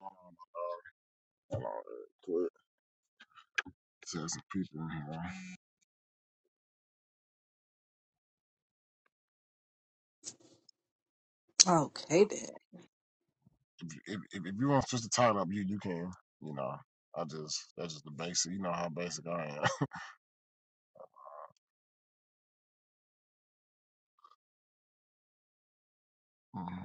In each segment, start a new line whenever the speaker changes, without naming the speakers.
Hold on, quick. Tell some people in here.
Okay then.
If, if, if you want to switch the title up, you you can. You know, I just that's just the basic. You know how basic I am. Mhm.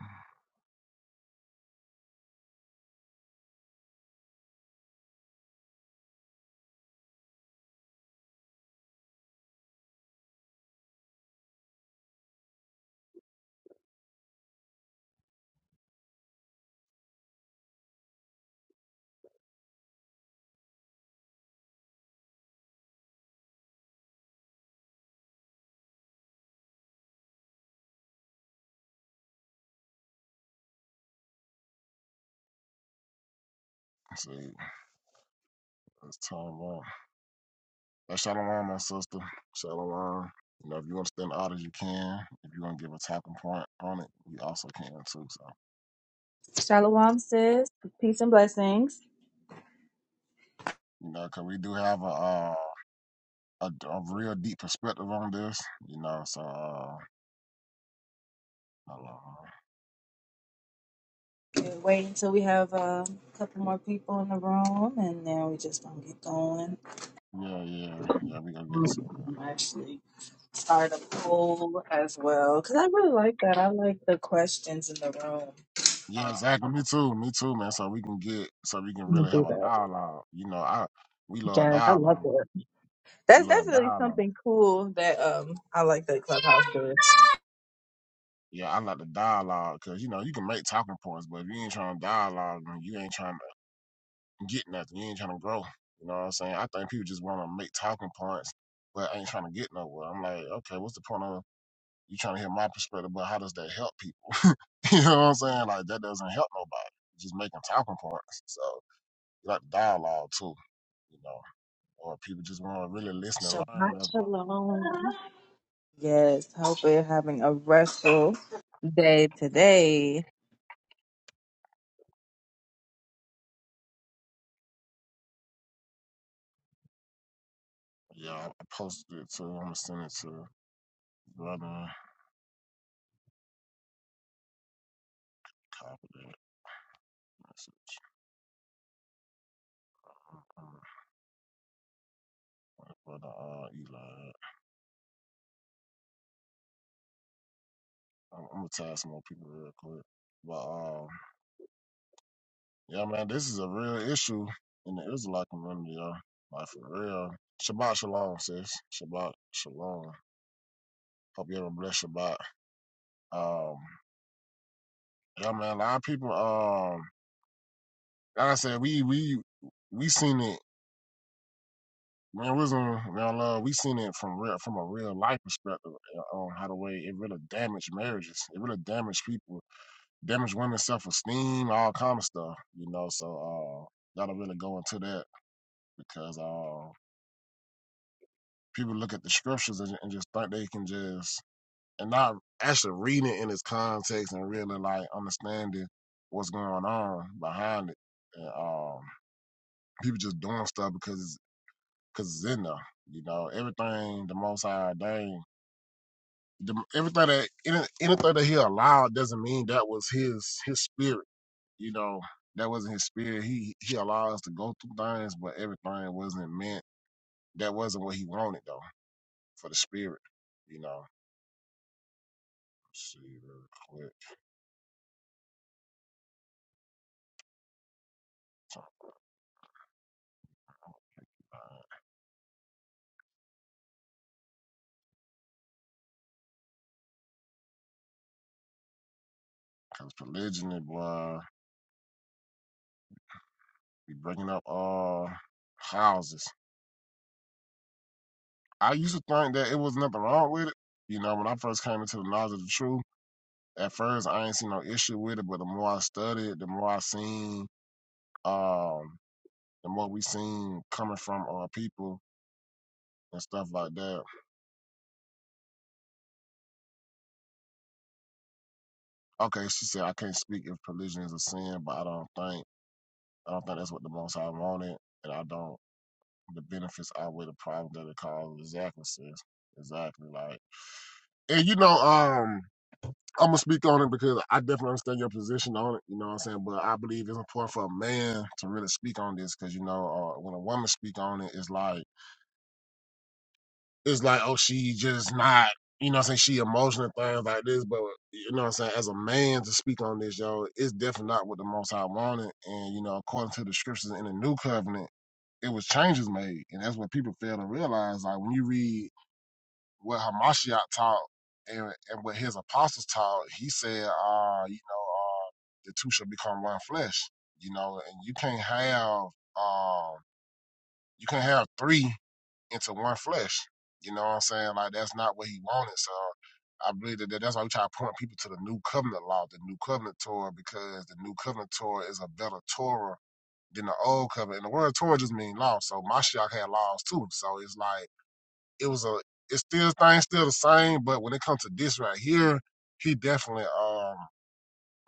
Let's see, it's time up. That's shalom, my sister. Shalom. You know, if you want to stand out as you can, if you want to give a talking point on it, you also can too. So, you know,
Shalom, sis. Peace and blessings.
you know, 'cause we do have a, uh, a a real deep perspective on this. You know, so uh, I don't
We'll wait until we have uh, a couple more people in the room, and then we just gonna get going.
know. Yeah, yeah, yeah. We gonna get it. sorted.
I'm actually start a poll as well because I really like that. I like the questions in the room.
Yeah,
Um,
exactly. Me too. Me too, man. So we can get, so we can
I'm gonna
really have
do
a
that.
dialogue. You know, I we love
Yes, I love
dialogue.
it.
We
That's
love
definitely
dialogue.
something cool that um I like that Clubhouse does.
Yeah, I like the dialogue because you know you can make talking points, but if you ain't trying to dialogue and you ain't trying to get nothing, you ain't trying to grow. You know what I'm saying? I think people just want to make talking points, but ain't trying to get nowhere. I'm like, okay, what's the point of you trying to hear my perspective? But how does that help people? you know what I'm saying? Like that doesn't help nobody. Just making talking points. So you like the dialogue too. You know. or people just want to really listen and
Shabbat
learn. That's what,
shalom. yes, hope we're having a restful day today.
yeah, I posted it too. I'm gonna send it to brother. Copy that message. I'm, I'm, brother uh, Eli. I'm, I'm gonna tag some more people real quick. But um, yeah, man, this is a real issue in the Israelite community, y'all. Like for real. Shabbat shalom, sis. Shabbat shalom. Hope you have a blessed Shabbat. Um, yeah, man, a lot of people. Um, like I said, we we we seen it Man, we was on now. Uh, we seen it from real, from a real life perspective uh, on how the way it really damaged marriages. It really damaged people, damaged women's self esteem, all kind of stuff. You know, so uh, gotta really go into that because uh, people look at the scriptures and, and just think they can just and not actually reading it in its context and really like understanding what's going on behind it. And, um, people just doing stuff because because it's in there. You know, everything the Most High ordained the- everything that any, anything that he allowed doesn't mean that was his his spirit. You know, that wasn't his spirit. He he allowed us to go through things, but everything wasn't meant. That wasn't what he wanted though for the spirit. You know, Let's see real quick, because polygyny, boy, be breaking up all uh, houses. I used to think that it was nothing wrong with it. You know, when I first came into the knowledge of the truth, at first I ain't seen no issue with it, but the more I studied, the more I seen. Um, the more we seen coming from our people and stuff like that. Okay, she said I can't speak if religion is a sin, but I don't think I don't think that's what the most I wanted, and I don't. The benefits outweigh the problem that it causes. Exactly, sis. Exactly. Like, and you know, um, I'm gonna speak on it because I definitely understand your position on it. You know what I'm saying? But I believe it's important for a man to really speak on this because you know, uh, when a woman speak on it, it's like it's like, oh, she just not, you know what I'm saying? She emotional things like this, but you know what I'm saying? As a man to speak on this, yo, it's definitely not what the most I wanted. And, you know, according to the scriptures in the new covenant, it was changes made. And that's what people fail to realize. Like when you read what Hamashiach taught and, and what his apostles taught, he said, uh, you know, uh, the two shall become one flesh, you know, and you can't have, um, you can't have three into one flesh. You know what I'm saying? Like that's not what he wanted. So I believe that that's why we try to point people to the new covenant law, the new covenant Torah, because the new covenant Torah is a better Torah than the old covenant. And the word Torah just means law. So Mashiach had laws too. So it's like it was a it's still things still the same, but when it comes to this right here, he definitely um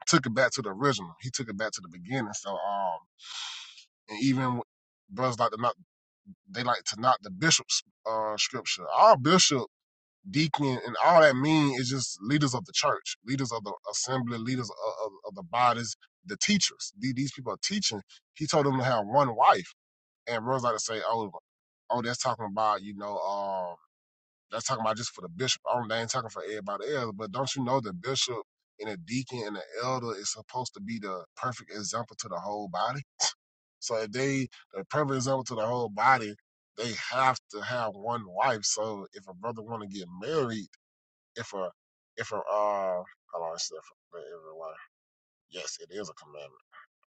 took it back to the original. He took it back to the beginning. So um and even brothers like to not they like to knock the bishop's uh scripture. Our bishop deacon, and all that mean is just leaders of the church, leaders of the assembly, leaders of, of, of the bodies, the teachers. The- These people are teaching. He told them to have one wife, and brothers like to say, "Oh, oh, that's talking about you know, um, that's talking about just for the bishop. Oh, they ain't talking for everybody else." But don't you know the bishop and the deacon and the elder is supposed to be the perfect example to the whole body? So if they the perfect example to the whole body, they have to have one wife. So if a brother want to get married if a if a uh hold on, it's for everyone. Yes, it is a commandment.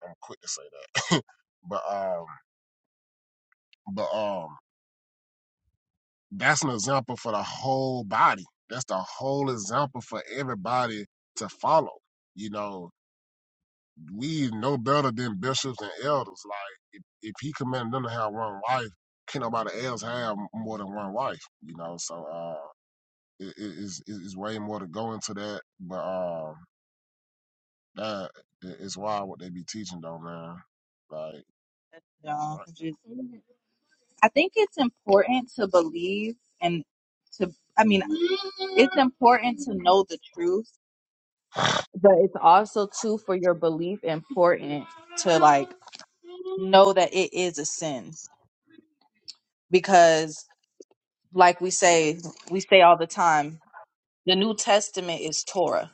I'm quick to say that. but um but um that's an example for the whole body. That's the whole example for everybody to follow. You know, we know better than bishops and elders. Like if, if he commanded them to have one wife, can nobody else have more than one wife? You know, so uh it is it, it's it's way more to go into that. But um That i- it's wild what they be teaching though, man. Like,
you I
right,
just- I think it's important to believe and to, I mean, it's important to know the truth, but it's also too for your belief important to like know that it is a sin because, like we say, we say all the time, the New Testament is Torah.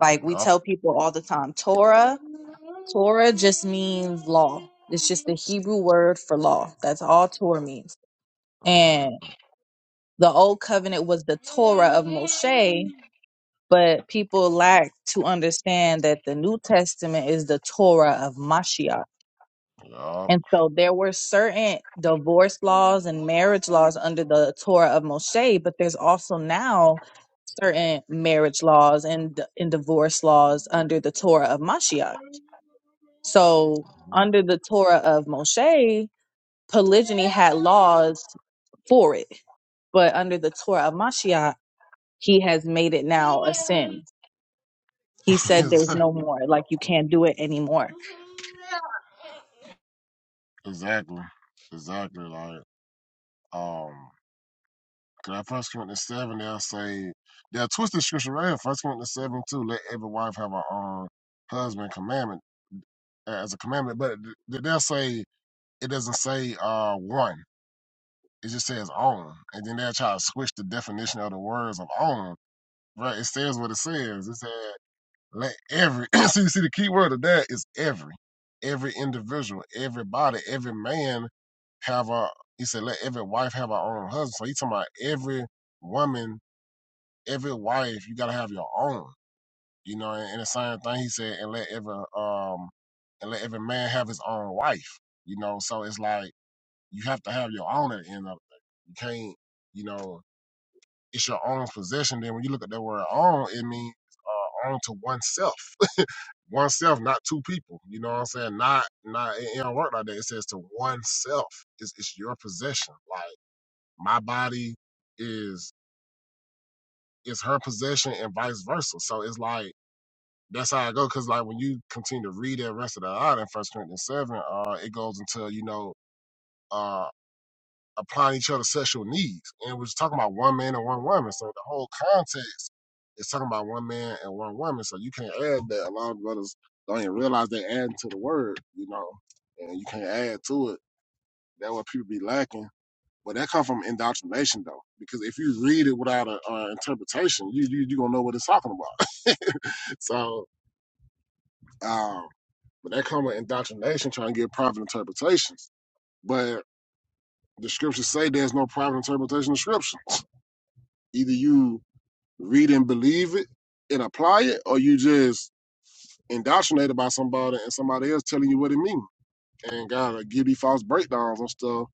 Like we
yup,
tell people all the time, Torah, Torah just means law. It's just the Hebrew word for law. That's all Torah means.
uh,
the old covenant was the Torah of Moshe, but people lack to understand that the New Testament is the Torah of Mashiach.
yup,
And so there were certain divorce laws and marriage laws under the Torah of Moshe, but there's also now certain marriage laws and, and divorce laws under the Torah of Mashiach. So under the Torah of Moshe, polygyny had laws for it, but under the Torah of Mashiach, he has made it now a sin. He said there's no more, like you can't do it anymore.
exactly, exactly. Like, um, cause at First Corinthians seven, they'll say they'll twist the scripture right here. First Corinthians seven too. Let every wife have her own husband commandment uh, as a commandment, but th- they'll say it doesn't say uh one. It just says own, and then they'll try to switch the definition of the words of own. Right? It says what it says. It says. Let every so you see the key word of that is every. Every individual, everybody, every man have a he said, let every wife have her own husband. So he talking about every woman, every wife, you gotta have your own. You know, and, and the same thing he said, and let every um and let every man have his own wife. You know, so it's like you have to have your own at the end of it. You can't, you know, it's your own possession. Then when you look at that word own, it means uh, own to oneself oneself, not two people. You know what I'm saying? Not not it, it don't work like that. It says to oneself. It's it's your possession. Like my body is is her possession and vice versa. So it's like that's how I go. Cause like when you continue to read that rest of the out in First Corinthians seven, uh, it goes until you know. uh, applying each other's sexual needs. And we're just talking about one man and one woman. So the whole context is talking about one man and one woman. So you can't add that. A lot of brothers don't even realize they adding to the word, you know, and you can't add to it. That's what people be lacking. But that come from indoctrination though, because if you read it without an interpretation, you you you gonna know what it's talking about. so, um, but that come with indoctrination, trying to get private interpretations. But the scriptures say there's no private interpretation of scripture. Either you read and believe it and apply it, or you just indoctrinated by somebody and somebody else telling you what it means. And gotta give you false breakdowns and stuff.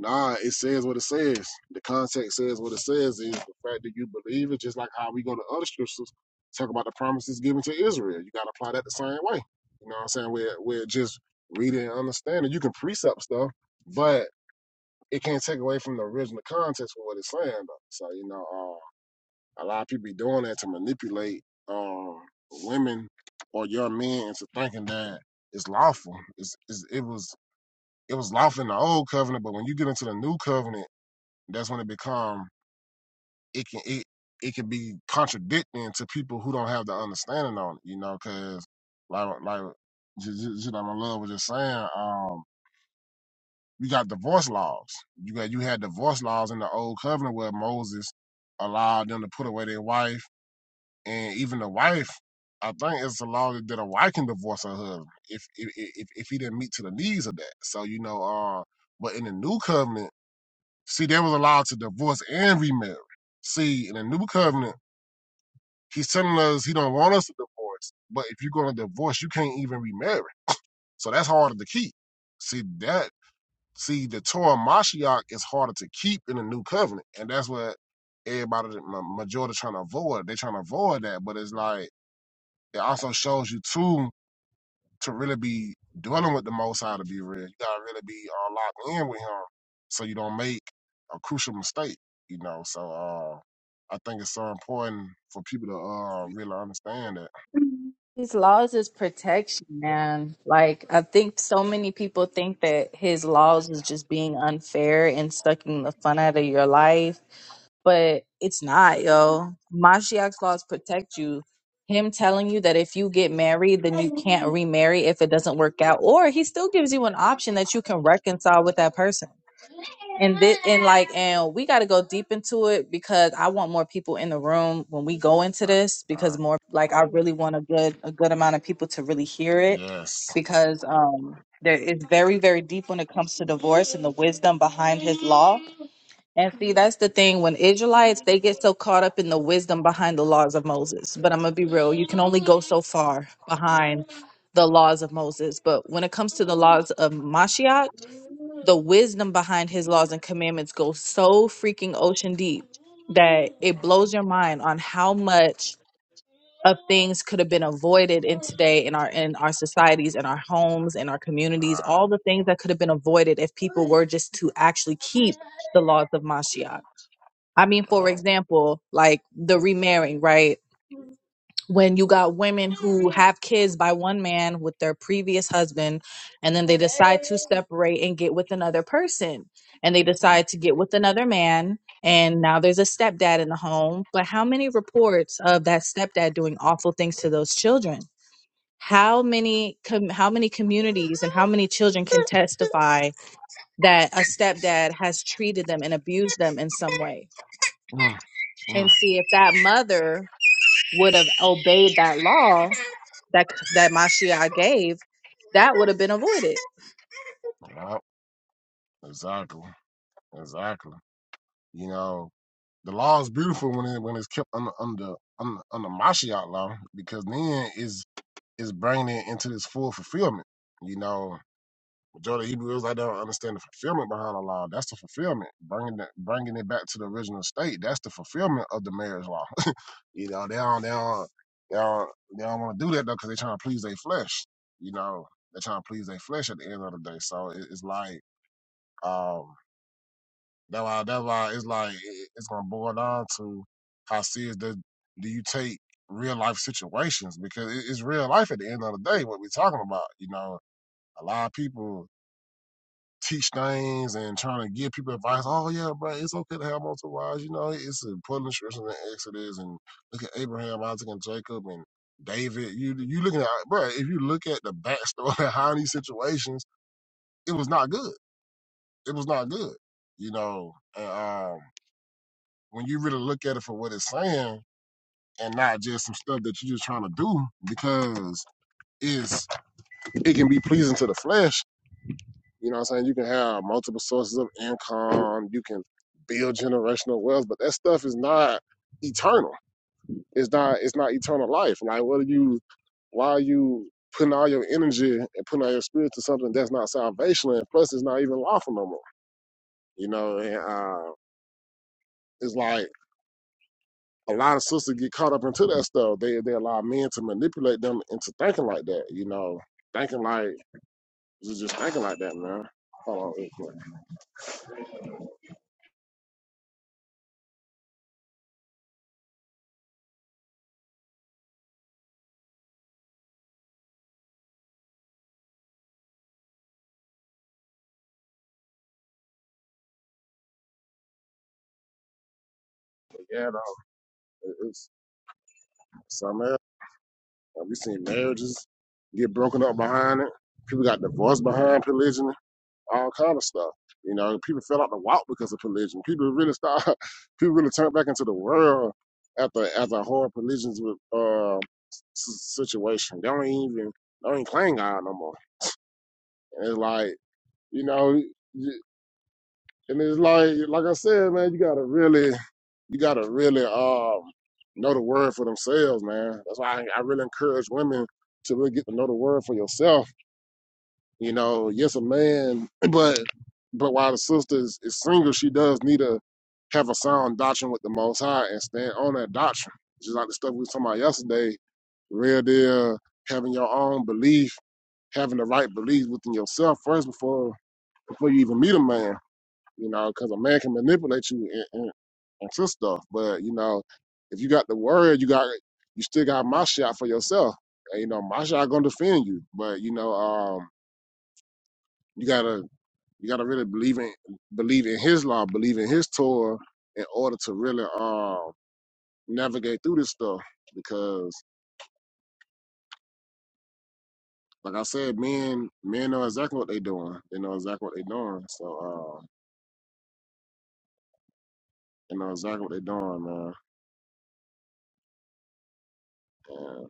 Nah, it says what it says. The context says what it says is the fact that you believe it, just like how we go to other scriptures, talk about the promises given to Israel. You gotta apply that the same way. You know what I'm saying? Where where just reading and understanding. You can precept stuff, but it can't take away from the original context of what it's saying though. So, you know, uh a lot of people be doing that to manipulate um, women or young men into thinking that it's lawful. It's, it's it was it was lawful in the old covenant, but when you get into the new covenant, that's when it become it can it it can be contradicting to people who don't have the understanding on it. You know, because like like j- j- like my love was just saying, um, you got divorce laws. You got you had divorce laws in the old covenant where Moses allowed them to put away their wife and even the wife, I think it's a law that a wife can divorce her husband if if if, if he didn't meet to the needs of that. So you know, uh, but in the new covenant, see, they was allowed to divorce and remarry. See, in the new covenant, he's telling us he don't want us to divorce, but if you're going to divorce, you can't even remarry. So that's harder to keep. See that. See, the Torah Mashiach is harder to keep in the new covenant, and that's what everybody, the majority, trying to avoid. They're trying to avoid that, but it's like it also shows you too to really be dwelling with the Most High to be real. You gotta really be uh, locked in with Him so you don't make a crucial mistake. You know, so uh, I think it's so important for people to uh really understand that.
His laws is protection, man. Like I think so many people think that his laws is just being unfair and sucking the fun out of your life, but it's not, yo. Mashiach's laws protect you. Him telling you that if you get married, then you can't remarry if it doesn't work out, or he still gives you an option that you can reconcile with that person and this and like and we got to go deep into it because i want more people in the room when we go into this
Uh, uh,
because more like i really want a good a good amount of people to really hear it
yes.
because um there is very very deep when it comes to divorce and the wisdom behind his law and see that's the thing when israelites they get so caught up in the wisdom behind the laws of moses but i'm gonna be real you can only go so far behind the laws of moses but when it comes to the laws of mashiach the wisdom behind his laws and commandments goes so freaking ocean deep that it blows your mind on how much of things could have been avoided in today in our in our societies in our homes in our communities
Uh,
all the things that could have been avoided if people were just to actually keep the laws of Mashiach. I mean for
uh,
example like the remarrying right when you got women who have kids by one man with their previous husband and then they decide to separate and get with another person and they
mm,
decide to get with another man and now there's a stepdad in the home but how many reports of that stepdad doing awful things to those children how many com- how many communities and how many children can testify that a stepdad has treated them and abused them in some way
mm,
and
mm.
see if that mother would have obeyed that law that that Mashiach gave, that would have been avoided.
Yup, Exactly. Exactly. You know, the law is beautiful when it when it's kept under under under, under Mashiach law because then it's is bringing it into this full fulfillment. You know, majority of Hebrews, I don't understand the fulfillment behind the law. That's the fulfillment, bringing that, bringing it back to the original state. That's the fulfillment of the marriage law. you know, they don't, they don't, they don't, they don't want to do that though because they're trying to please their flesh. You know, they're trying to please their flesh at the end of the day. So it, it's like, um, that's why, that's why it's like it, it's gonna boil down to how serious do, do you take real life situations because it, it's real life at the end of the day what we're talking about. You know, a lot of people teach things and trying to give people advice. Oh yeah, bro, it's okay to have multiple wives. You know, it's important scripture in Exodus and look at Abraham, Isaac, and Jacob and David. You you looking at bro? If you look at the backstory behind these situations, it was not good. It was not good. You know, and, um, when you really look at it for what it's saying and not just some stuff that you're just trying to do because it's it can be pleasing to the flesh You know what I'm saying? You can have multiple sources of income. You can build generational wealth, but that stuff is not eternal. It's not it's not eternal life. Like what are you why are you putting all your energy and putting all your spirit to something that's not salvation and plus it's not even lawful no more. You know, and uh it's like a lot of sisters get caught up into that stuff. They they allow men to manipulate them into thinking like that, you know, thinking like just just thinking like that, man. Hold on, real quick. But yeah, no, it- it's something else. And we seen marriages get broken up behind it. People got divorced behind polygyny, all kind of stuff. You know, people fell out the walk because of polygyny. People really start, people really turned back into the world after after a horror polygyny with, uh, situation. They don't even they don't even claim God no more. And it's like you know, you- and it's like like I said, man, you gotta really you gotta really um know the word for themselves, man. That's why I, I really encourage women to really get to know the word for yourself You know, yes, a man, but but while the sister is, is single, she does need to have a sound doctrine with the Most High and stand on that doctrine. Just like the stuff we were talking about yesterday, real deal, having your own belief, having the right belief within yourself first before before you even meet a man. You know, because a man can manipulate you and, and, and twist stuff, but you know, if you got the word, you got you still got my shot for yourself. And, you know, my shot gonna defend you, but you know, um, you gotta you gotta really believe in believe in his law, believe in his Torah in order to really uh navigate through this stuff. Because like I said, men men know exactly what they doing. They know exactly what they doing. So uh they know exactly what they doing, man. And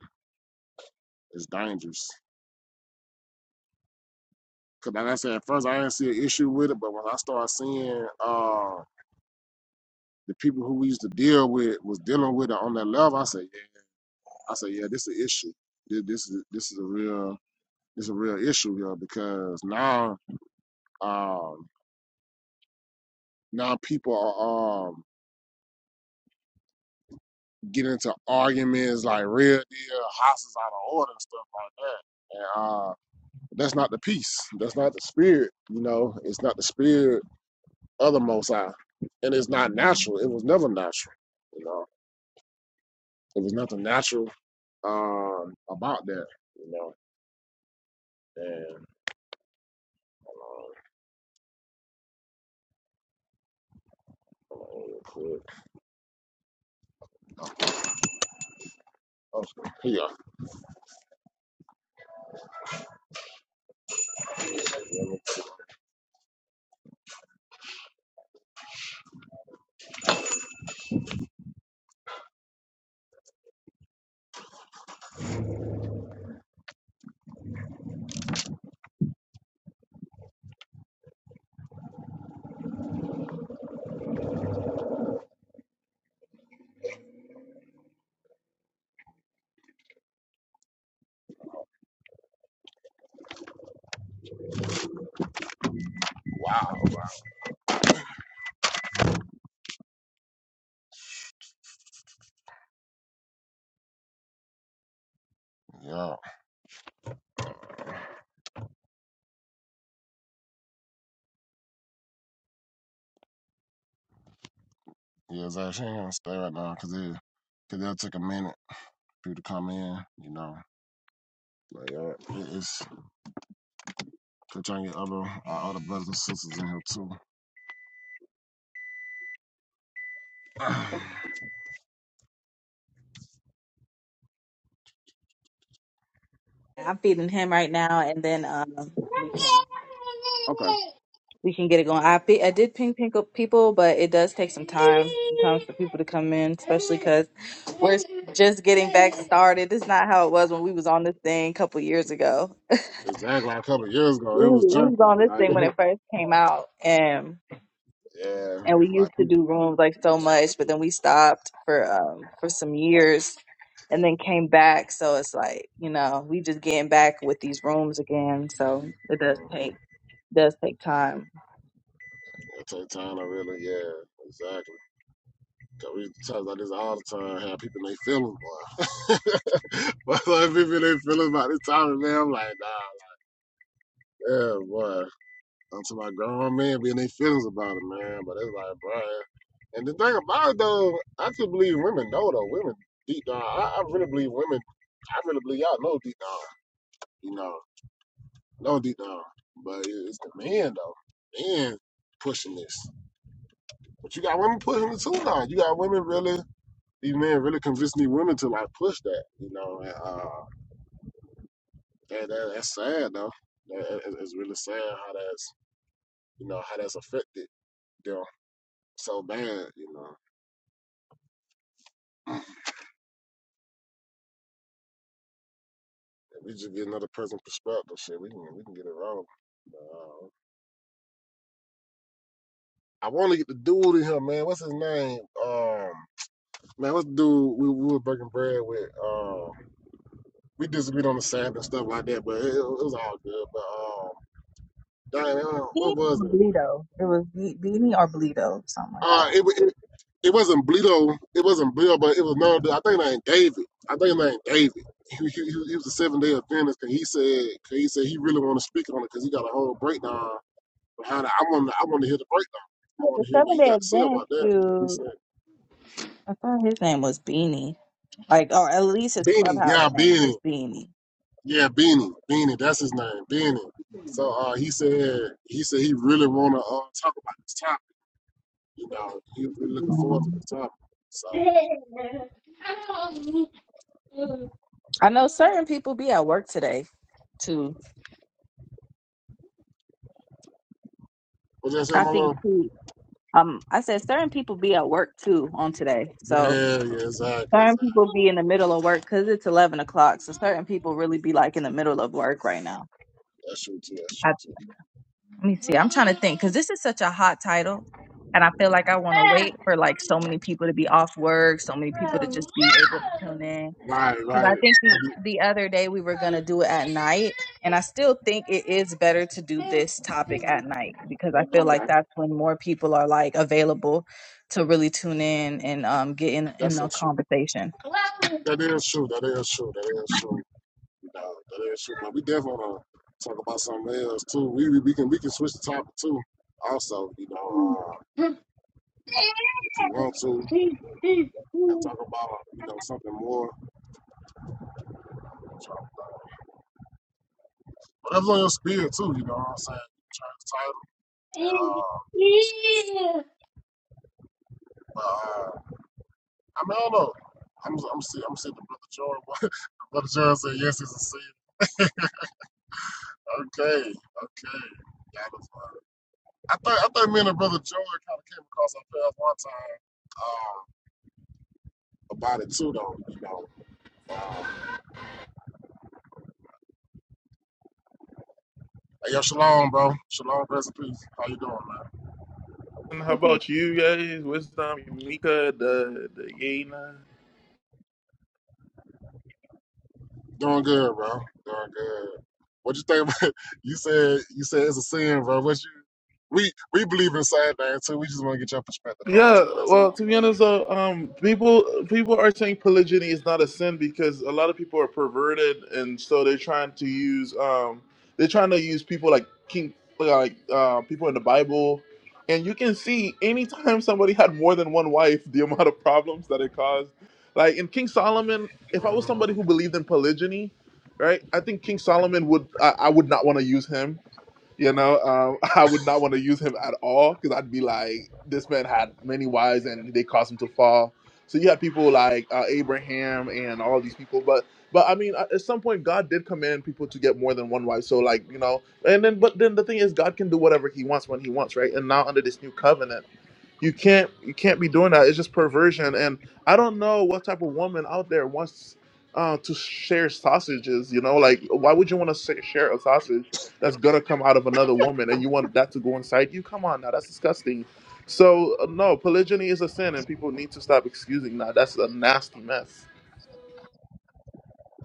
it's dangerous. Cause like I said, at first I didn't see an issue with it, but when I started seeing uh the people who we used to deal with was dealing with it on that level, I said, yeah, I said, yeah, this is an issue. This this is this is a real it's a real issue here because now Um, now people are um getting into arguments like real deal houses out of order and stuff like that. And uh, that's not the peace. That's not the spirit. You know, it's not the spirit of the Most High, and it's not natural. It was never natural. You know, it was nothing natural um about that. You know, and. um, hold on real quick. Oh, here Yeah, yeah, it's actually gonna stay right now because it, cause that took a minute for you to come in, you know. Like, uh, it's concerning other our other brothers and sisters in here too.
I'm feeding him right now, and then um,
okay,
we can get it going. I pe- I did ping ping up people, but it does take some time sometimes for people to come in, especially because we're just getting back started. It's not how it was when we was on this thing a couple years ago.
exactly. Like a couple of years ago,
We,
it was
we was
junking.
on this
Like,
thing when it first came out, and
yeah,
and we
like
used to do rooms like so much, but then we stopped for um for some years and then came back. So it's like, you know, we just getting back with these rooms again. So it does take does take time.
it take time to really, yeah, exactly. Cause we talk about this all the time. how people in their feelings, boy. but like people in their feelings about this topic, man. I'm like, nah, yeah, boy. I'm talking about grown men being their feelings about it, man. But it's like, bruh. And the thing about it, though, I just believe women know, though. Women deep down, I, I really believe women. I really believe y'all know deep down, you know, know deep down. But it- it's the men, though. Men pushing this. But you got women pushing it too now. You got women really, these men really convincing these women to like push that, you know. And, uh, that, that that's sad though. That, it- it's really sad how that's, you know, how that's affected them so bad, you know. We just get another person perspective. Shit, we can we can get it wrong. Uh, I want to get the dude in here, man. What's his name? Um, man, what's the dude we, we was breaking bread with? Um, we disagreed on the Sabbath and stuff like that, but it, it was all good. But um, dang, uh, what
Beanie
was
or
it?
Bleedo. It was Be- Beanie or Bleedo, something like that.
Uh, it, it it wasn't Bleedo. It wasn't Bleedo, but it was no. dude. I think his name David. I think his name David. He, he, he was a seven day Adventist, and he said, 'cause he said he really want to speak on it because he got a whole breakdown behind it. I want to, I want to hear the break.
Yeah,
I want
the
to hear what
seven
he
day
got to say
Adventist
about that. 'cause He
dude
said,
I thought his name was Beanie. Like or at least his
Beanie,
clubhouse
yeah,
name was
Beanie,
Beanie.
yeah, Beanie, Beanie, that's his name, Beanie. So uh, he said, he said he really want to uh, talk about this topic. You know, he was really looking forward to
Um,
the topic. So,
I know certain people be at work today. too.
what did I say,
I
my
think
lord?
too. Um, I said certain people be at work too on today.
Yeah,
So
yeah, exactly,
certain
exactly.
people be in the middle of work because it's eleven o'clock. So certain people really be like in the middle of work right now.
That's true too. That's true
I,
too.
let me see. I'm trying to think because this is such a hot title, and I feel like I want to wait for like so many people to be off work, so many people to just be able to tune in.
Right,
because I
right.
think
I
the,
did-
the other day we were going to do it at night. And I still think it is better to do this topic at night because I feel like
Okay,
that's when more people are like available to really tune in and um, get in,
that's
in
so
a
true.
conversation.
That is true. That is true. That is true. You know, that is true. But we definitely want to talk about something else too. We we we can we can switch the topic too also, you know. Uh, If you want to, and talk about, you know, something more. Try uh, Whatever's on your spirit, too, you know what I'm saying? Try to title. Uh, uh, I mean, I don't know. I'm, I'm seeing, I'm seeing the brother Jordan. The brother Jordan said, yes, it's a sin. Okay, okay. Got it. I think, I think me and the brother Jordan kind of came across our path one time. Um, about it too, though, you know. Um, hey, yo, shalom, bro. Shalom, rest in peace. How you doing, man?
How
Okay,
about you guys? Wisdom, Mika, the the Yena.
Doing good, bro. Doing good. What you think about you said you said it's a sin, bro. What you we we believe in the same thing too. We just want to get your perspective on
Yeah,
it
well, to
too.
be honest, though, um, people people are saying polygyny is not a sin because a lot of people are perverted, and so they're trying to use um, they're trying to use people like king like uh, people in the Bible, and you can see anytime somebody had more than one wife, the amount of problems that it caused. Like in King Solomon, if I
That's all.
was
Mhm.
somebody who believed in polygyny, right, I think King Solomon would I, I would not want to use him You know, um, I would not want to use him at all because I'd be like, this man had many wives and they caused him to fall. So you had people like uh, Abraham and all these people, but but I mean, at at some point, God did command people to get more than one wife. So like you know, and then but then the thing is, God can do whatever He wants when He wants, right? And now under this new covenant you can't you can't be doing that it's just perversion and i don't know what type of woman out there wants uh, to share sausages you know like why would you want to share a sausage that's gonna come out of another woman and you want that to go inside you come on now that's disgusting so uh, no polygyny is a sin and people need to stop excusing that that's a nasty mess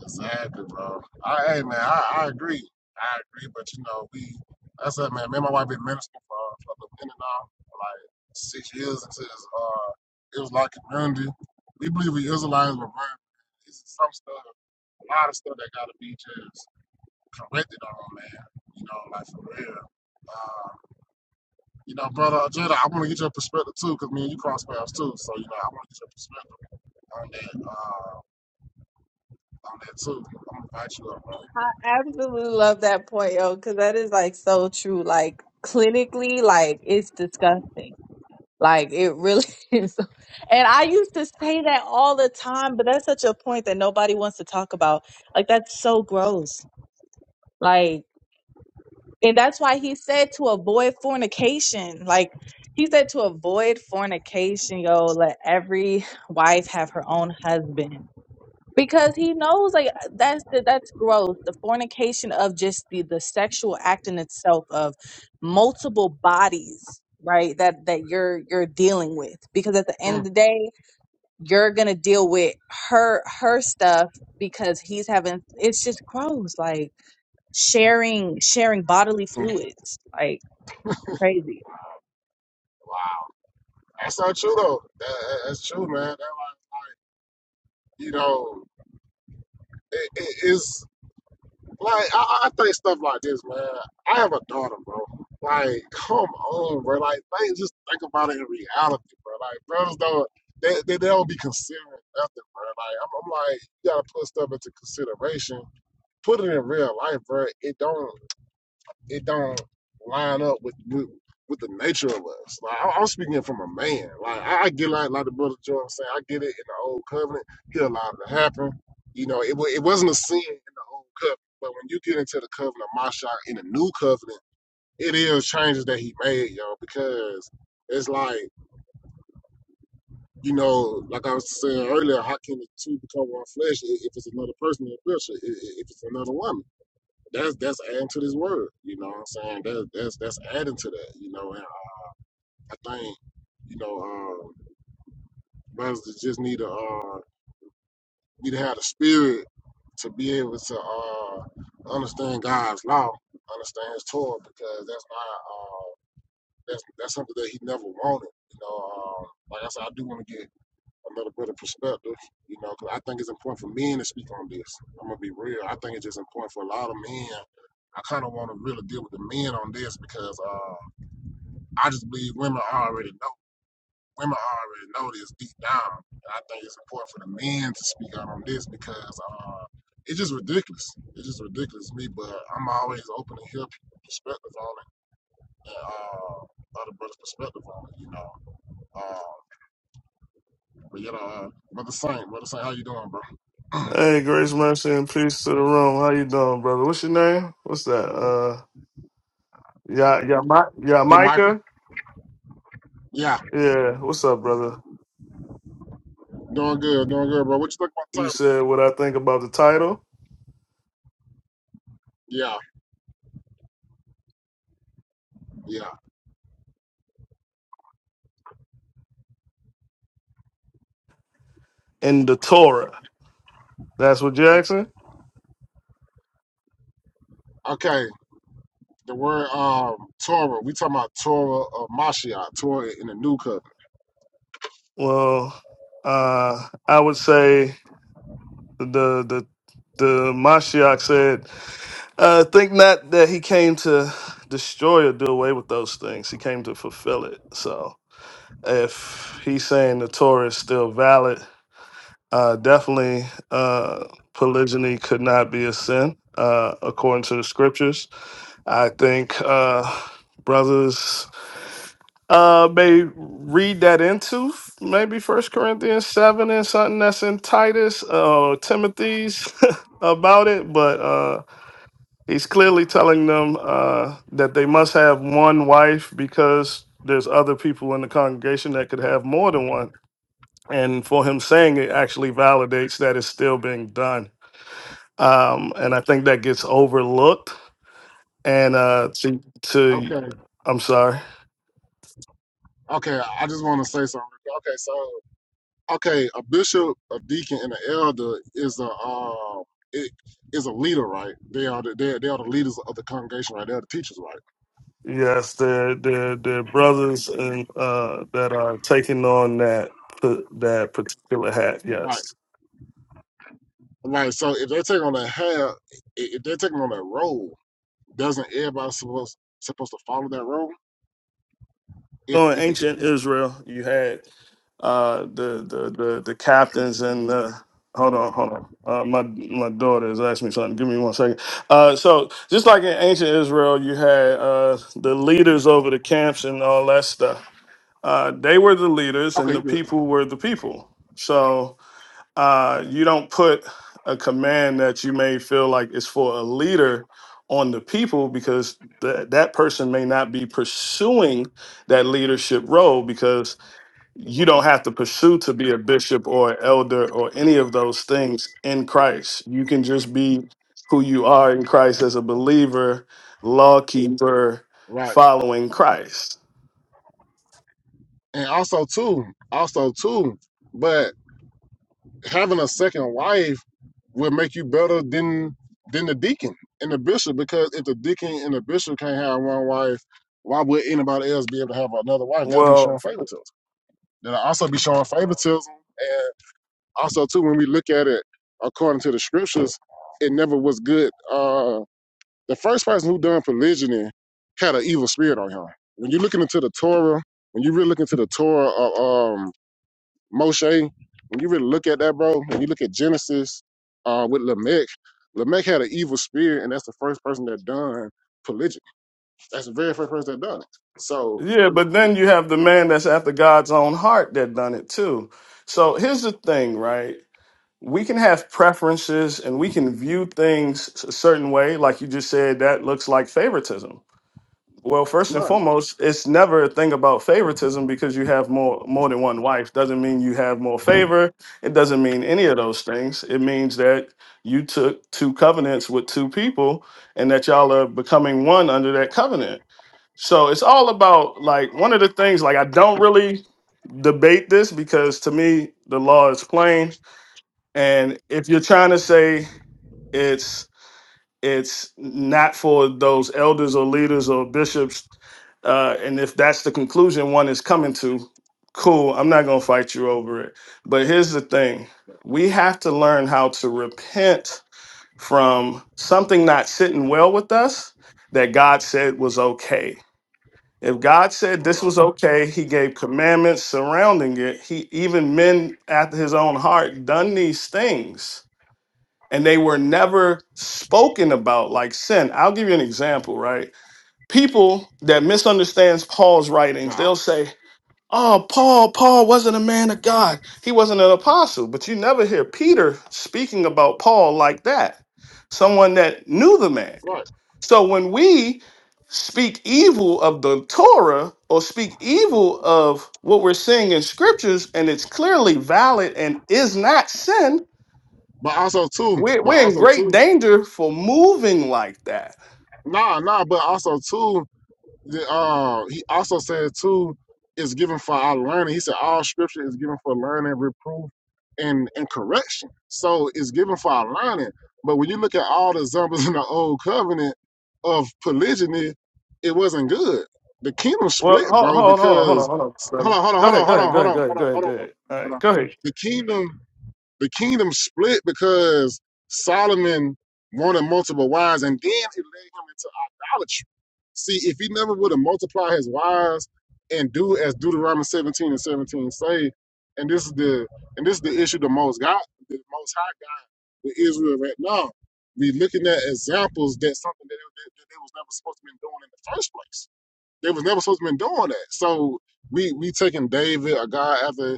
Exactly, bro. I hey man, I, I agree. I agree, but you know, we that's it, man. Me and my wife been ministering for for a minute now, for like six years into this uh it was like community. We believe we Israelites, but man, it's some stuff, a lot of stuff that gotta be just corrected on, man. You know, like for real. Uh, you know, brother Jada, I want to get your perspective too, cause me and you cross paths too. So you know, I want to get your perspective on that, uh, on that too. I'm gonna invite you up, bro.
I absolutely love that point, yo, because that is like so true. Like clinically, like it's disgusting. Like it really is. And I used to say that all the time, but that's such a point that nobody wants to talk about. Like that's so gross. Like, and that's why he said to avoid fornication. Like he said to avoid fornication, yo, let every wife have her own husband because he knows like that's the, that's growth the fornication of just the the sexual act in itself of multiple bodies right that that you're you're dealing with because at the end of
Mm,
the day you're gonna deal with her her stuff because he's having it's just gross like sharing sharing bodily
Uh,
fluids like crazy
wow, that's not true though. That, that's true, man. That like, you know, it, it is. Like I, I think stuff like this, man. I have a daughter, bro. Like, come on, bro. Like, think just think about it in reality, bro. Like, brothers don't they, they, they don't be considering nothing, bro. Like, I'm, I'm like, you gotta put stuff into consideration. Put it in real life, bro. It don't it don't line up with with, with the nature of us. Like I, I'm speaking from a man. Like I, I get like like the brother Joe saying. I get it in the old covenant. He allowed it to happen. You know, it wa- it wasn't a sin in the old covenant, but when you get into the covenant of Mashiach in the new covenant, it is changes that he made, yo, because it's like you know, like I was saying earlier, how can the two become one flesh i- if it's another person in the picture, i- i- if it's another woman? that's that's adding to this word. You know what I'm saying? That that's that's adding to that. You know, and I think you know um, brothers that just need to uh, need to have the spirit to be able to uh, understand God's law, understand His Torah, because that's not uh, that's that's something that He never wanted. You know, um, like I said, I do want to get a little bit of perspective, you know, because I think it's important for men to speak on this. I'm gonna be real. I think it's just important for a lot of men. I kind of want to really deal with the men on this because uh, I just believe women already know. Women already know this deep down, and I think it's important for the men to speak out on this because uh, it's just ridiculous. It's just ridiculous to me, but I'm always open to hear people's perspective on it and uh, other brothers' perspective on it, you know. Uh, but you know, uh, brother Saint, brother Saint, how you doing, bro?
Hey, grace, mercy, and peace to the room. How you doing, brother? What's your name? What's that? Uh, yeah, yeah, my, yeah,
Your mic
Micah.
Yeah,
Yeah, what's up, brother?
doing good, doing good, bro. What you think about
You
Torah?
said what I think about the title
Yeah, yeah.
and the Torah. That's what Jackson.
Okay, the word um Torah. We talking about Torah of Mashiach, Torah in the New Covenant.
Well, uh, I would say the the the Mashiach said, uh, "Think not that he came to destroy or do away with those things. He came to fulfill it." So, if he's saying the Torah is still valid Uh, definitely, uh, polygyny could not be a sin uh, according to the scriptures. I think uh, brothers uh, may read that into f- maybe First Corinthians seven and something that's in Titus uh, or Timothy's about it, but uh, he's clearly telling them uh, that they must have one wife because there's other people in the congregation that could have more than one. And for him saying it actually validates that it's still being done um, and I think that gets overlooked. And uh, to, to
Okay,
I'm sorry.
okay. I just want to say something. Okay, so okay, a bishop, a deacon, and an elder is a um it is a leader, right? They are the, they they are the leaders of the congregation, right? They are the teachers, right?
Yes, there there there are brothers and uh, that are taking on that that particular hat.
Right.
Yes,
Like so, if they are taking on that hat, if they're taking on that role, doesn't everybody supposed supposed to follow that role? if
so in
if if
ancient
you
Israel, you had uh, the, the the the captains and the hold on hold on. Uh, my my daughter has asked me something. Give me one second. Uh, so just like in ancient Israel, you had uh, the leaders over the camps and all that stuff uh, they were the leaders and
Okay,
the
you good.
people were the people. So uh, you don't put a command that you may feel like is for a leader on the people because th- that person may not be pursuing that leadership role because you don't have to pursue to be a bishop or an elder or any of those things in Christ. You can just be who you are in Christ as a believer, law keeper,
Right.
following Christ.
And also too, also too, but having a second wife will make you better than than the deacon and the bishop because if the deacon and the bishop can't have one wife, why would anybody else be able to have another wife? That'd be
Well,
showing favoritism. That'll also be showing favoritism. And also too, when we look at it according to the scriptures, it never was good. Uh The first person who done polygyny had an evil spirit on him. When you're looking into the Torah, when you really look into the Torah of um, Moshe, when you really look at that, bro, when you look at Genesis uh, with Lamech, Lamech had an evil spirit, and that's the first person that done polygyny. That's the very first person that done it. So,
Yeah, but then you have the man that's after God's own heart that done it too. So here's the thing, right? We can have preferences and we can view things a certain way, like you just said, that looks like favoritism. Well, first and
right,
foremost, it's never a thing about favoritism because you have more more than one wife. Doesn't mean you have more favor. It doesn't mean any of those things. It means that you took two covenants with two people and that y'all are becoming one under that covenant. So it's all about like one of the things like I don't really debate this because to me the law is plain and if you're trying to say it's it's not for those elders or leaders or bishops uh and if that's the conclusion one is coming to cool I'm not going to fight you over it but here's the thing we have to learn how to repent from something not sitting well with us that God said was okay if God said this was okay, he gave commandments surrounding it. He even men after his own heart done these things and they were never spoken about like sin. I'll give you an example, right? People that misunderstands Paul's
but,
writings,
al-
they'll say, "Oh, Paul, Paul wasn't a man of God. He wasn't an apostle." But you never hear Peter speaking about Paul like that. Someone that knew the man.
right,
So when we speak evil of the Torah or speak evil of what we're seeing in scriptures and it's clearly valid and is not sin,
but also too,
we're,
but
we're in
also
great
too,
danger for moving like that.
nah, nah, but also too. The, uh, he also said too, it's given for our learning. He said all scripture is given for learning, reproof, and and correction. So it's given for our learning. But when you look at all the examples in the old covenant of polygyny, it wasn't good. The kingdom
Well,
split,
hold,
bro,
hold, hold on, hold on,
because
hold on. brother.
hold on, hold on,
Go
hold
ahead,
on,
go
hold
ahead,
on,
go
hold
ahead, go
on,
ahead,
hold on,
go ahead,
hold
go
on, bro.
ahead. All
hold
right,
on.
go ahead.
The kingdom the kingdom split because Solomon wanted multiple wives, and then it led him into idolatry. See, if he never would have multiplied his wives and do as Deuteronomy 17 and 17 say, and this is the and this is the issue the most God, the most high God with Israel right now. We looking at examples that something that they, that they was never supposed to be doing in the first place. They was never supposed to be doing that. So we we taking David, a guy after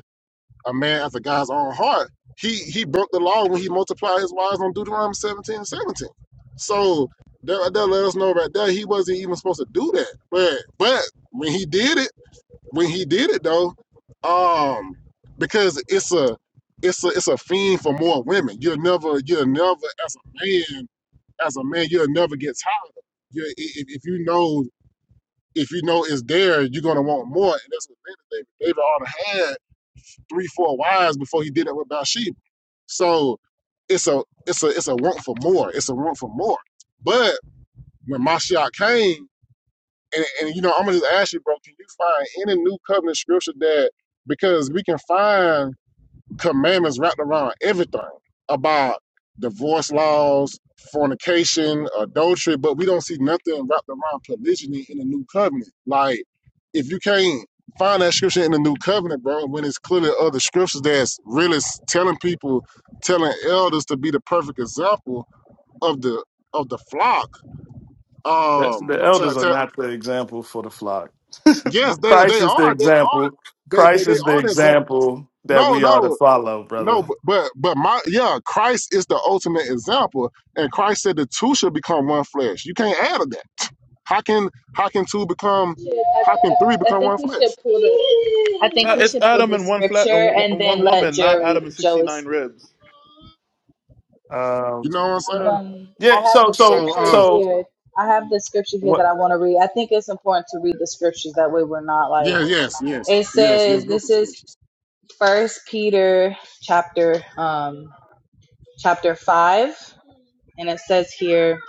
a man after God's own heart. He he broke the law when he multiplied his wives on Deuteronomy 17 and 17. So that, that let us know right there he wasn't even supposed to do that. But but when he did it, when he did it though, um, because it's a it's a it's a fiend for more women. You'll never you'll never as a man as a man you'll never get tired. of it. You i- if, if you know if you know it's there, you're gonna want more, and that's what David David David ought to had three, four wives before he did it with Bathsheba. So it's a it's a it's a want for more. It's a want for more. But when Mashiach came, and, and you know, I'm gonna just ask you, bro, can you find any new covenant scripture that because we can find commandments wrapped around everything about divorce laws, fornication, adultery, but we don't see nothing wrapped around polygyny in the new covenant. Like, if you can't find that scripture in the new covenant, bro, when it's clearly other scriptures that's really telling people, telling elders to be the perfect example of the of the flock.
That's,
Um,
the
to,
elders are
to,
not the example for the flock.
yes, they
Christ
they
is the
are, they are,
example.
they they,
Christ
they
is the
are the example.
example that
No,
we are
no.
to follow, brother.
No, but but but my yeah, Christ is the ultimate example, and Christ said the two should become one flesh. You can't add to that. How can how can two become how can three
I
become
think
one flesh?
I think we
it's
should pull
adam
the
and one flat
scripture
and
and
one
then
one
let
woman not adam
Joey
and
Joey
69
speak.
ribs
Um,
You know what I'm saying?
Um,
yeah.
I have
So,
the
so,
So
scripture
uh
so.
here. I have the scripture here that I want to read. I think it's important to read the scriptures that way we're not like
yeah, yes, yes,
it
yes, yes,
says
no to
this is
scriptures.
first Peter chapter um chapter 5 and it says here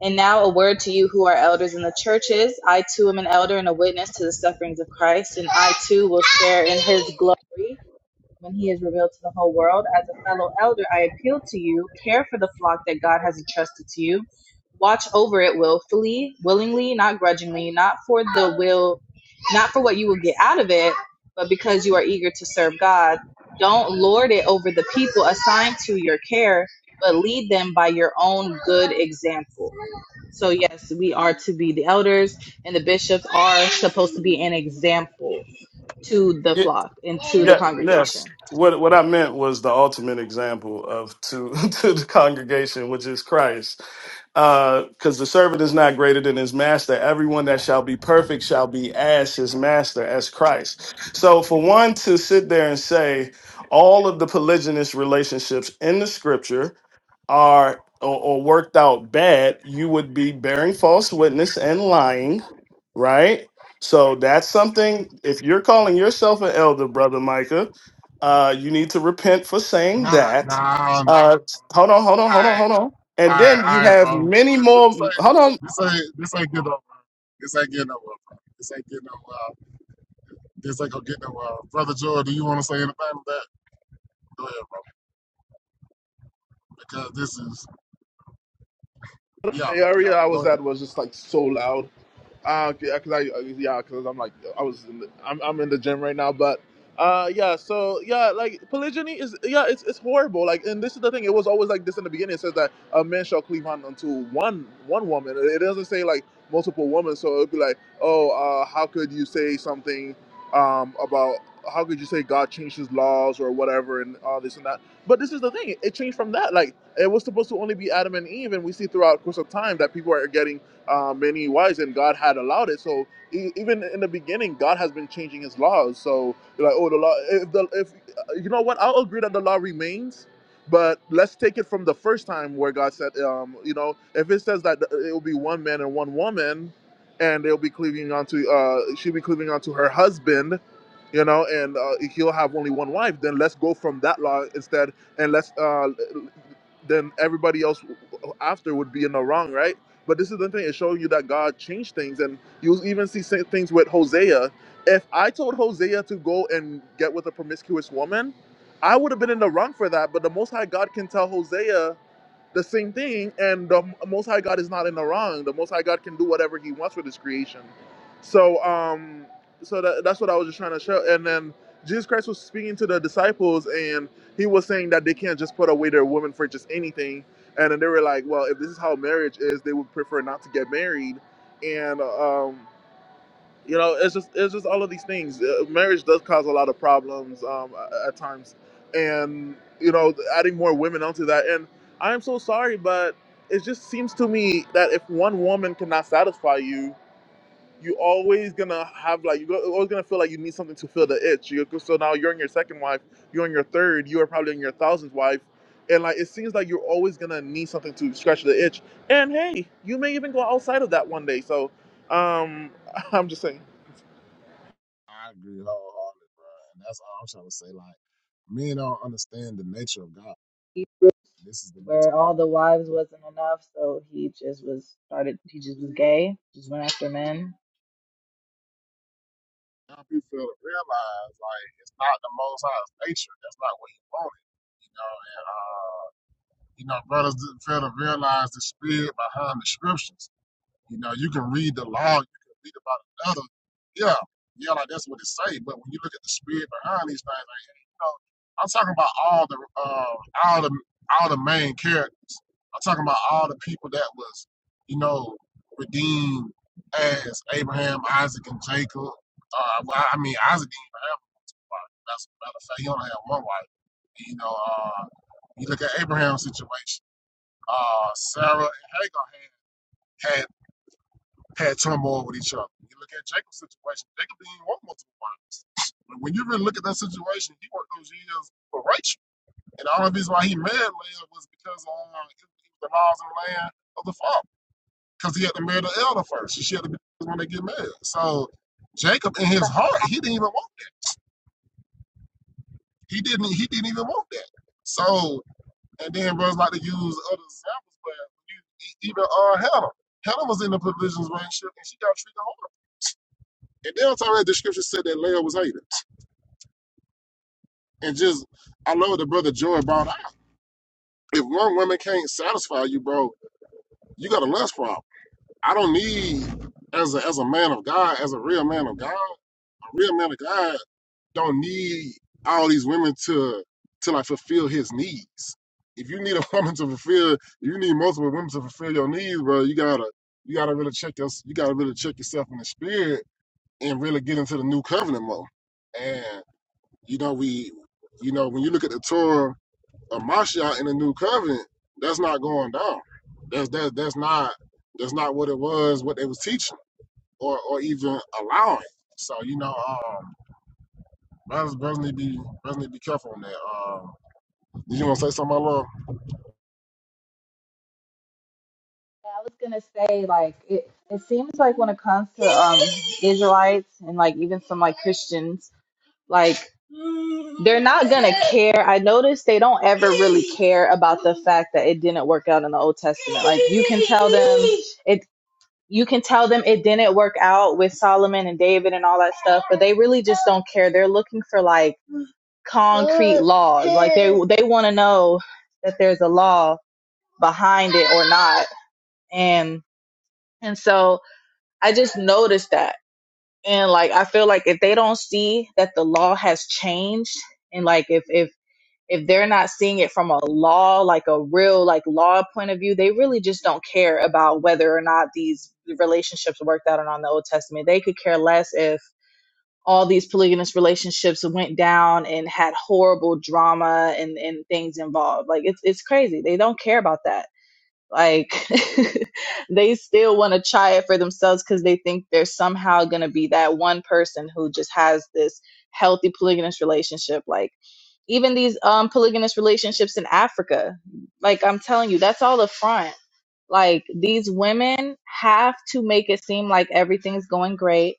and now a word to you who are elders in the churches. I too am an elder and a witness to the sufferings of Christ and I too will share in his glory when he is revealed to the whole world. As a fellow elder, I appeal to you, care for the flock that God has entrusted to you. Watch over it willfully, willingly, not grudgingly, not for the will, not for what you will get out of it, but because you are eager to serve God. Don't lord it over the people assigned to your care, but lead them by your own good example. So, yes, we are to be the elders, and the bishops are supposed to be an example to the
Yeah,
flock and to the
yeah, yes.
congregation
What what I meant was the ultimate example of to to the congregation, which is Christ because the servant is not greater than his master. Everyone that shall be perfect shall be as his master, as Christ. So, for one to sit there and say all of the polygynous relationships in the scripture are or, or worked out bad, you would be bearing false witness and lying, right? So, that's something, if you're calling yourself an elder, brother Micah, uh, you need to repent for saying
Nah,
that.
nah, nah.
Uh, hold on, hold on, hold on,
Alright,
hold on. And
alright,
then you
alright,
have
bro.
many
This,
more.
this ain't
Hold on,
this ain't this ain't getting over. This ain't getting over, bro. This ain't getting over. This ain't gonna get nowhere. Brother Joy, do you wanna say anything to that? Go ahead, bro. Because this is Yeah,
The
yeah.
area I
Go
was
ahead.
at was just like so loud. Uh, yeah, cause I, uh, yeah, cause I'm like, I was, in the, I'm, I'm in the gym right now, but, uh, yeah, so yeah, like polygyny is, yeah, it's, it's horrible. Like, and this is the thing, it was always like this in the beginning. It says that a man shall cleave on unto one, one woman. It it doesn't say like multiple women, so it'd be like, oh, uh, how could you say something, um, about how could you say God changed His laws or whatever and all this and that? But this is the thing; it changed from that. Like it was supposed to only be Adam and Eve, and we see throughout the course of time that people are getting uh, many wives, and God had allowed it. So e- even in the beginning, God has been changing His laws. So you're like, oh, the law. If the if uh, you know what, I'll agree that the law remains. But let's take it from the first time where God said, um, you know, if it says that uh, it will be one man and one woman, and they'll be cleaving onto, uh, she'll be cleaving onto her husband, you know, and uh, he'll have only one wife. Then let's go from that law instead and let's uh then everybody else after would be in the wrong, right? But this is the thing; it's showing you that God changed things, and you'll even see sa- things with Hosea. If I told Hosea to go and get with a promiscuous woman, I would have been in the wrong for that. But the Most High God can tell Hosea the same thing. And the Most High God is not in the wrong. The Most High God can do whatever He wants with His creation. So, um, so that, that's what I was just trying to show. And then Jesus Christ was speaking to the disciples, and He was saying that they can't just put away their woman for just anything. And then they were like, "Well, if this is how marriage is, they would prefer not to get married." And um, you know it's just it's just all of these things uh, marriage does cause a lot of problems um, at times and you know adding more women onto that and i am so sorry but it just seems to me that if one woman cannot satisfy you you always gonna have like you're always gonna feel like you need something to fill the itch you so now you're in your second wife you're in your third you are probably in your thousandth wife and like it seems like you're always gonna need something to scratch the itch and hey you may even go outside of that one day so um i'm just saying
I agree wholeheartedly, bro. And that's all I'm trying to say. Like, men don't understand the nature of God. This is the nature
where
of
all
God.
the wives wasn't enough, so he just was started. He just was gay, just went after men.
Some people feel to realize, like, it's not the Most High's nature. That's not what He wanted, you know. And uh, you know, brothers didn't fail to realize the spirit behind the scriptures. You know, you can read the law, you can read about another. Yeah, yeah, like that's what it say. But when you look at the spirit behind these things, like, you know, I'm talking about all the uh, all the all the main characters. I'm talking about all the people that was, you know, redeemed as Abraham, Isaac, and Jacob. Uh, well, I mean, Isaac didn't even have a wife. That's a matter of fact, he only had one wife. You know, uh, you look at Abraham's situation. Uh, Sarah and Hagar had had turmoil with each other. You look at Jacob's situation, Jacob didn't even want multiple wives. But when you really look at that situation, he worked those years for Rachel. And the only reason why he married Leah was because of uh, the laws and land of the father. Because he had to marry the elder first. She had to be when they get married. So Jacob in his
But
heart, he didn't even want that. He didn't he didn't even want that. So and then brothers like to use other examples, but you, e- even uh Hannah. Hannah was in the provisions relationship and she got treated And then on top of that, the scripture said that Leah was hated. And just, I love what the brother Joy brought out. If one woman can't satisfy you, bro, you got a lust problem. I don't need, as a, as a man of God, as a real man of God, a real man of God don't need all these women to, to like fulfill his needs. If you need a woman to fulfill, if you need multiple women to fulfill your needs, bro, you gotta, you gotta really check your, you gotta really check yourself in the spirit and really get into the new covenant mode. and. You know, we, you know, when you look at the Torah of Mashiach in the New Covenant, that's not going down. That's that that's not that's not what it was. What they was teaching, or or even allowing. So you know, um, brothers, brothers need to be brothers need to be careful on that. Um, did you want to say something, my love?
yeah, I was gonna say like it. It seems like when it comes to um Israelites and like even some like Christians, like they're not gonna care. I noticed they don't ever really care about the fact that it didn't work out in the Old Testament. Like you can tell them it. you can tell them it didn't work out with Solomon and David and all that stuff, but they really just don't care. They're looking for like concrete laws. Like they they want to know that there's a law behind it or not. And and so I just noticed that. And like I feel like if they don't see that the law has changed and like if if if they're not seeing it from a law like a real like law point of view they really just don't care about whether or not these relationships worked out and on the old testament they could care less if all these polygamous relationships went down and had horrible drama and, and things involved like it's, it's crazy they don't care about that like they still want to try it for themselves because they think they're somehow going to be that one person who just has this healthy polygamous relationship. Like even these um, polygamous relationships in Africa, like I'm telling you, that's all a front. Like these women have to make it seem like everything's going great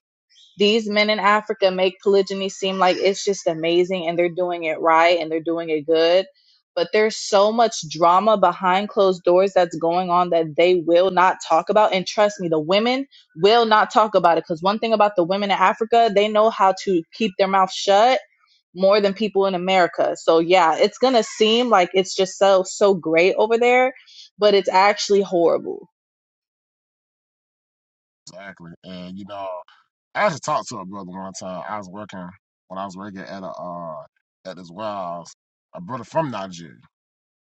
these men in Africa make polygyny seem like it's just amazing and they're doing it right and they're doing it good. But there's so much drama behind closed doors that's going on that they will not talk about. And trust me, the women will not talk about it. Because one thing about the women in Africa, they know how to keep their mouth shut more than people in America. So yeah, it's gonna seem like it's just so so great over there, but it's actually horrible.
Exactly. And you know, I actually talked to a brother one time. I was working when I was working at a uh, at this warehouse. A brother from Nigeria.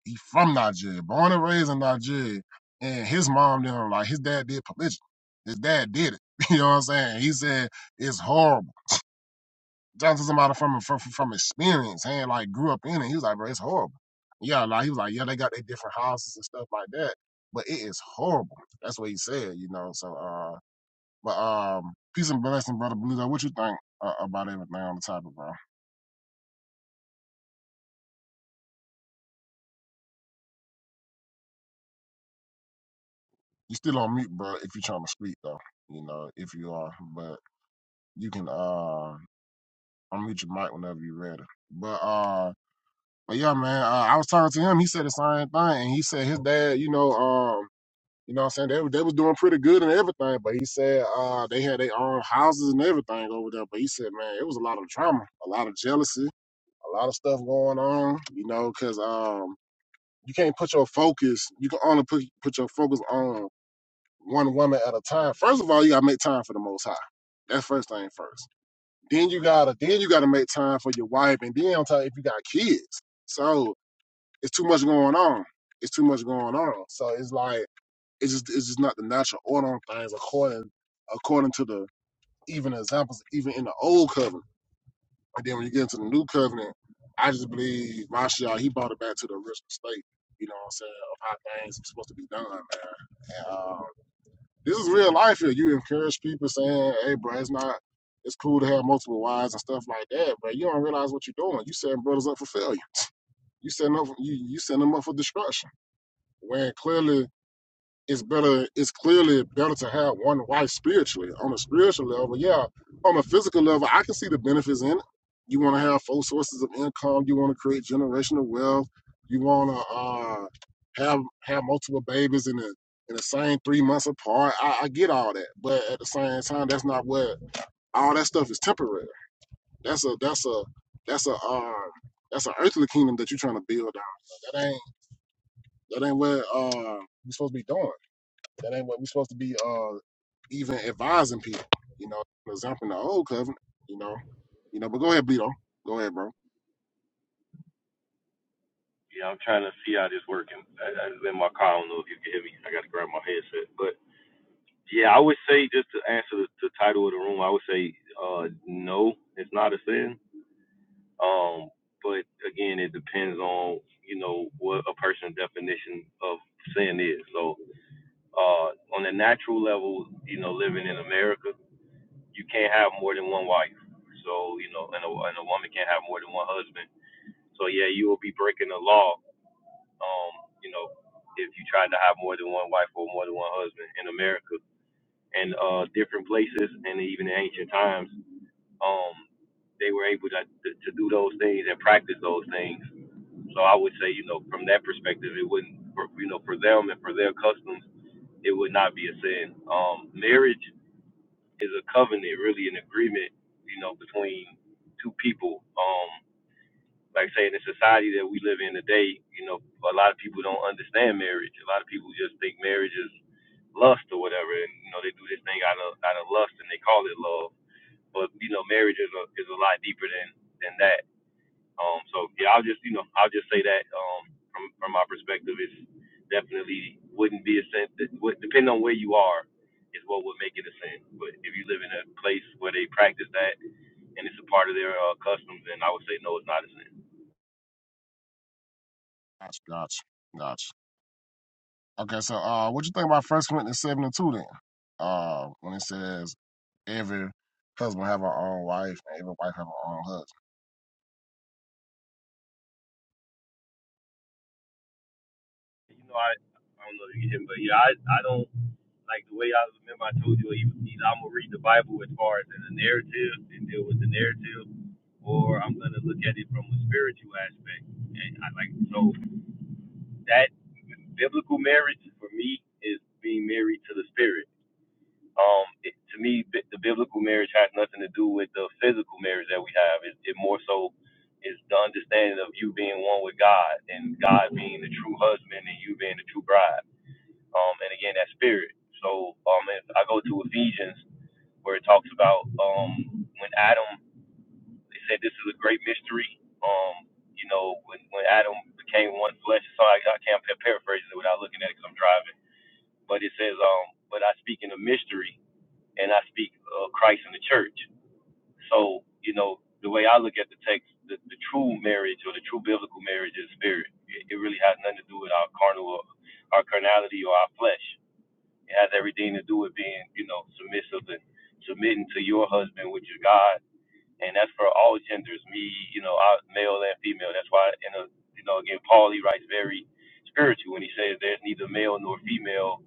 He from Nigeria, born and raised in Nigeria. And his mom didn't like his dad did polygyny. His dad did it. You know what I'm saying? He said it's horrible. Talking to somebody from from from experience, and like grew up in it. He was like, bro, it's horrible. Yeah, like he was like, yeah, they got their different houses and stuff like that, but it is horrible. That's what he said, you know. So, uh, but um, peace and blessing, brother Blue. What you think uh, about everything on the topic, bro? You still on mute, bro. If you're trying to speak, though, you know, if you are, but you can. uh I'll mute your mic whenever you're ready. But uh, but yeah, man, uh, I was talking to him. He said the same thing, and he said his dad, you know, um, you know, what I'm saying they were- they was doing pretty good and everything, but he said uh they had their own houses and everything over there. But he said, man, it was a lot of drama, a lot of jealousy, a lot of stuff going on, you know, because um you can't put your focus, you can only put put your focus on one woman at a time. First of all, you gotta make time for the Most High. That's first thing first. Then you gotta then you gotta make time for your wife, and then on top if you got kids, so it's too much going on. It's too much going on. So it's like it's just it's just not the natural order on things according according to the even examples even in the old covenant. And then when you get into the new covenant, I just believe Mashiach, he brought it back to the original state. You know what I'm saying of how things are supposed to be done, man. And, uh, this is real life here. You encourage people saying, "Hey, bro, it's not. It's cool to have multiple wives and stuff like that." But you don't realize what you're doing. You setting brothers up for failure. You setting up. You you setting them up for destruction. When clearly it's better it's clearly better to have one wife spiritually on a spiritual level yeah on a physical level i can see the benefits in it you want to have four sources of income you want to create generational wealth you want to uh, have have multiple babies in the in the same three months apart I, I get all that but at the same time that's not what all that stuff is temporary that's a that's a that's a um that's an earthly kingdom that you're trying to build on that ain't that ain't what uh you're supposed to be doing that ain't what we're supposed to be uh even advising people, you know, exempting the old covenant, you know. You know, but go ahead, Beto. Go ahead, bro.
Yeah, I'm trying to see how this working. I, I, in my car, I don't know if you can hear me. I got to grab my headset. But yeah, I would say just to answer the, the title of the room, I would say uh, no, it's not a sin. Um, but again, it depends on you know what a person's definition of sin is. So uh, on a natural level, you know, living in America, you can't have more than one wife. So you know, and a, and a woman can't have more than one husband. So yeah, you will be breaking the law um, you know, if you tried to have more than one wife or more than one husband in America and uh, different places and even in ancient times, um, they were able to, to, to do those things and practice those things. So I would say, you know, from that perspective, it wouldn't, for, you know, for them and for their customs, it would not be a sin. Um, marriage is a covenant, really an agreement, you know, between two people. Um, like say in the society that we live in today, you know, a lot of people don't understand marriage. A lot of people just think marriage is lust or whatever, and you know they do this thing out of out of lust and they call it love. But you know, marriage is a is a lot deeper than than that. Um, so yeah, I'll just you know I'll just say that um from from my perspective, it's definitely wouldn't be a sin. that would- Depending on where you are, is what would make it a sin. But if you live in a place where they practice that and it's a part of their uh, customs, then I would say no, it's not a sin.
Gotcha, gotcha, gotcha. Okay, so uh what you think about first Corinthians seven and two then? Uh when it says every husband have her own wife and every wife have her own husband.
You know, I I don't know if you can, but yeah, I I don't like the way I remember I told you either, either I'm gonna read the Bible as far as in the narrative and deal with the narrative, or I'm gonna look at it from a spiritual aspect. And I like so that biblical marriage for me is being married to the spirit. Um, it, to me, bi- the biblical marriage has nothing to do with the physical marriage that we have. It, it more so is the understanding of you being one with God and God being the true husband and you being the true bride um, and again that spirit. So um, if I go to Ephesians where it talks about um, when Adam, they said this is a great mystery. Um, you know, when, when Adam became one flesh. So I, I can't pa- paraphrase it without looking at it because 'cause I'm driving. But it says, um, but I speak in a mystery, and I speak uh, Christ in the church. So you know, the way I look at the text, the, the true marriage or the true biblical marriage is spirit. It, it really has nothing to do with our carnal, our carnality or our flesh it has everything to do with being, you know, submissive and submitting to your husband, which is God, and that's for all genders, me, you know, I, male and female. That's why, in a, you know, again, Paul he writes very spiritual when he says there's neither male nor female,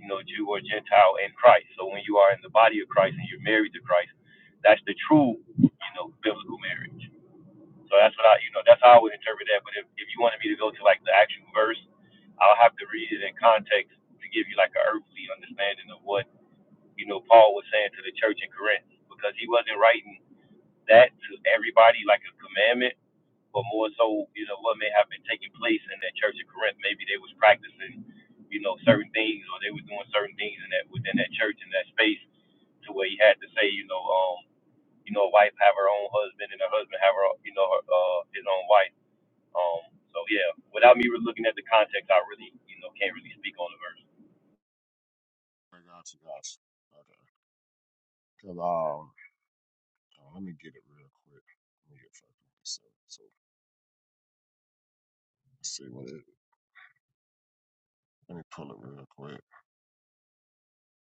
you know, Jew or Gentile in Christ. So when you are in the body of Christ and you're married to Christ, that's the true, you know, biblical marriage. So that's what I, you know, that's how I would interpret that. But if, if you wanted me to go to like the actual verse, I'll have to read it in context to give you like an earthly understanding of what, you know, Paul was saying to the church in Corinth because he wasn't writing that to everybody like a commandment, but more so, you know, what may have been taking place in that church in Corinth. Maybe they was practicing, you know, certain things or they were doing certain things in that within that church in that space to where he had to say, you know, um, you know, a wife have her own husband and a husband have her, you know, her, uh, his own wife um, so yeah, without me re- looking at the context, I really, you know, can't really speak on the verse.
I gotcha, gotcha. Okay. Cause um uh, let me get it real quick. Let me get first Corinthians So let's see what it let me pull it real quick.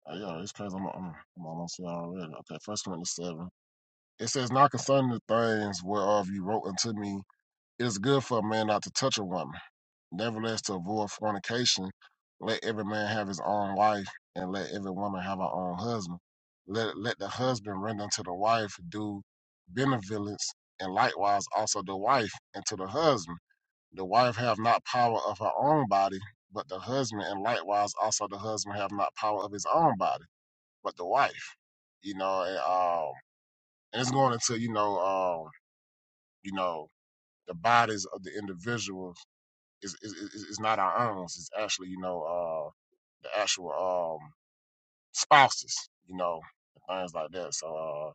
Uh, yeah, it's crazy. I'm, I'm, I'm almost there already. Okay, First Corinthians seven. It says, "Not concerning the things whereof you wrote unto me, it is good for a man not to touch a woman. Nevertheless, to avoid fornication, let every man have his own wife, and let every woman have her own husband. Let let the husband render unto the wife due benevolence, and likewise also the wife unto the husband. The wife have not power of her own body, but the husband, and likewise also the husband have not power of his own body." but the wife, you know, and, um, and it's going into you know, um, you know, the bodies of the individuals is is, is is not our own. It's actually you know uh, the actual um, spouses, you know, and things like that. So uh,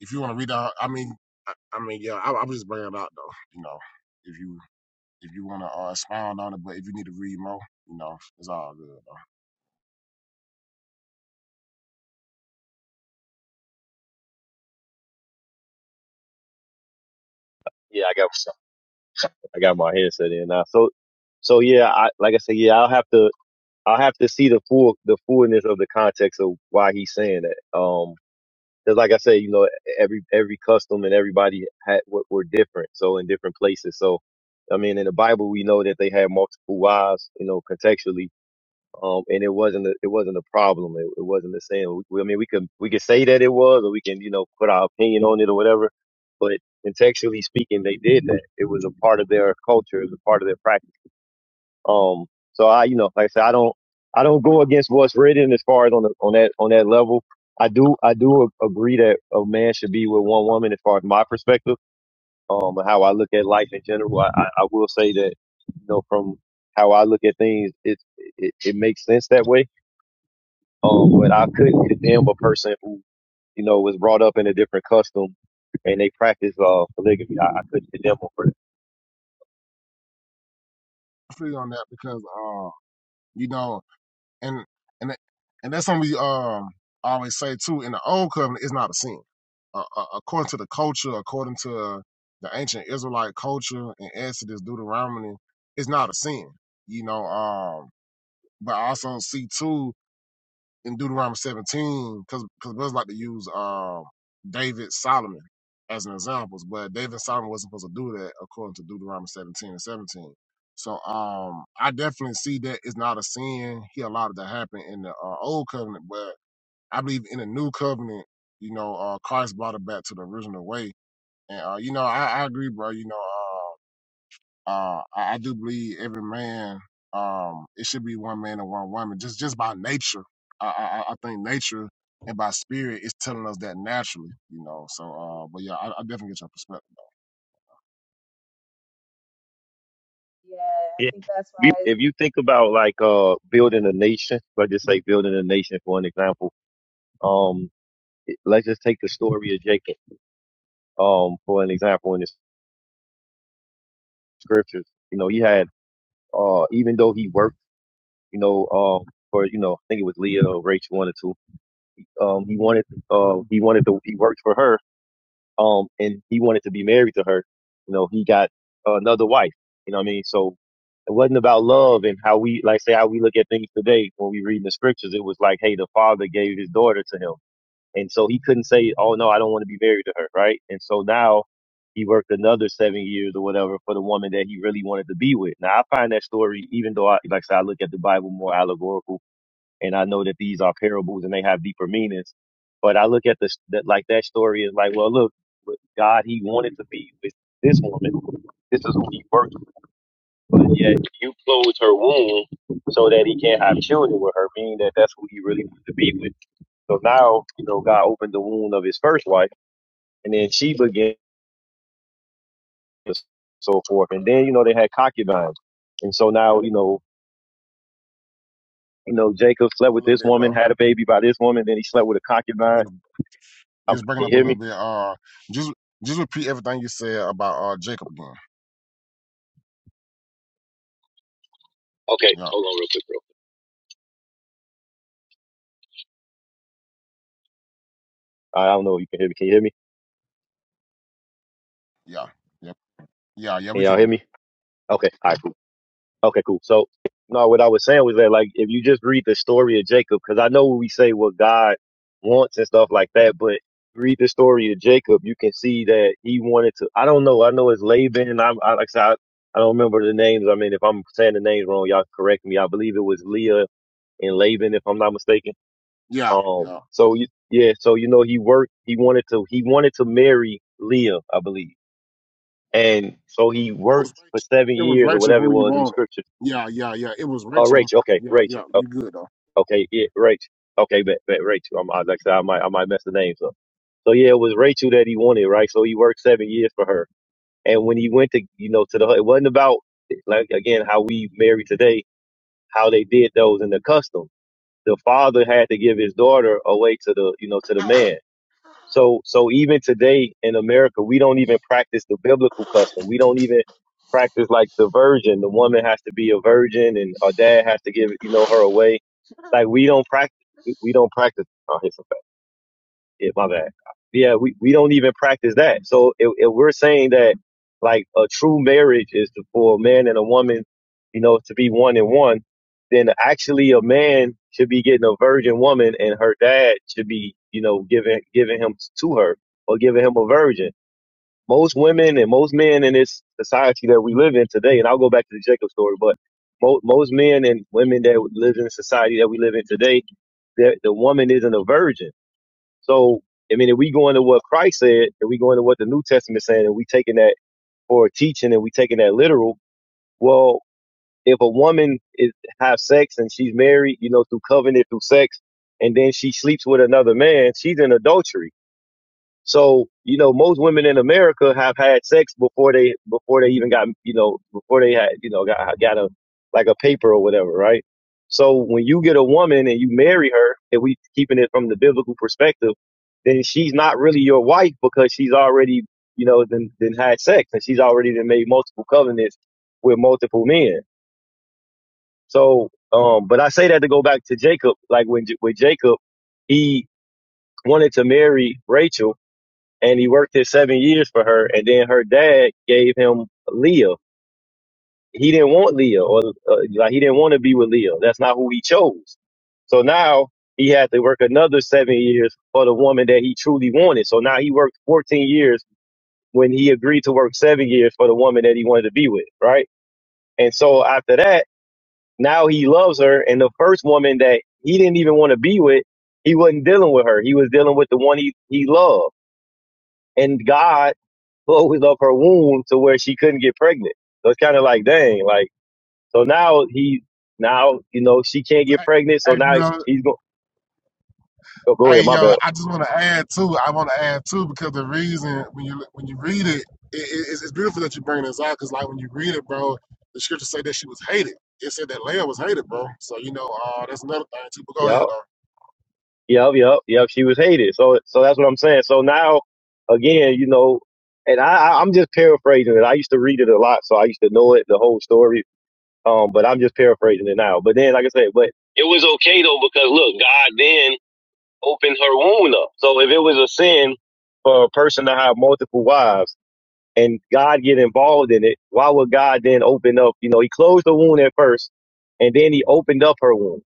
if you want to read out, I mean, I, I mean, yeah, I, I was just bringing it out though, you know, if you if you want to uh, expound on it, but if you need to read more, you know, it's all good. Though.
Yeah, I got I got my headset in now. So so yeah, I like I said, yeah, I'll have to I'll have to see the full the fullness of the context of why he's saying that. Um, because like I said, you know, every every custom and everybody had what were different. So in different places. So I mean, in the Bible, we know that they had multiple wives. You know, contextually. um, and it wasn't a, it wasn't a problem. It, it wasn't the same. We, I mean, we could we could say that it was, or we can you know put our opinion on it or whatever. But contextually speaking, they did that. It was a part of their culture. It was a part of their practice. Um, so I you know like I said, I don't I don't go against what's written as far as on the, on that on that level. I do I do a- agree that a man should be with one woman as far as my perspective. Um, and how I look at life in general. I, I, I will say that you know from how I look at things, it, it it makes sense that way um, but I couldn't condemn a person who, you know, was brought up in a different custom and they practice uh, polygamy. I, I couldn't condemn them for that.
I feel on that because uh, you know. and and and that's something we um always say too. In the old covenant, it's not a sin. Uh, uh, according to the culture, according to the ancient Israelite culture in Exodus, Deuteronomy, it's not a sin. You know, um, but I also see too in Deuteronomy 17, because because brothers like to use um David Solomon as an examples, but David Solomon wasn't supposed to do that according to Deuteronomy 17 and 17. So um I definitely see that it's not a sin. He allowed it to happen in the uh, old covenant, but I believe in the new covenant, you know, uh Christ brought it back to the original way. And uh, you know, I, I agree, bro. You know, uh, uh, I, I do believe every man, um, it should be one man and one woman, just just by nature. I, I, I I think nature and by spirit is telling us that naturally, you know. So, uh, but yeah, I, I definitely get your perspective
Yeah, I
Yeah.
think that's
If you,
why it's
if you think about like uh, building a nation, let's just say building a nation for an example. Um, it- let's just take the story of Jacob um, for an example in the scriptures. You know, he had uh, even though he worked, you know, um, for you know, I think it was Leah or Rachel, one or two. Um, he wanted uh, he wanted to he worked for her um, and he wanted to be married to her. You know, he got uh, another wife. You know what I mean? So it wasn't about love and how we, like, say how we look at things today when we read the scriptures. It was like, hey, the father gave his daughter to him, and so he couldn't say, oh no, I don't want to be married to her, right? And so now he worked another seven years or whatever for the woman that he really wanted to be with. Now I find that story, even though I, like I said, I look at the Bible more allegorical and I know that these are parables and they have deeper meanings. But I look at this that like that story is like, well, look, with God, He wanted to be with this woman. This is who He worked with, but yet you closed her womb so that He can't have children with her, meaning that that's who He really wanted to be with. So now, you know, God opened the womb of His first wife, and then she began and so forth, and then you know they had concubines, and so now you know. You know, Jacob slept
a
with
little
this
bit, bro.
woman, had a baby by this woman, then he slept with a concubine.
You know, you
Um,
just breaking
Can you
up a
hear me?
little bit. Uh, just just repeat everything you said about uh Jacob again.
Okay,
Yeah,
hold on real quick, bro. I don't know if you can hear me. Can you hear me?
yeah, yeah, yeah, yeah.
Can
We
y'all hear
can.
me? Okay, all right, cool. Okay, cool. So, no, what I was saying was that, like, if you just read the story of Jacob, because I know we say what God wants and stuff like that, but read the story of Jacob, you can see that he wanted to. I don't know. I know it's Laban. I'm, I, like I said, I, I don't remember the names. I mean, if I'm saying the names wrong, y'all correct me. I believe it was Leah and Laban, if I'm not mistaken.
Yeah,
Um,
yeah.
so you, yeah, so you know, he worked. He wanted to. He wanted to marry Leah, I believe And so he
It was
worked for
Rachel.
seven
It was
years or
Rachel
whatever it
who you
was in the
wanted.
scripture.
Yeah, yeah, yeah. It was
Oh,
Rachel.
Rachel. Okay,
Yeah,
Rachel.
yeah.
Oh,
You good though.
okay, yeah, Rachel. Okay, bet, bet Rachel. I'm, I, like I said, I might, I might mess the names up. So yeah, it was Rachel that he wanted, right? So he worked seven years for her. And when he went to, you know, to the, it wasn't about like again how we marry today, how they did those in the custom. The father had to give his daughter away to the, you know, to the man. So so even today in America, we don't even practice the biblical custom. We don't even practice like the virgin. The woman has to be a virgin, and her dad has to give you know her away. Like we don't practice. We we don't practice. Oh, here's some yeah, my bad. Yeah, we, we don't even practice that. So if, if we're saying that like a true marriage is to, for a man and a woman, you know, to be one and one, then actually a man should be getting a virgin woman and her dad should be, you know, giving giving him to her or giving him a virgin. Most women and most men in this society that we live in today, and I'll go back to the Jacob story, but mo- most men and women that live in the society that we live in today, the the woman isn't a virgin so, I mean, if we go into what Christ said, if we go into what the New Testament is saying, and we taking that for teaching and we taking that literal, well, if a woman is have sex and she's married, you know, through covenant, through sex, and then she sleeps with another man, she's in adultery. So, you know, most women in America have had sex before they before they even got, you know, before they had, you know, got got a like a paper or whatever, right? So when you get a woman and you marry her, if we keeping it from the biblical perspective, then she's not really your wife because she's already, you know, then then had sex and she's already then made multiple covenants with multiple men. So, um, but I say that to go back to Jacob, like when J- with Jacob, he wanted to marry Rachel and he worked his seven years for her, and then her dad gave him Leah. He didn't want Leah, or uh, like he didn't want to be with Leah. That's not who he chose. So now he had to work another seven years for the woman that he truly wanted. So now he worked 14 years when he agreed to work seven years for the woman that he wanted to be with, right? And so after that, now he loves her, and the first woman that he didn't even want to be with, he wasn't dealing with her. He was dealing with the one he he loved. and God closed up her womb to where she couldn't get pregnant. So it's kind of like, dang, like so now he now you know she can't get pregnant. So now
Hey,
he's going. Oh, go ahead,
Hey
my
yo,
bad.
I just want to add too. I want to add too because the reason when you when you read it, it, it it's, it's beautiful that you bring this out because like when you read it, bro, the scripture say that she was hated. It said that Leah was hated, bro. So you know, uh, that's another thing too. But go ahead
Yeah,
though.
yep, yep, yep. She was hated. So so that's what I'm saying. So now again, you know, and I I- I'm just paraphrasing it. I used to read it a lot, so I used to know it the whole story. Um, but I'm just paraphrasing it now. But then, like I said, but it was okay though because look, God then. open her wound up. So if it was a sin for a person to have multiple wives and God get involved in it, why would God then open up? You know, he closed the wound at first and then he opened up her wound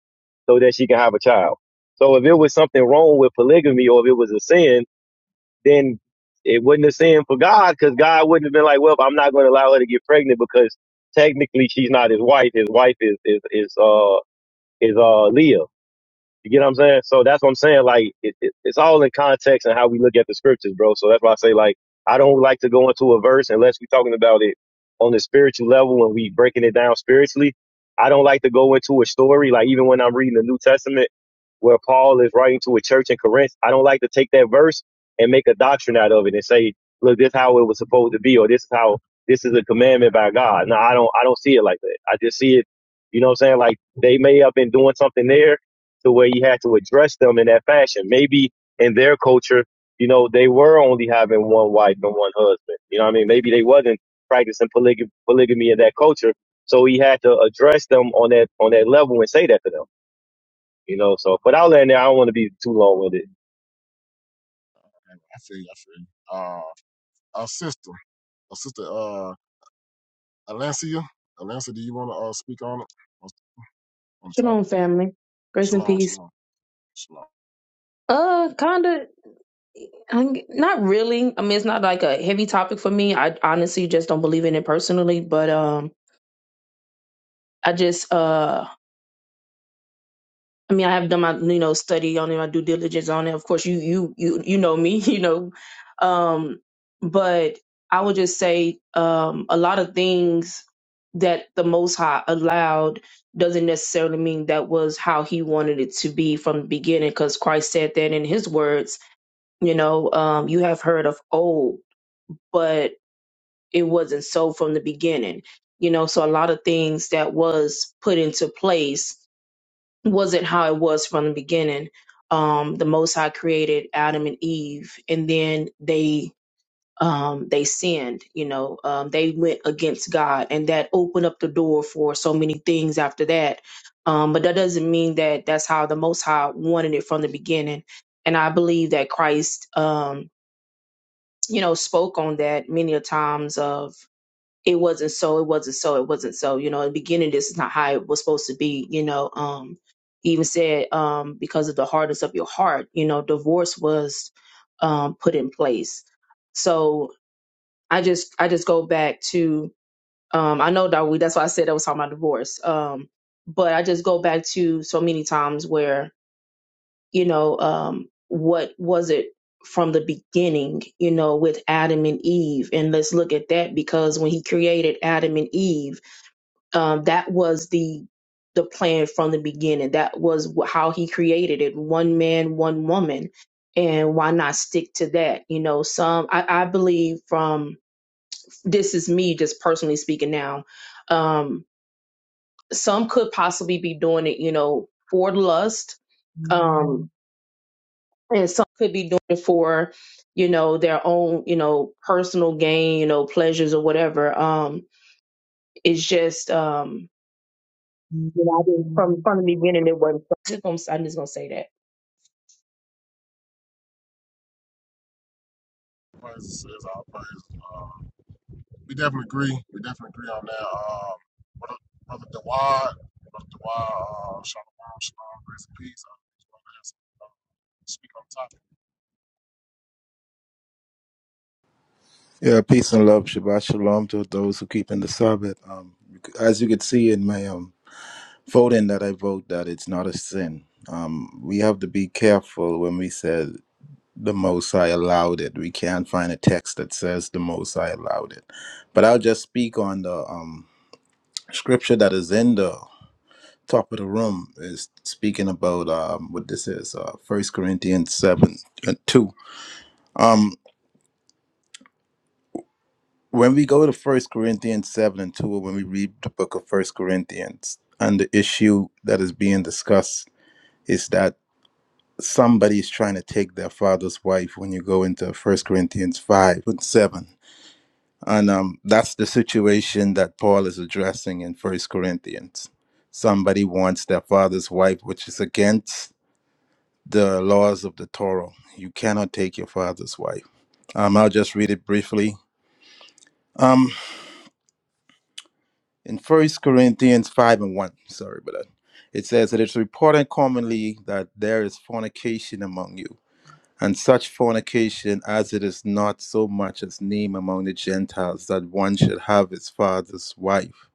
so that she can have a child. So if it was something wrong with polygamy or if it was a sin, then it wasn't a sin for God because God wouldn't have been like, well, I'm not going to allow her to get pregnant because technically she's not his wife. His wife is, is, is, uh, is, uh, Leah. You get what I'm saying? So that's what I'm saying. Like it, it, it's all in context and how we look at the scriptures, bro. So that's why I say like I don't like to go into a verse unless we're talking about it on the spiritual level and we breaking it down spiritually. I don't like to go into a story like even when I'm reading the New Testament where Paul is writing to a church in Corinth. I don't like to take that verse and make a doctrine out of it and say, look, this is how it was supposed to be or this is how this is a commandment by God. No, I don't I don't see it like that. I just see it, you know what I'm saying? Like they may have been doing something there to where you had to address them in that fashion. Maybe in their culture, you know, they were only having one wife and one husband. You know what I mean? Maybe they wasn't practicing polyg- polygamy in that culture. So he had to address them on that on that level and say that to them. You know, so but I'll land there. I don't want to be too long with it.
I feel you. I feel you. Uh, our sister, our sister, uh, Alancia, Alancia, do you want to uh speak on it on, on the
Shalom,
topic?
family. Grace and
Shalom,
peace.
shalom, shalom.
Uh, kinda. I'm, not really. I mean, it's not like a heavy topic for me. I honestly just don't believe in it personally. But um, I just uh, I mean, I have done my you know study on it, my due diligence on it. Of course, you you you you know me, you know. Um, but I would just say um, a lot of things that the Most High allowed doesn't necessarily mean that was how He wanted it to be from the beginning, because Christ said that in His words you know um you have heard of old but it wasn't so from the beginning you know so a lot of things that was put into place wasn't how it was from the beginning um the most high created adam and eve and then they um they sinned you know um they went against god and that opened up the door for so many things after that um but that doesn't mean that that's how the most high wanted it from the beginning and i believe that christ um you know, spoke on that many a times of it wasn't so, it wasn't so, it wasn't so. You know, in the beginning, this is not how it was supposed to be. You know, um, he even said um, because of the hardness of your heart, you know, divorce was um, put in place. So I just, I just go back to, um, I know that we, that's why I said I was talking about divorce. Um, but I just go back to so many times where you know um what was it from the beginning you know with adam and eve and let's look at that because when he created adam and eve um that was the the plan from the beginning that was wh- how he created it one man one woman and why not stick to that you know some i, I believe from this is me just personally speaking now um some could possibly be doing it you know for lust um and some could be doing it for you know their own you know personal gain you know pleasures or whatever um it's just um you know, I didn't, from from the beginning it wasn't I'm just gonna- i'm just gonna say that
Praise, is our praise. We definitely agree. We definitely agree on that. Um, brother, brother Dawad, brother Dawad, uh, Shalom, Shalom, grace and peace. I just want to have uh, speak on the topic.
Yeah, peace and love, Shabbat Shalom to those who keep in the Sabbath. Um, as you can see in my um, voting that I vote, that it's not a sin. Um, we have to be careful when we said the Most High allowed it. We can't find a text that says the Most High allowed it. But I'll just speak on the um, scripture that is in the top of the room is speaking about um, what this is, uh, 1 Corinthians 7 and 2. Um, When we go to First Corinthians 7 and 2, when we read the book of First Corinthians, and the issue that is being discussed is that somebody is trying to take their father's wife when you go into First Corinthians 5 and 7. And um, that's the situation that Paul is addressing in First Corinthians. Somebody wants their father's wife, which is against the laws of the Torah. You cannot take your father's wife. Um, I'll just read it briefly. Um. in First Corinthians five and one. Sorry about that. It says it is reported commonly that there is fornication among you, and such fornication as it is not so much as name among the Gentiles that one should have his father's wife.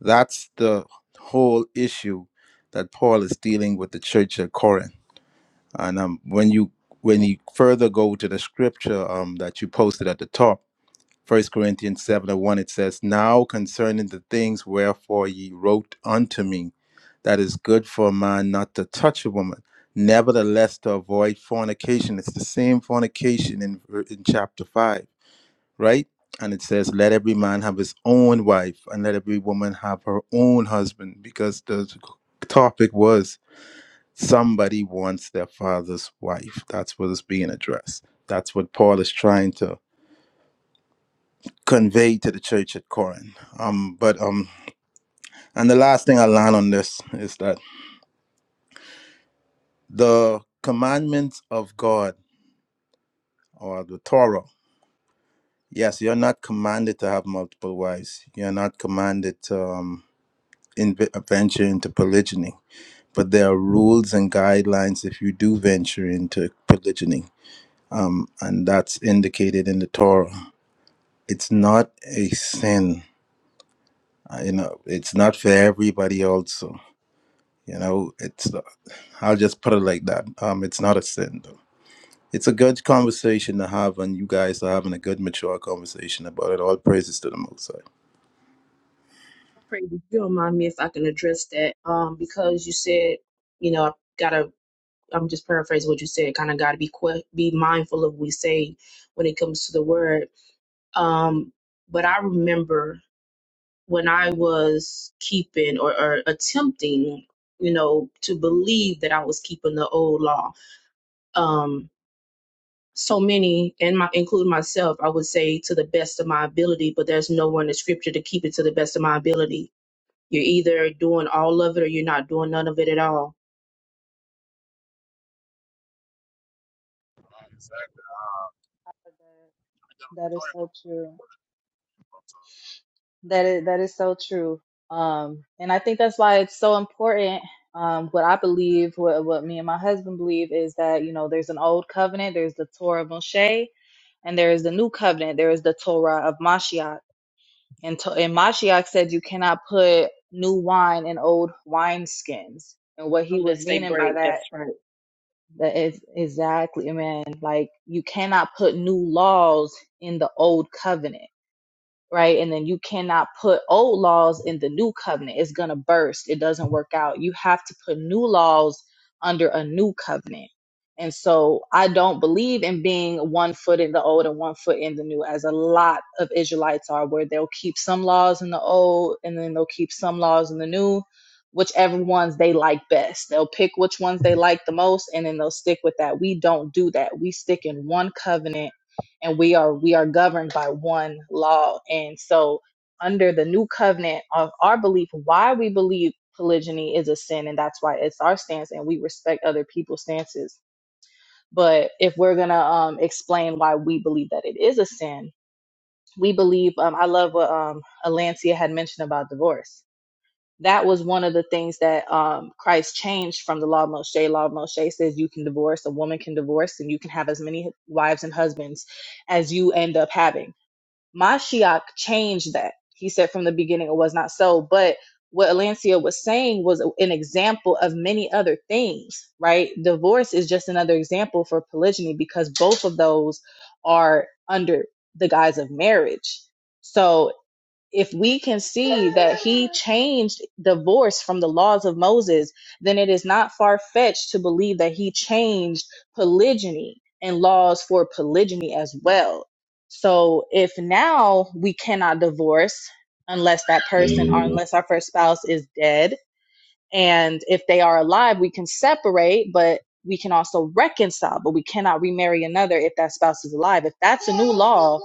That's the whole issue that Paul is dealing with the church at Corinth. And um, when you when you further go to the scripture um, that you posted at the top First Corinthians 7 and 1, it says, Now concerning the things wherefore ye wrote unto me, that is good for a man not to touch a woman, nevertheless to avoid fornication. It's the same fornication in, in chapter 5, right? And it says, Let every man have his own wife, and let every woman have her own husband, because the topic was somebody wants their father's wife. That's what is being addressed. That's what Paul is trying to convey to the church at Corinth. Um, but um, and the last thing I learned on this is that the commandments of God or the Torah. Yes, you're not commanded to have multiple wives. You're not commanded to um, in, venture into polygyny. But there are rules and guidelines if you do venture into polygyny, and that's indicated in the Torah. It's not a sin. Uh, You know, it's not for everybody also You know, it's uh, I'll just put it like that. Um, it's not a sin though. It's a good conversation to have, and you guys are having a good, mature conversation about it. All praises to the Most High.
Pray if you don't mind me if I can address that. Um, because you said, you know, I gotta. I'm just paraphrasing what you said. Kind of gotta be que- be mindful of what we say when it comes to the word. Um, but I remember. when I was keeping or, or attempting, you know, to believe that I was keeping the old law. Um, so many, and my including myself, I would say to the best of my ability, but there's no one in the scripture to keep it to the best of my ability. You're either doing all of it or you're not doing none of it at all.
Uh, exactly. We
that
definitely go
is
ahead.
so true. That is that is so true. Um, and I think that's why it's so important. Um, what I believe, what what me and my husband believe, is that you know there's an old covenant, there's the Torah of Moshe, and there is the new covenant, there is the Torah of Mashiach. And to, and Mashiach said you cannot put new wine in old wineskins. And what he was
Unless they
meaning by
break,
that,
that's right.
that is exactly, man, like you cannot put new laws in the old covenant right? And then you cannot put old laws in the new covenant. It's going to burst. It doesn't work out. You have to put new laws under a new covenant. And so I don't believe in being one foot in the old and one foot in the new, as a lot of Israelites are, where they'll keep some laws in the old and then they'll keep some laws in the new, whichever ones they like best. They'll pick which ones they like the most and then they'll stick with that. We don't do that. We stick in one covenant and we are we are governed by one law and so under the new covenant of our belief why we believe polygyny is a sin and that's why it's our stance and we respect other people's stances but if we're gonna um, explain why we believe that it is a sin we believe um, i love what um, alancia had mentioned about divorce that was one of the things that um, christ changed from the law of moshe law of moshe says you can divorce a woman can divorce and you can have as many wives and husbands as you end up having Mashiach changed that. He said from the beginning it was not so. But what Alancia was saying was an example of many other things, right? Divorce is just another example for polygyny because both of those are under the guise of marriage. So if we can see that he changed divorce from the laws of Moses, then it is not far fetched to believe that he changed polygyny and laws for polygyny as well. So if now we cannot divorce unless that person or unless our first spouse is dead, and if they are alive, we can separate, but we can also reconcile, but we cannot remarry another if that spouse is alive. If that's a new law,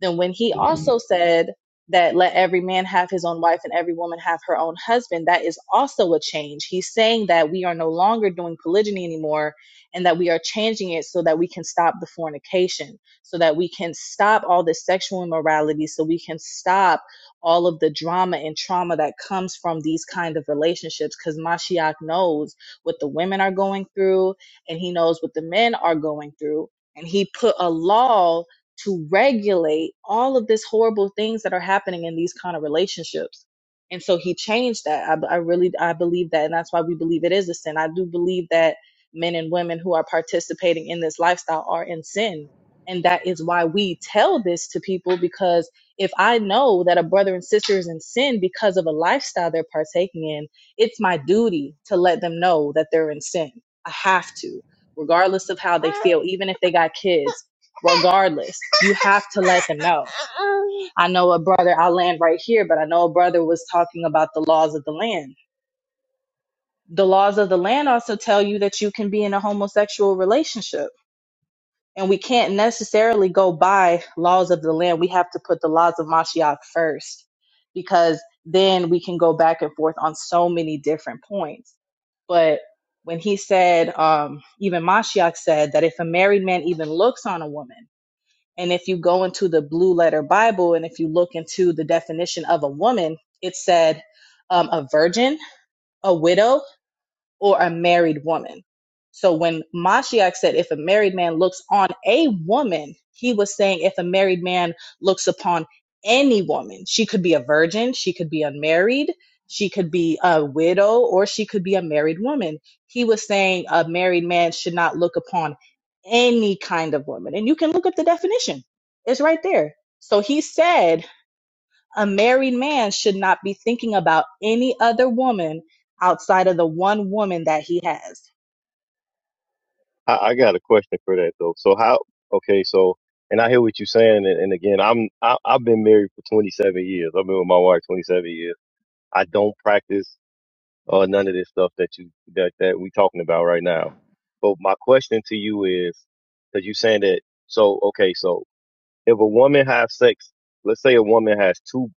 then when he also said that let every man have his own wife and every woman have her own husband, that is also a change. He's saying that we are no longer doing polygyny anymore and that we are changing it so that we can stop the fornication, so that we can stop all this sexual immorality, so we can stop all of the drama and trauma that comes from these kind of relationships because Mashiach knows what the women are going through and he knows what the men are going through. And he put a law to regulate all of these horrible things that are happening in these kind of relationships. And so he changed that. I I really, I believe that. And that's why we believe it is a sin. I do believe that men and women who are participating in this lifestyle are in sin. And that is why we tell this to people because if I know that a brother and sister is in sin because of a lifestyle they're partaking in, it's my duty to let them know that they're in sin. I have to, regardless of how they feel, even if they got kids, regardless, you have to let them know. I know a brother, I'll land right here, but I know a brother was talking about the laws of the land. The laws of the land also tell you that you can be in a homosexual relationship and we can't necessarily go by laws of the land. We have to put the laws of Mashiach first because then we can go back and forth on so many different points. But when he said, um, even Mashiach said that if a married man even looks on a woman, and if you go into the blue letter Bible and if you look into the definition of a woman, it said um, a virgin, a widow, or a married woman. So when Mashiach said, if a married man looks on a woman, he was saying, if a married man looks upon any woman, she could be a virgin, she could be unmarried, she could be a widow, or she could be a married woman. He was saying a married man should not look upon any kind of woman. And you can look up the definition, it's right there. So he said, a married man should not be thinking about any other woman outside of the one woman that he has.
I, I got a question for that though. So how? Okay, so and I hear what you're saying, and, and again, I'm I, I've been married for 27 years. I've been with my wife 27 years. I don't practice. or none of this stuff that you that that we talking about right now. But my question to you is, because you saying that, so okay, so if a woman has sex, let's say a woman has two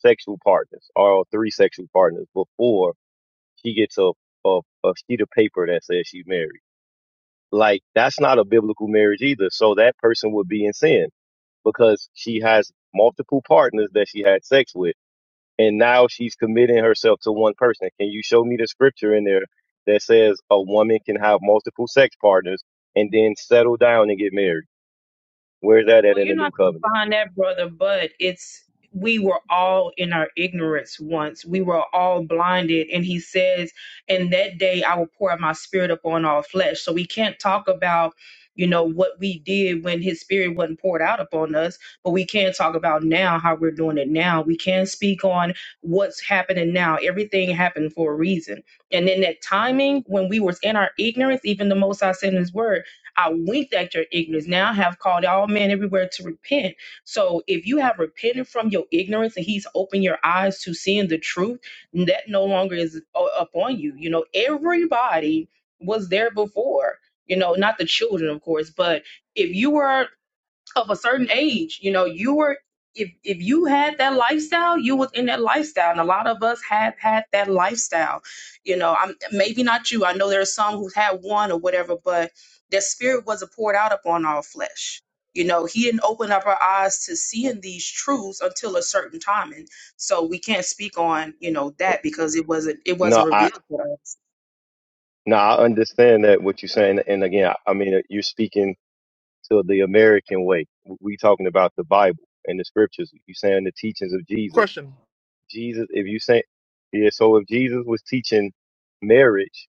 sexual partners or three sexual partners before she gets a a, a sheet of paper that says she's married. Like that's not a biblical marriage either. So that person would be in sin because she has multiple partners that she had sex with and now she's committing herself to one person. Can you show me the scripture in there that says a woman can have multiple sex partners and then settle down and get married? Where's that at
Well,
in
you're
the new
not going to
covenant?
find that, brother, but it's we were all in our ignorance once. We were all blinded. And he says, In that day, I will pour out my spirit upon all flesh. So we can't talk about, you know, what we did when his spirit wasn't poured out upon us, but we can talk about now how we're doing it now. We can speak on what's happening now. Everything happened for a reason. And then that timing, when we was in our ignorance, even the most I said in his word, I winked at your ignorance. Now I have called all men everywhere to repent. So if you have repented from your ignorance and he's opened your eyes to seeing the truth, that no longer is u- upon you. You know, everybody was there before. You know, not the children, of course, but if you were of a certain age. You know, you were if if you had that lifestyle, you was in that lifestyle, and a lot of us have had that lifestyle. You know, I'm maybe not you. I know there are some who had one or whatever, but their spirit wasn't poured out upon all flesh. You know, he didn't open up our eyes to seeing these truths until a certain time, and so we can't speak on you know that because it wasn't it
No,
wasn't
I
revealed to us.
no, I understand that what you're saying, and again, I, I mean you're speaking to the American way. We talking about the Bible and the scriptures. You saying the teachings of Jesus.
question.
Jesus, if you say yeah, so if Jesus was teaching marriage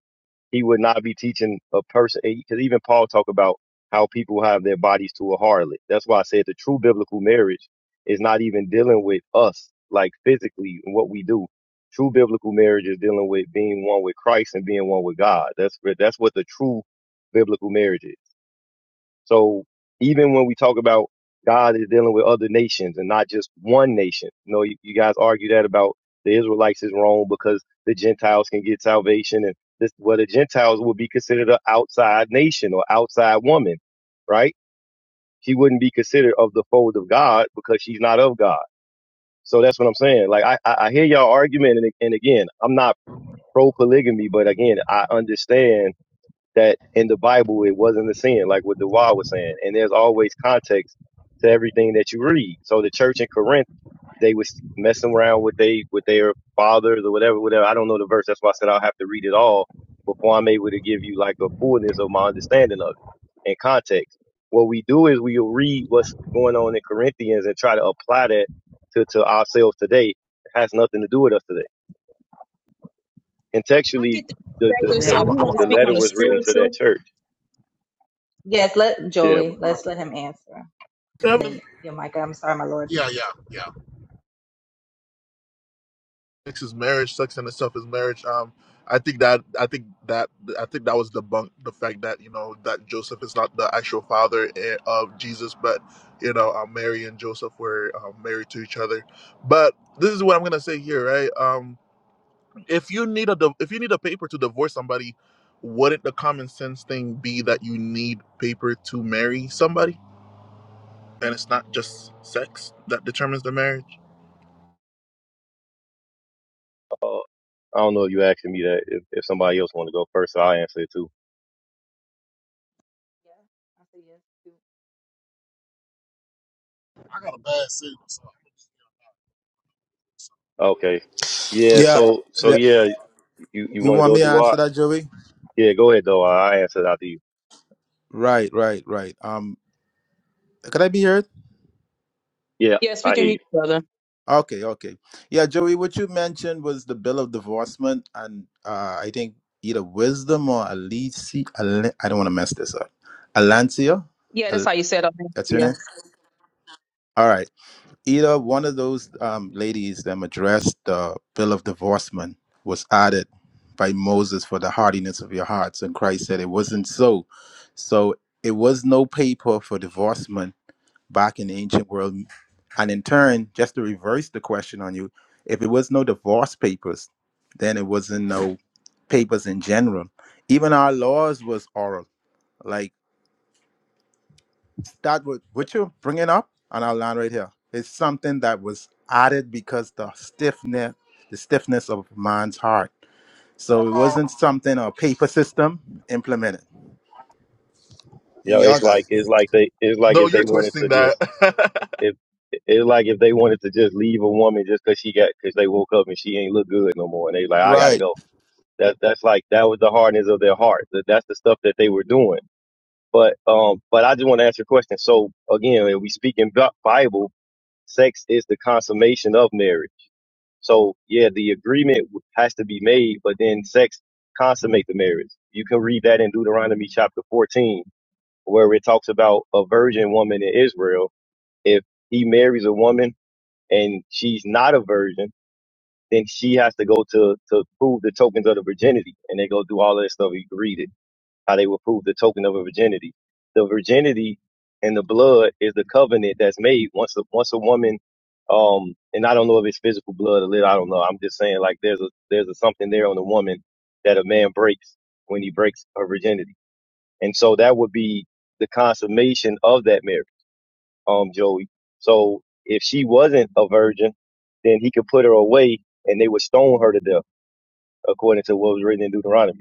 he would not be teaching a person because even paul talk about how people have their bodies to a harlot that's why i said the true biblical marriage is not even dealing with us like physically and what we do true biblical marriage is dealing with being one with christ and being one with god that's that's what the true biblical marriage is so even when we talk about God is dealing with other nations and not just one nation, you know, you, you guys argue that about the Israelites is wrong because the Gentiles can get salvation and this, well, the Gentiles would be considered an outside nation or outside woman, right? She wouldn't be considered of the fold of God because she's not of God. So that's what I'm saying. Like I, I I hear y'all argument, and, and again, I'm not pro polygamy, but again, I understand that in the Bible it wasn't a sin, like what Dewar was saying. And there's always context to everything that you read. So the church in Corinth, they was messing around with they with their fathers or whatever, whatever. I don't know the verse. That's why I said I'll have to read it all before I'm able to give you like a fullness of my understanding of it and context. What we do is we'll read what's going on in Corinthians and try to apply that to, to ourselves today. It has nothing to do with us today.
I
Contextually,
get the
the, the,
I
perspective.
Let's
mean,
So
I,
the,
if
speak
you
I, I,
to
want to
the
I
that.
speak
want
on
letter
to
the
ask
was
you
written
something
to
real quick.
that
spiritual,
church.
Yes, let
Yeah,
Joey, let's
Hold on.
let him answer. And
Seven
then, you know, Micah, I'm sorry, my lord.
Yeah, yeah, yeah.
is marriage, sex in itself is marriage. Um, I think that I think that I think that was debunked the fact that you know that Joseph is not the actual father eh, of Jesus, but you know uh, Mary and Joseph were uh, married to each other. But this is what I'm gonna say here, right? Um, if you need a div- if you need a paper to divorce somebody, wouldn't the common sense thing be that you need paper to marry somebody, and it's not just sex that determines the marriage?
Uh, I don't know if you asking me that. If, if somebody else want to go first, I'll answer it too.
Yeah, I say yes to to
I got a bad signal, so.
Okay. Yeah.
Yeah.
So so
yeah.
yeah, you you
You
that.
want to
want
go
me to
do
answer
what?
that, Joey?
Yeah. Go ahead though. I answer after you.
Right, right, right. Um, could I be heard?
Yeah.
yes, we
I hear
can hear
you.
each other.
Okay, okay. Yeah, Joey, what you mentioned was the bill of divorcement, and uh, I think either wisdom or Alici. Ale- I don't want to mess this up. Alancia,
Yeah, that's
Al-
how you set up.
that's your
Yeah.
name. All right. either one of those um, ladies that addressed the bill of divorcement was added by Moses for the hardiness of your hearts, and Christ said it wasn't so. So it was no paper for divorcement back in the ancient world, and in turn, just to reverse the question on you, if it was no divorce papers, then it wasn't no papers in general. Even our laws was oral, like that would what you bring it up, and I'll land right here. It's something that was added because the stiffness, the stiffness of man's heart. So it wasn't something a paper system implemented.
You
You
know,
y'all
it's
got
like
it.
it's like they it's like
No,
if they
you're
wanted
twisting
to just
that.
if it's like if they wanted to just leave a woman just cause she got because they woke up and she ain't look good no more and they like I gotta
Right.
go. That that's like that was the hardness of their heart. That that's the stuff that they were doing. But um, but I just want to ask you a question. So again, if we speak in Bi- Bible. sex is the consummation of marriage. So yeah, the agreement w- has to be made, but then sex consummate the marriage. You can read that in Deuteronomy chapter 14, where it talks about a virgin woman in Israel. If he marries a woman and she's not a virgin, then she has to go to, to prove the tokens of the virginity. And they go do all that stuff. You can read it how they were proved the token of a virginity. The virginity and the blood is the covenant that's made once a once a woman um and I don't know if it's physical blood or lit, I don't know. I'm just saying like there's a there's a something there on a woman that a man breaks when he breaks her virginity. And so that would be the consummation of that marriage, um, Joey. So if she wasn't a virgin, then he could put her away and they would stone her to death, according to what was written in Deuteronomy.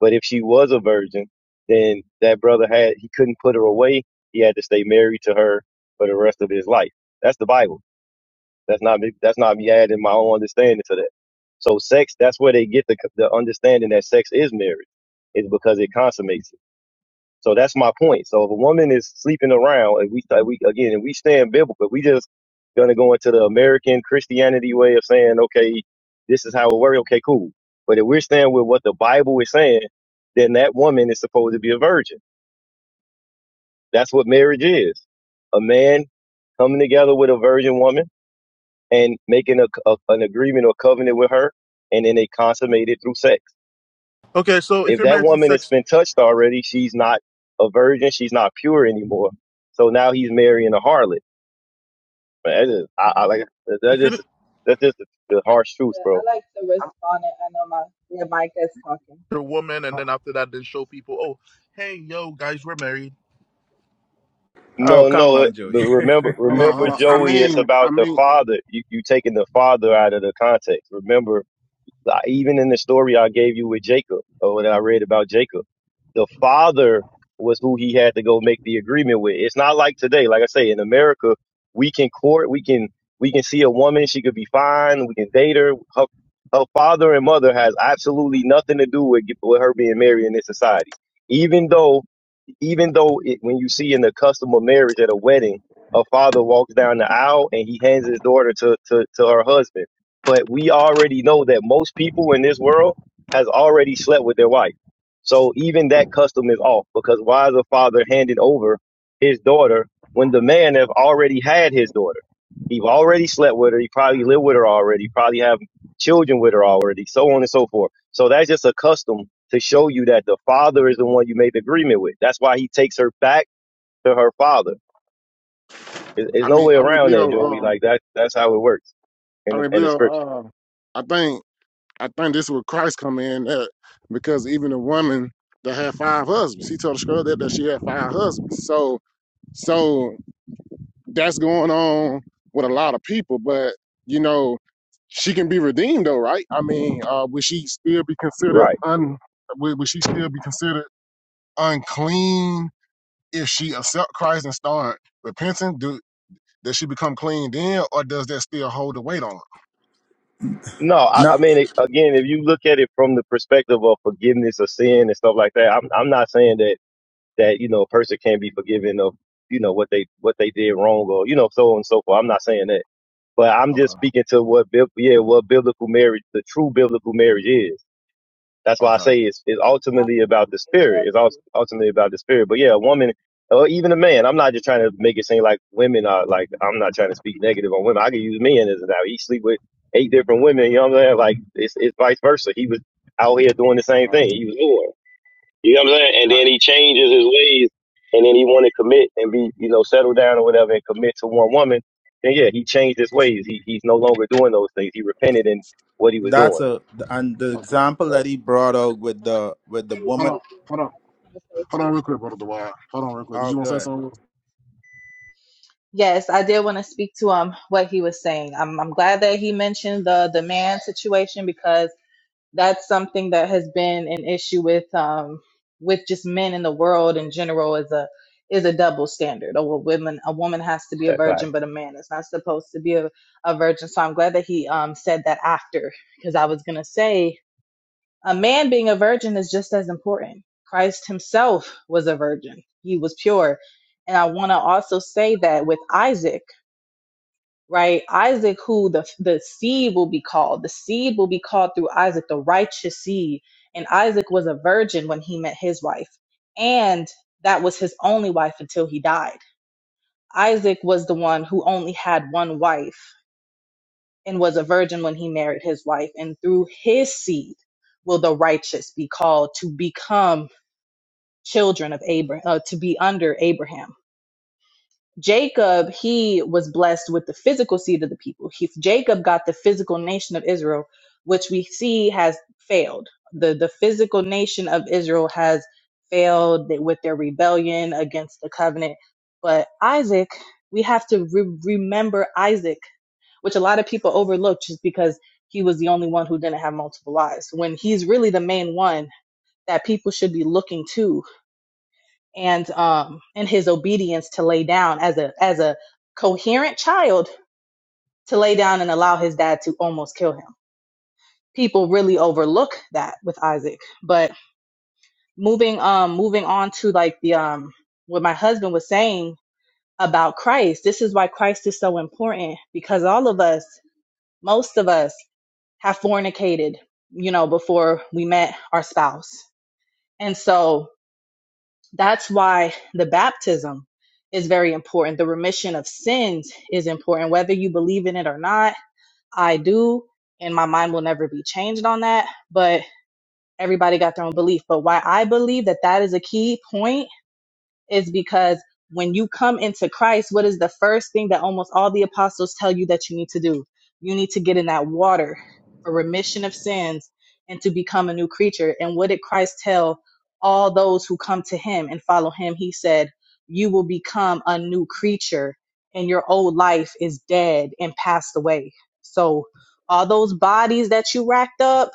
But if she was a virgin, then that brother had he couldn't put her away. He had to stay married to her for the rest of his life. That's the Bible. That's not me. That's not me adding my own understanding to that. So sex, that's where they get the the understanding that sex is marriage, is because it consummates it. So that's my point. So if a woman is sleeping around, and we, like we again, and we stand biblical, we just gonna go into the American Christianity way of saying, okay, this is how it works. Okay, cool. But if we're staying with what the Bible is saying, then that woman is supposed to be a virgin. That's what marriage is. A man coming together with a virgin woman and making a, a- an agreement or covenant with her, and then they consummate it through sex.
Okay, so if
if
you're
that
married to
woman has
sex,
been touched already, she's not a virgin, she's not pure anymore. So now he's marrying a harlot. Man, That just, I, I like that
if you're
just that's just the, the harsh truth,
Uh,
bro.
I like to respond, and I know my yeah, Micah is talking.
a woman,
Uh,
and then after that, then show people, oh, hey, yo, guys, we're married.
Oh
No,
come
no, uh,
on, Joey.
but remember,
Hold on,
remember,
hold on. I
Joey, it's
mean, I
about the
mean,
father. You you taking the father out of the context. Remember, Like, Even in the story I gave you with Jacob, or that I read about Jacob, the father was who he had to go make the agreement with. It's not like today. Like I say, in America, we can court, we can we can see a woman, she could be fine, we can date her. Her, her father and mother has absolutely nothing to do with with her being married in this society. Even though even though it, when you see in the custom of marriage at a wedding, a father walks down the aisle and he hands his daughter to, to, to her husband. But we already know that most people in this world has already slept with their wife. So even that custom is off because why is a father handing over his daughter when the man have already had his daughter? He've already slept with her. He probably lived with her already. Probably have children with her already, so on and so forth. So that's just a custom to show you that the father is the one you made the agreement with. That's why he takes her back to her father. There's, there's
I
no
mean,
way
I mean,
around that, Joey.
Bleedo, um,
Like that, that's how it works in
I
the,
mean,
in the
Bleedo,
scripture.
um, I think, I think this is where Christ come in, that, because even a woman that had five husbands, he told the girl that, that she had five husbands. So, So that's going on with a lot of people, but you know, she can be redeemed though, right? I mean, uh, would she still be
You're
considered
right.
un? Would, would she still be considered unclean if she accept Christ and start repenting? Do does she become clean then, or does that still hold the weight on her?
No, I, I
no,
mean, it, again, if you look at it from the perspective of forgiveness of sin and stuff like that, I'm, I'm not saying that, that, you know, a person can't be forgiven of, you know, what they, what they did wrong or, you know, so on and so forth. I'm not saying that, but I'm just
Okay,
speaking to what, bib- yeah, what biblical marriage, the true biblical marriage is That's why I
okay,
say it's, it's
I want
ultimately about
to
the
speak as
spirit.
well,
It's
too.
ultimately about the spirit. But yeah, a woman or even a man, I'm not just trying to make it seem like women are like, I'm not trying to speak negative on women. I can use men as an example. He sleep with eight different women. You know what I'm saying? Like it's, it's vice versa. He was out here doing the same
right,
thing. He was doing, you know what I'm saying? And then
right,
he changes his ways and then he want to commit and be, you know, settle down or whatever and commit to one woman. And yeah, he changed his ways. He, he's no longer doing those things. He repented in what he was
that's
doing.
a and the
okay.
example that
So
he brought out with
I want to
the
speak
with the
really
Hold
woman.
on,
quickly.
hold on,
I just want to say
hold on, real
something.
quick, brother Dwight. Hold on, real quick. Did
Oh,
you want to say
good.
something?
Yes, I did want to speak to um what he was saying. I'm I'm glad that he mentioned the the man situation because that's something that has been an issue with um with just men in the world in general is a is a double standard. Oh, A woman a woman has to be a
that's all right.
virgin, but a man is not supposed to be a, a virgin. So I'm glad that he um said that after because I was gonna say a man being a virgin is just as important. Christ himself was a virgin. He was pure. And I want to also say that with Isaac right? Isaac, who the the seed will be called, the seed will be called through Isaac, the righteous seed. And Isaac was a virgin when he met his wife, and that was his only wife until he died. Isaac was the one who only had one wife and was a virgin when he married his wife, and through his seed will the righteous be called to become children of Abraham, uh, to be under Abraham. Jacob, he was blessed with the physical seed of the people. He, Jacob got the physical nation of Israel, which we see has failed. The, the physical nation of Israel has failed with their rebellion against the covenant. But Isaac, we have to re- remember Isaac, which a lot of people overlook just because he was the only one who didn't have multiple lives, when he's really the main one that people should be looking to and um and his obedience to lay down as a as a coherent child to lay down and allow his dad to almost kill him people really overlook that with isaac but moving um moving on to like the um what my husband was saying about christ this is why christ is so important because all of us most of us have fornicated you know before we met our spouse and so That's why the baptism is very important. The remission of sins is important, whether you believe in it or not. I do, and my mind will never be changed on that. But everybody got their own belief. But why I believe that that is a key point is because when you come into Christ, what is the first thing that almost all the apostles tell you that you need to do? You need to get in that water for remission of sins and to become a new creature. And what did Christ tell all those who come to him and follow him? He said, You will become a new creature, and your old life is dead and passed away. So, all those bodies that you racked up,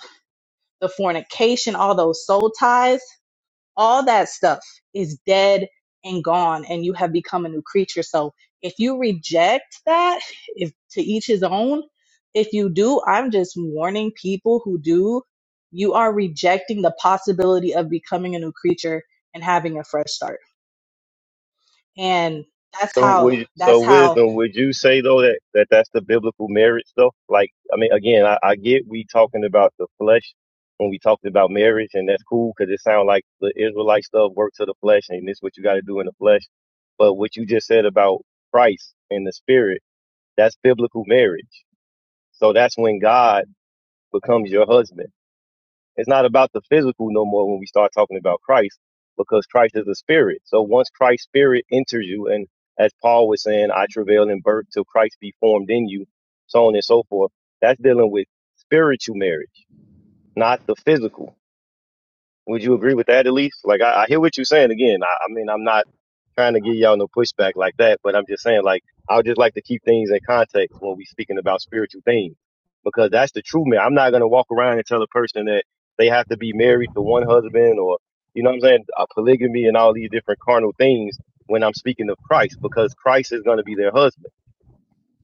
the fornication, all those soul ties all that stuff is dead and gone and you have become a new creature so if you reject that if to each his own if you do i'm just warning people who do you are rejecting the possibility of becoming a new creature and having a fresh start and that's
So
how
would so
that's how
wisdom? Would you say though that, that that's the biblical marriage though? Like I mean, again, I, I get we talking about the flesh when we talked about marriage, and that's cool because it sounds like the Israelite stuff work to the flesh, and this what you got to do in the flesh. But what you just said about Christ and the Spirit, that's biblical marriage. So that's when God becomes your husband. It's not about the physical no more when we start talking about Christ, because Christ is a spirit. So once Christ's spirit enters you, and as Paul was saying, I travail in birth till Christ be formed in you, so on and so forth, that's dealing with spiritual marriage, not the physical. Would you agree with that at least? Like, I, I hear what you're saying. Again, I, I mean, I'm not trying to give y'all no pushback like that, but I'm just saying, like, I would just like to keep things in context when we speaking about spiritual things, because that's the true man. I'm not gonna walk around and tell a person that they have to be married to one husband or, you know, what I'm saying, uh, polygamy and all these different carnal things when I'm speaking of Christ, because Christ is gonna be their husband.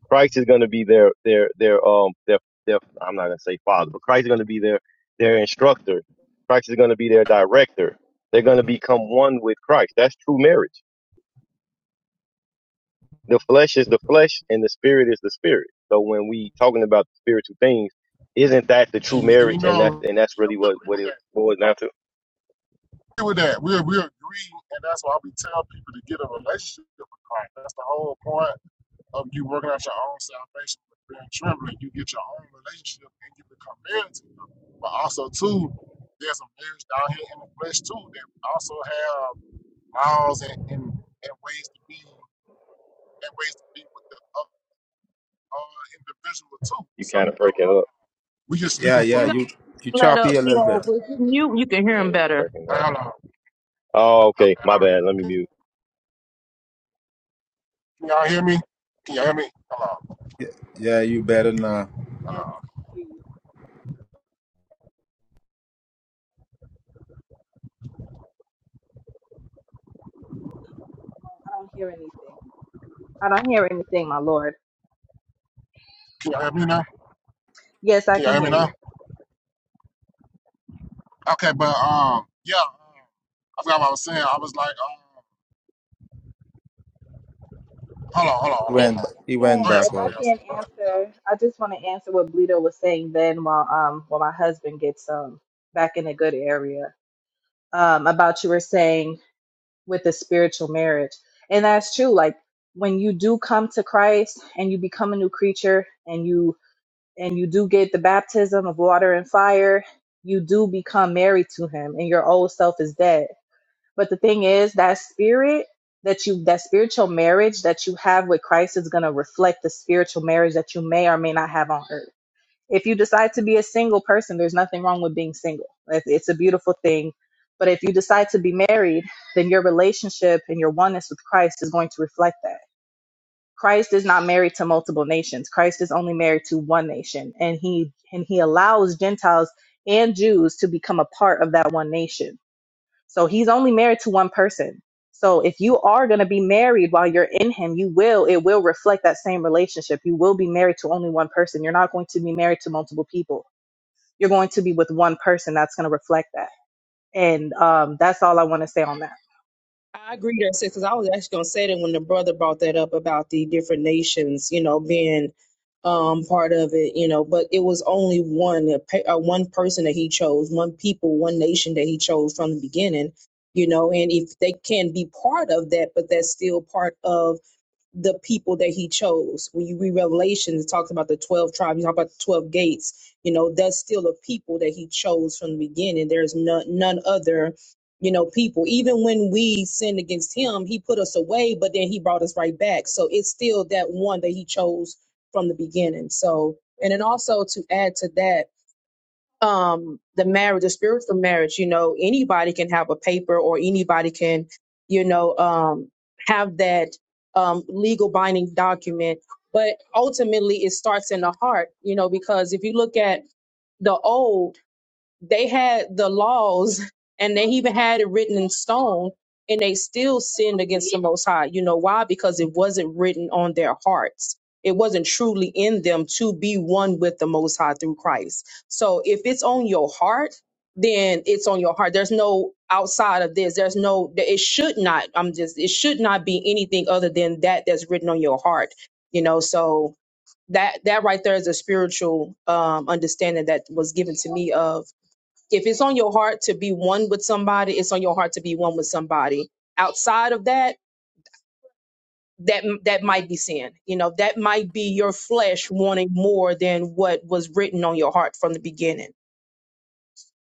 Christ is going to be their their their um their their I'm not going to say father, but Christ is going to be their their instructor. Christ is going to be their director. They're going to become one with Christ. That's true marriage. The flesh is the flesh, and the spirit is the spirit. So when we talking about spiritual things, isn't that the true
And, and you
marriage? And that's
know,
and that's
you know,
really
we
what
agree
what
with
it
that.
boils down to.
with that. We we agree, and that's why we tell people to get a relationship with Christ. That's the whole point of you working out your own salvation with fear and trembling. You get your own relationship and you become married. to it. But also too, there's a marriage down here in the flesh too that we also have laws and, and, and ways to be and ways to be with the other uh, individual too.
You
So
kind of
you know,
breaking up.
uh, we just
Yeah,
speaking
yeah.
you
from
You you
let
choppy
up,
a
you
little
know,
bit.
okay.
with you, you can hear
Yeah,
him
you
better.
breaking up.
Hold on,
Oh, okay.
okay,
My
hold
bad. Let me
on.
mute.
Can y'all hear me? Can y'all hear me? Hold on.
Yeah, you better not.
i don't hear anything i don't hear anything my lord
Can y'all hear me now?
yes i
Can y'all
can
hear me
hear you
now? Okay, but um, yeah, I forgot what I was saying. I was like, um, hold on, hold on, hold
He
on,
If
hold
went
on.
he went
Go
and
ahead,
if
back
I
somebody
out.
else.
can
Go ahead.
answer, I just want to answer what Bleedo was saying then while um while my husband gets um back in a good area. Um about you were saying with the spiritual marriage. And that's true. Like when you do come to Christ and you become a new creature and you and you do get the baptism of water and fire, you do become married to him and your old self is dead but the thing is, that spirit that you, that spiritual marriage that you have with Christ is going to reflect the spiritual marriage that you may or may not have on earth. If you decide to be a single person, there's nothing wrong with being single. It's it's a beautiful thing. But if you decide to be married, then your relationship and your oneness with Christ is going to reflect that. Christ is not married to multiple nations. Christ is only married to one nation, and he and he allows Gentiles and Jews to become a part of that one nation. So he's only married to one person. So if you are going to be married while you're in him, you will, it will reflect that same relationship. You will be married to only one person. You're not going to be married to multiple people. You're going to be with one person that's going to reflect that. And um, that's all I want to say on that.
I agree there, sis, because I was actually going to say that when the brother brought that up about the different nations, you know, being um part of it, you know, but it was only one a pe- uh, one person that he chose, one people, one nation that he chose from the beginning, you know, and if they can be part of that, but that's still part of the people that he chose. When you read Revelation, it talks about the 12 tribes, you talk about the 12 gates. You know, that's still a people that he chose from the beginning. There's none, none other, you know, people. Even when we sinned against him, he put us away, but then he brought us right back. So it's still that one that he chose from the beginning. So, and then also to add to that, um the marriage the spiritual marriage you know anybody can have a paper or anybody can you know um have that um legal binding document but ultimately it starts in the heart you know because if you look at the old they had the laws and they even had it written in stone and they still sinned against the most high you know why because it wasn't written on their hearts it wasn't truly in them to be one with the most high through christ so if it's on your heart then it's on your heart there's no outside of this there's no it should not i'm just it should not be anything other than that that's written on your heart you know so that that right there is a spiritual um understanding that was given to me of if it's on your heart to be one with somebody, it's on your heart to be one with somebody. Outside of that, that that might be sin. You know, that might be your flesh wanting more than what was written on your heart from the beginning.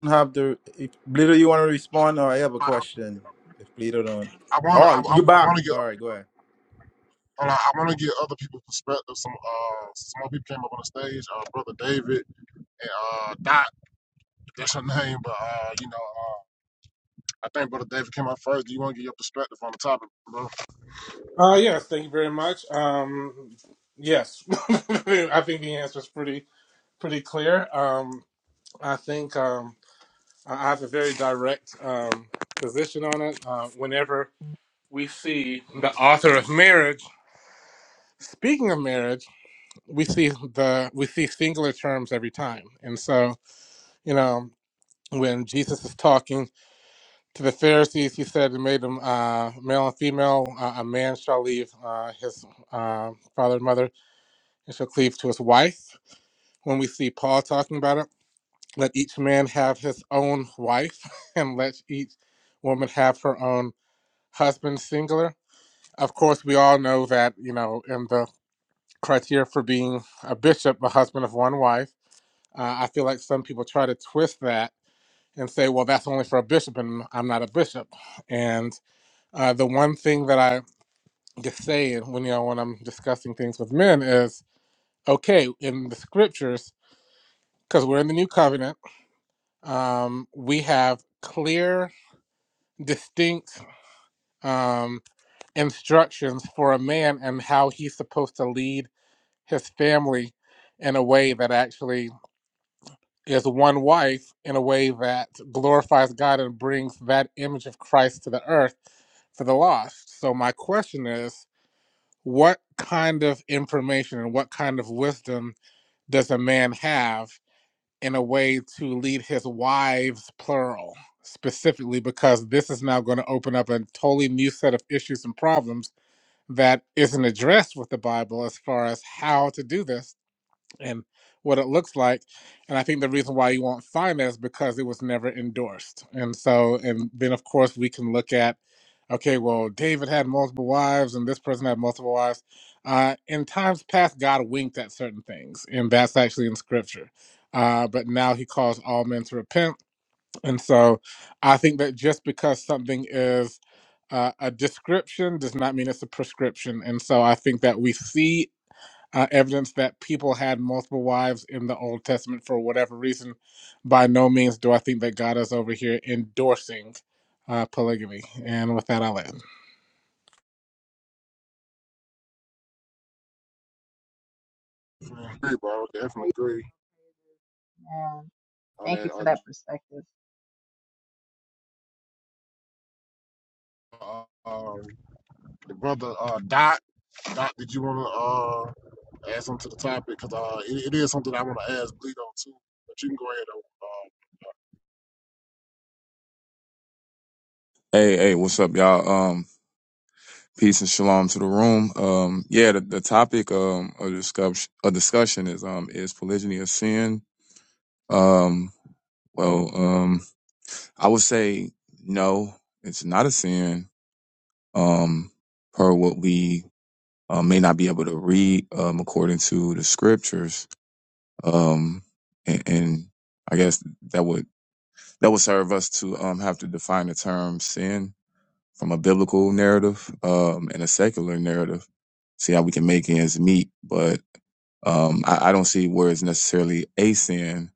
have the if Bleeder, you want to respond or I have a
I wanna get
question.
other people.
If Bleeder don't,
I wanna, I,
oh,
I
you
I
back?
wanna get
All
other
right, go
people.
ahead.
Hold on, I wanna get other people's perspective. Some uh, some more people came up on the stage. Uh, brother David and uh, Dot. That's her name, but uh, you know, uh, I think brother David came up first. Do you wanna get your perspective on the topic, bro?
Uh, yes, thank you very much. Um, yes, I think the answer is pretty pretty clear. Um, I think um, I I have a very direct um, position on it. Uh, whenever we see the author of marriage speaking of marriage, we see the we see singular terms every time, and so you know when Jesus is talking to the Pharisees, he said it made them uh, male and female. Uh, a man shall leave uh, his uh, father and mother and shall cleave to his wife. When we see Paul talking about it, let each man have his own wife, and let each woman have her own husband, singular. Of course, we all know that, you know, in the criteria for being a bishop, a husband of one wife, uh, I feel like some people try to twist that and say, well, that's only for a bishop, and I'm not a bishop. And uh, the one thing that I just say when, you know, when I'm discussing things with men is, okay, in the scriptures, because we're in the new covenant. um, we have clear, distinct um, instructions for a man and how he's supposed to lead his family in a way that actually is one wife, in a way that glorifies God and brings that image of Christ to the earth for the lost. So, my question is what kind of information and what kind of wisdom does a man have? in a way to lead his wives plural specifically because this is now going to open up a totally new set of issues and problems that isn't addressed with the bible as far as how to do this and what it looks like. And I think the reason why you won't find that is because it was never endorsed. And so, and then of course we can look at, okay, well, David had multiple wives and this person had multiple wives. Uh, in times past, God winked at certain things, and that's actually in scripture. Uh, but now he calls all men to repent. And so I think that just because something is uh, a description does not mean it's a prescription. And so I think that we see uh, evidence that people had multiple wives in the Old Testament for whatever reason. By no means do I think that God is over here endorsing uh, polygamy. And with that, I'll end.
Definitely agree, bro. I Definitely
Praise
agree
man.
on
Thank you
that.
for
Uh,
that
the-
perspective.
uh, um, the brother uh, Dot. Dot, did you wanna uh? add something to the topic because uh, it, it is something I want to ask Bleedo too. But you can go ahead. Uh,
Hey, hey, what's up, y'all? Um, peace and shalom to the room. Um, yeah, the, the topic um of discussion of discussion is um is polygyny a sin? Um, well, um, I would say no, it's not a sin. Um, per what we uh, may not be able to read um according to the scriptures. Um, and, and I guess that would that would serve us to um have to define the term sin from a biblical narrative um, and a secular narrative. See how we can make ends meet, but um, I, I don't see where it's necessarily a sin.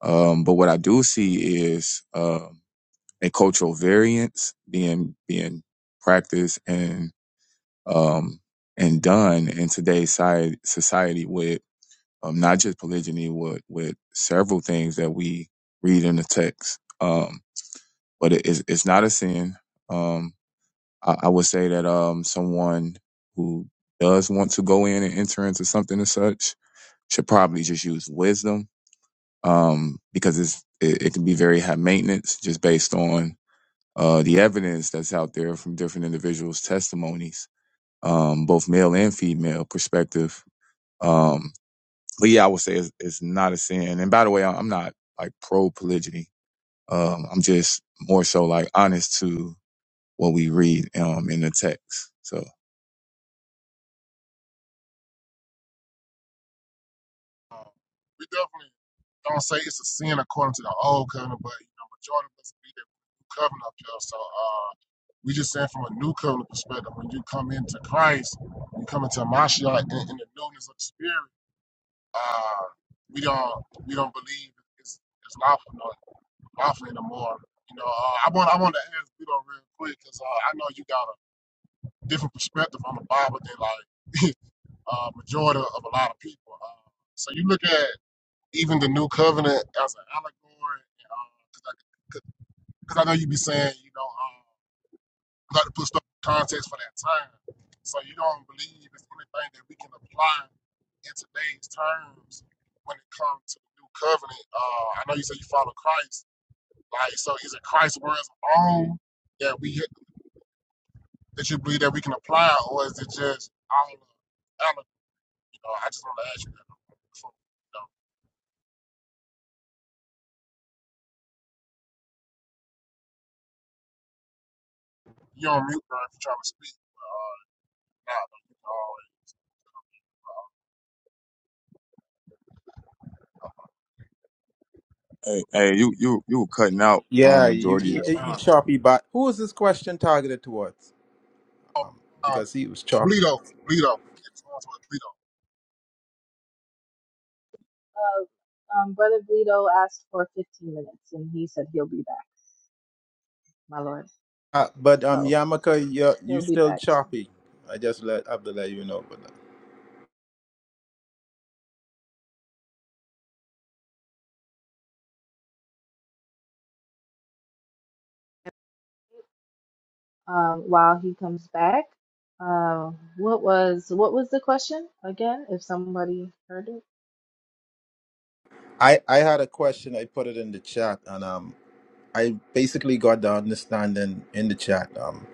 Um, but what I do see is um, a cultural variance being being practiced and um, and done in today's society, society with um, not just polygyny, with with several things that we read in the text. Um, but it's, it's not a sin. Um, I, I would say that um someone who does want to go in and enter into something as such should probably just use wisdom um because it's it, it can be very high maintenance just based on uh the evidence that's out there from different individuals testimonies um both male and female perspective um but yeah I would say it's, it's not a sin and by the way I- I'm not like pro polygyny um I'm just more so like honest to what we read um in the text so
uh, we definitely don't say it's a sin according to the old covenant, but you know, majority of us be there with the new covenant up here. So uh, we just saying from a new covenant perspective, when you come into Christ, you come into Mashiach in, in the newness of the Spirit. Uh, we don't we don't believe it's it's lawful no, lawful anymore. You know, uh, I want I want to ask Bleedo real quick because uh, I know you got different perspective on the Bible than like uh, majority of a lot of people. Uh, so you look at even the New Covenant as an allegory, because uh, 'cause I, 'cause I know you be saying you know um, you like to put stuff in context for that time. So you don't believe it's anything that we can apply in today's terms when it comes to the New Covenant. Uh, I know you said you follow Christ, like so. Is it Christ's words alone that we that you believe that we can apply, or is it just all? You know, I just want to ask you that before, you know, you're on mute, bro, if you're trying to speak. but, Uh, nah, but you can always.
Hey, hey, you you you were cutting out um
Yeah, you
majority. Of
you, you
Uh,
choppy back. Who is this question targeted towards?
oh, uh,
Because he was choppy.
Bleedo, Bleedo. It's pronounced with Bleedo.
Uh, um, Brother Bleedo asked for 15 minutes, and he said he'll be back, my lord.
Uh, but um,
So
Yamaka, you you
he'll be
still
back soon.
choppy. I just let have to let you know. But uh,
Um, while he comes back, uh, what was what was the question again? If somebody heard it,
I I had a question. I put it in the chat, and um, I basically got the understanding in the chat. Um,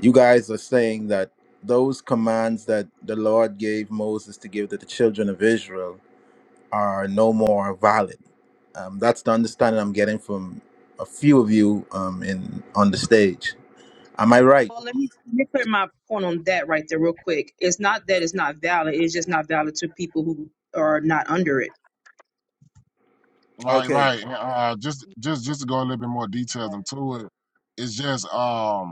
you guys are saying that those commands that the Lord gave Moses to give to the children of Israel are no more valid. Um, that's the understanding I'm getting from a few of you um, in on the stage. Am I right?
Well, let me, let me clear my point on that right there, real quick. It's not that it's not valid, it's just not valid to people who are not under it.
Right,
Okay.
right. and, Uh, just, just, just to go a little bit more details into it, it's just, um,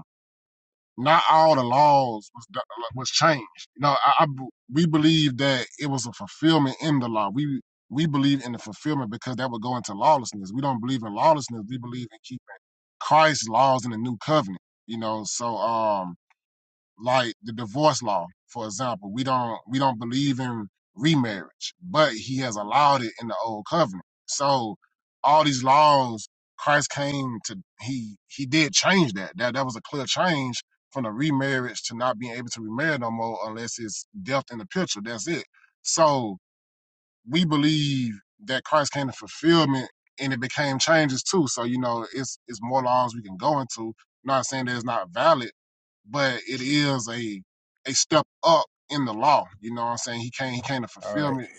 not all the laws was do- was changed. You know, I, I b- we believe that it was a fulfillment in the law. We we believe in the fulfillment because that would go into lawlessness. We don't believe in lawlessness. We believe in keeping Christ's laws in the new covenant. You know, so um, like the divorce law, for example. We don't we don't believe in remarriage, but he has allowed it in the old covenant. So all these laws, Christ came to he he did change that. That that was a clear change from the remarriage to not being able to remarry no more unless it's death in the picture. That's it. So we believe that Christ came to fulfillment and it became changes too. So, you know, it's it's more laws we can go into. Not saying that it's not valid, but it is a a step up in the law. You know what I'm saying? He came he came to
All right.
fulfillment.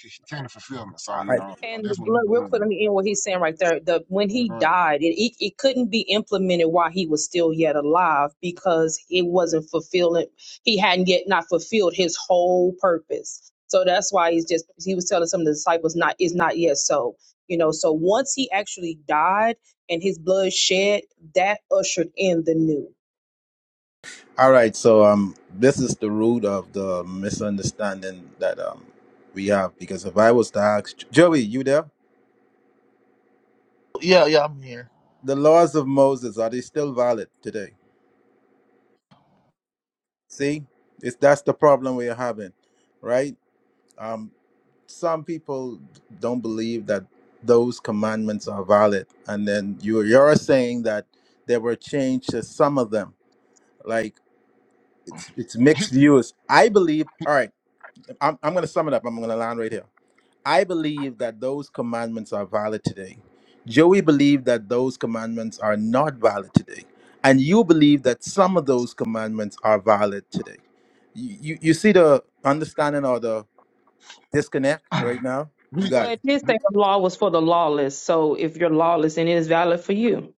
He came to fulfillment. So,
All
you
right.
know, uh,
And the
that's what we
blood, real
believe
quick,
in.
let me end what he's saying right there. The when
You know,
he
go ahead.
died, it, it it couldn't be implemented while he was still yet alive because it wasn't fulfilling. He hadn't yet not fulfilled his whole purpose. So that's why he's just he was telling some of the disciples not is not yet so. You know, so once he actually died and his blood shed, that ushered in the new.
All right. So um, this is the root of the misunderstanding that um we have. Because if I was to ask Joey, you there?
Yeah, yeah, I'm here.
The laws of Moses are they still valid today? See, it's that's the problem we're having, right? Um, some people don't believe that those commandments are valid, and then you you're saying that there were changes to some of them. Like it's it's
He,
mixed views. I believe. All right, I'm I'm gonna sum it up. I'm gonna land right here. I believe that those commandments are valid today. Joey believed that those commandments are not valid today, and you believe that some of those commandments are valid today. You you, you see the understanding or the disconnect right now? You
we
got
Well,
it.
it did say the law was for the lawless. So if you're lawless, then it is valid for you.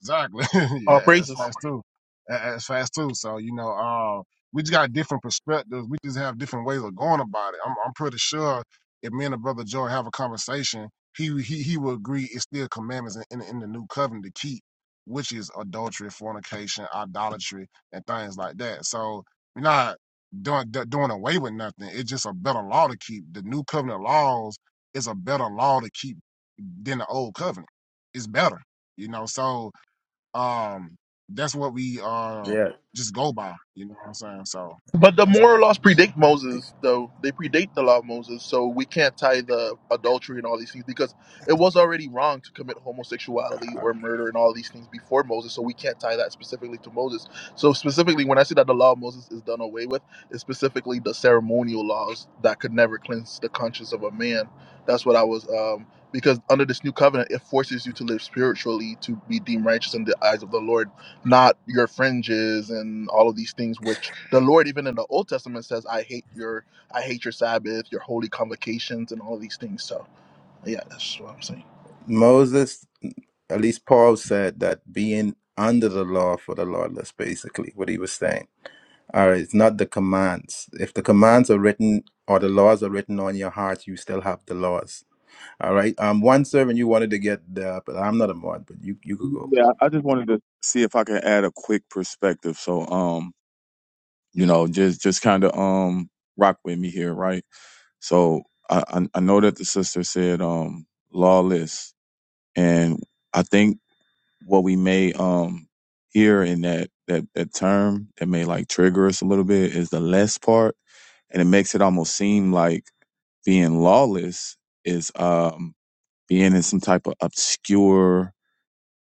Exactly. yeah,
All
that's
praises.
fast too. That- That's fast too. So you know, uh, we just got different perspectives. We just have different ways of going about it. I'm, I'm pretty sure if me and the brother Joy have a conversation, he he he will agree it's still commandments in, in, in the new covenant to keep, which is adultery, fornication, idolatry, and things like that. So we're not doing do- doing away with nothing. It's just a better law to keep. The new covenant laws is a better law to keep than the old covenant. It's better, you know. So um that's what we uh
Yeah.
just go by you know what i'm saying so
But the
that's
moral
all
laws predate Moses, though they predate the law of Moses, so we can't tie the adultery and all these things because it was already wrong to commit homosexuality
Uh,
or murder and all these things before Moses. So we can't tie that specifically to Moses. So specifically, when I say that the law of Moses is done away with, it's specifically the ceremonial laws that could never cleanse the conscience of a man. That's what I was um, because under this new covenant, it forces you to live spiritually to be deemed righteous in the eyes of the Lord not your fringes and all of these things which the lord even in the old testament says i hate your i hate your sabbath your holy convocations and all of these things so yeah that's what i'm saying
Moses, at least Paul said that being under the law for the lawless, basically, what he was saying. All right, it's not the commands. If the commands are written or the laws are written on your heart, you still have the laws. All right. Um, one servant you wanted to get there, but I'm not a mod, but you you could go.
yeah, I just wanted to see if I can add a quick perspective. So um, you know, just just kind of um rock with me here, right? So I I I know that the sister said um lawless, and I think what we may um hear in that that that term that may like trigger us a little bit is the less part, and it makes it almost seem like being lawless is um being in some type of obscure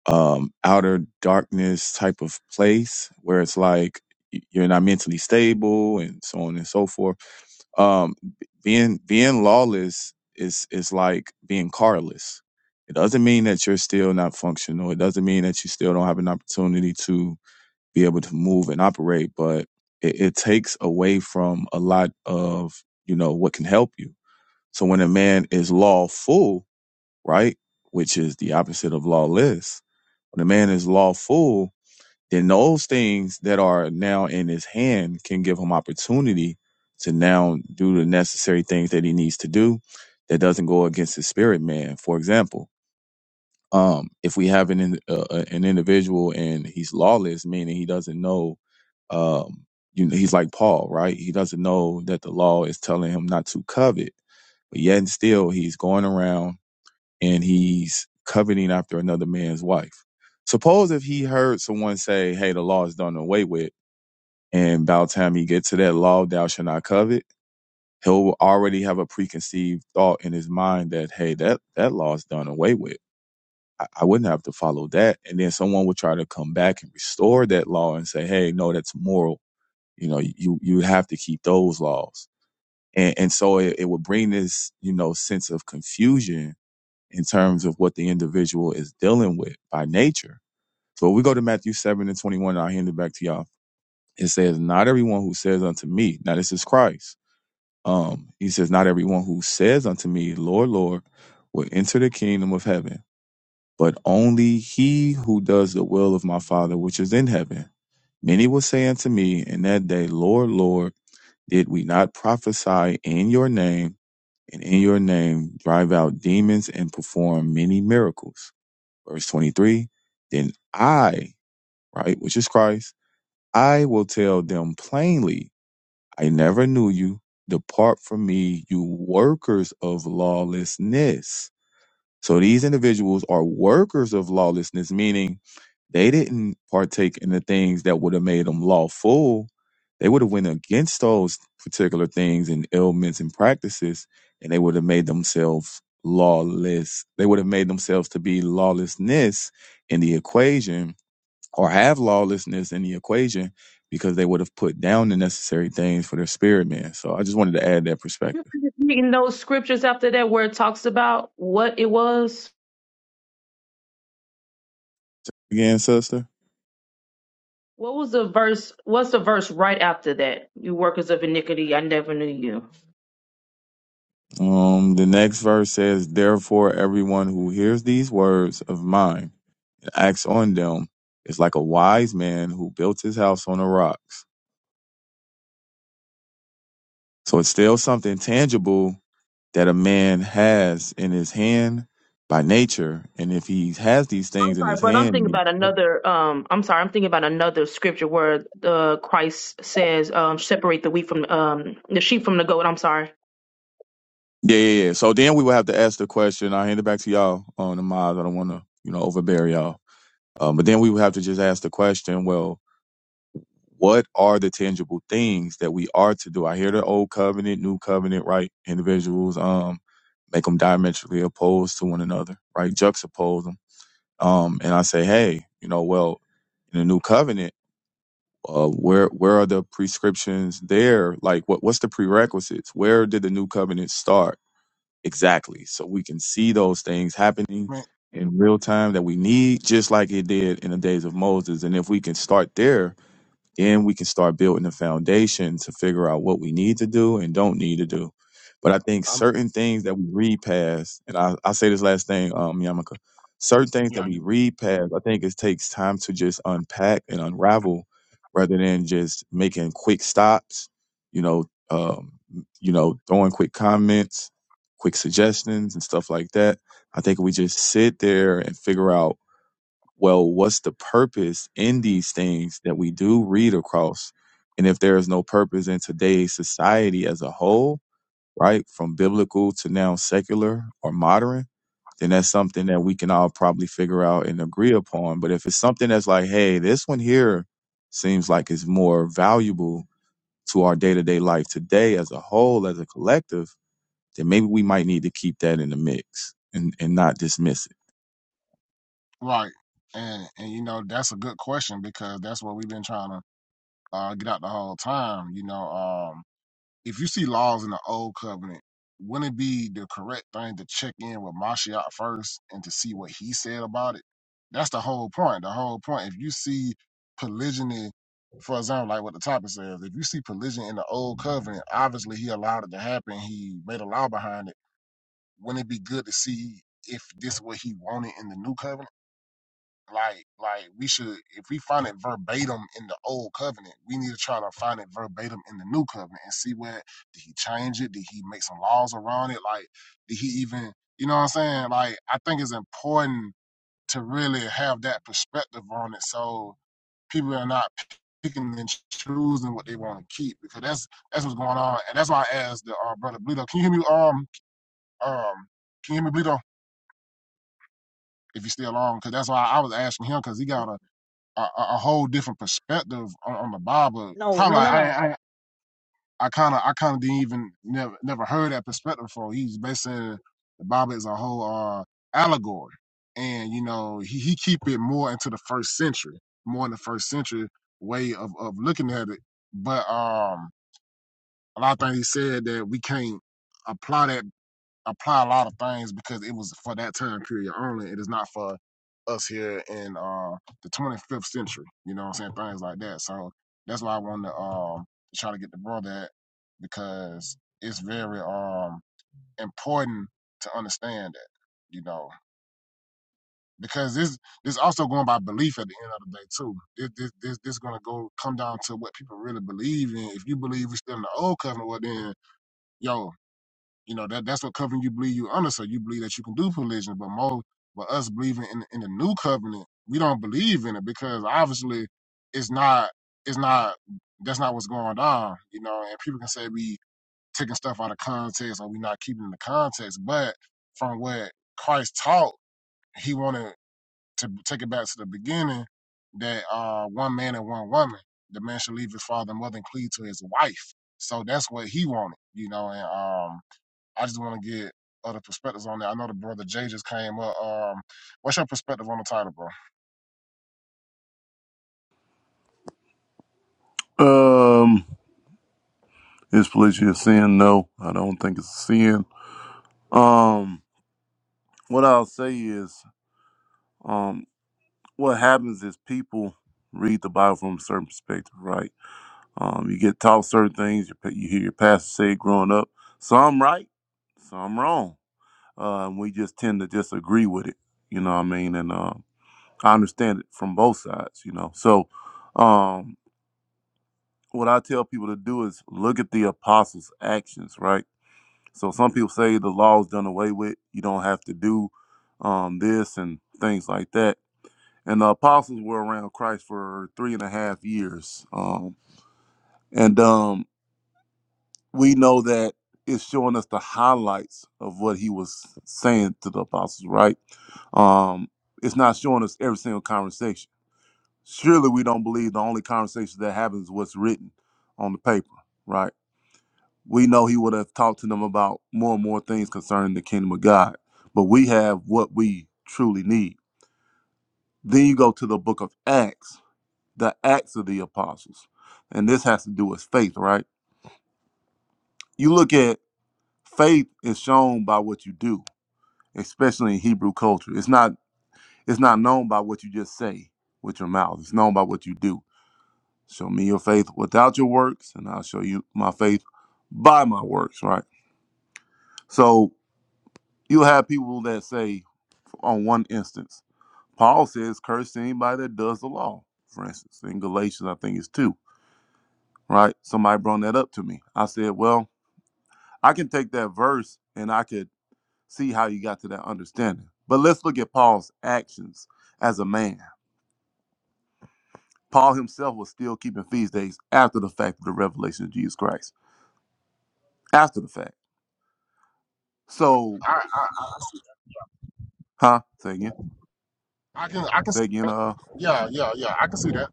um outer darkness type of place where it's like y- you're not mentally stable and so on and so forth um b- being being lawless is is like being carless it doesn't mean that you're still not functional it doesn't mean that you still don't have an opportunity to be able to move and operate but it, it takes away from a lot of you know what can help you so when a man is lawful right which is the opposite of lawless when a man is lawful, then those things that are now in his hand can give him opportunity to now do the necessary things that he needs to do that doesn't go against his spirit man. For example, um, if we have an in- uh, uh, an individual and he's lawless, meaning he doesn't know, um, you know, he's like Paul, right? He doesn't know that the law is telling him not to covet, but yet and still he's going around and he's coveting after another man's wife. Suppose if he heard someone say, Hey, the law is done away with, and by the time he gets to that law, thou shalt not covet, he'll already have a preconceived thought in his mind that, hey, that, that law is done away with. I, I wouldn't have to follow that. And then someone would try to come back and restore that law and say, Hey, no, that's moral. You know, you you have to keep those laws. And and so it, it would bring this, you know, sense of confusion in terms of what the individual is dealing with by nature. So we go to Matthew 7 and 21, and I'll hand it back to y'all. It says, Not everyone who says unto me, now this is Christ. Um, he says, Not everyone who says unto me, Lord, Lord, will enter the kingdom of heaven, but only he who does the will of my Father which is in heaven. Many will say unto me in that day, Lord, Lord, did we not prophesy in your name, and in your name drive out demons and perform many miracles? verse 23 then i right which is christ i will tell them plainly i never knew you depart from me you workers of lawlessness so these individuals are workers of lawlessness, meaning they didn't partake in the things that would have made them lawful. They would have went against those particular things and ailments and practices, and they would have made themselves lawless. They would have made themselves to be lawlessness in the equation or have lawlessness in the equation because they would have put down the necessary things for their spirit man. So I just wanted to add that
Could you
perspective.
just reading those scriptures after that where it talks about what it was?
Again, sister.
What was the verse? What's the verse right after that? You workers of iniquity, I never knew you. I'm
Um, the next verse says, Therefore, everyone who hears these words of mine and acts on them is like a wise man who built his house on the rocks. So it's still something tangible that a man has in his hand by nature. And if he has these things in
sorry,
his
but I'm
hand,
thinking
and
about
he-
another. Um, I'm sorry, I'm thinking about another scripture where uh, Christ says, um, "Separate the wheat from um the sheep from the goat." I'm sorry.
yeah, yeah, yeah. So then we will have to ask the question. I'll hand it back to y'all on the mods. I don't want to, you know, overbear y'all. Um, but then we would have to just ask the question, well, what are the tangible things that we are to do? I hear the old covenant, new covenant, right? Individuals, um, make them diametrically opposed to one another, right? Juxtapose them. Um, and I say, hey, you know, well, in the new covenant, uh, where where are the prescriptions there? Like, what what's the prerequisites? Where did the new covenant start exactly? So we can see those things happening
i mean
in real time that we need, just like it did in the days of Moses. And if we can start there, then we can start building the foundation to figure out what we need to do and don't need to do. But I think
i'm
certain things that we read past, and I, I'll say this last thing, um, Yamaka, certain things that
yeah
we
you know.
read past, I think it takes time to just unpack and unravel rather than just making quick stops, you know, um, you know, throwing quick comments, quick suggestions and stuff like that. I think we just sit there and figure out well, what's the purpose in these things that we do read across? And if there is no purpose in today's society as a whole, right, from biblical to now secular or modern, then that's something that we can all probably figure out and agree upon. But if it's something that's like, hey, this one here seems like it's more valuable to our day to day life today as a whole, as a collective, then maybe we might need to keep that in the mix and, and not dismiss it.
right and and you know that's a good question because that's what we've been trying to uh get out the whole time you know Um. if you see laws in the old covenant, wouldn't it be the correct thing to check in with Mashiach first and to see what he said about it? That's the whole point. The whole point. If you see polygyny, for example, like what the topic says, if you see polygyny in the old covenant, obviously he allowed it to happen. He made a law behind it. Wouldn't it be good to see if this is what he wanted in the new covenant? Like, like we should, if we find it verbatim in the old covenant, we need to try to find it verbatim in the new covenant and see where did he change it? Did he make some laws around it? Like, did he even, you know what I'm saying? Like, I think it's important to really have that perspective on it, so people are not picking and choosing what they want to keep because that's that's what's going on, and that's why I asked the uh, brother Bleedo, can you hear me? Um, um, can you hear me, Bleedo? If you're still on, because that's why I was asking him because he got a a, a whole different perspective on, on the Bible.
no,
Probably
no,
like,
no,
I
no.
I I kind of I kind of didn't even never never heard that perspective before. He's basically saying the Bible is a whole uh, allegory, and you know he he keep it more into the first century, more in the first century way of of looking at it. But um, a lot of things he said that we can't apply that apply a lot of things because it was for that time period only. It is not for us here in uh the 25th century. You know what I'm saying? Things like that. So that's why I wanted to um try to get the brother at because it's very um important to understand that, you know. Because this this also going by belief at the end of the day too. This this this, this gonna go come down to what people really believe in. If you believe we're still in the old covenant, well then yo you know, that that's what covenant you believe you under. So you believe that you can do collision, but more but us believing in in the new covenant, we don't believe in it because obviously it's not it's not that's not what's going on, you know, and people can say we taking stuff out of context or we not keeping the context, but from what Christ taught, he wanted to take it back to the beginning that uh one man and one woman, the man should leave his father and mother and cleave to his wife. So that's what he wanted, you know, and um I just want to get other perspectives on that. I know the brother Jay just came up. Um, what's your perspective on the title, bro?
Um, is polygamy a sin? No, I don't think it's a sin. Um, what I'll say is, um, what happens is people read the Bible from a certain perspective, right? Um, you get taught certain things. You, you hear your pastor say it growing up, some right, some wrong. Uh, and we just tend to just agree with it. You know what I mean? And uh, I understand it from both sides. You know, so um, what I tell people to do is look at the apostles' actions, right? So some people say the law's done away with. You don't have to do um, this and things like that. And the apostles were around Christ for three and a half years. Um, and um, we know that it's showing us the highlights of what he was saying to the apostles, right? Um, it's not showing us every single conversation. Surely we don't believe the only conversation that happens is what's written on the paper, right? we know he would have talked to them about more and more things concerning the kingdom of God. But we have what we truly need. Then you go to the book of Acts, the Acts of the Apostles. And this has to do with faith, right? You look at faith is shown by what you do, especially in Hebrew culture. It's not it's not known by what you just say with your mouth. It's known by what you do. Show me your faith without your works, and I'll show you my faith by my works, right? So you have people that say, on one instance. Paul says, curse anybody that does the law, for instance, in Galatians, I think it's two, right? Somebody brought that up to me. I said, well, I can take that verse and I could see how you got to that understanding. But let's look at Paul's actions as a man. Paul himself was still keeping feast days after the fact of the revelation of Jesus Christ. After the fact. So,
I I,
huh? Say again.
I can I can see
Say again.
that.
Uh.
Yeah, yeah, yeah. I can see that.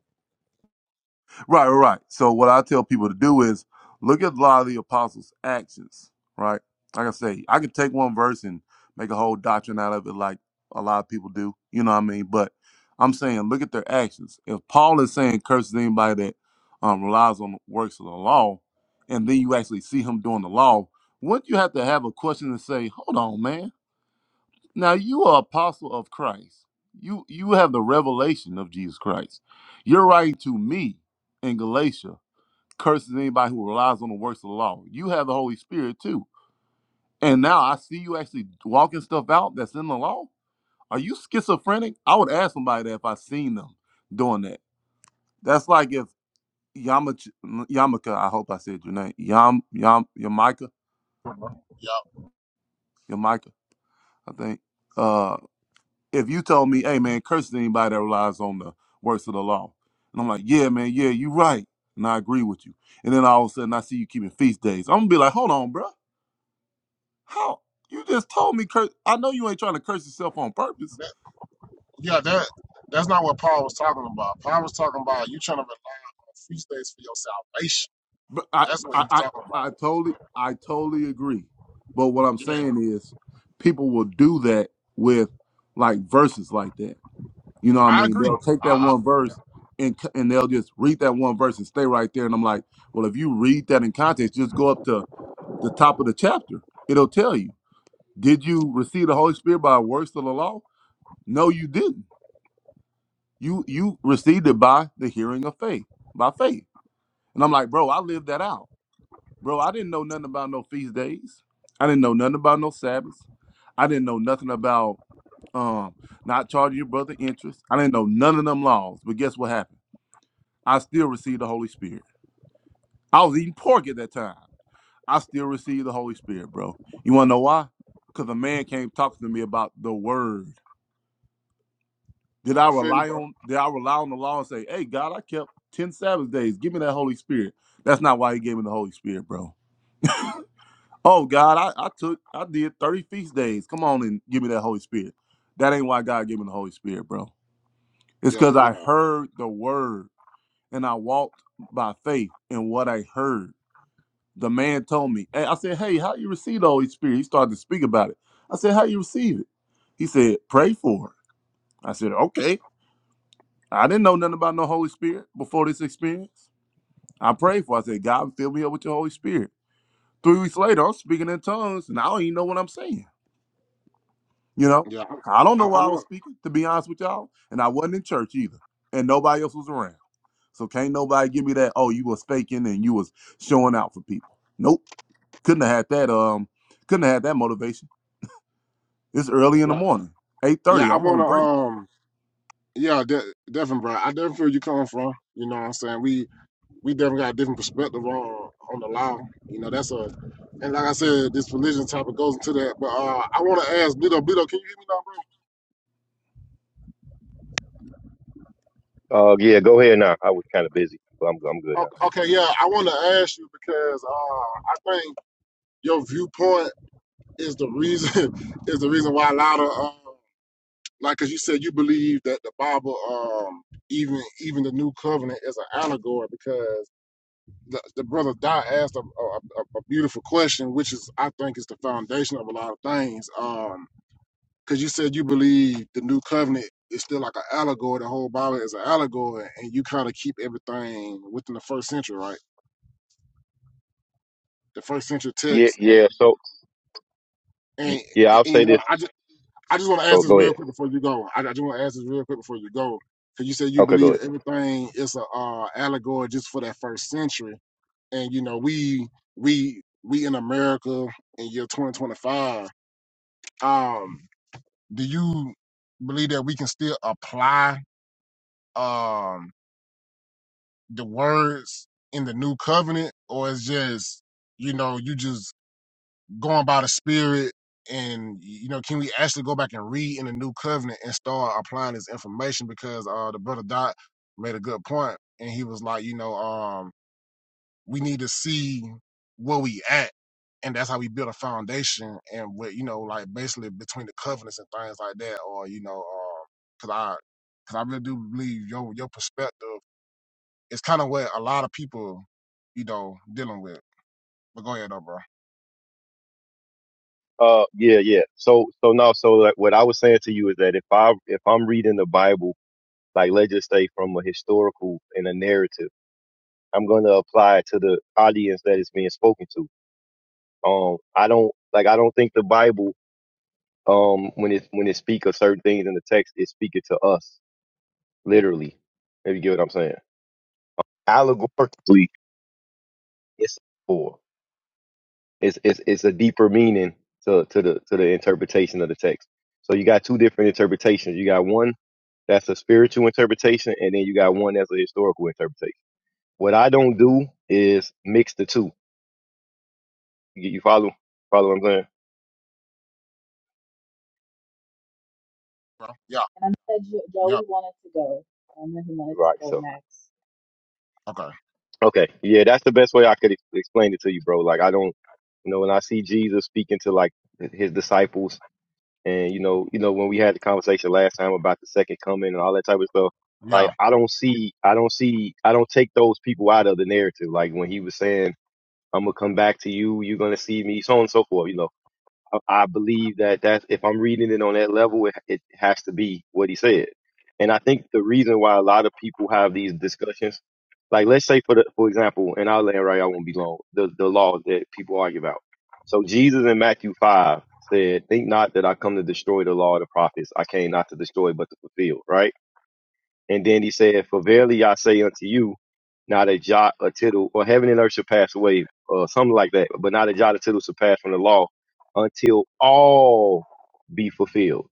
Right, right, right. So what I tell people to do is look at a lot of the apostles' actions, right? Like I say, I can take one verse and make a whole doctrine out of it like a lot of people do. You know what I mean? But I'm saying look at their actions. If Paul is saying curses anybody that um, relies on the works of the law, and then you actually see him doing the law, wouldn't you have to have a question to say, hold on, man? Now you are apostle of Christ. You you have the revelation of Jesus Christ. You're writing to me in Galatia, curses anybody who relies on the works of the law. You have the Holy Spirit too. And now I see you actually walking stuff out that's in the law. Are you schizophrenic? I would ask somebody that if I seen them doing that. That's like if Yamach Yamaka, I hope I said your name. Yam Yam Yamika,
Yeah,
Yamika, I think. uh, if you told me, hey man, curse anybody that relies on the works of the law. And I'm like, yeah, man, yeah, you right. And I agree with you. And then all of a sudden I see you keeping feast days. I'm gonna be like, hold on, bro. How you just told me curse I know you ain't trying to curse yourself on purpose.
that, yeah. That that's not what Paul was talking about. Paul was talking about you trying to rely on feast days for your salvation.
But I
That's what he
I
was
I,
talking about.
I totally I totally agree. But what I'm
Yeah,
saying is people will do that with like verses like that You know what I
I
mean?
agree.
They'll take
I
that
I,
one verse and c- and they'll just read that one verse and stay right there. And I'm like, well, if you read that in context, just go up to the top of the chapter. It'll tell you. Did you receive the Holy Spirit by works of the law? No, you didn't. You you received it by the hearing of faith, by faith. And I'm like, bro, I lived that out. Bro, I didn't know nothing about no feast days. I didn't know nothing about no Sabbaths. I didn't know nothing about um not charging your brother interest. I didn't know none of them laws. But guess what happened? I still received the Holy Spirit. I was eating pork at that time. I still received the Holy Spirit, bro. You wanna know why? Because a man came talking to me about the word. Did I
I feel you,
rely
bro.
on did I rely on the law and say, hey God, I kept 10 Sabbath days. Give me that Holy Spirit. That's not why he gave me the Holy Spirit, bro. Oh God, I, I took I did 30 feast days. Come on and give me that Holy Spirit. That ain't why God gave me the Holy Spirit, bro. It's
Yeah,
because
yeah,
I heard the word and I walked by faith in what I heard. The man told me. and I said, hey, how you receive the Holy Spirit? He started to speak about it. I said, how you receive it? He said, pray for it. I said, okay. I didn't know nothing about no Holy Spirit before this experience. I prayed for it. I said, God, fill me up with your Holy Spirit. Three weeks later, I'm speaking in tongues, and I don't even know what I'm saying. You know,
yeah.
I don't
I,
know
I
why I was
want.
speaking, to be honest with y'all. And I wasn't in church either, and nobody else was around. So can't nobody give me that, oh, you was faking and you was showing out for people. Nope. Couldn't have had that um couldn't have had that motivation It's early in the
Yeah,
morning, eight
yeah.
thirty.
I
I'm
want
on
to.
break.
Um. Yeah, de- definitely, bro. I definitely feel you coming from. You know what I'm saying? We we definitely got a different perspective on on the law. You know, that's a and like I said, this religion topic goes into that. But uh, I want to ask Blito, Blito, can you hear me now, bro?
Uh, yeah, go ahead now. I was kind of busy, but I'm I'm good now.
O- Okay, yeah, I want to ask you because uh, I think your viewpoint is the reason is the reason why a lot of uh, like, cause you said you believe that the Bible, um, even even the New Covenant is an allegory because the, the brother Dot asked a, a, a a beautiful question, which is I think is the foundation of a lot of things. Um, because you said you believe the new covenant is still like an allegory. The whole Bible is an allegory, and you kind of keep everything within the first century, right? The first century
Yeah,
text, and
yeah. So y-
and,
yeah,
and
I'll
you
say this.
know, I just I just want to ask
Go
this
go ahead.
real quick before you go. I, I just want to ask this real quick before you go, because you said you
Okay, go
believe
ahead.
everything is a uh, allegory just for that first century, and you know, we we we in America in year 2025. Um, do you believe that we can still apply? Um, the words in the new covenant, or it's just you know you just going by the spirit? And you know, can we actually go back and read in the new covenant and start applying this information? Because uh, the brother Dot made a good point, and he was like, you know, um, we need to see where we at, and that's how we build a foundation, and what you know, like basically between the covenants and things like that, or you know, because I because I really do believe your your perspective it's kind of what a lot of people, you know, dealing with. But go ahead, though, bro.
Uh, yeah, yeah. So so no. So like what I was saying to you is that if I if I'm reading the Bible, like let's just say from a historical and a narrative, I'm going to apply it to the audience that is being spoken to. Um, I don't like I don't think the Bible um when it when it speak of certain things in the text, it's speaking to us literally. If you get what I'm saying, allegorically, it's for. It's it's it's a deeper meaning to to the to the interpretation of the text. So you got two different interpretations. You got one that's a spiritual interpretation, and then you got one that's a historical interpretation. What I don't do is mix the two. You, you follow follow what I'm saying?
Bro. Yeah.
And I said Jo-
Yep.
Joey wanted to go. I know he wanted to
Right.
go
So
next.
Okay.
okay, yeah, that's the best way I could ex- explain it to you, bro. Like I don't, you know, when I see Jesus speaking to like his disciples And you know, you know, when we had the conversation last time about the second coming and all that type of stuff, like
Yeah.
I don't see, I don't see, I don't take those people out of the narrative. Like when he was saying, "I'm gonna come back to you, you're gonna see me," so on and so forth. You know, I I believe that that's if I'm reading it on that level, it, it has to be what he said. And I think the reason why a lot of people have these discussions, like let's say for the, for example, and I'll land right, I won't be long. The the laws that people argue about. So Jesus in Matthew five said, "Think not that I come to destroy the law of the prophets. I came not to destroy, but to fulfill." Right. And then he said, For verily I say unto you, not a jot or tittle, or heaven and earth shall pass away, or something like that, but not a jot or tittle shall pass from the law until all be fulfilled.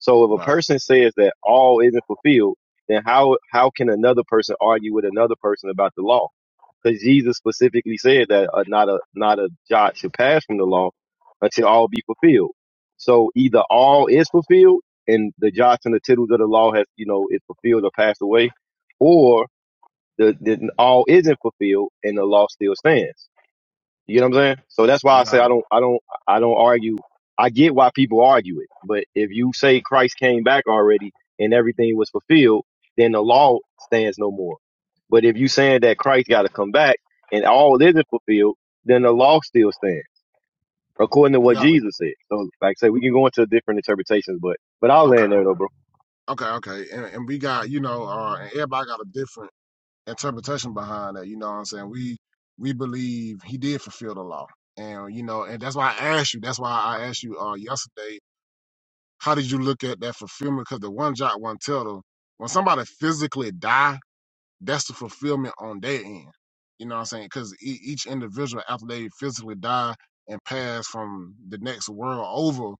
So if a
Right.
person says that all isn't fulfilled, then how how can another person argue with another person about the law? because Jesus specifically said that uh, not a not a jot should pass from the law until all be fulfilled. So either all is fulfilled and the jots and the tittles of the law has you know is fulfilled or passed away, or the, the all isn't fulfilled and the law still stands. You know what I'm saying? So that's why I say
Yeah.
I don't, I don't, I don't argue. I get why people argue it, but if you say Christ came back already and everything was fulfilled, then the law stands no more. But if you saying that Christ got to come back and all isn't fulfilled, then the law still stands according to what
Yeah.
Jesus said. So, like I say, we can go into different interpretations, but but I'll
Okay.
land there
Okay.
though, bro.
Okay. Okay. And, and we got, you know, uh, and everybody got a different interpretation behind that. You know what I'm saying? We we believe he did fulfill the law, and you know, and that's why I asked you. That's why I asked you uh, yesterday. How did you look at that fulfillment? Because the one jot one tittle, when somebody physically die, that's the fulfillment on their end. You know what I'm saying? Because e- each individual, after they physically die and pass from the next world over,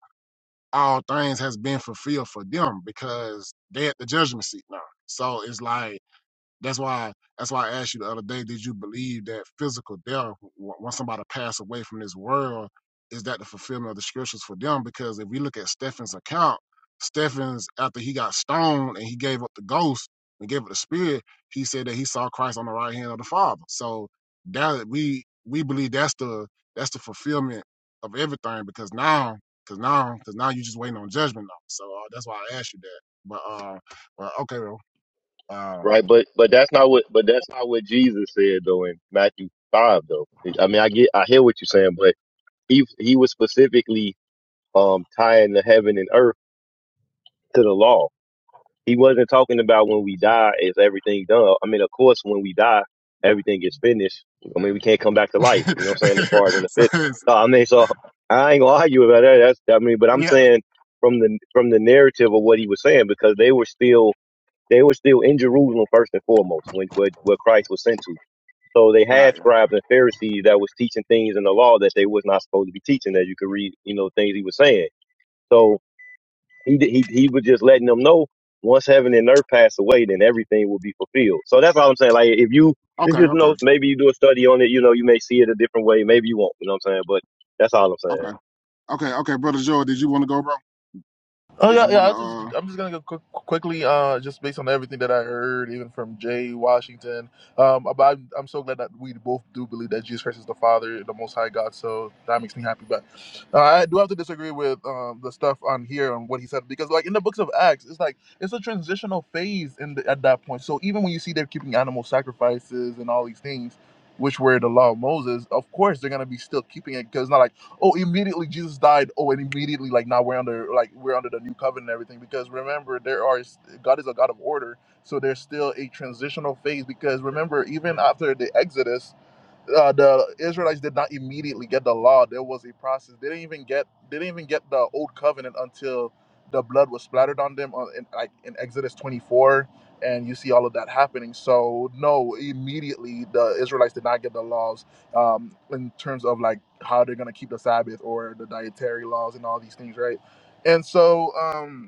all things has been fulfilled for them because they at the judgment seat now. So it's like that's why that's why I asked you the other day, did you believe that physical death, w- once somebody passed away from this world, is that the fulfillment of the scriptures for them? Because if we look at Stephen's account, Stephen's after he got stoned and he gave up the ghost and gave up the spirit, he said that he saw Christ on the right hand of the Father. So that we we believe that's the that's the fulfillment of everything because now because now because now you're just waiting on judgment now. So uh, that's why I asked you that. But uh, well, okay, bro. Um,
Right, but but that's not what but that's not what Jesus said though in Matthew five though. I mean, I get I hear what you're saying, but he he was specifically um, tying the heaven and earth to the law. He wasn't talking about when we die is everything done. I mean, of course, when we die, everything is finished. I mean, we can't come back to life. You know what I'm saying? As far as in the
so
fifth,
it's,
no, I mean, so I ain't gonna argue about that. That's I mean, but I'm
yeah.
saying from the from the narrative of what he was saying because they were still they were still in Jerusalem first and foremost when where, where Christ was sent to. So they had
Right, right.
scribes and Pharisees that was teaching things in the law that they was not supposed to be teaching. That you could read, you know, things he was saying. So He did- he he was just letting them know once heaven and earth pass away, then everything will be fulfilled. So that's all I'm saying. Like if you you
Okay,
just
okay.
know, maybe you do a study on it. You know, you may see it a different way. Maybe you won't. You know what I'm saying? But that's all I'm saying.
Okay. Okay, okay, brother Joe, did you want to go, bro?
Oh
Did
yeah,
you
yeah.
want
I
to
was just,
uh
I'm just gonna go quick, quickly, uh, just based on everything that I heard, even from Jay Washington. Um, but I'm, I'm so glad that we both do believe that Jesus Christ is the Father, the Most High God. So that makes me happy. But uh, I do have to disagree with um, the stuff on here on what he said because, like in the books of Acts, it's like it's a transitional phase in the, at that point. So even when you see they're keeping animal sacrifices and all these things, which were the law of Moses, of course they're gonna be still keeping it because it's not like oh immediately jesus died oh and immediately like now we're under like we're under the new covenant and everything because remember there are god is a god of order so there's still a transitional phase because remember even after the exodus uh, the Israelites did not immediately get the law. There was a process. They didn't even get they didn't even get the old covenant until the blood was splattered on them on, in, like in Exodus 24 and you see all of that happening. So no, immediately the Israelites did not get the laws um, in terms of like how they're going to keep the Sabbath or the dietary laws and all these things, right? And so um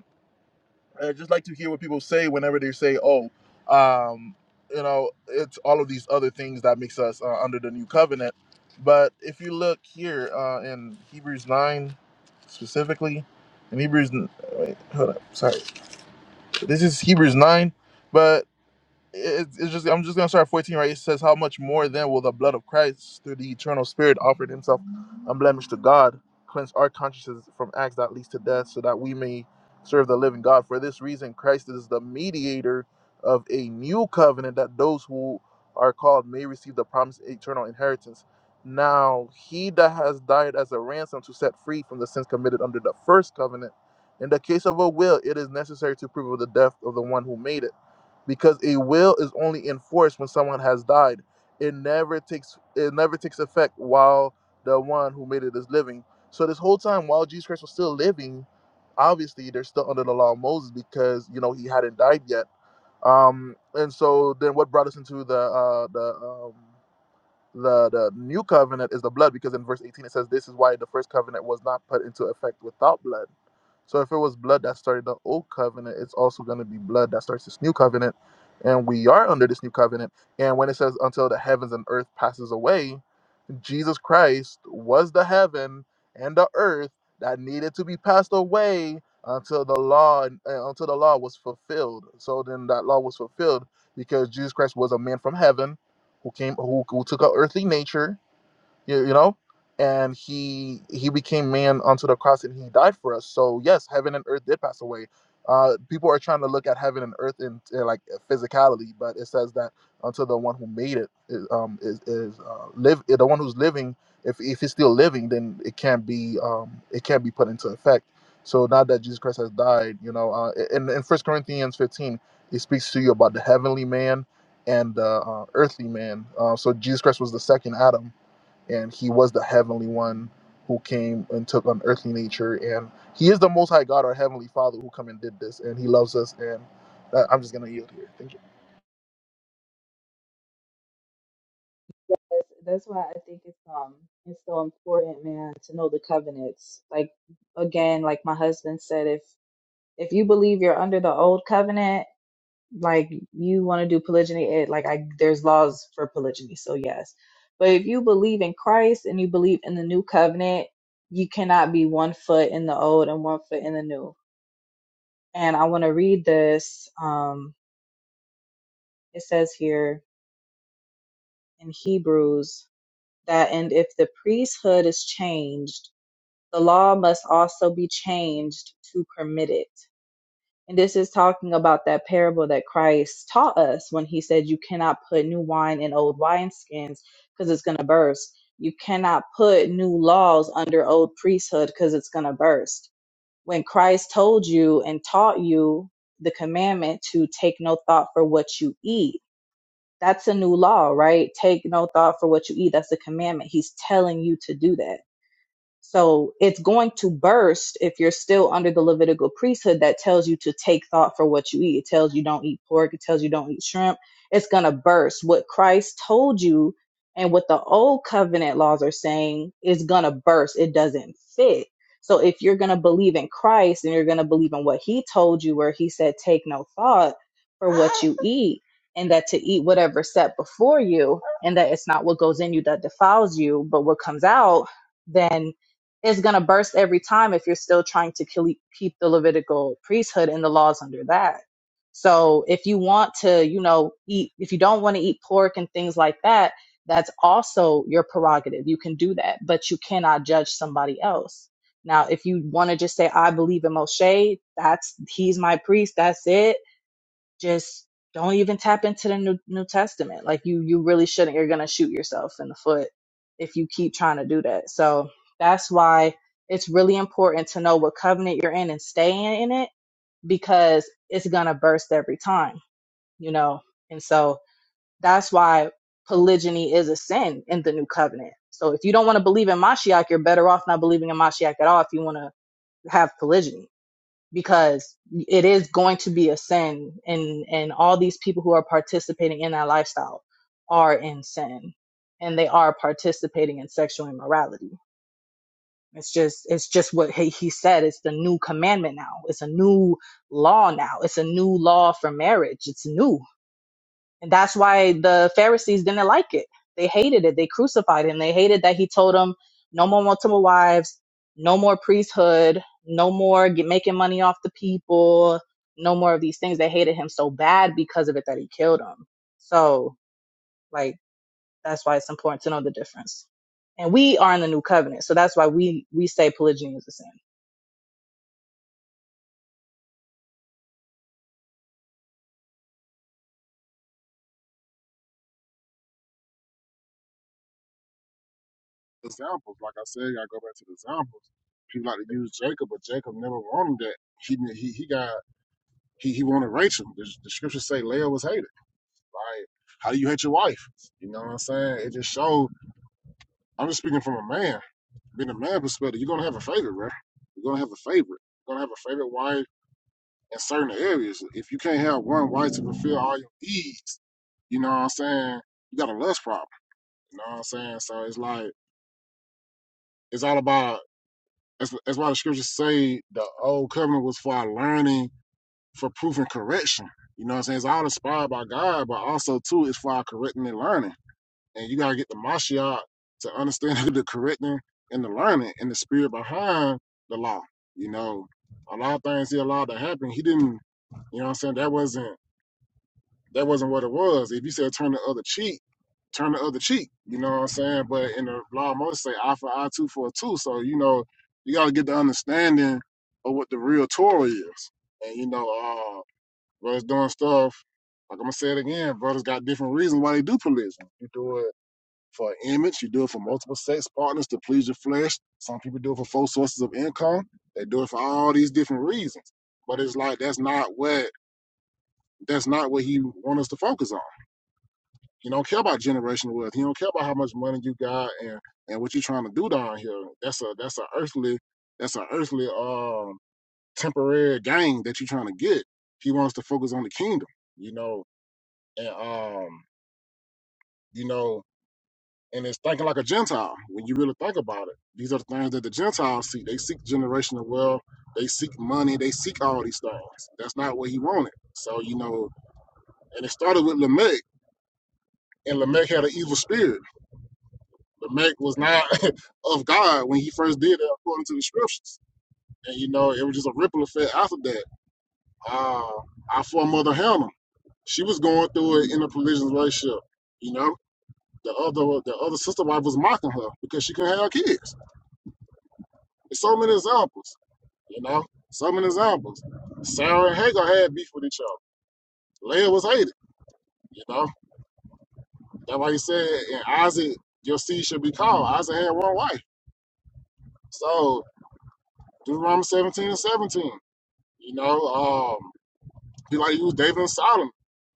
I just like to hear what people say whenever they say, "Oh, um, you know, it's all of these other things that makes us uh, under the new covenant." But if you look here uh, in Hebrews nine, specifically, in Hebrews, wait, hold up, sorry, this is Hebrews nine, but it- it's just I'm just gonna start 14 right. It says, "How much more then will the blood of Christ, through the eternal Spirit, offered Himself unblemished to God, cleanse our consciences from acts that leads to death, so that we may serve the living God? For this reason, Christ is the mediator of a new covenant, that those who are called may receive the promised eternal inheritance. Now He that has died as a ransom to set free from the sins committed under the first covenant." In the case of a will, it is necessary to prove of the death of the one who made it because a will is only enforced when someone has died. It never takes it never takes effect while the one who made it is living. So this whole time while Jesus Christ was still living, obviously they're still under the law of Moses because you know he hadn't died yet. Um, and so then what brought us into the uh, the um, the the new covenant is the blood because in verse 18 it says this is why the first covenant was not put into effect without blood so if it was blood that started the old covenant it's also going to be blood that starts this new covenant and we are under this new covenant and when it says until the heavens and earth passes away Jesus Christ was the heaven and the earth that needed to be passed away until the law uh, until the law was fulfilled. So then that law was fulfilled because Jesus Christ was a man from heaven who came who, who took an earthly nature you, you know and he he became man unto the cross and he died for us so yes heaven and earth did pass away uh people are trying to look at heaven and earth in, in like physicality but it says that unto the one who made it is um is, is uh live the one who's living if if he's still living then it can't be um it can't be put into effect so now that jesus christ has died you know uh in in first corinthians 15 he speaks to you about the heavenly man and the uh, earthly man uh, so jesus christ was the second adam and he was the heavenly one who came and took on earthly nature and he is the most high god our heavenly father who come and did this and he loves us and uh, i'm just gonna yield here thank you
That's, that's why I think it's um it's so important, man, to know the covenants. Like again, like my husband said, if if you believe you're under the old covenant, like you want to do polygyny, it like I there's laws for polygyny, so yes. But if you believe in Christ and you believe in the new covenant, you cannot be one foot in the old and one foot in the new. And I want to read this. Um, it says here in Hebrews that and if the priesthood is changed the law must also be changed to permit it. And this is talking about that parable that Christ taught us when he said, You cannot put new wine in old wineskins because it's going to burst. You cannot put new laws under old priesthood because it's going to burst. When Christ told you and taught you the commandment to take no thought for what you eat, that's a new law, right? Take no thought for what you eat. That's a commandment. He's telling you to do that so it's going to burst if you're still under the Levitical priesthood that tells you to take thought for what you eat. It tells you don't eat pork. It tells you don't eat shrimp. It's going to burst. What Christ told you and what the old covenant laws are saying is going to burst. It doesn't fit. So if you're going to believe in Christ and you're going to believe in what he told you, where he said, take no thought for what you eat. And that to eat whatever set before you, and that it's not what goes in you that defiles you, but what comes out, then is going to burst every time if you're still trying to keep the Levitical priesthood and the laws under that. So if you want to, you know, eat, if you don't want to eat pork and things like that, that's also your prerogative. You can do that, but you cannot judge somebody else. Now, if you want to just say, I believe in Moshe, that's, he's my priest, that's it just don't even tap into the new, new testament like you you really shouldn't you're gonna shoot yourself in the foot if you keep trying to do that so that's why it's really important to know what covenant you're in and stay in it because it's gonna burst every time you know and so that's why polygyny is a sin in the new covenant so if you don't want to believe in mashiach you're better off not believing in mashiach at all if you want to have polygyny because it is going to be a sin and and all these people who are participating in that lifestyle are in sin and they are participating in sexual immorality it's just it's just what he, he said it's the new commandment now it's a new law now it's a new law for marriage it's new and that's why the Pharisees didn't like it. They hated it. They crucified him. They hated that he told them, no more multiple wives, no more priesthood, no more get, making money off the people, no more of these things. They hated him so bad because of it that he killed him. So, like, that's why it's important to know the difference. And we are in the new covenant, so that's why we we say polygyny is a sin.
examples? Like I said, I go back to the examples. People like to use Jacob, but Jacob never wanted that. He he he got he he wanted Rachel. The, the scriptures say Leah was hated. Like, how do you hate your wife? You know what I'm saying? It just showed. I'm just speaking from a man, being a man perspective. You're gonna have a favorite, bro. You're gonna have a favorite. You're gonna have a favorite wife in certain areas. If you can't have one wife to fulfill all your needs, You know what I'm saying? You got a lust problem. You know what I'm saying? So it's like it's all about that's that's why the scriptures say the old covenant was for our learning, for proof and correction. You know what I'm saying? It's all inspired by God, but also too it's for our correcting and learning. And you gotta get the Mashiach to understand the correcting and the learning and the spirit behind the law. You know, a lot of things he allowed to happen. He didn't you know what I'm saying? That wasn't That wasn't what it was. If you said turn the other cheek, turn the other cheek. You know what I'm saying? But in the law, Moses say I for I two for a two. So you know, you got to get the understanding of what the real Torah is. And you know, uh, brothers doing stuff. Like I'm gonna say it again, brothers got different reasons why they do polygamy. You do it for an image. You do it for multiple sex partners to please your flesh. Some people do it for four sources of income. They do it for all these different reasons. But it's like that's not what that's not what he wants us to focus on. He don't care about generational wealth. He don't care about how much money you got and and what you're trying to do down here. That's a that's a earthly that's an earthly um temporary gain that you're trying to get. He wants to focus on the kingdom, you know, and um you know, and it's thinking like a Gentile when you really think about it. These are the things that the Gentiles seek. They seek generational wealth. They seek money. They seek all these things. That's not what he wanted. So you know, and it started with Lamech, and Lamech had an evil spirit Lamech was not of God when he first did it according to the scriptures. And you know, it was just a ripple effect after that. Uh, our foremother Hannah, she was going through it in a religious relationship. You know, the other the other sister wife was mocking her because she couldn't have kids. There's so many examples. You know, so many examples. Sarah and Hagar had beef with each other. Leah was hated. You know, that's why he said, and Isaac, your seed should be called. Isaac had one wife. So Deuteronomy 17 and 17. You know, um, be like you, David and Solomon,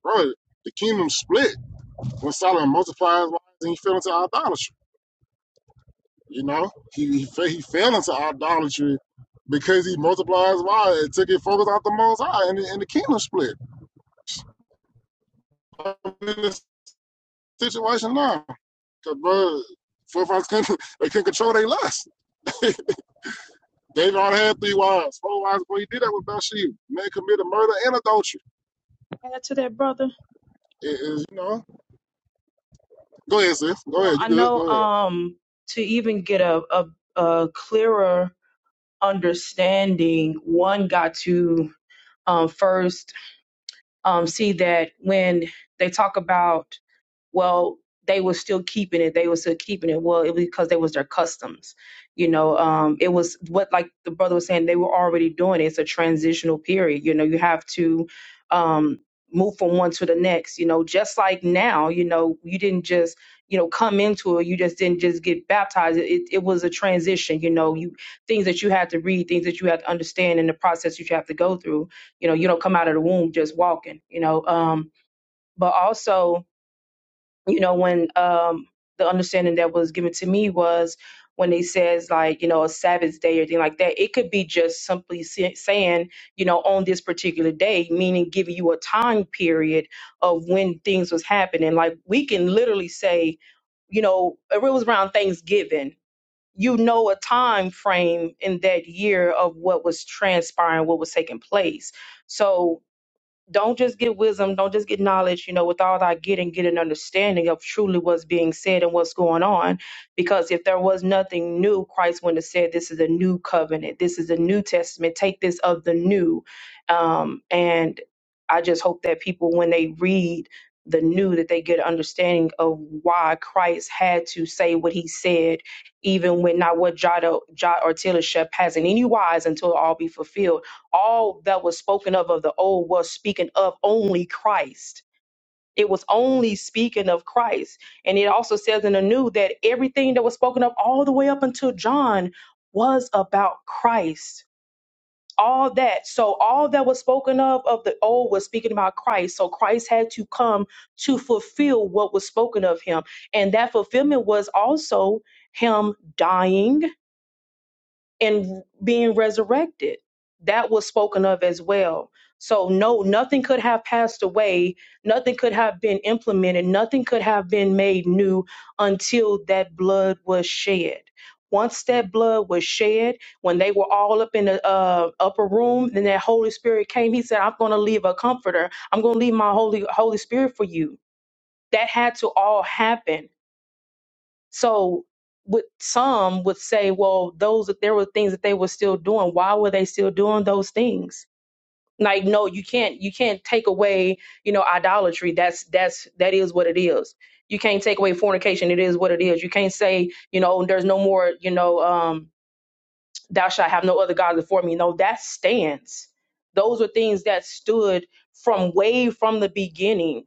bro. The kingdom split when Solomon multiplied his wives and he fell into idolatry. You know, he he, fe- he fell into idolatry because he multiplied his wives and took it focus out the Most High, and the, and the kingdom split. I'm in this situation now, cause bro, forefathers couldn't they couldn't control their lust. David already had three wives, four wives, before he did that with Bathsheba. Man committed murder and adultery.
Add to that, brother.
It, it- you know, go ahead, sis. Go
Well,
ahead. You
I
good?
know
Go ahead.
um to even get a a, a clearer understanding, one got to um first um, see that when they talk about well they were still keeping it they were still keeping it well it was because they was their customs you know um it was what like the brother was saying they were already doing it. it's a transitional period you know you have to um move from one to the next you know just like now you know you didn't just you know come into it you just didn't just get baptized it, it was a transition you know you things that you had to read things that you had to understand in the process that you have to go through you know you don't come out of the womb just walking you know um but also you know when um the understanding that was given to me was when they says like you know a sabbath day or thing like that it could be just simply sa- saying you know on this particular day meaning giving you a time period of when things was happening like we can literally say you know it was around thanksgiving you know a time frame in that year of what was transpiring what was taking place so don't just get wisdom, don't just get knowledge, you know, with all thy getting, get an understanding of truly what's being said and what's going on. Because if there was nothing new, Christ wouldn't have said, This is a new covenant, this is a new testament, take this of the new. Um, and I just hope that people, when they read the new, that they get an understanding of why Christ had to say what he said, even when not what jot or, jot or tittle shall pass in any wise until all be fulfilled all that was spoken of of the old was speaking of only Christ. It was only speaking of Christ. And it also says in the new that everything that was spoken of all the way up until John was about Christ. All that. So all that was spoken of of the old was speaking about Christ. So Christ had to come to fulfill what was spoken of him. And that fulfillment was also him dying and being resurrected. That was spoken of as well. So, no, nothing could have passed away. Nothing could have been implemented. Nothing could have been made new until that blood was shed. Once that blood was shed, when they were all up in the uh, upper room, then that Holy Spirit came. He said, "I'm going to leave a comforter. I'm going to leave my Holy Holy Spirit for you." That had to all happen so with some would say, well, those there were things that they were still doing. Why were they still doing those things? Like, no, you can't you can't take away, you know, idolatry. That's that's that is what it is. You can't take away fornication. It is what it is. You can't say, you know, there's no more, you know, um, thou shalt have no other gods before me. No, that stands. Those are things that stood from way from the beginning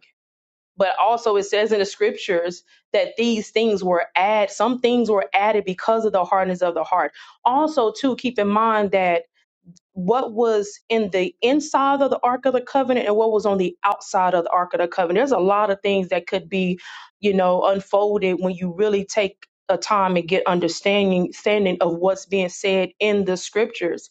but also it says in the scriptures that these things were added. some things were added because of the hardness of the heart also too keep in mind that what was in the inside of the ark of the covenant and what was on the outside of the ark of the covenant there's a lot of things that could be you know unfolded when you really take a time and get understanding standing of what's being said in the scriptures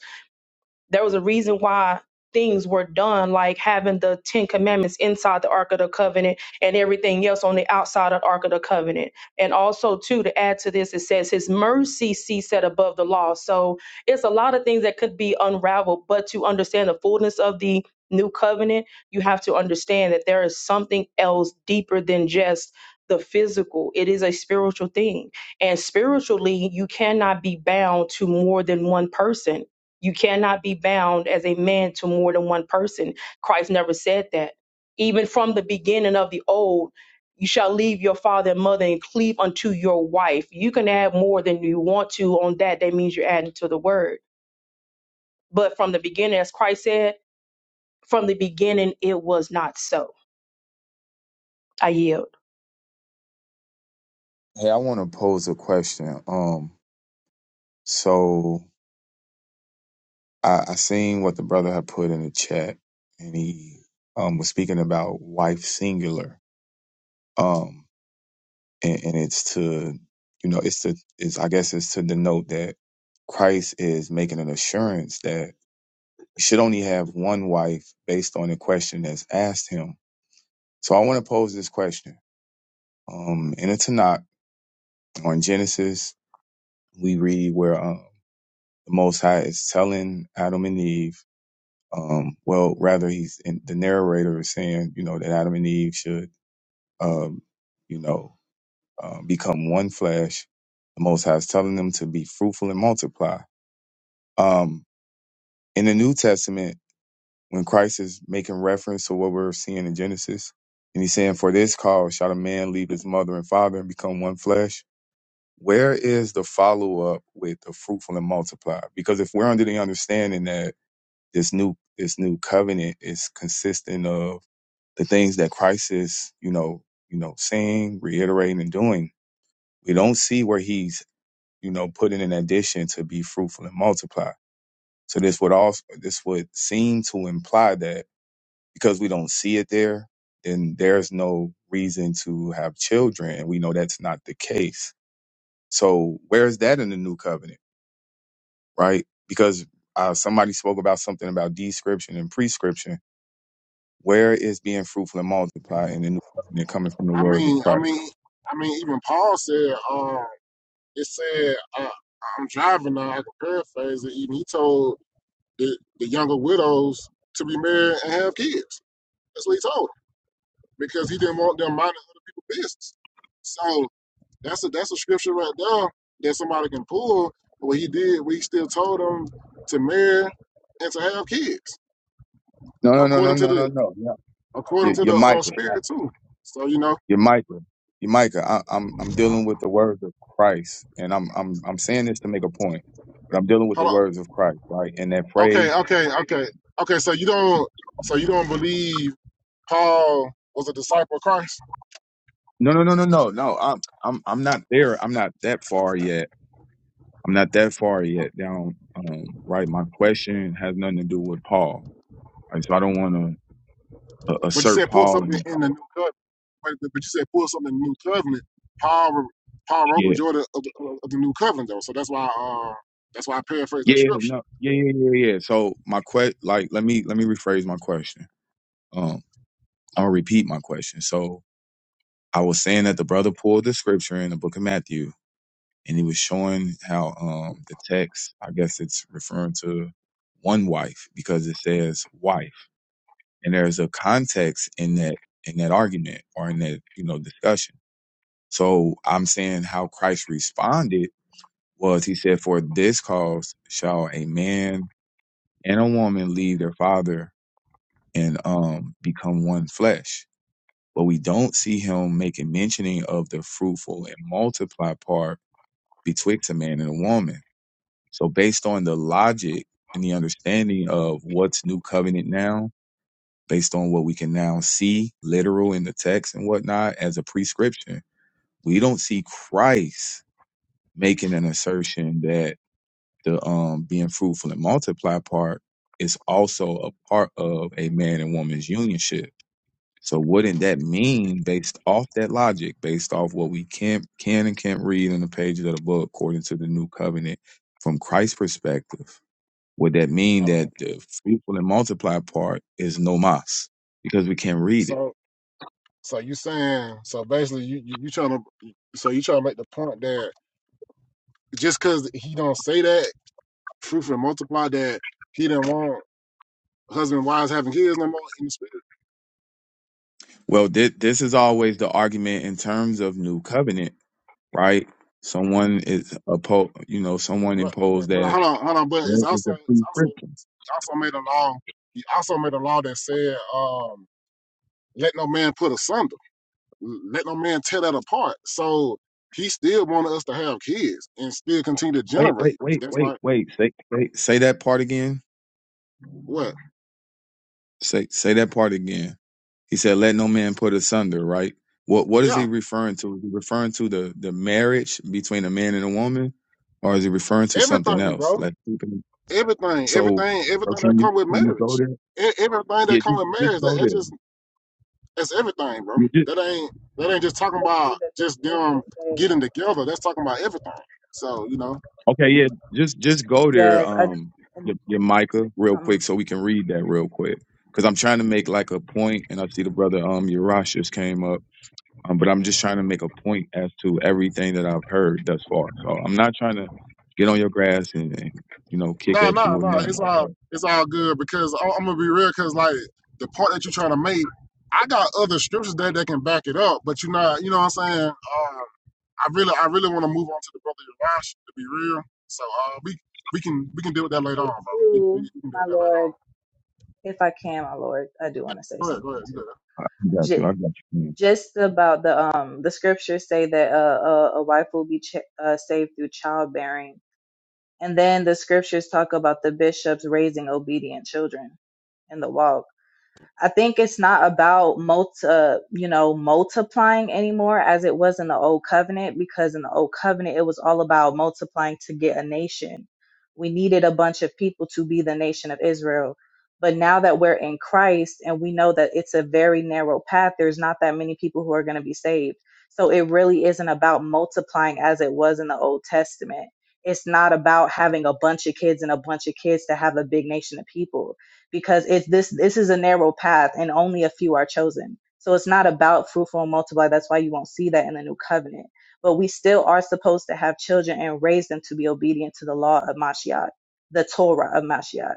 there was a reason why things were done like having the 10 commandments inside the ark of the covenant and everything else on the outside of the ark of the covenant and also too to add to this it says his mercy ceased above the law so it's a lot of things that could be unraveled but to understand the fullness of the new covenant you have to understand that there is something else deeper than just the physical it is a spiritual thing and spiritually you cannot be bound to more than one person you cannot be bound as a man to more than one person. Christ never said that. Even from the beginning of the old, you shall leave your father and mother and cleave unto your wife. You can add more than you want to on that. That means you're adding to the word. But from the beginning, as Christ said, from the beginning, it was not so. I yield.
Hey, I want to pose a question. Um, So I, I seen what the brother had put in the chat, and he um, was speaking about wife singular, um, and, and it's to, you know, it's to, it's I guess it's to denote that Christ is making an assurance that he should only have one wife based on the question that's asked him. So I want to pose this question. Um, in the Tanakh or in Genesis, we read where um, the Most High is telling Adam and Eve Um, well, rather, he's in, the narrator is saying, you know, that Adam and Eve should, um, you know, um, become one flesh. The Most High is telling them to be fruitful and multiply. Um, in the New Testament, when Christ is making reference to what we're seeing in Genesis, and he's saying, "For this cause shall a man leave his mother and father and become one flesh." Where is the follow up with the fruitful and multiply? Because if we're under the understanding that this new this new covenant is consistent of the things that Christ is, you know, you know, saying, reiterating, and doing. We don't see where he's, you know, putting an addition to be fruitful and multiply. So this would also this would seem to imply that because we don't see it there, then there's no reason to have children. And we know that's not the case. So where's that in the new covenant, right? Because uh, somebody spoke about something about description and prescription. Where is being fruitful and multiply in the new covenant coming from the
I
word of
mean, I
Christ?
mean, I mean, even Paul said, um, it said, uh, I'm driving now. I can paraphrase it. Even he told the, the younger widows to be married and have kids. That's what he told them because he didn't want them minding other people's business. So that's a that's a scripture right there that somebody can pull. What he did, we still told them to marry and to have kids
No, no, no, no,
according to
no, no,
the
no. no.
according
You're,
to
you're
the uh,
Micah. I-
spirit too. So you know,
You're Micah. You're Micah. I, I'm I'm dealing with the words of Christ, and I'm I'm I'm saying this to make a point, but I'm dealing with the
hold on.
words of Christ, right? And that
Okay,
phrase.
okay, okay, okay. So you don't, so you don't believe Paul was a disciple of Christ,
No, no, no, no, no, no. I'm I'm I'm not there. I'm not that far yet. I'm not that far yet down. Um, right. My question has nothing to do with Paul, right? so I don't want to uh,
but you
assert
said pull
Paul.
something
And
in the new covenant. But, but you said pull something in the new covenant. Paul, wr- Paul wrote
yeah,
majority of, the- of the new covenant though, so that's why, uh, that's why I paraphrase that
yeah,
scripture.
no, yeah, yeah, yeah. yeah. So my que like let me let me rephrase my question. Um, I'll repeat my question. So I was saying that the brother pulled the scripture in the book of Matthew and he was showing how um the text, I guess it's referring to one wife because it says wife. And there's a context in that in that argument or in that, you know, discussion. So I'm saying how Christ responded was he said, For this cause shall a man and a woman leave their father and um become one flesh but we don't see him making mentioning of the fruitful and multiply part betwixt a man and a woman. So based on the logic and the understanding of what's new covenant now, based on what we can now see literal in the text and whatnot as a prescription, we don't see Christ making an assertion that the um being fruitful and multiply part is also a part of a man and woman's unionship So wouldn't that mean, based off that logic, based off what we can can and can't read in the pages of the book, according to the new covenant, from Christ's perspective, would that mean
I mean,
that the fruitful and multiply part is nomos because we can't read it?
so, so you saying, so basically, you you, you trying to, so you trying to make the point that just because he don't say that, fruitful and multiply, that he didn't want husband and wives having kids no more in the spirit.
Well, thi- this is always the argument in terms of new covenant, right? Someone is opposed, you know, someone
But, but,
imposed
but
that.
hold on, hold on. But
Where
it's
is
also
the
it's also
prescription?
it's also made a law. He also made a law that said, um, "Let no man put asunder. Let no man tear that apart." So he still wanted us to have kids and still continue to
Wait, wait,
generate.
wait,
That's
wait,
like
wait. Say, wait. Say that part again.
what?
Say, say that part again. He said, "Let no man put asunder." Right? What What is he
Yeah,
referring to? Is he referring to the the marriage between a man and a woman, or is he referring to something
everything,
else?
bro.
Like
Everything,
so.
everything,
Or
everything
can
that
you
come with
can you go
marriage.
there?
E- Everything that
Yeah,
come
just
with
just
marriage, that,
go
that
there.
just that's everything, bro.
You just-
That ain't that ain't just talking
say too
about
that the
just them
scriptures say,
getting together. That's talking about everything. So you know.
okay, yeah, just just go there.
yes, I
Um, your, your Micah, real quick,
um
so we can read that real quick, because I'm trying to make like a point, and I see the brother um Urash just came up. Um, but I'm just trying to make a point as to everything that I've heard thus far. So I'm not trying to get on your grass and, and you know kick
No,
at
no,
you or
no.
nothing.
It's
like
all
that.
it's all good because I, I'm gonna be real. Because like the point that you're trying to make, I got other scriptures there that can back it up. But you're not. You know what I'm saying? Uh, I really, I really want to move on to the brother Yarash to be real. So uh, we we can we can deal with
I
that later
say
on, bro. We, we,
too,
we can deal
my
with that later on.
Lord, if I can, my Lord, I do
Yeah.
want to say
Go ahead. Go
something
ahead. You good.
too.
I got you. I got you. man.
just about the um the scriptures say that uh, a, a wife will be ch- uh, saved through childbearing and then the scriptures talk about the bishops raising obedient children in the walk I think it's not about multi, uh, you know, multiplying anymore as it was in the old covenant, because in the old covenant, it was all about multiplying to get a nation. We needed a bunch of people to be the nation of Israel. But now that we're in Christ and we know that it's a very narrow path, there's not that many people who are going to be saved. So it really isn't about multiplying as it was in the Old Testament. It's not about having a bunch of kids and a bunch of kids to have a big nation of people because it's this this is a narrow path and only a few are chosen so it's not about fruitful and multiply that's why you won't see that in the new covenant but we still are supposed to have children and raise them to be obedient to the law of mashiach the torah of mashiach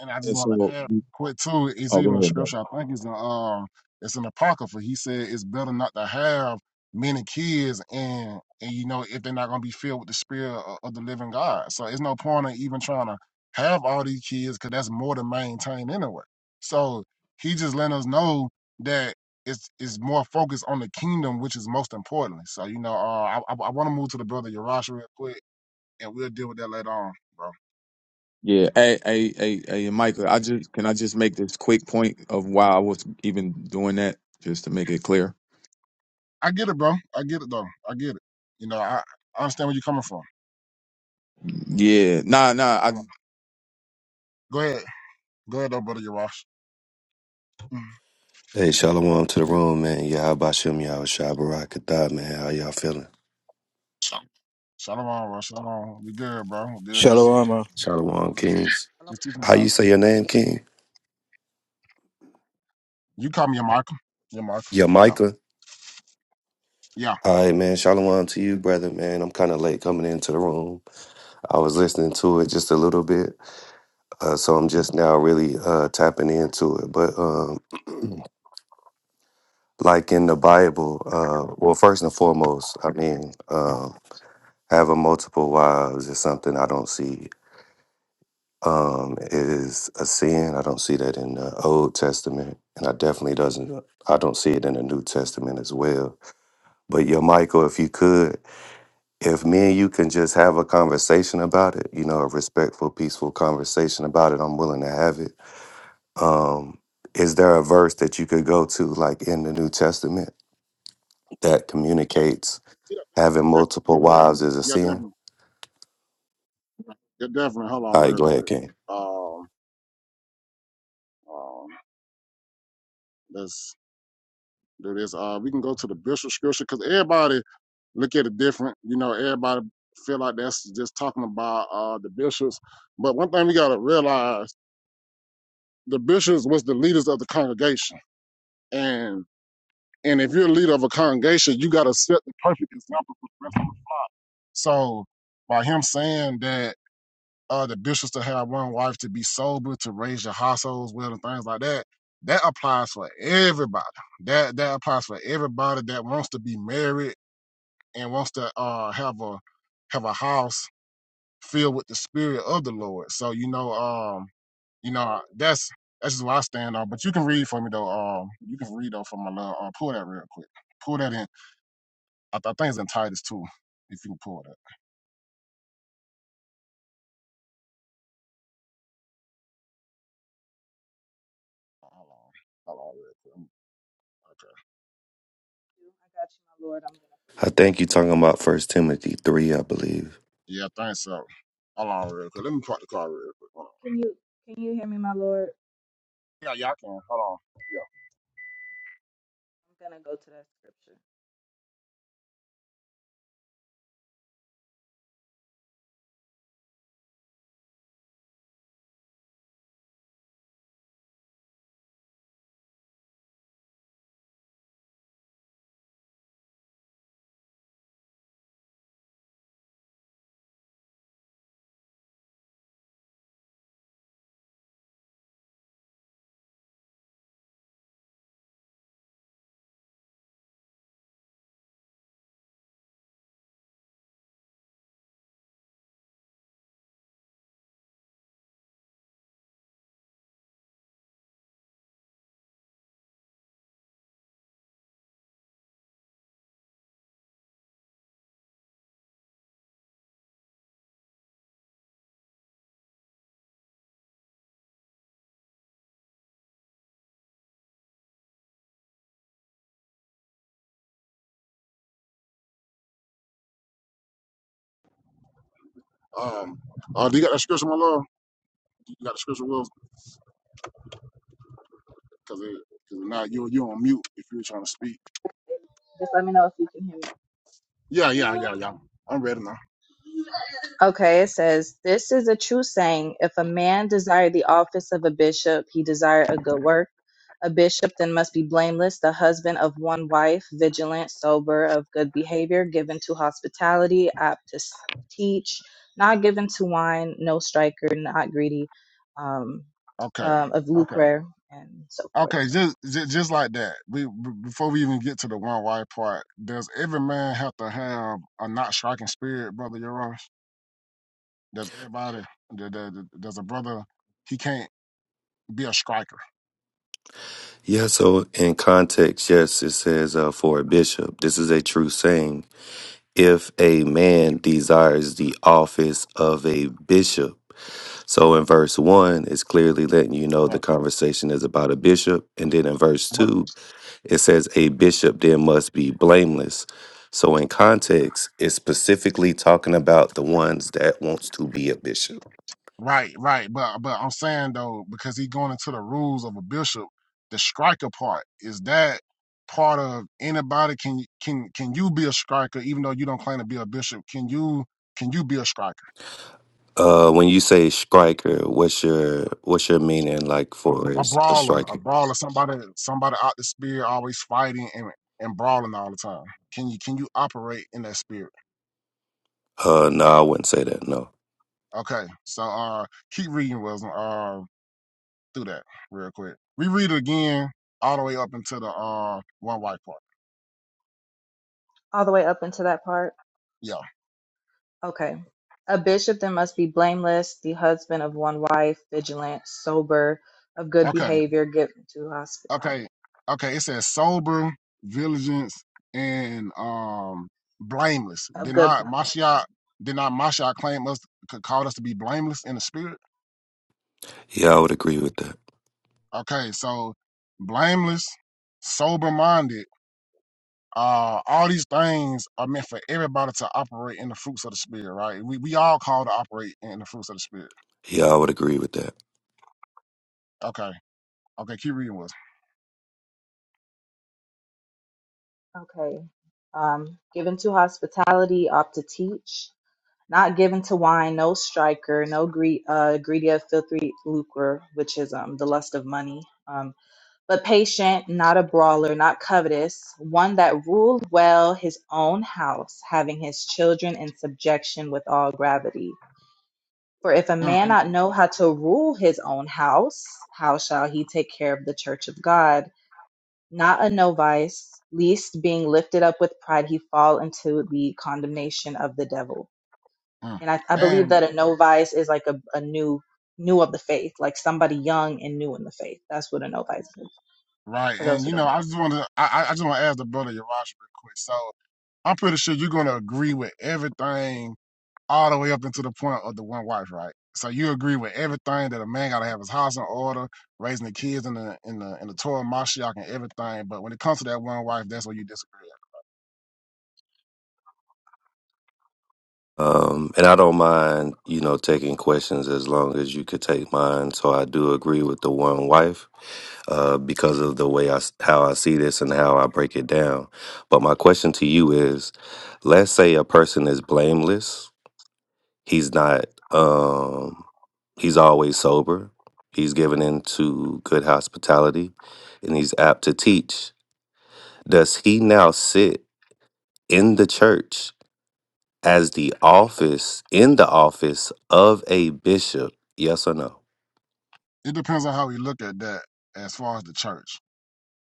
and I just
And
want to
so,
add quick too. It's
oh,
even
go
a
ahead, bro.
scripture. I think it's in um, it's an apocrypha. He said it's better not to have many kids, and and you know if they're not gonna be filled with the spirit of, of the living God. So it's no point in even trying to have all these kids because that's more to maintain anyway. So he just letting us know that. It's, it's more focused on the kingdom, which is most important. So, you know, uh, I, I, I want to move to the brother Yarash real quick, and we'll deal with that later on, bro.
Yeah, hey, hey, hey, hey, and Michael. I just can I just make this quick point of why I was even doing that, just to make it clear.
I get it, bro. I get it though. I get it. You know, I, I understand where you're coming from.
Yeah, nah, nah. I
Um, Go ahead. Go ahead though, brother Yarosh. Mm.
Hey, Shalom to the
Yeah,
room, man. Y'all Bashim, y'all Shabbarak Kathar, man. How y'all feeling?
Shalom, bro. Shalom. We good, bro. We good. Just,
Shalom. uh.
Shalom,
just,
Kings.
i
just teaching the
How you
gospel.
say your name, King?
You call me your Mark. Your Mark.
Yeah,
Yeah.
Micah.
Yeah.
All right, man. Shalom to you, brother, man. I'm kind of late coming into the room. I was listening to it just a little bit, uh, so I'm just now really uh, tapping into it. But um, like in the Bible, uh, well, first and foremost, I mean, um having multiple wives is something I don't see um, is a sin. I don't see that in the Old Testament, and I definitely doesn't. uh, I don't see it in the New Testament as well. But yeah, Michael, if you could, if me and you can just have a conversation about it, you know, a respectful, peaceful conversation about it, I'm willing to have it. Um, is there a verse that you could go to, like in the New Testament, that communicates
Yeah,
having
def-
multiple wives is a
yeah,
sin?
definitely. Yeah, definitely. Hold on
All right,
real
go ahead,
quick.
King.
Um, um, let's do this. Uh, we can go to the Bishop scripture because everybody look at it different. You know, everybody feel like that's just talking about uh the bishops. But one thing we gotta realize the bishops was the leaders of the congregation. And and if you're a leader of a congregation, you gotta set the perfect example for the rest of us. So by him saying that uh the bishops to have one wife to be sober, to raise your households well and things like that, that applies for everybody. That that applies for everybody that wants to be married and wants to uh have a have a house filled with the spirit of the Lord. So you know, um You know, uh, that's that's just where I stand on. But you can read for me though. Um, you can read though for my love. Uh, pull that real quick. Pull that in. I, th- I think it's in Titus too. If you can pull that. Hold on. Hold on real quick.
got you my lord i'm gonna pull it
I think you're talking about First Timothy three, I believe.
Yeah, I think so. Hold on real quick. Let me park the car real quick. Hold on.
Can you can you hear me, my Lord?
Yeah, yeah, I can. Hold on.
I'm gonna go to that scripture.
Yeah. Um. Uh, do you got that scripture, my love? You got the scripture, Will? Because because now you you on mute if you're trying to speak.
Just let me know if you can hear me.
Yeah, yeah, yeah, yeah. I'm ready now.
Okay, it says, This is a true saying. If a man desire the office of a bishop, he desire a good work. A bishop then must be blameless, the husband of one wife, vigilant, sober, of good behavior, given to hospitality, apt to s- teach, not given to wine, no striker, not greedy, um,
Okay.
um, of
Okay.
lucre, and so forth.
Okay, just, just just like that. We b- before we even get to the one wife part, does every man have to have a not striking spirit, brother Yarosh? Does everybody? th- th- th- Does a brother? He can't be a striker.
Yeah, so in context, yes, it says uh, for a bishop, this is a true saying. If a man desires the office of a bishop, so in verse one, it's clearly letting you know the
Right.
conversation is about a bishop, and then in verse
But
two, It says a bishop then must be blameless. So in context, it's specifically talking about the ones that wants to be a bishop.
right, right. But but I'm saying though, because he going into the rules of a bishop, the striker part is that part of anybody can can can you be a striker even though you don't claim to be a bishop? Can you can you be a striker?
Uh, when you say striker, what's your what's your meaning like for a,
a
s- a
brawler, a
striker?
brawler, somebody somebody out the spirit, always fighting and, and brawling all the time. Can you can you operate in that spirit?
Uh, no, I wouldn't say that. No,
Okay, so uh, keep reading, Wilson. Uh, do that real quick. Reread it again, all the way up into the uh one white part.
All the way up into that part.
Yeah.
Okay. A bishop then must be blameless, the husband of one wife, vigilant, sober, of good
Okay.
behavior, given to
Okay.
hospitality.
Okay. It says sober, vigilant, and um blameless.
Of
Did
good
not
behavior.
Mashiach did not Mashiach claim us could call us to be blameless in the spirit?
yeah, I would agree with that.
Okay, so blameless, sober minded, uh, all these things are meant for everybody to operate in the fruits of the spirit, right? We we all called to operate in the fruits of the spirit.
Yeah, I would agree with that.
Okay. Okay, keep reading with us.
Okay. Um, given to hospitality, opt to teach. Not given to wine, no striker, no greed, uh, greedy of filthy lucre, which is um, the lust of money. Um, but patient, not a brawler, not covetous, one that ruled well his own house, having his children in subjection with all gravity For if a
Mm,
man
and,
not know how to rule his own house, how shall he take care of the church of God? Not a novice, least being lifted up with pride, he fall into the condemnation of the devil.
mm.
And I, I believe
and
that a novice is like a, a new new of the faith, like somebody young and new in the faith. That's what a novice is,
right,
for those
and
who
you
don't
know,
know.
I just wanna I, I I just wanna ask the brother Yarash real quick. So I'm pretty sure you're gonna agree with everything all the way up into the point of the one wife, right? So you agree with everything that a man gotta have his house in order, raising the kids in the in the in the Torah Mashiach and everything. But when it comes to that one wife, that's where you disagree.
Um, and I don't mind, you know, taking questions as long as you could take mine. So I do agree with the one wife. uh, because of the way I s- how I see this and how I break it down. But my question to you is, let's say a person is blameless. He's not. Um, he's always sober. He's given into good hospitality, and he's apt to teach. Does he now sit in the church as the office in the office of a bishop? Yes or no?
At. It depends on how we look at that as far as the church.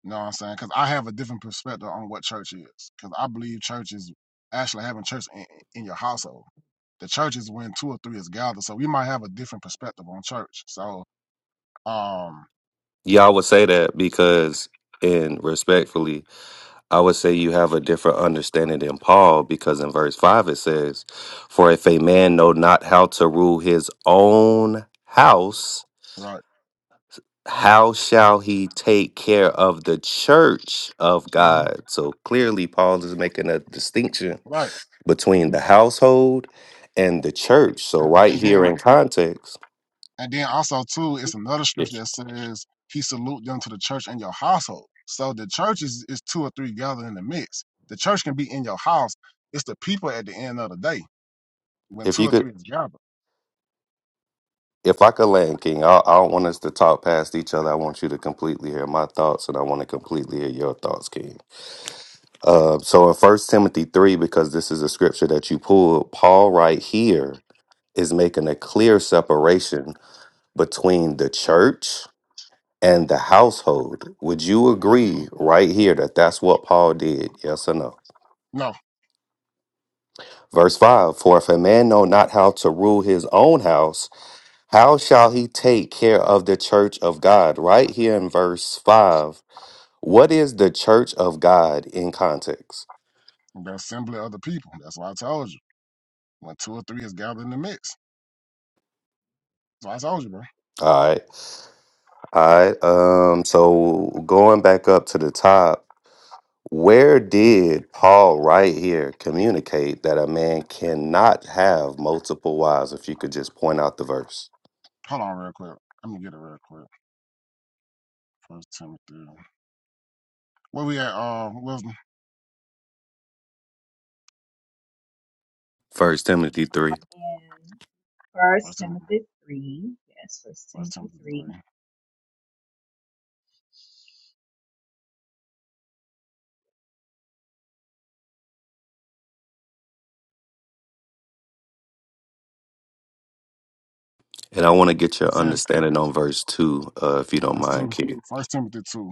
You know what I'm saying? Because I have a different perspective on what church is. Because I believe church is actually having church in, in your household. The church is when two or three is gathered. So we might have a different perspective on church. So um
Y'all would say that because, and respectfully, I would say you have a different understanding than Paul because in verse 5 it says, For if a man know not how to rule his own house,
right,
how shall he take care of the church of
hmm
God? So clearly, Paul is making a distinction
right,
between the household and the church. So, right
and
here
then
in context,
And then also too, it's another
if
scripture that says he salute them to the church in your household. So the church is, is two or three gathered in the midst. The church can be in your house. It's the people at the end of the day when
if
two
you
or
could.
three is gathered.
If I could land, King, I, I don't want us to talk past each other. I want you to completely hear my thoughts, and I want to completely hear your thoughts, King. Uh, so in First Timothy three, because this is a scripture that you pulled, Paul right here is making a clear separation between the church and the household. Would you
Mhm.
agree right here that that's what Paul did? Yes or no?
No,
Verse five: For if a man know not how to rule his own house, how shall he take care of the church of God? Right here in verse five, what is the church of God in context?
the assembly of the people. That's why I told you when two or three is gathered in the midst. So I told you, bro.
All right. All right. Um, so going back up to the top, where did Paul right here communicate that a man cannot have multiple wives? If you could just point out the verse.
Hold on, real quick. I'm gonna get it real quick. First Timothy. Where we at? Uh, Wisdom.
First Timothy three.
And First
First Timothy.
Timothy three. Yes, First
First
Timothy
Timothy
three.
three.
And I want to get your
That's it.
understanding on verse two, uh, if you don't
Verse
mind,
two.
Kitty.
First Timothy two.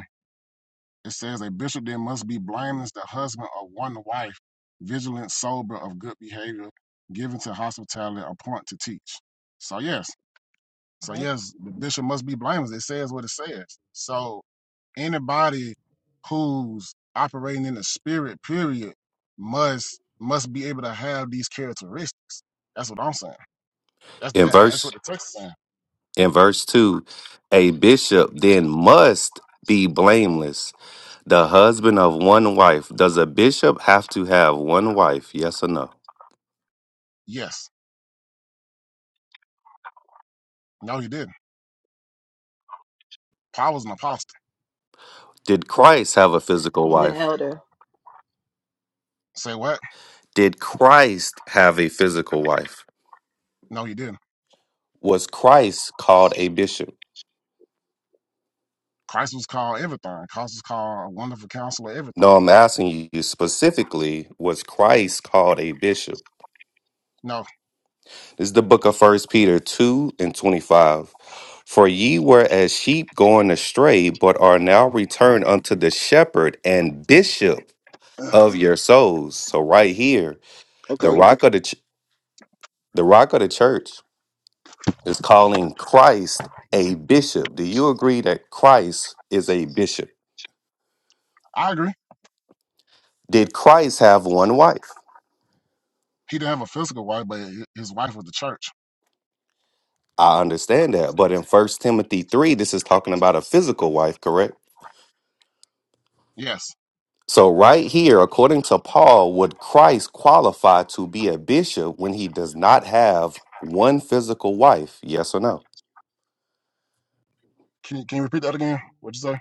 It says a bishop then must be blameless, the husband of one wife, vigilant, sober, of good behavior, given to hospitality, appointed to teach. So yes, so
Yep.
yes, the bishop must be blameless. It says what it says. So anybody who's operating in the spirit, period, must must be able to have these characteristics. That's what I'm saying. That's
In
that, that's what
verse
the text is saying.
in verse two, a bishop then must be blameless, the husband of one wife. Does a bishop have to have one wife? Yes or no?
Yes. No, he didn't. Paul was an apostle.
Did Christ have a physical
And an
wife?
elder.
Say what?
Did Christ have a physical wife?
No, he didn't.
Was Christ called a bishop?
Christ was called everything. Christ was called a wonderful counselor, everything.
No, I'm asking you specifically, was Christ called a bishop?
No,
This is the book of First Peter 2 and 25. For ye were as sheep going astray, but are now returned unto the shepherd and bishop of your souls. So right here, the
okay,
rock of the ch- the rock of the church is calling Christ a bishop. Do you agree that Christ is a bishop?
I agree.
did Christ have one wife?
He didn't have a physical wife, but his wife was the church.
I understand that. But in First Timothy 3, this is talking about a physical wife, correct?
Yes.
So, right here, according to Paul, would Christ qualify to be a bishop when he does not have one physical wife? Yes or no?
Can you, can you repeat that again? What'd you say?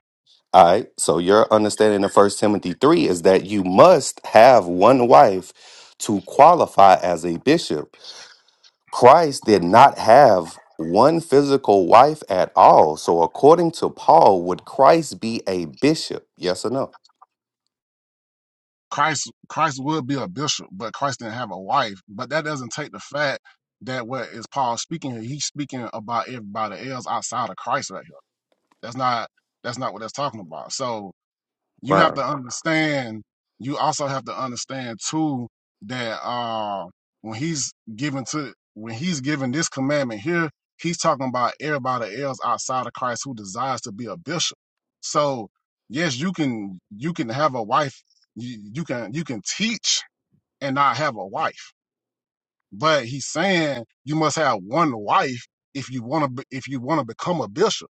All right. So, your understanding of First Timothy 3 is that you must have one wife to qualify as a bishop. Christ did not have one physical wife at all. So, according to Paul, would Christ be a bishop? Yes or no?
Christ Christ would be a bishop, but Christ didn't have a wife. But that doesn't take the fact that what is Paul speaking here? He's speaking about everybody else outside of Christ right here. That's not that's not what that's talking about. So you have
Wow.
to understand you also have to understand too that uh when he's given to when he's given this commandment here he's talking about everybody else outside of christ who desires to be a bishop so yes you can you can have a wife you, you can you can teach and not have a wife but he's saying you must have one wife if you want to if you want to become a bishop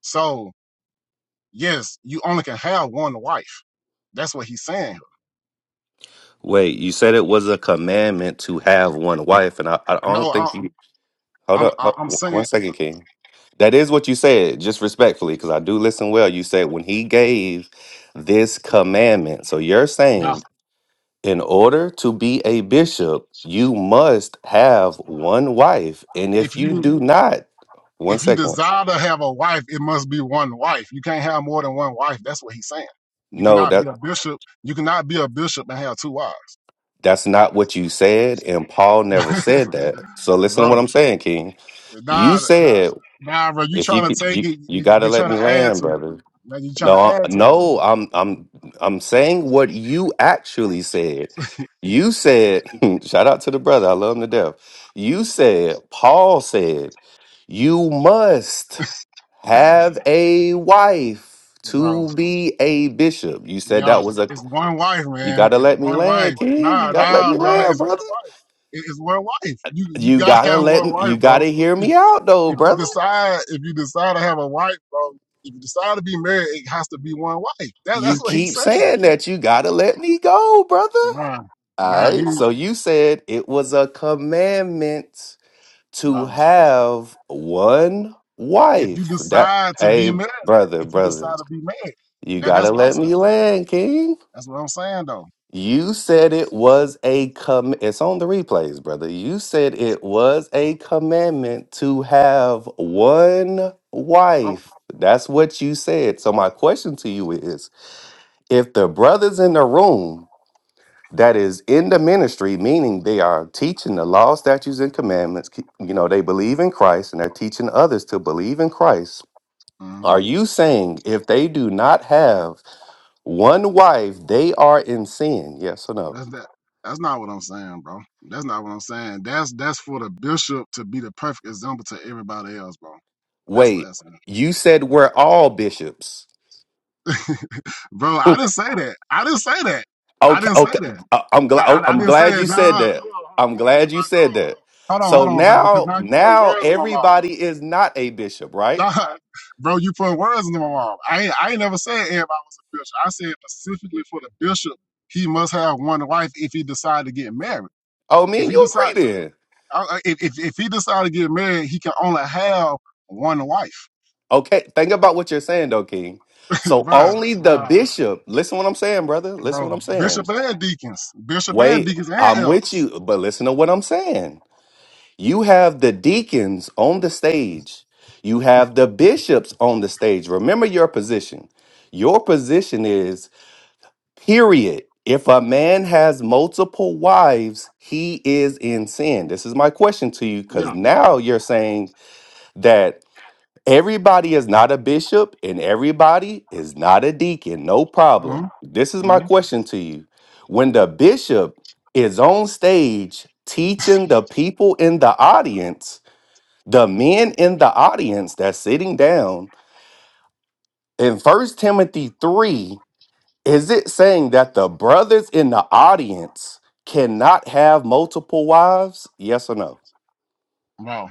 so yes you only can have one wife that's what he's saying
Wait, you said it was a commandment to have one wife, and I, I don't
No,
think you. Hold
I'm
up,
I'm
hold-
I'm
one
saying,
one second, King. That is what you said, just respectfully, because I do listen well. You said when he gave this commandment. So you're saying
yeah.
in order to be a bishop, you must have one wife. And
If
if you
you
do not, one
if you
second.
desire to have a wife, it must be one wife. You can't have more than one wife. That's what he's saying. You
No,
cannot be
that
a bishop. You cannot be a bishop and have two wives,
that's not what you said, and Paul never said that. So listen to what
bro.
I'm saying, King. You
Nah, nah,
said
nah, bro. You
if
trying
you
to
could
take
you
it?
you
You,
gotta
you're
let
trying
me
to add
land,
to it.
brother.
Man, you trying
No,
to
I-
add to it though,
no, I'm I'm I'm saying what you actually said. You said, shout out to the brother, I love him to death. You said, Paul said, you must have a wife
bro.
to be a bishop. You said that
Yo,
was a
it's one wife,
you
man.
gotta
It's
let me
one wife.
land, King. You
Nah,
gotta let
nah,
me
bro.
land,
It's one
brother.
wife. It- It's one wife. You you
You
gotta
gotta
have
let
one
me you
wife, bro
gotta hear me out though,
if you
brother.
decide if you decide to have a wife, bro, if you decide to be married, it has to be one wife. That,
You
that's what he's
keep
saying.
saying that you gotta let me go, brother.
Ron,
All
Ron,
right.
you
So you said it was a commandment to
Ron,
have one
if you
wife. That
decide to be
hey,
married,
brother,
if you decide
brother,
to be married,
you
that, that's
gotta
what I'm
let me
saying.
land, King.
That's what I'm saying though.
You said it was a com it's on the replays, brother. You said it was a commandment to have one
Oh,
wife. That's what you said. So my question to you is if the brothers in the room that is in the ministry, meaning they are teaching the law, statutes, and commandments. Ke- You know, they believe in Christ and they're teaching others to believe in Christ.
mm,
Are you saying if they do not have one wife, they are in sin? Yes or no?
that's that. That's not what I'm saying, bro. That's not what I'm saying. That's that's for the bishop to be the perfect example to everybody else, bro. That's what
Wait,
that's saying.
you said we're all bishops.
bro, I didn't say that. I didn't say that. I
Okay,
didn't say
okay.
that.
I- I'm
I,
glad.
I, I
I'm
didn't say
glad you
that. No,
said
hold on,
that.
hold on,
I'm
hold on, you
glad you
rock.
said
Hold on, hold
that.
on, hold on,
So
hold on, bro. Because
now,
now you putting
now
words in my mouth.
everybody is not a bishop, right?
Nah, bro, you putting words in my mouth. I ain't, I ain't never said everybody was a bishop. I said specifically for the bishop, he must have one wife if he decide to get married.
Oh, me
If
and
he
you agree
decide,
then.
uh, uh, if, if if he decide to get married, he can only have one wife,
Okay, think about what you're saying though, King. So
bro.
only the
Nah,
bishop, listen what I'm saying, brother. Listen what
bro,
I'm
bishop
saying.
and deacons, bishop and
Wait,
deacons and
I'm
elders.
with you, but listen to what I'm saying. You have the deacons on the stage. You have the bishops on the stage. Remember your position. Your position is period. If a man has multiple wives, he is in sin. This is my question to you cuz
Yeah.
now you're saying that Everybody is not a bishop and everybody is not a deacon. No
Mm-hmm.
problem. This is my
Mm-hmm.
question to you. When the bishop is on stage teaching the people in the audience, the men in the audience that's sitting down, in First Timothy 3, is it saying that the brothers in the audience cannot have multiple wives? Yes or no?
Wow.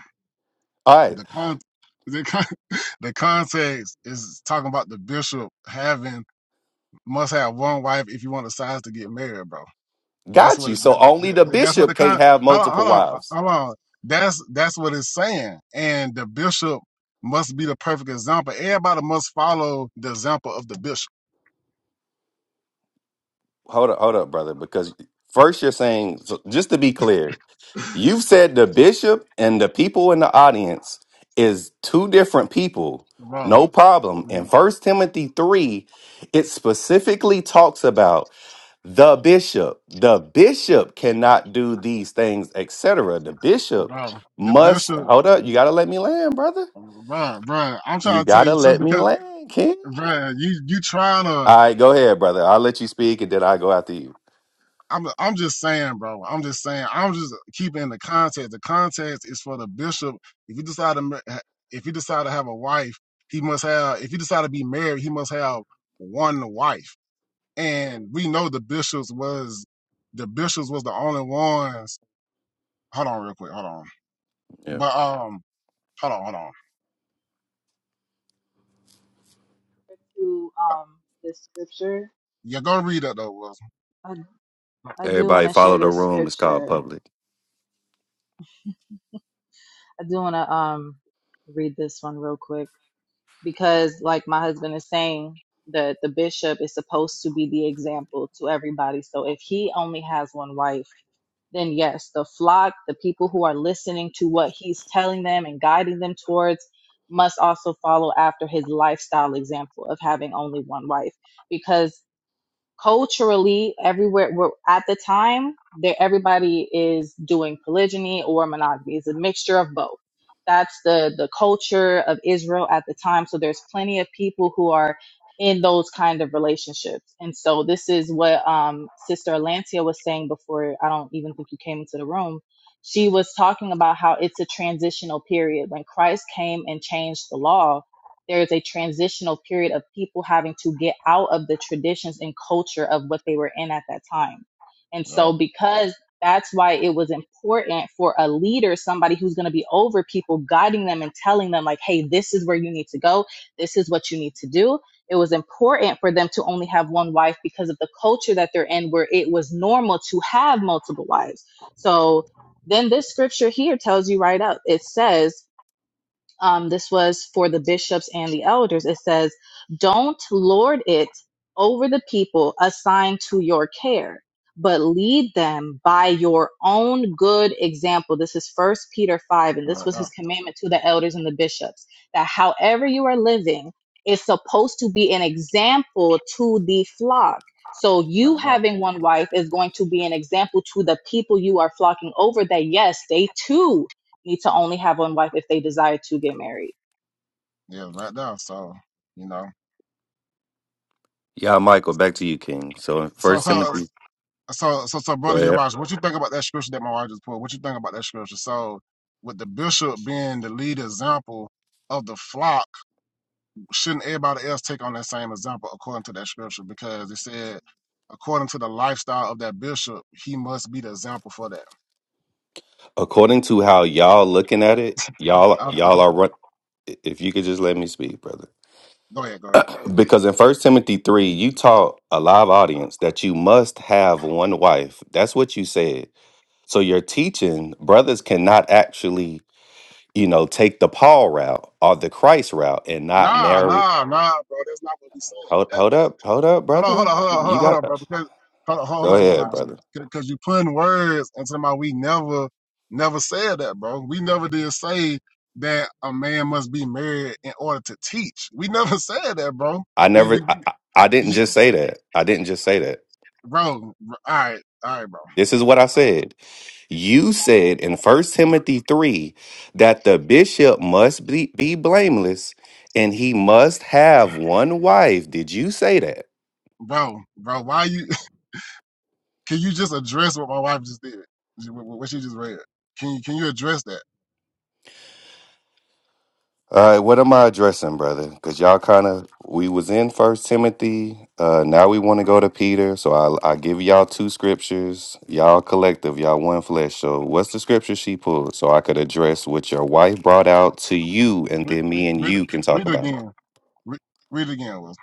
All right,
the con the con- the context is talking about the bishop having must have one wife if you want a size to get married, bro. That's
got
what
you. So
that,
only
that-
the
that- that's what the
bishop
con.
can't have
Hold on,
multiple
hold on, uh,
wives.
hold on. That's that's what it's saying, and the bishop must be the perfect example. Everybody must follow the example of the bishop,
hold up, hold up, brother, because first you're saying, so just to be clear, you've said the bishop and the people in the audience is two different people.
bro.
No problem. In
Bro,
First Timothy 3, it specifically talks about the bishop. The bishop cannot do these things, etc. The bishop
bro. the
must
bishop,
hold up. You gotta let me land, brother.
bro, bro. I'm
You
trying to tell
gotta
you too
let me
because,
land, King.
bro, you you trying to
All right, go ahead, brother. I'll let you speak and then I'll go after you.
I'm I'm just saying, bro. I'm just saying. I'm just keeping the context. The context is for the bishop. If you decide to ma- if you decide to have a wife, he must have. If you decide to be married, he must have one wife. And we know the bishops was the bishops was the only ones. Hold on, real quick. Hold on.
Yeah.
But um, hold on, hold on.
To um this scripture,
you go read that though, Wilson.
I I do want
Everybody
to share
follow the
this
room. It's called
scripture. Um,
public.
I do want to um read this one real quick because, like my husband is saying, that the bishop is supposed to be the example to everybody. So if he only has one wife. then yes, the flock, the people who are listening to what he's telling them and guiding them towards, must also follow after his lifestyle example of having only one wife. Because culturally everywhere we're, at the time there everybody is doing polygyny or monogamy it's a mixture of both that's the the culture of israel at the time so there's plenty of people who are in those kind of relationships and so this is what um sister Alancia was saying before i don't even think you came into the room she was talking about how it's a transitional period when christ came and changed the law there is a transitional period of people having to get out of the traditions and culture of what they were in at that time. And
Yeah,
so, because that's why it was important for a leader, somebody who's going to be over people, guiding them and telling them, like, hey, this is where you need to go, this is what you need to do. It was important for them to only have one wife because of the culture that they're in, where it was normal to have multiple wives. So, then this scripture here tells you right up. it says, um, this was for the bishops and the elders. It says, Don't lord it over the people assigned to your care, but lead them by your own good example. This is First Peter 5, and this
right
was
now,
his commandment to the elders and the bishops that however you are living is supposed to be an example to the flock. So,
right
you
now.
having one wife is going to be an example to the people you are flocking over that, yes, they too need to only have one wife if they desire to get married.
Yeah, right now. So you know.
Yeah, Michael, back to you, King. So in
So
First
so
Timothy,
so so so
go
brother
ahead.
Yaraj, what you think about that scripture that my wife just pulled? What you think about that scripture? So with the bishop being the lead example of the flock, shouldn't everybody else take on that same example according to that scripture? Because it said according to the lifestyle of that bishop, he must be the example for that.
According to how y'all looking at it, y'all
Okay.
y'all are run. If you could just let me speak, brother,
Go ahead, go ahead.
because in First Timothy three, you taught a live audience that you must have one wife. That's what you said. So you're teaching brothers cannot actually, you know, take the Paul route or the Christ route and not
Nah,
marry.
nah, nah, bro. That's not what we saying.
Hold,
That,
hold
that
up, hold up,
Hold on, hold
brother.
on, hold on, hold
You
on, hold
got.
on, bro. Because hold on, hold
Go
on,
ahead,
your
brother.
Because you putting words into my. We never, never said that, bro. We never did say that a man must be married in order to teach. We never said that, bro.
I
We, we,
never, I,
we
I I didn't
you,
just say that. I didn't just say that.
bro. bro, All right, all right, bro.
This is what I
All right.
said.
You should
You
answer
said in First
the
Timothy 3 that the bishop must be, be blameless and he must have one wife. Did you say that?
Bro, bro. Why you? Can you just address what my wife just did? What what- what she just read? Can you, can you address that?
All right, what am I addressing, brother? Because y'all kind of we was in First Timothy. Uh, now we want to go to Peter. So I I give y'all two scriptures. Y'all collective, y'all one flesh. So what's the scripture she pulled? So I could address what your wife brought out to you, and
Read,
then me and
read, it-
you can talk
read it
about it.
again. Read, read it again, Will.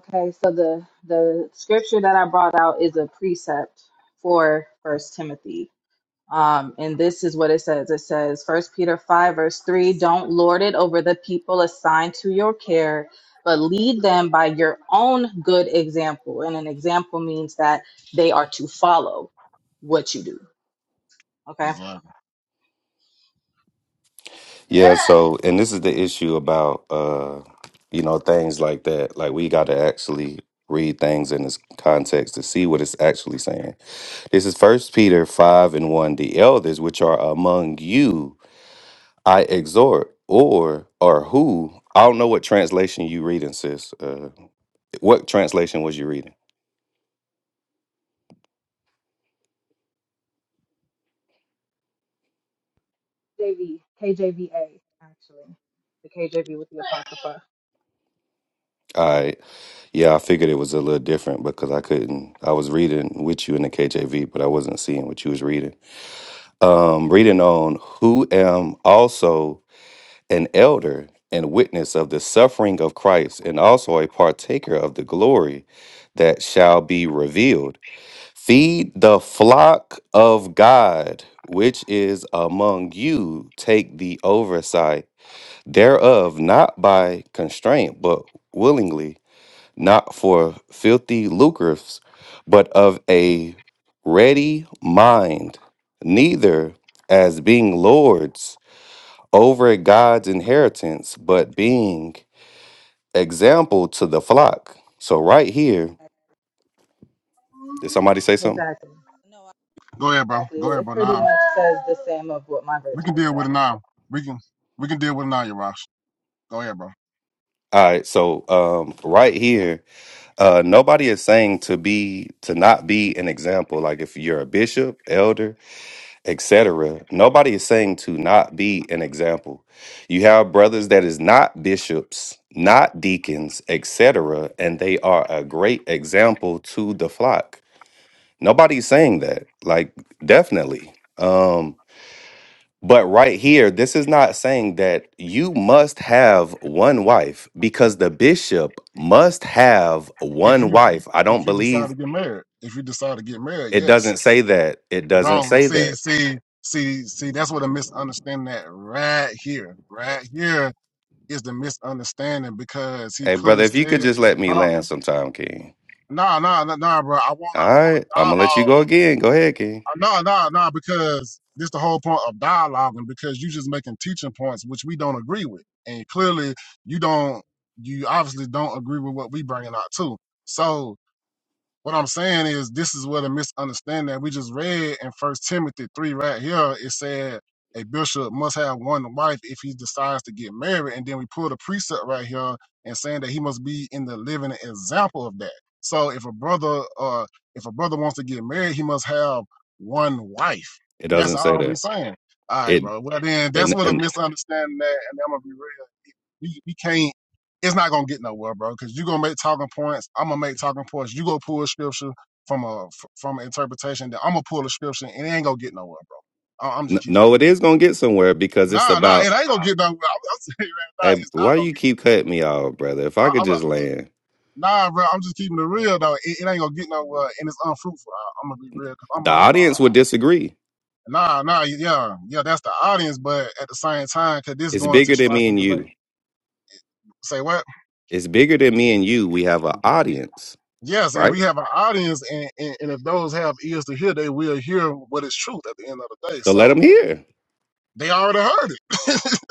question too. Okay, so the the scripture that I brought out is a precept for First Timothy. Um, and this is what it says. It says First Peter five verse three, don't lord it over the people assigned to your care, but lead them by your own good example. And an example means that they are to follow what you do. Okay.
Exactly.
Yeah. So and this is the issue about uh, you know, things like that. Like we got to actually read things in this context to see what it's actually saying. This is First Peter 5 and 1. The elders which are among you, I exhort, or or who. I don't know what translation you reading, sis. Uh, what translation was you reading?
JV, KJVA, actually. The KJV with the Apocrypha.
I Yeah, I figured it was a little different because I couldn't. I was reading with you in the KJV, but I wasn't seeing what you was reading. Um, reading on who am also an elder and witness of the suffering of Christ, and also a partaker of the glory that shall be revealed. Feed the flock of God, which is among you, take the oversight thereof, not by constraint, but willingly, not for filthy lucres, but of a ready mind, neither as being lords over God's inheritance, but being example to the flock. So, right here, did somebody say something?
Exactly.
Go ahead, bro.
Exactly.
Go
It
ahead, bro.
pretty
Now.
much says the same of what my
We
version
can deal with it
says.
now. We can we can deal with it now, Yarash. Go ahead, bro.
All right, so um, right here, Uh, nobody is saying to be to not be an example. Like if you're a bishop, elder, etc. Nobody is saying to not be an example. You have brothers that is not bishops, not deacons, etc., and they are a great example to the flock. Nobody's saying that. Like definitely. Um, but right here, this is not saying that you must have one wife because the bishop must have
If
one
you
wife. I
if
don't
you decide
believe
to get married, if you decide to get married,
It
yes,
doesn't say that. It doesn't
bro.
say
See,
that.
see, see, see. That's what a misunderstanding at right here, right here is the misunderstanding because he
Hey,
clearly
brother, if you could
said,
just let me
"Hold on,
land sometime, King.
nah, nah, nah, nah, bro. I wanna,
All
I want
right,
a
I'm gonna let you
dialogue.
go again. Go ahead, King.
Uh, No, no, no, because this the whole point of dialoguing because you just making teaching points which we don't agree with. And clearly you don't you obviously don't agree with what we bringing out too. So what I'm saying is this is where the misunderstanding that we just read in First Timothy three right here. It said a bishop must have one wife if he decides to get married, and then we pull a precept right here and saying that he must be in the living example of that. So if a brother, uh, if a brother wants to get married, he must have one wife.
It
That's
doesn't say
all we are
that.
saying. All right,
It
bro. Well, then that's
and
what a
and
misunderstanding that, and I'm gonna be real. We, we can't it's not gonna get nowhere, bro. Because you're gonna make talking points. I'm gonna make talking points. You go pull a scripture from a from an interpretation. That I'm gonna pull a scripture, and it ain't gonna get nowhere, bro. I, I'm
n-
just keep it
no, it
real.
is gonna get somewhere because it's
Nah, nah, it
about.
ain't gonna get nowhere. I'm, I'm saying right now,
Hey,
it's not
why do
gonna
you
get.
keep cutting me off, brother? If I
I,
could
I'm a,
just land,
nah, bro. I'm just keeping it real though. It, it ain't gonna get nowhere, and it's unfruitful. I, I'm gonna be real because I'm
the
all about.
audience would disagree.
Nah, nah, yeah, yeah. That's the audience, but at the same time, because this is
It's
going into
bigger than
strife
me
and
and
debate.
you.
Say what?
It's bigger than me and you. We have an audience,
Yes, and
right?
we have an audience, and, and, and if those have ears to hear, they will hear what is truth at the end of the day.
So let
So
them hear.
they already heard it.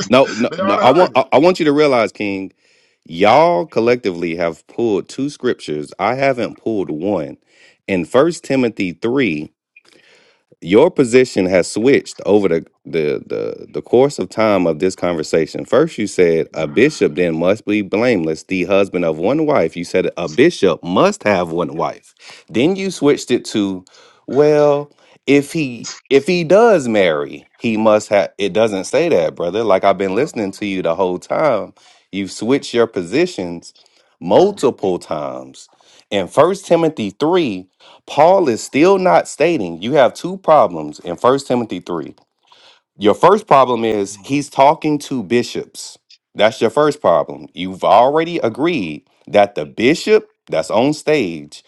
No, no,
they
no.
already
I
heard
want
it.
I, I want you to realize, King. Y'all collectively have pulled two scriptures. I haven't pulled one. In First Timothy 3, your position has switched over the, the the the course of time of this conversation. First, you said a bishop then must be blameless, the husband of one wife. You said a bishop must have one wife. Then you switched it to, well, if he if he does marry, he must have. It doesn't say that, brother. Like I've been
Bro,
listening to you the whole time. You've switched your positions
bro,
multiple times. In First Timothy three, Paul is still not stating you have two problems in First Timothy 3. Your first problem is
bro.
he's talking to bishops. That's your first problem. You've already agreed that the bishop that's on stage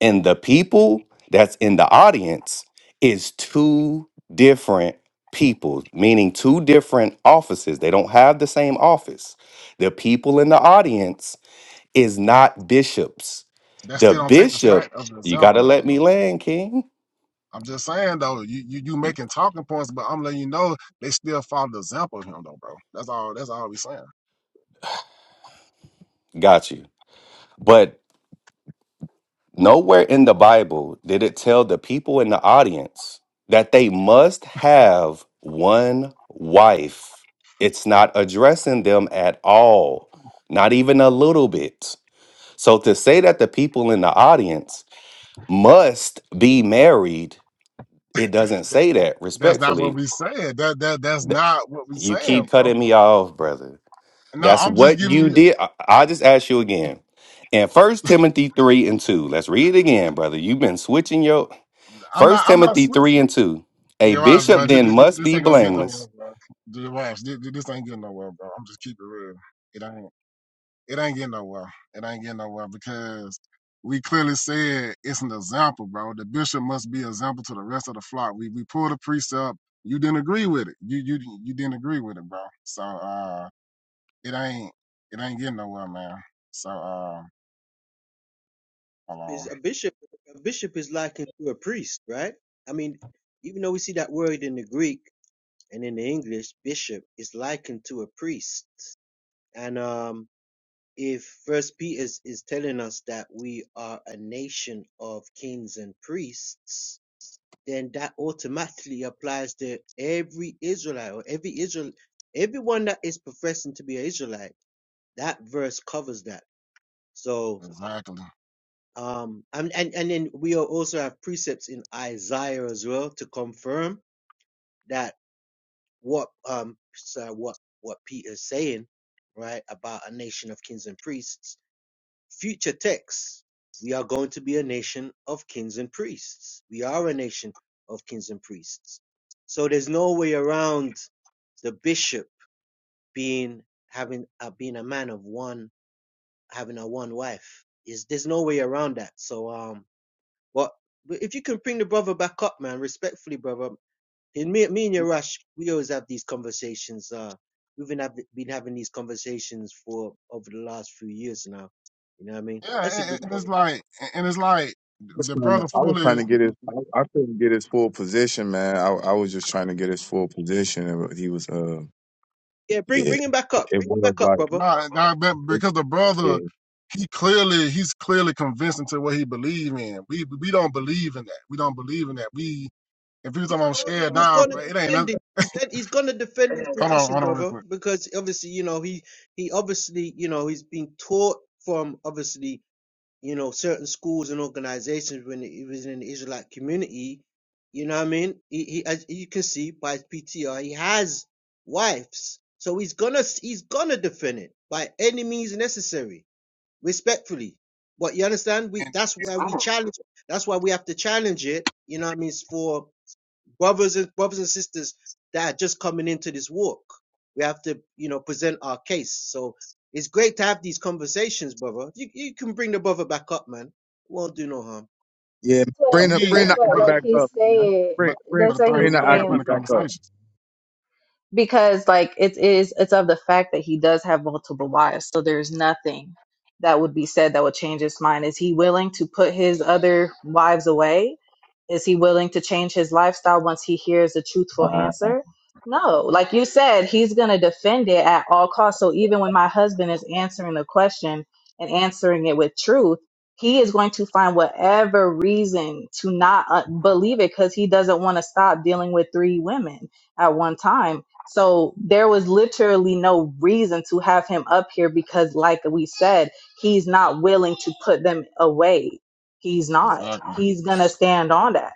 and the people that's in the audience is two different people, meaning two different offices. They don't have the same office. The people in the audience is not bishops.
that
The
still don't take the fact
bishop,
of the
you got
example,
to
though.
let me
bro.
land, King
I'm just saying, though, you, you you making talking points, but I'm letting you know they still follow the example of him, though, bro. That's all. That's all we saying.
Got you. But nowhere in the Bible did it tell the people in the audience that they must have one wife. It's not addressing them at all, not even a little bit. So to say that the people in the audience must be married, it doesn't say that
That's not what
respectfully.
we saying. That that that's
Th-
not what we
You
saying,
keep
bro.
cutting me off, brother.
No,
That's
I'm just
what
giving
you
you.
did. I, I just ask you again. In First Timothy 3 and 2, let's read it again, brother. You've been switching your
I'm not.
First
I'm not.
Timothy 3 and 2. A
Jirash, bro,
bishop
this,
then
this,
must
this
be
ain't gonna get nowhere,
blameless.
bro. Jirash, this, this ain't getting nowhere, bro. I'm just keeping it real. It ain't. It ain't getting nowhere. It ain't getting nowhere because we clearly said it's an example, bro. The bishop must be an example to the rest of the flock. We we pulled a precept. You didn't agree with it. You you you didn't agree with it, bro. So uh, it ain't it ain't getting nowhere, man. So uh, hold on.
is a bishop a bishop is likened to a priest right i mean even though we see that word in the greek and in the english bishop is likened to a priest and um if first peter is, is telling us that we are a nation of kings and priests then that automatically applies to every israelite or every israel everyone that is professing to be an israelite that verse covers that so
Exactly.
Um, and, and, and then we al- also have precepts in Isaiah as well to confirm that what, um, so what, what Peter's saying, right, about a nation of kings and priests, future texts, we are going to be a nation of kings and priests. We are a nation of kings and priests. So there's no way around the bishop being, having, uh, being a man of one, having a one wife. Is, there's no way around that. So, um, But but if you can bring the brother back up, man, respectfully, brother. in me, me and Yarash, we always have these conversations. Uh, we've been, have, been having these conversations for over the last few years now. You know what I mean?
Yeah,
That's a
and,
good
and
brother.
it's like and it's like
was
the
trying to,
brother
I was trying
fully
to get his, I, I couldn't get his full position, man. I, I was just trying to get his full position, and he was, uh,
Yeah, bring
yeah,
bring him back up.
it
Bring him
was
back up,
like.
brother.
not nah, because the brother
Yeah.
he clearly he's clearly convinced into what he believe in. We we don't believe in that. We don't believe in that. We if he was like,
He's
I'm
gonna
scared
he's
now, nah,
gonna
bro, it ain't
defend
nothing.
it. He's he's gonna defend his
Hold on,
position,
hold on, real
brother,
quick.
because obviously you know he he obviously you know he's been taught from obviously you know, certain schools and organizations when he was in the Israelite community, you know what I mean? He, he as you can see by his PTR, he has wives. So he's gonna he's gonna defend it by any means necessary, respectfully. But you understand, we that's why we challenge that's why we have to challenge it, you know what I mean, It's for brothers and brothers and sisters that are just coming into this walk. We have to, you know, present our case. So it's great to have these conversations, brother. You, you can bring the brother back up, man. Won't do no harm.
Yeah,
that's
And
bring the
what
we
bring
that's
the
and-
what
Ak
but
like
back
he's
up, man.
saying
Bring
but
bring
that's
but the
what
thing
bring
we
he's
the
gotta have
Aki
plenty
saying
of
back up.
conversations.
because like it is it's of the fact that he does have multiple wives so there's nothing that would be said that would change his mind is he willing to put his other wives away Is he willing to change his lifestyle once he hears a truthful
Uh,
answer? No. Like you said, he's going to defend it at all costs. So even when my husband is answering the question and answering it with truth, he is going to find whatever reason to not uh, believe it because he doesn't want to stop dealing with three women at one time. So there was literally no reason to have him up here because, like we said, he's not willing to put them away He's not.
Exactly.
He's gonna stand on that.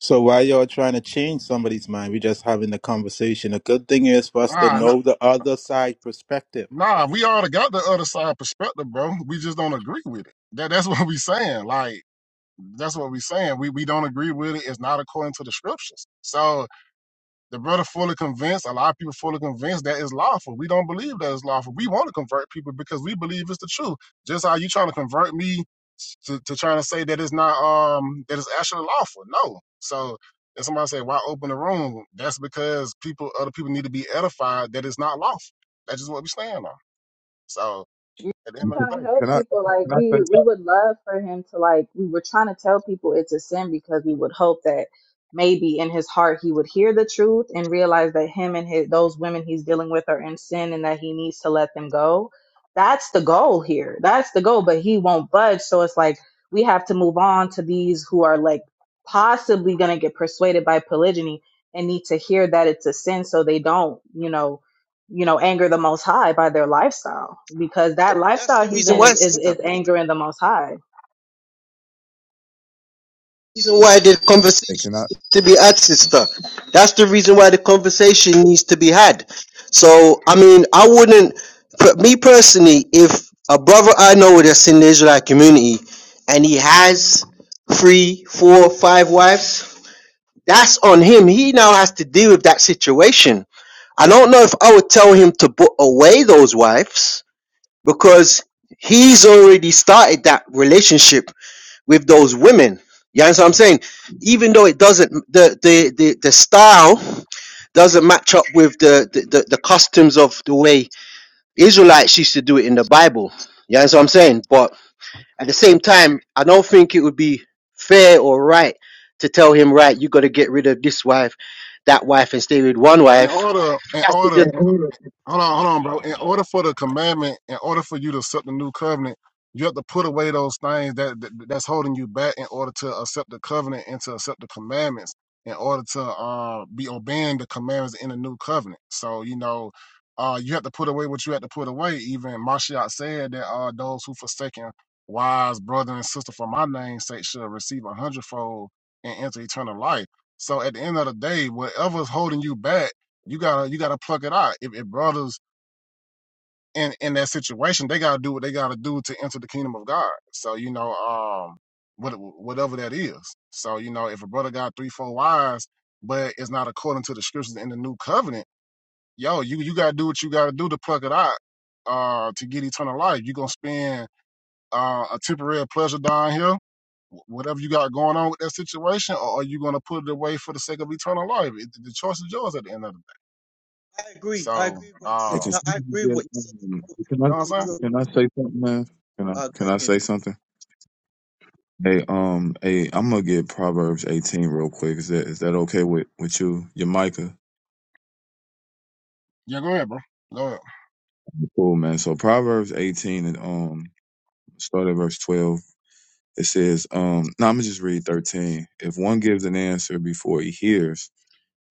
So while you all trying to change somebody's mind, we're just having the conversation. A good thing is for us to
Nah, nah,
know the other side perspective.
nah. We all got the other side perspective, bro. We just don't agree with it. That that's what we saying. Like that's what we saying. We we don't agree with it. It's not according to the scriptures. So The brother fully convinced, a lot of people fully convinced that it's lawful. We don't believe that it's lawful. We want to convert people because we believe it's the truth. Just how you trying to convert me to, to trying to say that it's not um that it's actually lawful. No. So if somebody say, why open the room? That's because people other people need to be edified that it's not lawful. That's just what we stand on. So at the end
and
of
can
the
trying to
day.
can
help
I
people like
can I say
we we
something?
would love for him to like we were trying to tell people it's a sin because we would hope that maybe in his heart he would hear the truth and realize that him and his those women he's dealing with are in sin and that he needs to let them go that's the goal here that's the goal but he won't budge so it's like we have to move on to these who are like possibly going to get persuaded by polygyny and need to hear that it's a sin so they don't you know you know, anger the most high by their lifestyle because
So
that
that's
lifestyle
the
he's
reason
in
why,
is, is,
sister.
is angering the most high.
Reason why the conversation
Hey, Can I?
needs to be had, sister. That's the reason why the conversation needs to be had. So I mean, I wouldn't. for Me personally, if a brother I know that's in the Israelite community and he has three, four, five wives. That's on him. He now has to deal with that situation. I don't know if I would tell him to put away those wives because he's already started that relationship with those women. You understand what I'm saying? Even though it doesn't, the the the, the style doesn't match up with the, the the the customs of the way Israelites used to do it in the Bible. You understand what I'm saying? But at the same time, I don't think it would be fair or right to tell him, right, you got to get rid of this wife, that wife, and stay with one
In
wife.
order
He
in
has to
order
just
Hold on, hold on, bro. In order for the commandment, in order for you to accept the new covenant, you have to put away those things that, that that's holding you back in order to accept the covenant and to accept the commandments. In order to uh, be obeying the commandments in the new covenant, so you know, uh, you have to put away what you have to put away. Even Mashiach said that uh, those who forsaken wives, brother and sister for my name's sake shall receive a hundredfold and enter eternal life. So at the end of the day, whatever's holding you back you gotta you gotta pluck it out. If, if brothers in in that situation, they gotta do what they gotta do to enter the kingdom of God. So you know, um, what whatever that is. So you know, if a brother got three four wives, but it's not according to the scriptures in the new covenant, yo, you you gotta do what you gotta do to pluck it out. Uh, to get eternal life, you are gonna spend uh, a temporary pleasure down here whatever you got going on with that situation, or are you going to put it away for the sake of eternal life? It, the choice is yours at the end of the day. So,
hey,
um,
Can, somebody get, um, can
You
I
know what I'm saying?
can I say something, man? Can I can I say something? Hey, um, hey, I'm gonna get Proverbs 18 real quick. Is that is that okay with with you, your Micah?
Yeah, go ahead, bro. Go ahead.
Cool, man. So Proverbs 18 and um, start at verse 12. It says, um, no, I'm gonna just read 13. If one gives an answer before he hears,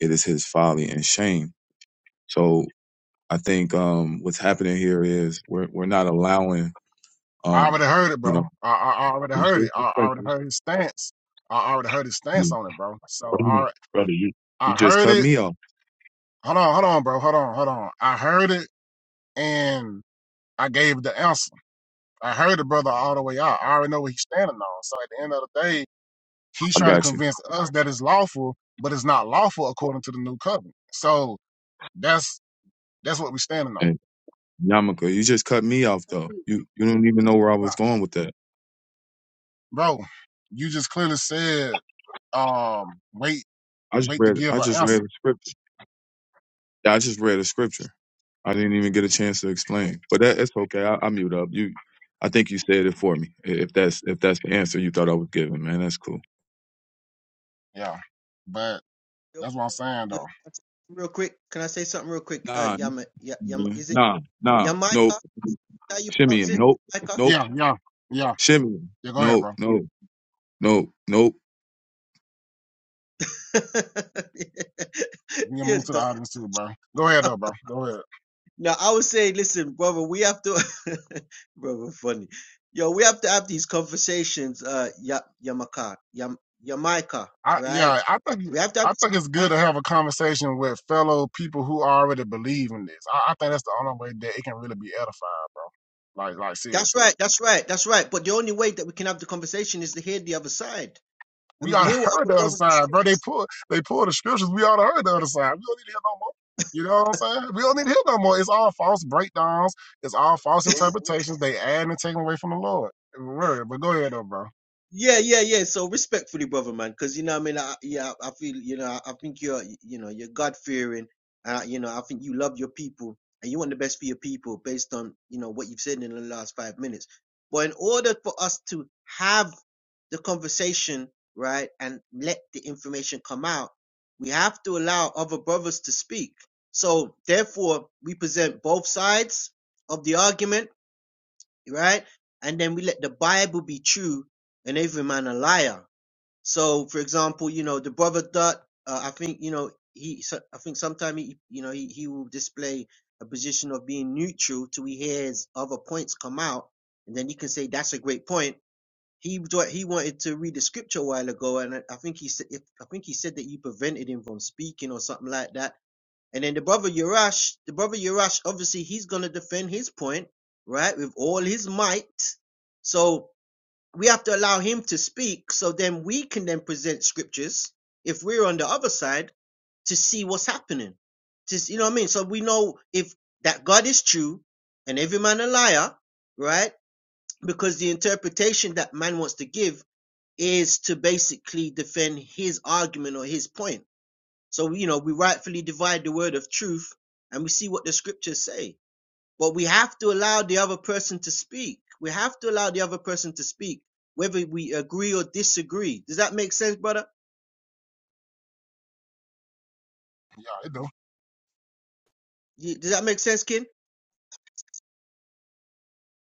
it is his folly and shame. So I think um, what's happening here is we're we're not allowing
I already
um,
heard it,
you
bro.
know
I, I, I already
this
heard
is
it. I, I already
disrespectful.
heard his stance. I already heard his
Yeah.
stance on it, bro. So
Hold on,
I
brother. You you
I
just
heard
cut
it.
me off.
Hold on, hold on, bro. Hold on, hold on. I heard it and I gave the answer. I heard the brother all the way out. I already know what he's standing on. So at the end of the day, he's
I
trying to
got you.
convince us that it's lawful, but it's not lawful according to the new covenant. So that's that's what we're standing
And Yamaka, you just cut me off though. You you don't even know where I
on.
was going with that.
Bro, you just clearly said um wait
I just
wait to
read I
give an
just read
answer.
a scripture. Yeah, I just read a scripture. I didn't even get a chance to explain. But that it's okay. I, I mute up. You I think you said it for me. If that's if that's the answer you thought I was giving, man, that's cool.
Yeah. But
Yo,
that's what I'm saying
yo,
though.
real quick, can I say something real quick? Uh,
Nah.
Yama, ya, Yama,
Yeah.
is it
Nah, nah,
Yamaika?
nope.
Is that How you
Shimmy,
pronounce
in.
it?
nope,
Yamaika?
nope.
Yeah, yeah, yeah.
Shimmy, in.
Yeah, go ahead,
nope,
bro.
nope, nope, nope.
You can
yeah,
move to the
done.
audience too, bro. Go ahead though, bro. Go ahead.
Now I would say, listen, brother, we have to, brother, funny. Yo, we have to have these conversations. Uh, ya, Yamaka, Yam, Yamaika,
I
right?
yeah, I think
We have to
I think it's
have.
good to have a conversation with fellow people who already believe in this. I, I think that's the only way that it can really be edified, bro. Like like seriously.
That's right. That's right. That's right. But the only way that we can have the conversation is to hear the other side
We
and
ought
hear
to
what
heard
other
the other
brothers and sisters
side, bro. They pull they pull the scriptures. We ought to heard the other side. We don't need to hear no more. You know what I'm saying? We don't need to hear no more. It's all false breakdowns. It's all false interpretations. They add and take away from the Lord. Word. But go ahead though, bro.
Yeah, yeah, yeah. So respectfully, brother man, because you know, what I mean, I, yeah, I feel you know, I, I think you're, you know, you're God fearing, uh, you know, I think you love your people and you want the best for your people based on you know what you've said in the last five minutes. But in order for us to have the conversation, right, and let the information come out, we have to allow other brothers to speak. So therefore, we present both sides of the argument right? And then we let the Bible be true and every man a liar. So, for example, you know, the brother Dot, uh, I think, you know, he, so- I think sometimes he, you know, he, he will display a position of being neutral till he hears other points come out. And then he can say, that's a great point. He, wa- he wanted to read the scripture a while ago. And I, I think he said, I think he said that you prevented him from speaking or something like that and then the brother Yurash, the brother Yurash, obviously he's going to defend his point, right, with all his might. So we have to allow him to speak so then we can then present scriptures if we're on the other side to see what's happening. To, you know what I mean? So we know if that God is true and every man a liar, right? Because the interpretation that man wants to give is to basically defend his argument or his point so, you know, we rightfully divide the word of truth and we see what the scriptures say. But we have to allow the other person to speak. We have to allow the other person to speak, whether we agree or disagree. Does that make sense, brother?
Yeah, it do.
Does that make sense, Kin?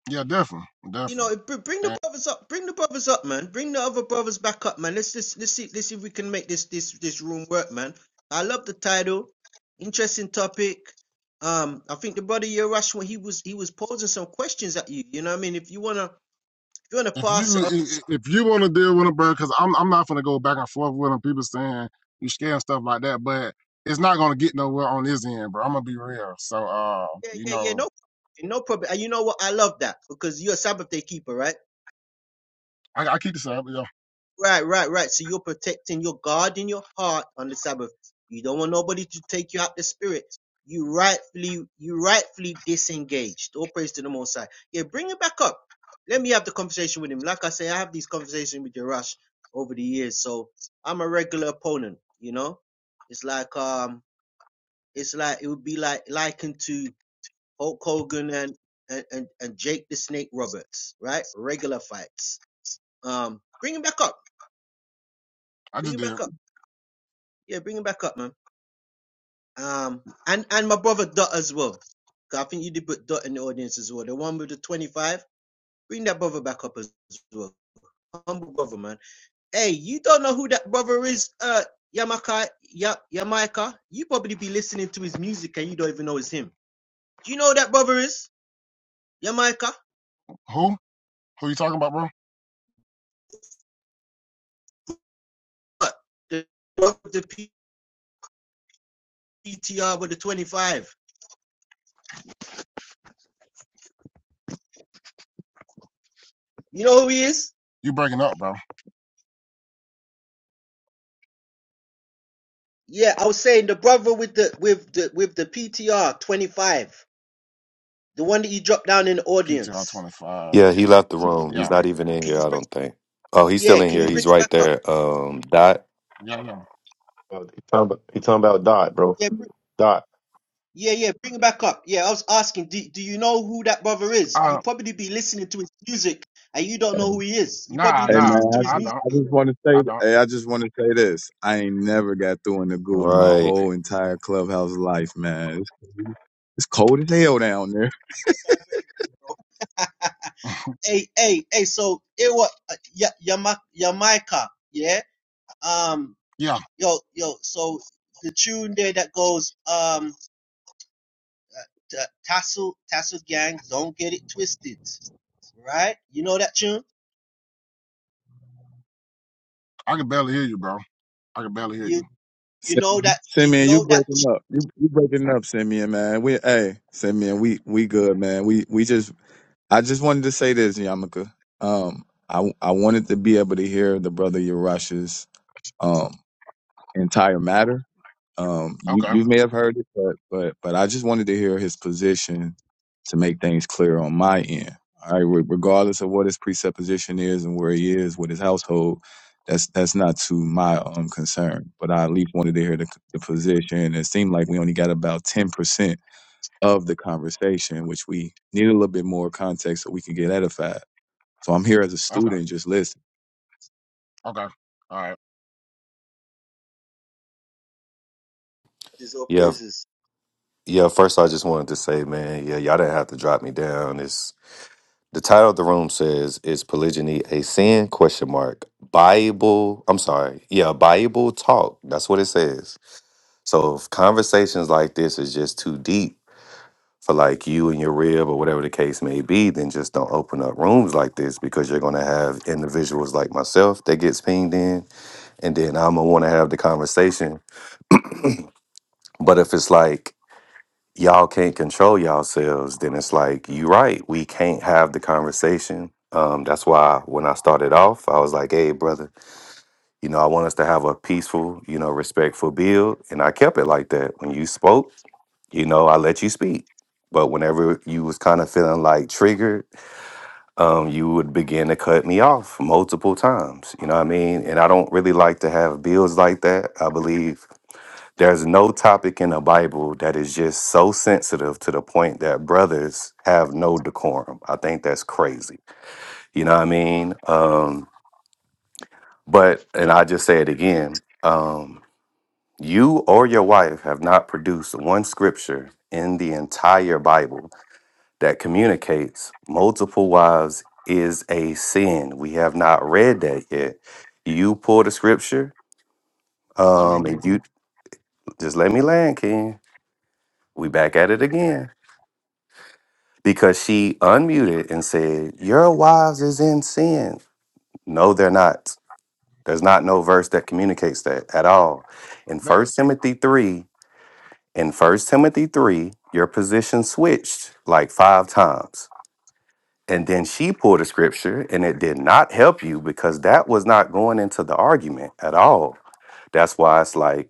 Yeah, definitely,
You
definitely.
know, bring the
And
brothers up. Bring the brothers up, man. Bring the other brothers back up, man. Let's just let's see let's see if we can make this this this room work, man. I love the title. Interesting topic. Um, I think the brother Yerash when he was he was posing some questions at you. You know what I mean? If you wanna You're an
if you
apostle.
i-
Oh,
if you want to deal with them, bro, because I'm I'm not gonna go back and forth with them. People saying you scared and stuff like that, but it's not gonna get nowhere on this end, bro. I'm gonna be real. So, uh,
Yeah,
you
yeah, yeah.
know,
No, no problem. And you know what? I love that because you're a Sabbath day keeper, right?
I, I keep this up. Yeah,
Right, right, right. So you're protecting your God in your heart on the Sabbath. You don't want nobody to take you out the spirit. You rightfully, you rightfully disengaged. All praise to the Most High. Yeah, bring it back up. Let me have the conversation with him. Like I say, I have these conversations with Jerash over the years, so I'm a regular opponent. You know, it's like um, it's like it would be like likened to Hulk Hogan and, and, and, and Jake the Snake Roberts, right? Regular fights. Um, bring him back up.
I
Bring
just
him
did.
back up. Yeah, bring him back up, man. Um, and, and my brother Dot as well. 'Cause I think you did put Dot in the audience as well. The one with the 25. Bring that brother back up as well. Humble brother, man. Hey, you don't know who that brother is, uh, Yamaka, ya, Yamaika. You probably be listening to his music and you don't even know it's him. Do you know who that brother is? Yamaika?
Who? Who you talking about, bro?
What? The, the PTR with the 25. You know who he is?
You breaking up, bro?
Yeah, I was saying the brother with the with the with the PTR 25, the one that you dropped down in the
PTR
audience.
twenty five.
Yeah, he left the room. He's
Yeah,
not even in
Can you
here, I
bring?
don't think. Oh, he's
Yeah,
still in
can you
here.
bring
He's
it
right
back up?
there. Um, dot.
yeah, yeah.
Oh, Tom, bro.
Yeah, br-
Doc,
yeah, yeah, bring it back up. Yeah, I was asking, do, do you know who that brother is? You
Uh,
probably be listening to his music and you don't know who he is. You probably
nah,
be
Hey
nah,
listening
man,
to
I
nah.
his
I
just,
music.
don't.
I just want to say,
I don't.
hey, I just want to say this. I ain't never got through in the goo
All
in my
right.
whole entire clubhouse life, man. It's, cold- it's cold as hell down there.
Hey, hey, hey, so it what Yamaika, yeah? Um,
Yeah,
yo, yo, so the tune there that goes um. uh, Tassel Tassel Gang, don't get it twisted, right? You know that tune?
I can barely hear you, bro. I can barely hear you.
You you know
Sim-
that you
Simeon, you
know that
breaking up? You, you breaking up, Simeon, man? We, hey, Simeon, we, we good, man. We, we just, I just wanted to say this, Yamaka. Um, I, I wanted to be able to hear the brother Yarash's. entire matter. Um, you
Okay,
you may have heard it, but but but I just wanted to hear his position to make things clear on my end. All right, re- regardless of what his presupposition is and where he is with his household, that's that's not to my um concern. But I at least wanted to hear the, the position. It seemed like we only got about ten percent of the conversation, which we need a little bit more context so we can get edified. So I'm here as a
okay,
student, just listening.
okay. All right.
Jesus or
Yeah.
praises.
Yeah. First, I just wanted to say, man, yeah, y'all didn't have to drop me down. It's The title of the room says, "Is polygyny a sin?" Question mark. Bible. I'm sorry. Yeah, Bible talk. That's what it says. So if conversations like this is just too deep for like you and your rib or whatever the case may be, then just don't open up rooms like this because you're gonna have individuals like myself that gets pinged in, and then I'm gonna want to have the conversation. But if it's like y'all can't control yourselves, then it's like, you right, we can't have the conversation. Um, that's why when I started off, I was like, hey, brother, you know, I want us to have a peaceful, you know, respectful build. And I kept it like that. When you spoke, you know, I let you speak. But whenever you was kind of feeling like triggered, um, you would begin to cut me off multiple times. You know what I mean? And I don't really like to have builds like that. I believe there's no topic in the Bible that is just so sensitive to the point that brothers have no decorum. I think that's crazy. You know what I mean? Um, but, and I just say it again um, you or your wife have not produced one scripture in the entire Bible that communicates multiple wives is a sin. We have not read that yet. You pull the scripture,
I mean,
um, and you just let me land, King. We back at it again because she unmuted and said, Your wives is in sin. No, they're not. There's not no verse that communicates that at all. In
that,
First Timothy 3, in First Timothy 3, your position switched like five times. And then she pulled a scripture and it did not help you because that was not going into the argument at all. That's why it's like,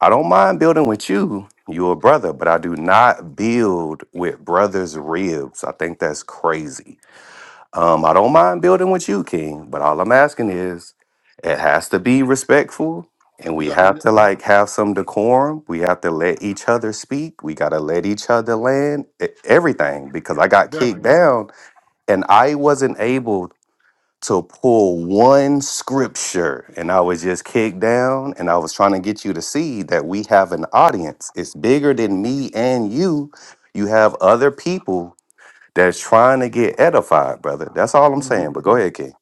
I don't mind building with you. You a brother, but I do not build with brothers' ribs. I think that's crazy Um, I don't mind building with you, King, but all I'm asking is it has to be respectful and we
yeah,
have
yeah,
to like have some decorum. We have to let each other speak. We gotta let each other land e- everything because I got kicked
definitely.
down and I wasn't able to pull one scripture and I was just kicked down and I was trying to get you to see that we have an audience. It's bigger than me and you. You have other people that's trying to get edified, brother. That's all I'm
hmm
saying. But go ahead, King.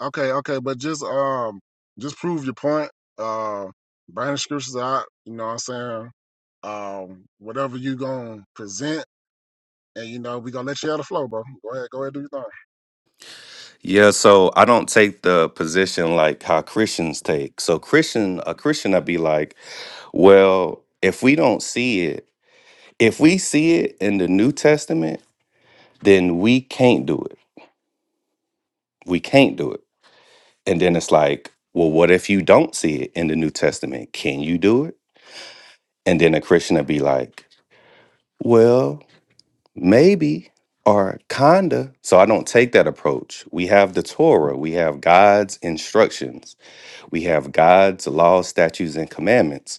Okay, okay. But just um, just prove your point. Uh, bring the scriptures out. You know what I'm saying? Um, whatever you gonna present, and you know we gonna let you out of flow, bro. Go ahead, go ahead, do your thing.
Yeah, so I don't take the position like how Christians take. So Christian, a Christian, I'd be like, well, if we don't see it, if we see it in the New Testament, then we can't do it. We can't do it. And then it's like, well, what if you don't see it in the New Testament? Can you do it? And then a Christian would be like, well, maybe or kinda so i don't take that approach we have the torah we have god's instructions we have god's laws statutes and commandments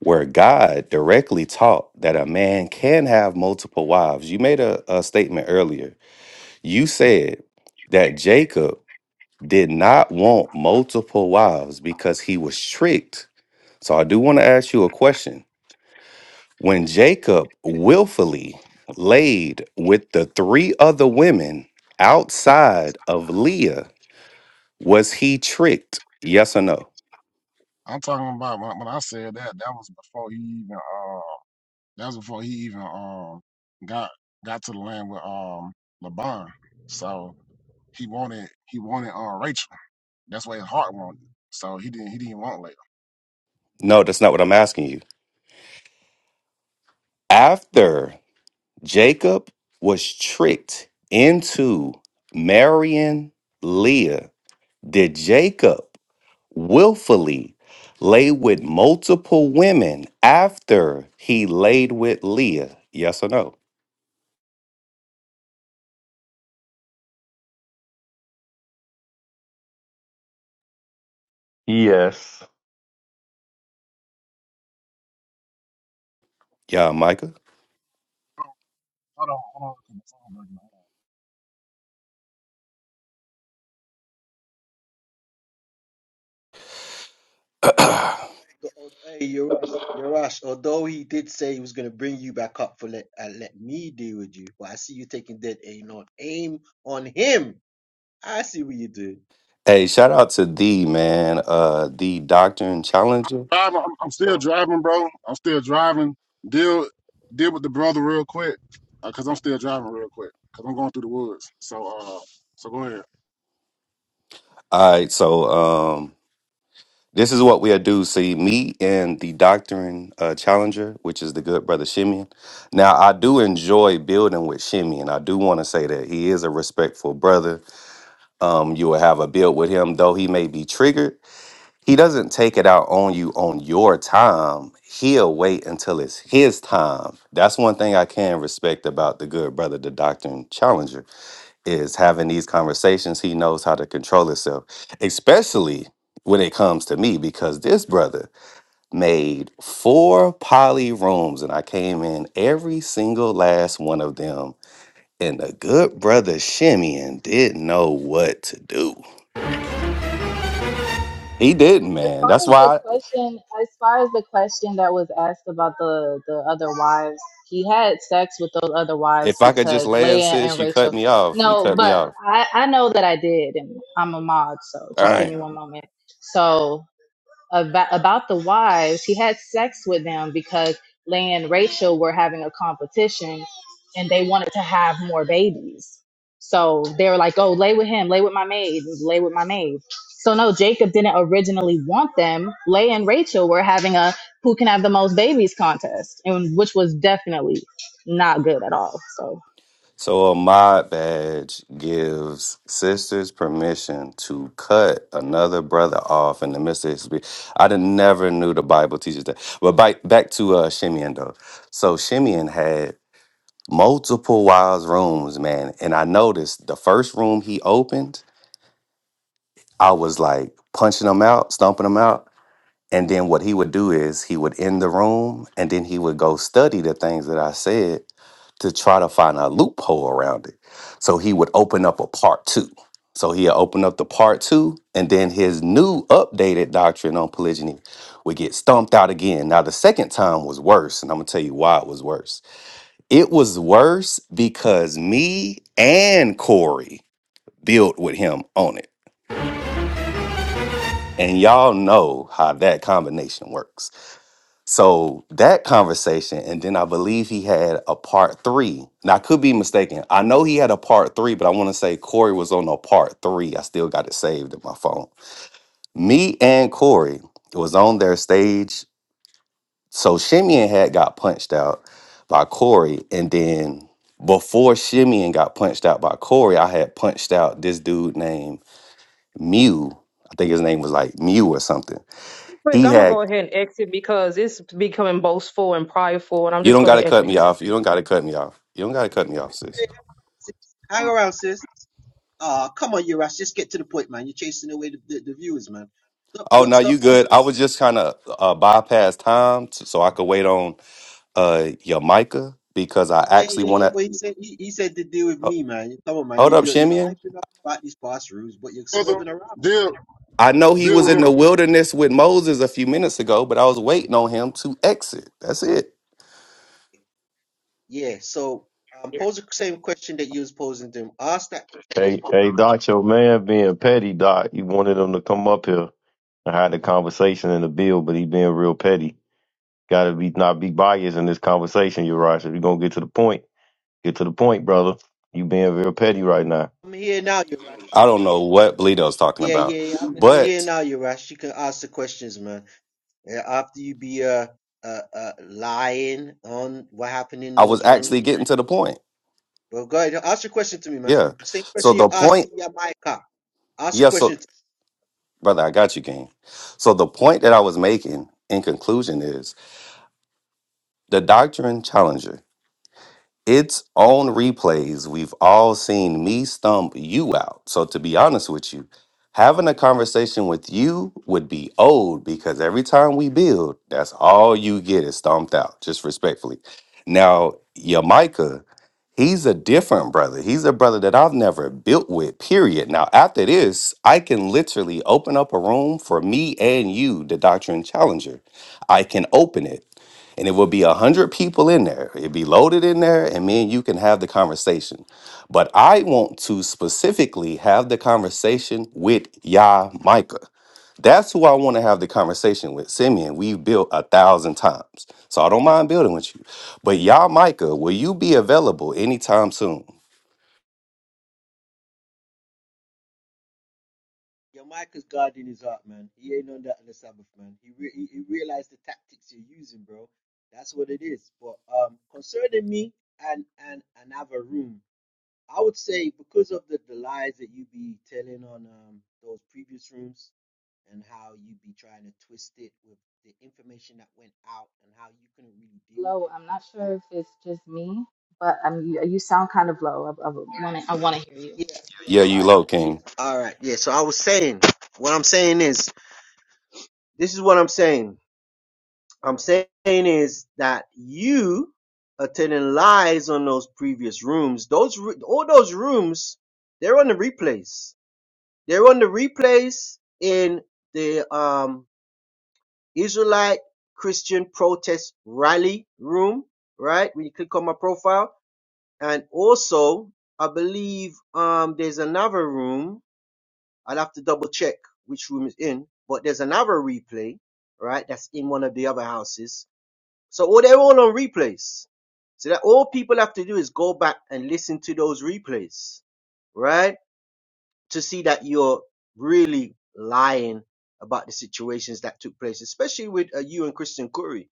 where god directly taught that a man can have multiple wives you made a, a statement earlier you said that jacob did not want multiple wives because he was tricked so i do want to ask you a question when Jacob willfully laid with the three other women outside of Leah, was he tricked? Yes or no?
I'm talking about when, when I said that. That was before he even. Uh, that was before he even um got got to the land with um LeBron. So he wanted he wanted uh Rachel. That's what his heart wanted. So he didn't he didn't want Layla.
No, that's not what I'm asking you. After Jacob was tricked into marrying Leah, did Jacob willfully lay with multiple women after he laid with Leah? Yes or no?
yes.
Yeah, Micah.
Hold on, hold on. 'cause my phone breaking up.
oh, Hey, Yarash, Yarash. Although he did say he was gonna bring you back up for let uh, let me deal with you, but I see you taking that aim on aim on him. I see what you do.
Hey, shout out to D, man. Uh D Doctrine Challenger.
Driving, I'm, I'm still driving, bro. I'm still driving. Deal deal with the brother real quick, uh, cause I'm still driving real quick, cause I'm going through the woods. So uh, so go ahead,
All right, so um this is what we do. See, me and the Doctrine uh, Challenger, which is the good brother Shimeon. Now, I do enjoy building with Shimeon. I do want to say that he is a respectful brother. Um, you will have a build with him, though he may be triggered. He doesn't take it out on you on your time. He'll wait until it's his time. That's one thing I can respect about the good brother, the Doctrine Challenger is having these conversations, he knows how to control himself, especially when it comes to me, because this brother made four poly rooms and I came in every single last one of them. And the good brother Shimeon didn't know what to do. He didn't,
As
man.
far
That's
as the
why
question, as far as the question that was asked about the the other wives, he had sex with those other wives
if I could just
because
land,
Leah
sis,
and
you
Rachel.
cut me off. You
No,
cut me
but
off.
I I know that I did, and I'm a mod, so
All
just give
right.
me one moment. So. about, about the wives, he had sex with them because Leah and Rachel were having a competition and they wanted to have more babies. So they were like, oh, lay with him, lay with my maid, lay with my maid. So no, Jacob didn't originally want them. Leah and Rachel were having a who can have the most babies contest, and which was definitely not good at all. So
So a mod badge gives sisters permission to cut another brother off in the midst of his. be- I didn't, never knew the Bible teaches that. But by, back to uh, Shimeon though. So Shimeon had multiple wives rooms, man, and I noticed the first room he opened, I was like punching him out, stomping him out. And then what he would do is he would end the room and then he would go study the things that I said to try to find a loophole around it. So he would open up a part two. So he'll open up the part two, and then his new updated doctrine on polygyny would get stomped out again. Now, the second time was worse, and I'm gonna tell you why it was worse. It was worse because me and Corey built with him on it. And y'all know how that combination works. So that conversation, and then I believe he had a part three. Now I could be mistaken. I know he had a part three, but I want to say Corey was on a part three. I still got it saved in my phone. Me and Corey was on their stage. So Shimeon had got punched out by Corey, and then before Shimeon got punched out by Corey, I had punched out this dude named Mew. I think his name was like Mew or something.
Quick,
He
I'm going to
had
go ahead and exit because it's becoming boastful and prideful, and I'm
You
just
don't
going
gotta
to
cut
exit.
me off. You don't gotta cut me off. You don't gotta cut me off, sis.
Hang around, sis. Ah, oh, come on, Yarash. Just get to the point, man. You're chasing away the, the, the viewers, man. Stop,
Oh no, you
stop.
good.
stop.
I was just kind of uh, bypass time t- so I could wait on uh your Micah because I
Yeah,
actually
yeah,
want
yeah. But he said he, he said to deal with
to
me, man. Come on, man.
hold
You
up,
you're, you're
Shimeon.
hyping up about these past rules, but you're
brother.
swerving around.
Deal
I know he
deal
was
with
in the
him.
wilderness with Moses a few minutes ago, but I was waiting on him to exit. That's it.
Yeah. So um, pose the same question that you was posing to him. Ask that.
Hey, hey, Doc, your man being petty, Doc. You wanted him to come up here and have the conversation in the bill, but he being real petty. Got to be not be biased in this conversation, Uriah. If you're gonna get to the point, get to the point, brother. You being real petty right now.
I'm here now, you right.
I don't know what Bleedo's talking
Yeah,
about,
yeah, yeah. I'm I'm here
but
now, you rash. You can ask the questions, man. Yeah, after you be uh, uh uh lying on what happened in
I was
those
actually
rooms.
getting to the point.
Well, go ahead. Ask your question to me, man.
Yeah.
Same
So
question you
the
asked
point,
to Yamaika. Ask the
yeah. So
question
brother, I got you, King. So the point that I was making in conclusion is The Doctrine Challenger. Its own replays, we've all seen me stump you out. So, to be honest with you, having a conversation with you would be old because every time we build, that's all you get is stomped out, just respectfully. Now, your Micah, he's a different brother. He's a brother that I've never built with, period. Now, after this, I can literally open up a room for me and you, the Doctrine Challenger. I can open it and it will be a hundred people in there. It'd be loaded in there, and me and you can have the conversation. But I want to specifically have the conversation with Yah Micah. That's who I want to have the conversation with. Simeon, we've built a thousand times. So I don't mind building with you. But Yah Micah, will you be available anytime soon?
Yeah, Micah's guarding his heart, man. He ain't on that on the Sabbath, man. He re- he, he realized the tactics you're using, bro. That's what it is. But um, concerning me and and another room, I would say because of the, the lies that you be telling on um those previous rooms and how you be trying to twist it with the information that went out and how you couldn't really deal
low,
with
I'm not sure if it's just me, but um, you, you sound kind of low. I, I want to I wanna hear you.
it. Yeah.
I'm
Yeah, you
sorry.
low king.
All right. Yeah. So I was saying, what I'm saying is, this is what I'm saying. I'm saying is that you attending lies on those previous rooms. Those ru- all those rooms, they're on the replays. They're on the replays in the um Israelite Christian protest rally room, right? When you click on my profile, and also I believe um there's another room. I'll have to double check which room is in, but there's another replay, right? That's in one of the other houses so all they're all on replays. So that all people have to do is go back and listen to those replays, right? To see that you're really lying about the situations that took place, especially with uh, you and Christian Curry.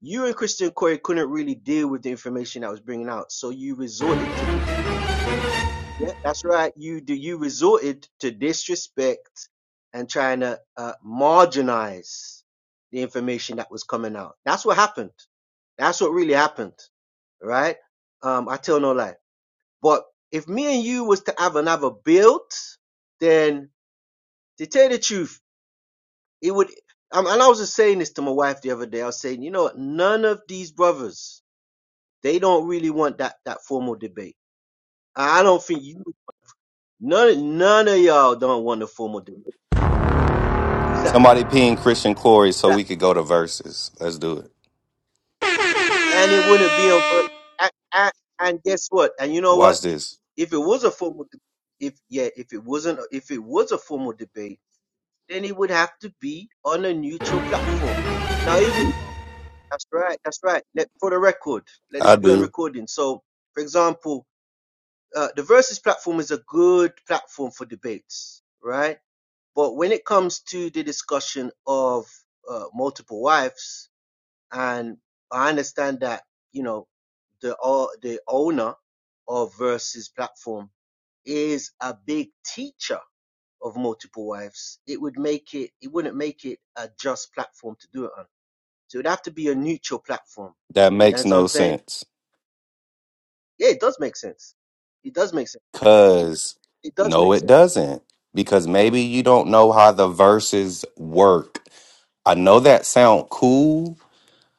You and Christian Curry couldn't really deal with the information that was bringing out, so you resorted to yeah, that's right. You do you resorted to disrespect and trying to uh, marginalize the information that was coming out. That's what happened. That's what really happened, right? Um, I tell no lie. But if me and you was to have another build, then to tell the truth, it would. Um, and I was just saying this to my wife the other day. I was saying, you know, what? none of these brothers, they don't really want that that formal debate. I I don't think you. None, none of y'all don't want a formal delivery. Who's that?
Somebody ping Christian Corey so
that?
we could go to verses. Let's do it.
And it wouldn't be on. per- And, and, and guess what? And you know what?
Watch this.
If it was a formal, de- if yeah, if it wasn't, if it was a formal debate, then it would have to be on a neutral platform. Now, even that's right, that's right. Let, for the record, let this
I
be on
do.
recording. So, for example, uh, the Versus platform is a good platform for debates, right? But when it comes to the discussion of uh, multiple wives, and I understand that you know the o- the owner of Versus platform is a big teacher of multiple wives. It would make it it wouldn't make it a just platform to do it on. So it would have to be a neutral platform.
That
You
makes
understand what I'm
no
saying?
sense.
Yeah, it does make sense. It does make sense.
Cause
It does
no,
make
it
sense.
doesn't. Because maybe you don't know how the verses work. I know that sound cool,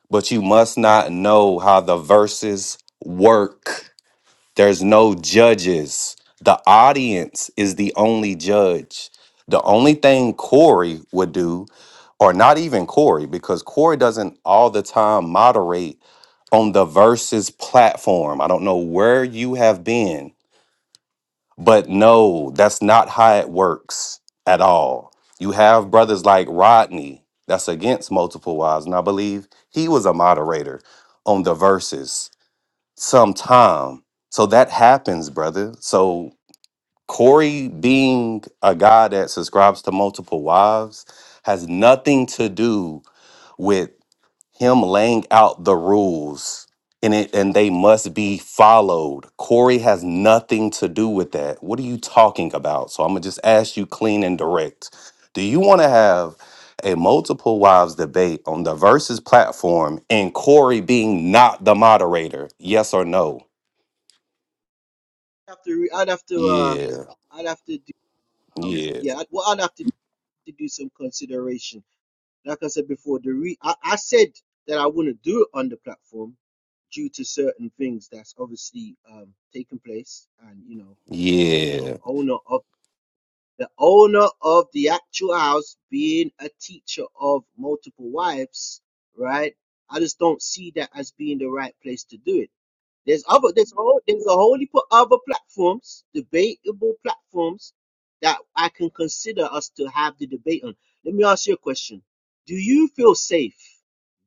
but you must not know how the verses work. There's no judges. The audience is the only judge. The only thing Corey would do, or not even Corey, because Corey doesn't all the time moderate on the verses platform. I don't know where you have been but no, that's not how it works at all. You have brothers like Rodney that's against multiple wives, and I believe he was a moderator on the verses sometime. So that happens, brother. So Corey being a guy that subscribes to multiple wives has nothing to do with him laying out the rules and it and they must be followed. Corey has nothing to do with that. What are you talking about? So I'm gonna just ask you clean and direct. Do you want to have a multiple wives debate on the versus platform and Corey being not the moderator? Yes or no?
I'd have to re- I'd have to uh
Yeah,
I'd have to do um
yeah,
yeah I'd, well I'd have to, to do some consideration like I said before, the re I, I said that I wouldn't do it on the platform due to certain things that's obviously um taking place and you know um the
yeah.
owner of the owner of the actual house being a teacher of multiple wives, right? I just don't see that as being the right place to do it there's other there's whole there's a whole heap of other platforms, debatable platforms that I can consider us to have the debate on. Let me ask you a question. Do you feel safe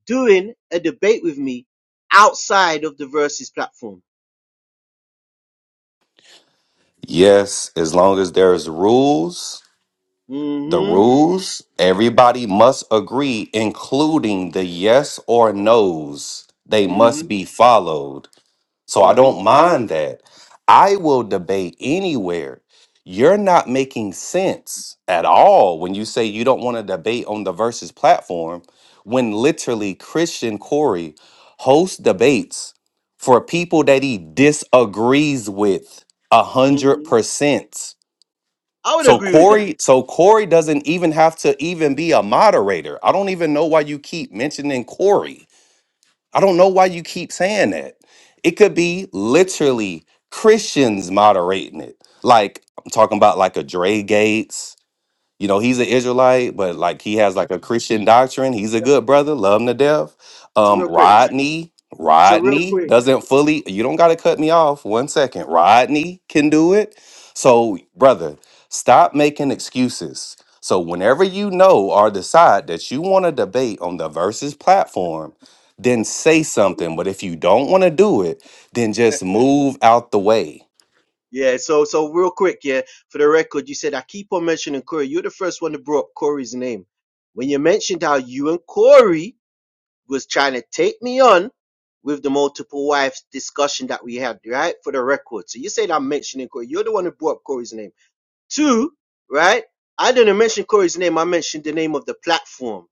doing a debate with me outside of the versus platform?
Yes, as long as there's rules The
Mm-hmm.
rules, everybody must agree, including the yes or no's. They must
Mm-hmm.
be followed. So I
Mm-hmm.
don't mind that. I will debate anywhere. You're not making sense at all when you say you don't want to debate on the versus platform when literally Christian Corey hosts debates for people that he disagrees with a hundred
hmm
percent.
I would
So
agree with that.
Corey, so Corey doesn't even have to even be a moderator. I don't even know why you keep mentioning Corey. I don't know why you keep saying that. It could be literally Christians moderating it. Like I'm talking about like a Dre Gates. You know, he's an Israelite, but like he has like a Christian doctrine. He's a good brother, love him to death.
So
Um,
real quick.
Rodney,
So real
Rodney
quick.
doesn't fully, you don't got to cut me off one second. Rodney can do it. So, brother, stop making excuses. So, whenever you know or decide that you want to debate on the versus platform, then say something. But if you don't want to do it, then just move out the way.
Yeah, so so real quick, yeah, for the record, you said I keep on mentioning Corey. You're the first one to brought up Corey's name. When you mentioned how you and Corey was trying to take me on with the multiple wives discussion that we had, right? For the record. So you said I'm mentioning Corey. You're the one who brought up Corey's name. Two, right? I didn't mention Corey's name. I mentioned the name of the platform,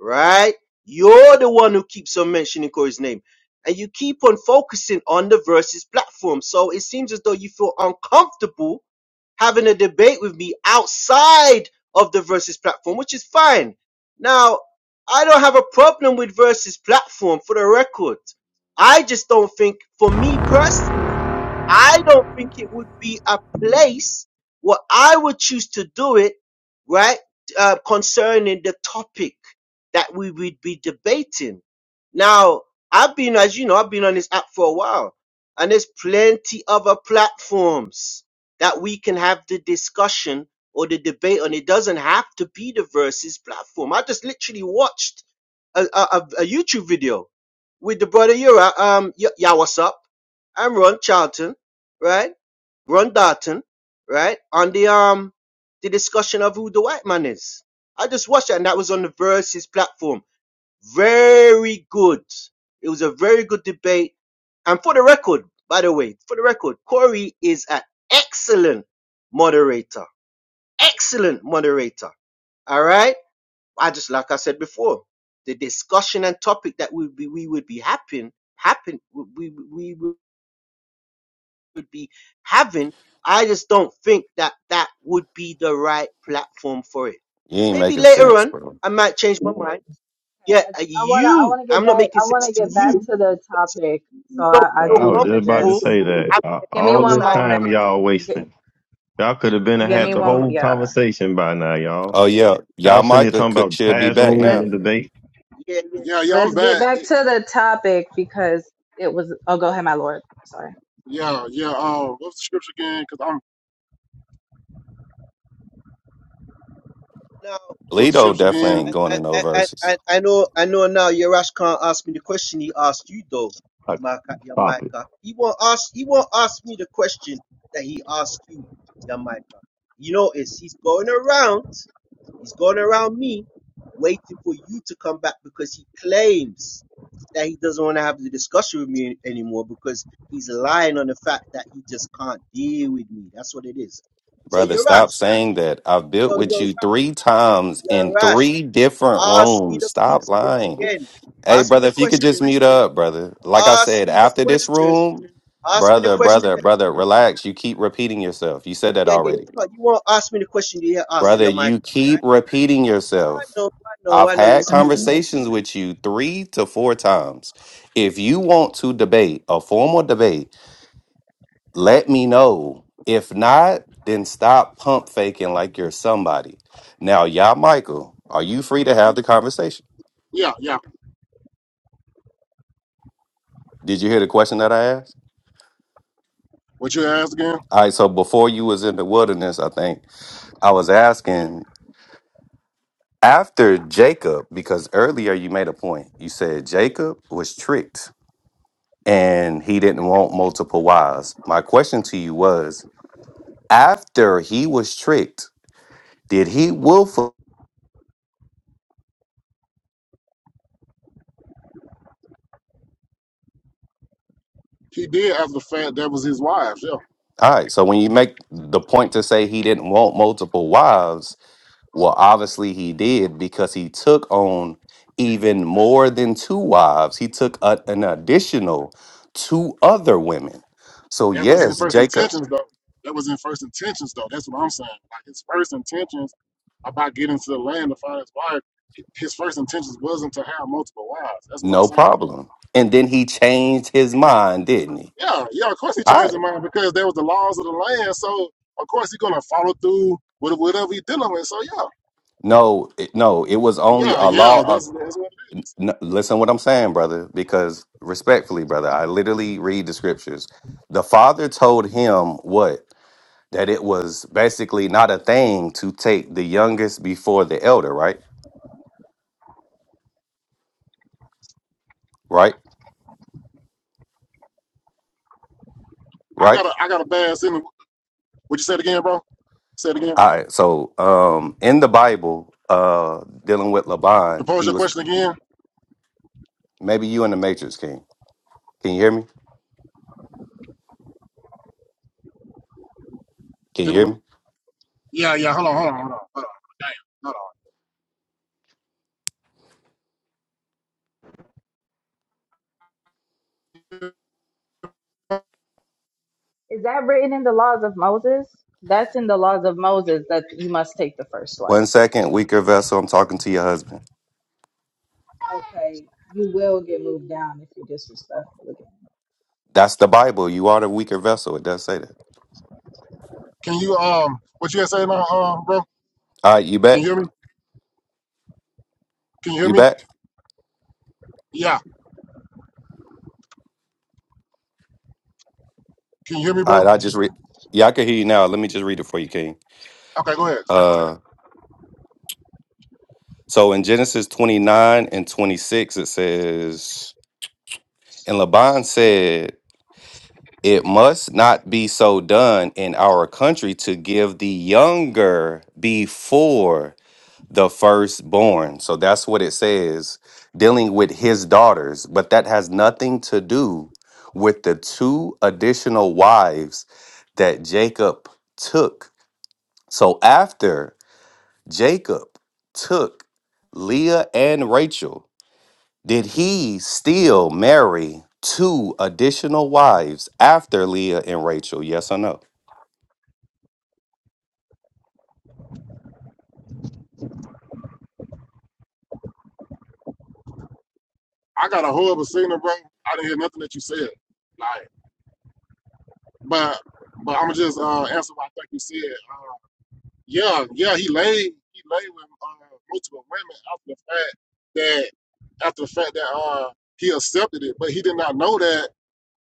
right? You're the one who keeps on mentioning Corey's name. And you keep on focusing on the versus platform. So it seems as though you feel uncomfortable having a debate with me outside of the versus platform, which is fine. Now, I don't have a problem with versus platform for the record. I just don't think, for me personally, I don't think it would be a place where I would choose to do it, right? Uh, concerning the topic that we would be debating. Now, I've been, as you know, I've been on this app for a while, and there's plenty other platforms that we can have the discussion or the debate on. It doesn't have to be the versus platform. I just literally watched a, a, a a YouTube video with the brother Yura, um, Y- Yawasup, and Ron Charlton right? Ron Darton, right? On the um the discussion of who the white man is. I just watched that and that was on the Versus platform. Very good. It was a very good debate. And for the record, by the way, for the record, Corey is an excellent moderator. Excellent moderator. All right. I just like I said before, the discussion and topic that we we, we would be happen happen we, we would be having. I just don't think that that would be the right platform for it.
You ain't
Maybe
making
later
sense,
on,
bro.
I might change my mind. Yeah,
I,
uh,
I wanna I
you,
wanna get
I'm not
back
making
I
sense
wanna
to
get back
you.
to the
because
topic. So
You don't
I, I
Yeah,
feel
I
do
was just
wanna
about to
just
say
comfortable
that
having
uh,
it
give me
all
one
this
outside.
moment.
time y'all
G-
wasting. Y'all could have been
give
Y'all
had
me
the
come
one
up.
mo-
whole
yeah.
conversation by now, y'all.
Oh, yeah.
Y'all
Y'all,
sitting here
Micah
talking
could,
about
should be
past
back
rooms
Let
now.
and debate.
Yeah, yeah.
Yeah, yeah, I'm
let's get
back.
back to the topic because it was oh go ahead, my lord. Sorry.
Yeah, yeah. Uh, what's the scripture again? Cause I'm
Now,
what's the
Lito
scripture
definitely
again?
ain't going
I,
in no
I, I,
verses.
I I know, I know now. Yarash can't ask me the question he asked you though,
Like,
Micah,
stop it.
Yamaika. He won't ask. He won't ask me the question that he asked you, Yamaika. You notice he's going around. He's going around me waiting for you to come back because he claims that he doesn't want to have the discussion with me anymore because he's lying on the fact that he just can't deal with me. That's what it is. So
Brother,
you're
stop
rash.
saying that. I've built
Yo,
with
yo,
you three times
you're
in
rash.
three different
Ask me
rooms.
the
Stop
question
lying.
again.
Hey,
Ask me
brother,
the
if you could just
question.
mute up, brother. Like I
Ask
said,
me the
after this
question.
room,
Ask me the
brother,
question.
brother,
again.
brother, relax. You keep repeating yourself. You said that
yeah, yeah, you,
already.
can't, you won't ask me the question you hear? asked
Brother,
your mic,
you
right?
keep repeating
I
yourself.
know, I know,
I've
I know you
had
scared.
conversations with you three to four times. If you want to debate a formal debate, let me know. If not, then stop pump faking like you're somebody. Now, y'all, Michael, are you free to
Yeah,
have the conversation?
yeah, yeah.
Did you hear the question that I asked?
What you asked again?
All right, so before you was in the wilderness, I think I was asking after Jacob, because earlier you made a point. You said Jacob was tricked and he didn't want multiple wives. My question to you was after he was tricked, did he willfully?
He did after the fact that was his wives. Yeah,
All right. So when you make the point to say he didn't want multiple wives, well, obviously he did because he took on even more than two wives. He took a- an additional two other women. So
that wasn't in
yes,
first
Jacob,
intentions though. That was in first intentions though. That's what I'm saying. Like his first intentions about getting to the land to find his wife. His first intentions wasn't to have multiple wives. That's what I'm
no
saying.
problem. And then he changed his mind, didn't he?
Yeah, yeah. Of course he
All
changed his
right.
mind because there was the laws of the land. So of course he's gonna follow through with whatever he's dealing with. So yeah.
No, it, no, it was only
Yeah,
a
yeah,
law of.
that's that's what
n listen, what I'm saying, brother, because respectfully, brother, I literally read the scriptures. The father told him what? that it was basically not a thing to take the youngest before the elder, right? Right?
I got
Right?
a I got a bad sentence. What you said again, bro? Say it again.
All right. So, um in the Bible, uh dealing with Laban,
Propose
he
your
was
question again.
maybe you in the Matrix King. Can you hear me? Can you
Then
hear me?
Yeah, yeah. Hold on, hold on, hold on, hold on. Damn, hold on.
Is that written in the laws of Moses? That's in the laws of Moses that you must take the first wife.
One second, weaker vessel, I'm talking to your husband.
Okay. You will get moved down if you're disrespectful again.
That's the Bible. You are the weaker vessel. It does say that.
Can you um what you had said now, um, bro?
All right, you
Can
back?
you hear me? Can you hear
You
me?
back?
Yeah. Can you hear me,
All
bro?
right, I just read Yeah, I can hear you now. Let me just read it for you, King.
Okay, go ahead.
Uh so in Genesis 29 and 26 it says And Laban said, It must not be so done in our country to give the younger before the firstborn. So that's what it says, dealing with his daughters. But that has nothing to do with the two additional wives that Jacob took. So after Jacob took Leah and Rachel, did he still marry two additional wives after Leah and Rachel? Yes or no?
I got a horrible signal, bro. I didn't hear nothing that you said. Like, but but I'ma just uh answer what I think you said. Um, Yeah, yeah, he lay he lay with uh, multiple women after the fact that after the fact that uh he accepted it, but he did not know that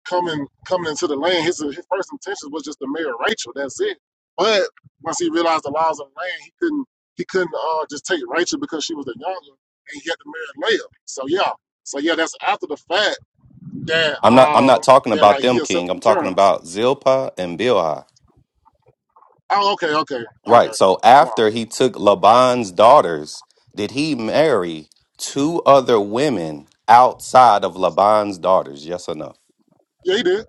coming coming into the land, his his first intention was just to marry Rachel. That's it. But once he realized the laws of the land, he couldn't he couldn't uh just take Rachel because she was the younger, and he had to marry Leah. So yeah, so yeah, that's after the fact that
I'm not I'm
um
not talking
that
about
like he
them, King.
accepted
I'm
the
talking
terms.
about Zilpah and Bilhah.
Oh, okay, okay, okay.
Right. So
Hold on.
after he took Laban's daughters, did he marry two other women outside of Laban's daughters? Yes or no?
Yeah, he did.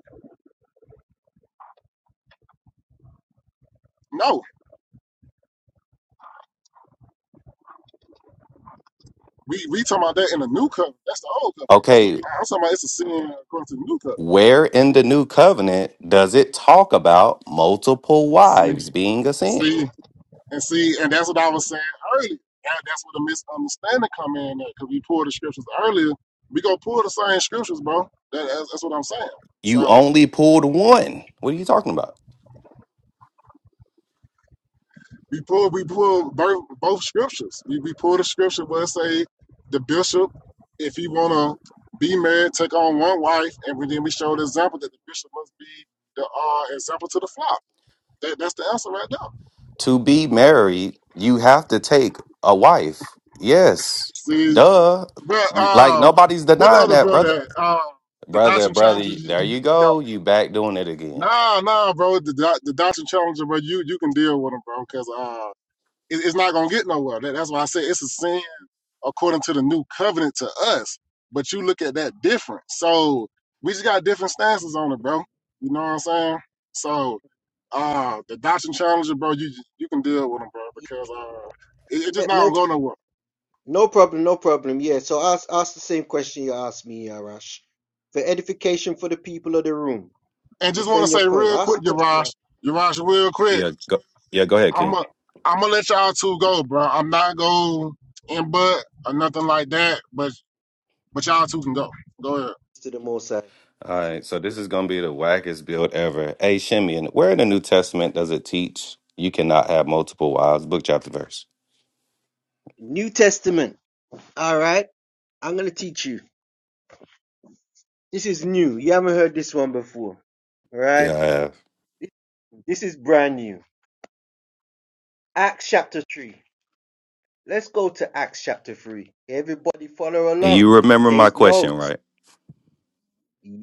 No. We we talking about that in the new covenant. That's the old covenant, bro.
Okay,
I'm talking about it's a sin according to the new covenant.
where in the new covenant does it talk about multiple
See,
wives being a sin?
see, and see, and that's what I was saying earlier. That- that's where the misunderstanding come in at, because we pulled the scriptures earlier. We gonna pull the same scriptures, bro. That, that's, that's what I'm saying.
You
So
only pulled one. What are you talking about?
we pull we pull both, both scriptures. We we pull the scripture where it say the bishop, if he wanna be married, take on one wife, and we, then we show the example that the bishop must be the uh, example to the flock. That, that's the answer right there.
to be married, you have to take a wife. Yes.
See,
Duh.
but
Like
uh,
nobody's
what the
denying
other
that, brother.
brother? Uh, the
Brother,
Dotson challenges.
brother,
You,
there
you,
you
you got
go. You back doing it again.
nah, nah, bro. The Dot- the Dotson challenger, bro. You you can deal with him, bro, because uh, it, it's not gonna get nowhere. That, that's why I said it's a sin according to the new covenant to us. But you look at that different. So we just got different stances on it, bro. You know what I'm saying? So uh, the Dotson challenger, bro. You you can deal with him, bro,
Yeah,
because uh, it, it
yeah,
just not
no
gonna go nowhere.
No problem, no problem. Yeah, so ask ask the same question you asked me, Arash. For edification for the people of the room,
And just want to
defend your
say
point.
real
Ask the
quick,
question you
Yarash,
asked
Yarash, real quick,
Yeah, go yeah, go ahead,
I'm
King.
going I'm to let y'all two go, bro. I'm not going to butt or nothing like that, but but y'all two can go. Go ahead.
to the Most High.
All right, so this is gonna be the wackest build ever. Hey Shimeon, where in the New Testament does it teach you cannot have multiple wives? Book chapter verse.
New Testament. All right, I'm gonna teach you. This is new. You haven't heard this one before. All
Yeah,
right,
I have.
this this is brand new. Acts chapter three. Let's go to Acts chapter three. Everybody follow
And
along.
you remember my
Take
question,
notes.
right?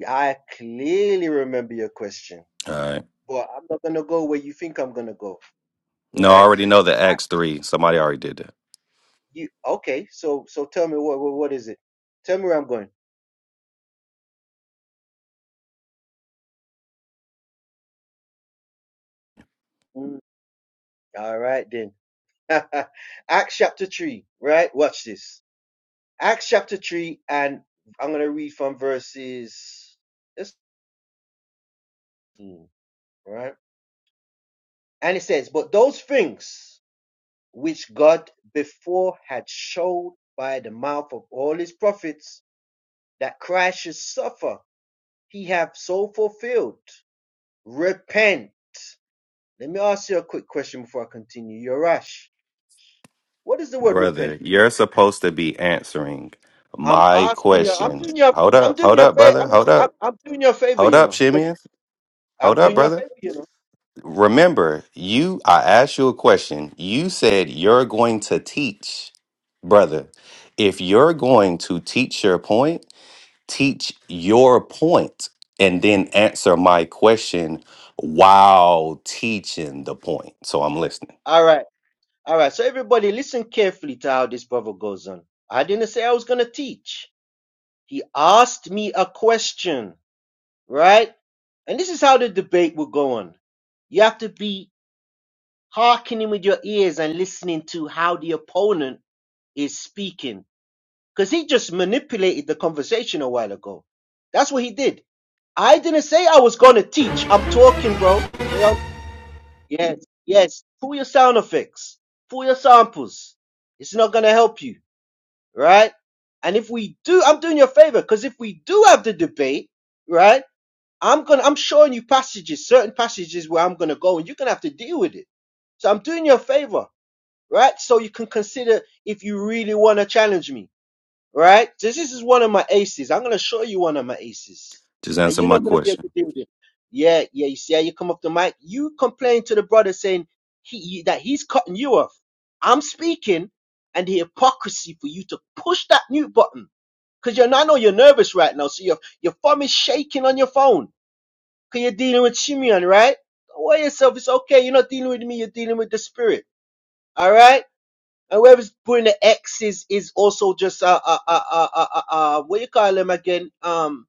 I clearly remember your question,
All right.
but I'm not gonna go where you think I'm gonna go.
No, I
Right?
already know the
I,
Acts three. Somebody already did that.
you okay? So so tell me what what, what is it? Tell me where I'm going. Mm, All right then. Acts chapter three. Right? Watch this. Acts chapter three, and I'm gonna read from verses. This, mm, right? And it says, "But those things which God before had showed by the mouth of all His prophets that Christ should suffer, He hath so fulfilled. Repent." Let me ask you a quick question before I continue. Yorash, what is the word repent?
Brother, you're supposed to be answering
I'm
my
asking you. I'm
question.
doing your.
Hold
I'm
up,
doing
hold
your
up, brother.
favor.
Hold
I'm,
up.
am doing your favor I'm doing your favor.
Hold
You
up,
know, 'cause
Shimeon.
I'm
Hold up,
doing you a
brother.
favor. You know.
Remember, you I asked you a question. You said you're going to teach. Brother, if you're going to teach your point, teach your point and then answer my question while teaching the point. So I'm listening.
All right. All right. So everybody, listen carefully to how this brother goes on. I didn't say I was gonna teach. He asked me a question, right? And this is how the debate will go on. You have to be hearkening with your ears and listening to how the opponent is speaking Because he just manipulated the conversation a while ago. That's what he did. I didn't say I was going to teach. I'm talking, bro. Stay on- Yes, yes. Pull your sound effects, pull your samples. It's not going to help you, right? And if we do, I'm doing you a favor because if we do have the debate, right? I'm gonna, I'm showing you passages, certain passages where I'm gonna go, and you're gonna have to deal with it. So I'm doing you a favor, right? So you can consider if you really want to challenge me right? This this is one of my aces. I'm gonna show you one of my aces,
Just
and
answer
you're
my
not gonna be able to
question.
deal with it. Yeah, yeah. You see how you come off the mic? You complain to the brother saying he that he's cutting you off. I'm speaking, and the hypocrisy for you to push that mute button because you're I know you're nervous right now, so your your thumb is shaking on your phone because you're dealing with Shimeon, right? Don't worry yourself. It's okay. You're not dealing with me. You're dealing with the spirit. All right. And whoever's putting the X's is also just uh uh uh uh uh, uh, uh what you call them again? Um,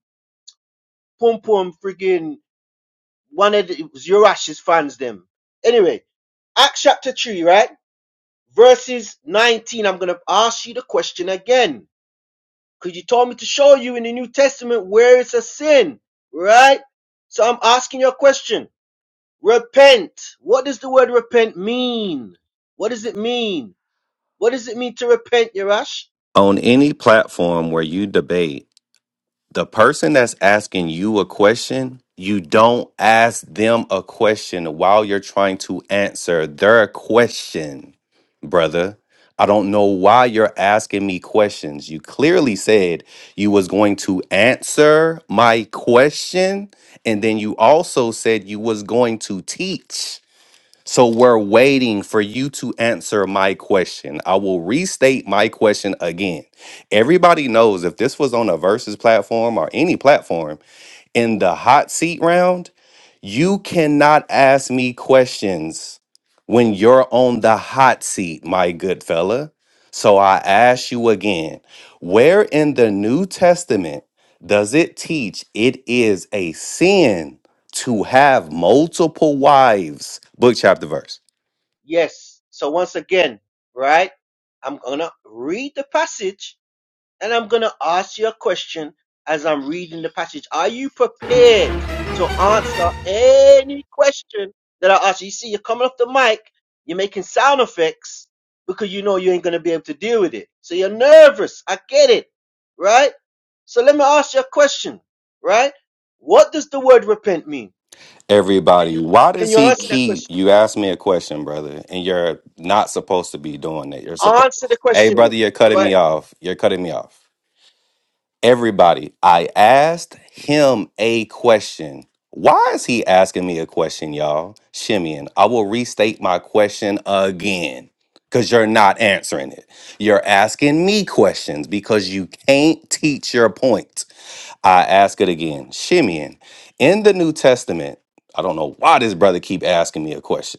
Pum Pum friggin' one of the Zurash's fans them. Anyway, Acts chapter three, right? Verses nineteen. I'm gonna ask you the question again because you told me to show you in the New Testament where it's a sin, right? So I'm asking you a question. Repent. What does the word repent mean? What does it mean? What does it mean to repent, Yerash?
On any platform where you debate, the person that's asking you a question, you don't ask them a question while you're trying to answer their question, brother. I don't know why you're asking me questions. You clearly said you was going to answer my question and then you also said you was going to teach. So we're waiting for you to answer my question. I will restate my question again. Everybody knows if this was on a versus platform or any platform, in the hot seat round, you cannot ask me questions when you're on the hot seat, my good fella. So I ask you again where in the New Testament does it teach it is a sin to have multiple wives? Book, chapter, verse.
Yes. So once again, right? I'm gonna read the passage and I'm gonna ask you a question as I'm reading the passage. Are you prepared to answer any question that I ask you? You see, you're coming off the mic, you're making sound effects because you know you ain't gonna be able to deal with it. So you're nervous. I get it, right? So let me ask you a question, right? What does the word repent mean?
Everybody, why
Can
does
you
he
answer that
keep?
question?
You asked me a question, brother, and you're not supposed to be doing it. You're supposed.
Answer the
Hey,
question then.
brother, you're
Go
cutting
ahead.
me off. You're cutting me off. Everybody, I asked him a question. Why is he asking me a question, y'all? Shimeon, I will restate my question again because you're not answering it. You're asking me questions because you can't teach your point. I ask it again. Shimeon, in the New Testament, I don't know why this brother keep asking me a question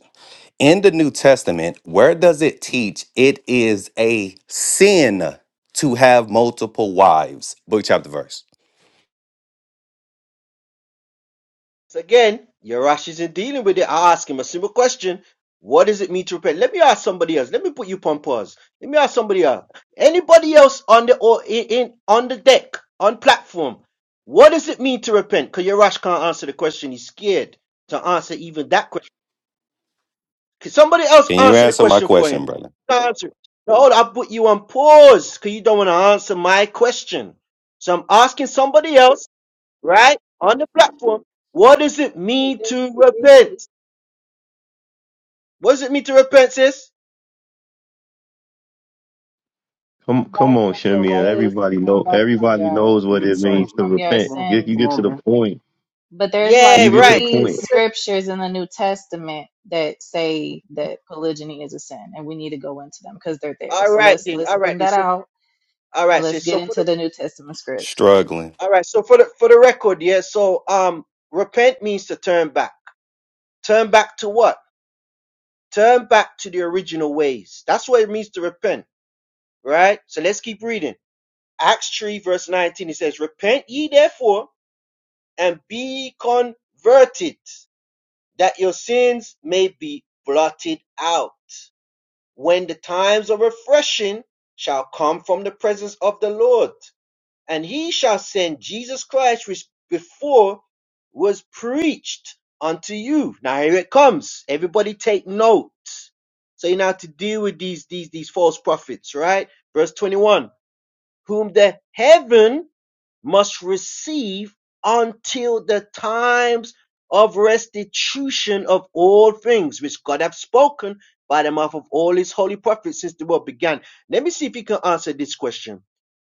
in the New Testament, where does it teach it is a sin to have multiple wives? Book, chapter, verse.
So again, Yarash isn't dealing with it. I ask him a simple question. What does it mean to repent? Let me ask somebody else. Let me put you on pause. Let me ask somebody else. Anybody else on the or in, in on the deck, on platform, what does it mean to repent? Because Yarash can't answer the question. He's scared to answer even that question. Can somebody else
Can you
answer the
answer my
question for
question,
him?
brother?
Can't Answer. it. No, I put you on pause because you don't want to answer my question. So I'm asking somebody else right? On the platform. What does it
Like
mean
there's
to
three.
repent? What does it mean to repent, sis?
Come,
Turn
come
back
on,
from your
Shimeon.
All
ways
right.
to
Everybody
turn
know.
back from
Everybody
your
knows
It
what it
needs to change,
means to
man.
from your
repent.
Come on,
Get
sins.
you
come
get to
on
the
man.
point.
But there's
Yeah,
You
like
get to the
right.
three
point.
scriptures in the New Testament that say that polygyny is a sin, and we need to go into them because they're there.
All
So
right
let's
then.
let's
All right
bring
then.
that
So
out
all
and
right,
let's
sis. So
get
for
into
the
the New Testament scripts.
Struggling.
all right, so for the for the record, yeah. So um repent means to turn back. Turn back to what? Turn back to the original ways. That's what it means to repent, right? So let's keep reading. Acts 3, verse 19, it says, Repent ye therefore and be converted, that your sins may be blotted out when the times of refreshing shall come from the presence of the Lord, and he shall send Jesus Christ, which before was preached unto you. Now here it comes. Everybody take note. So you know how to deal with these, these, these false prophets, right? Verse 21, whom the heaven must receive until the times of restitution of all things which God hath spoken by the mouth of all his holy prophets since the world began. Let me see if you can answer this question.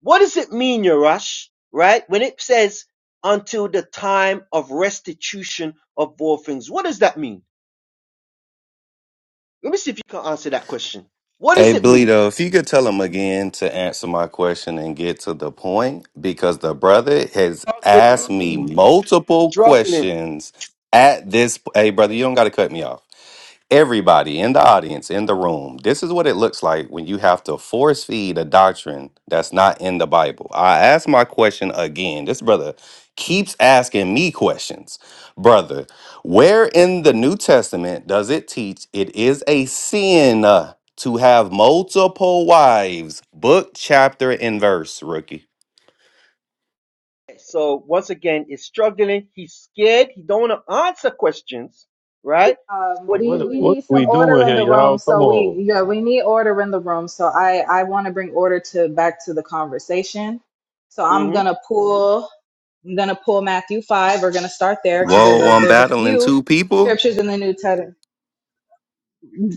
What does it mean, Yerash, right? When it says until the time of restitution of all things, what does that mean? Let me see if you can answer that question. What does
Hey,
it mean?
Bleedo, if you could tell him again to answer my question and get to the point, because the brother has asked
Struggling,
me multiple
struggling,
questions at this. Hey, brother, you don't got to cut me off. Everybody in the audience, in the room, this is what it looks like when you have to force feed a doctrine that's not in the Bible. I asked my question again. This brother keeps asking me questions. Brother, where in the New Testament does it teach it is a sin? uh, to have multiple wives. Book, chapter, and verse, rookie.
So once again, is struggling. He's scared. He don't want to answer questions, right? So
Um,
what he's
we
What
we
doing?
what
need some
we
order
doing
in
here,
the room,
y'all? Come
so we
on.
yeah we need order in the room. So I I want to bring order to back to the conversation. So I'm
Mm-hmm.
gonna pull I'm gonna pull Matthew five. We're gonna start there because there's
Whoa,
a
I'm
there's a
battling
few
two people?
scriptures in the New Testament.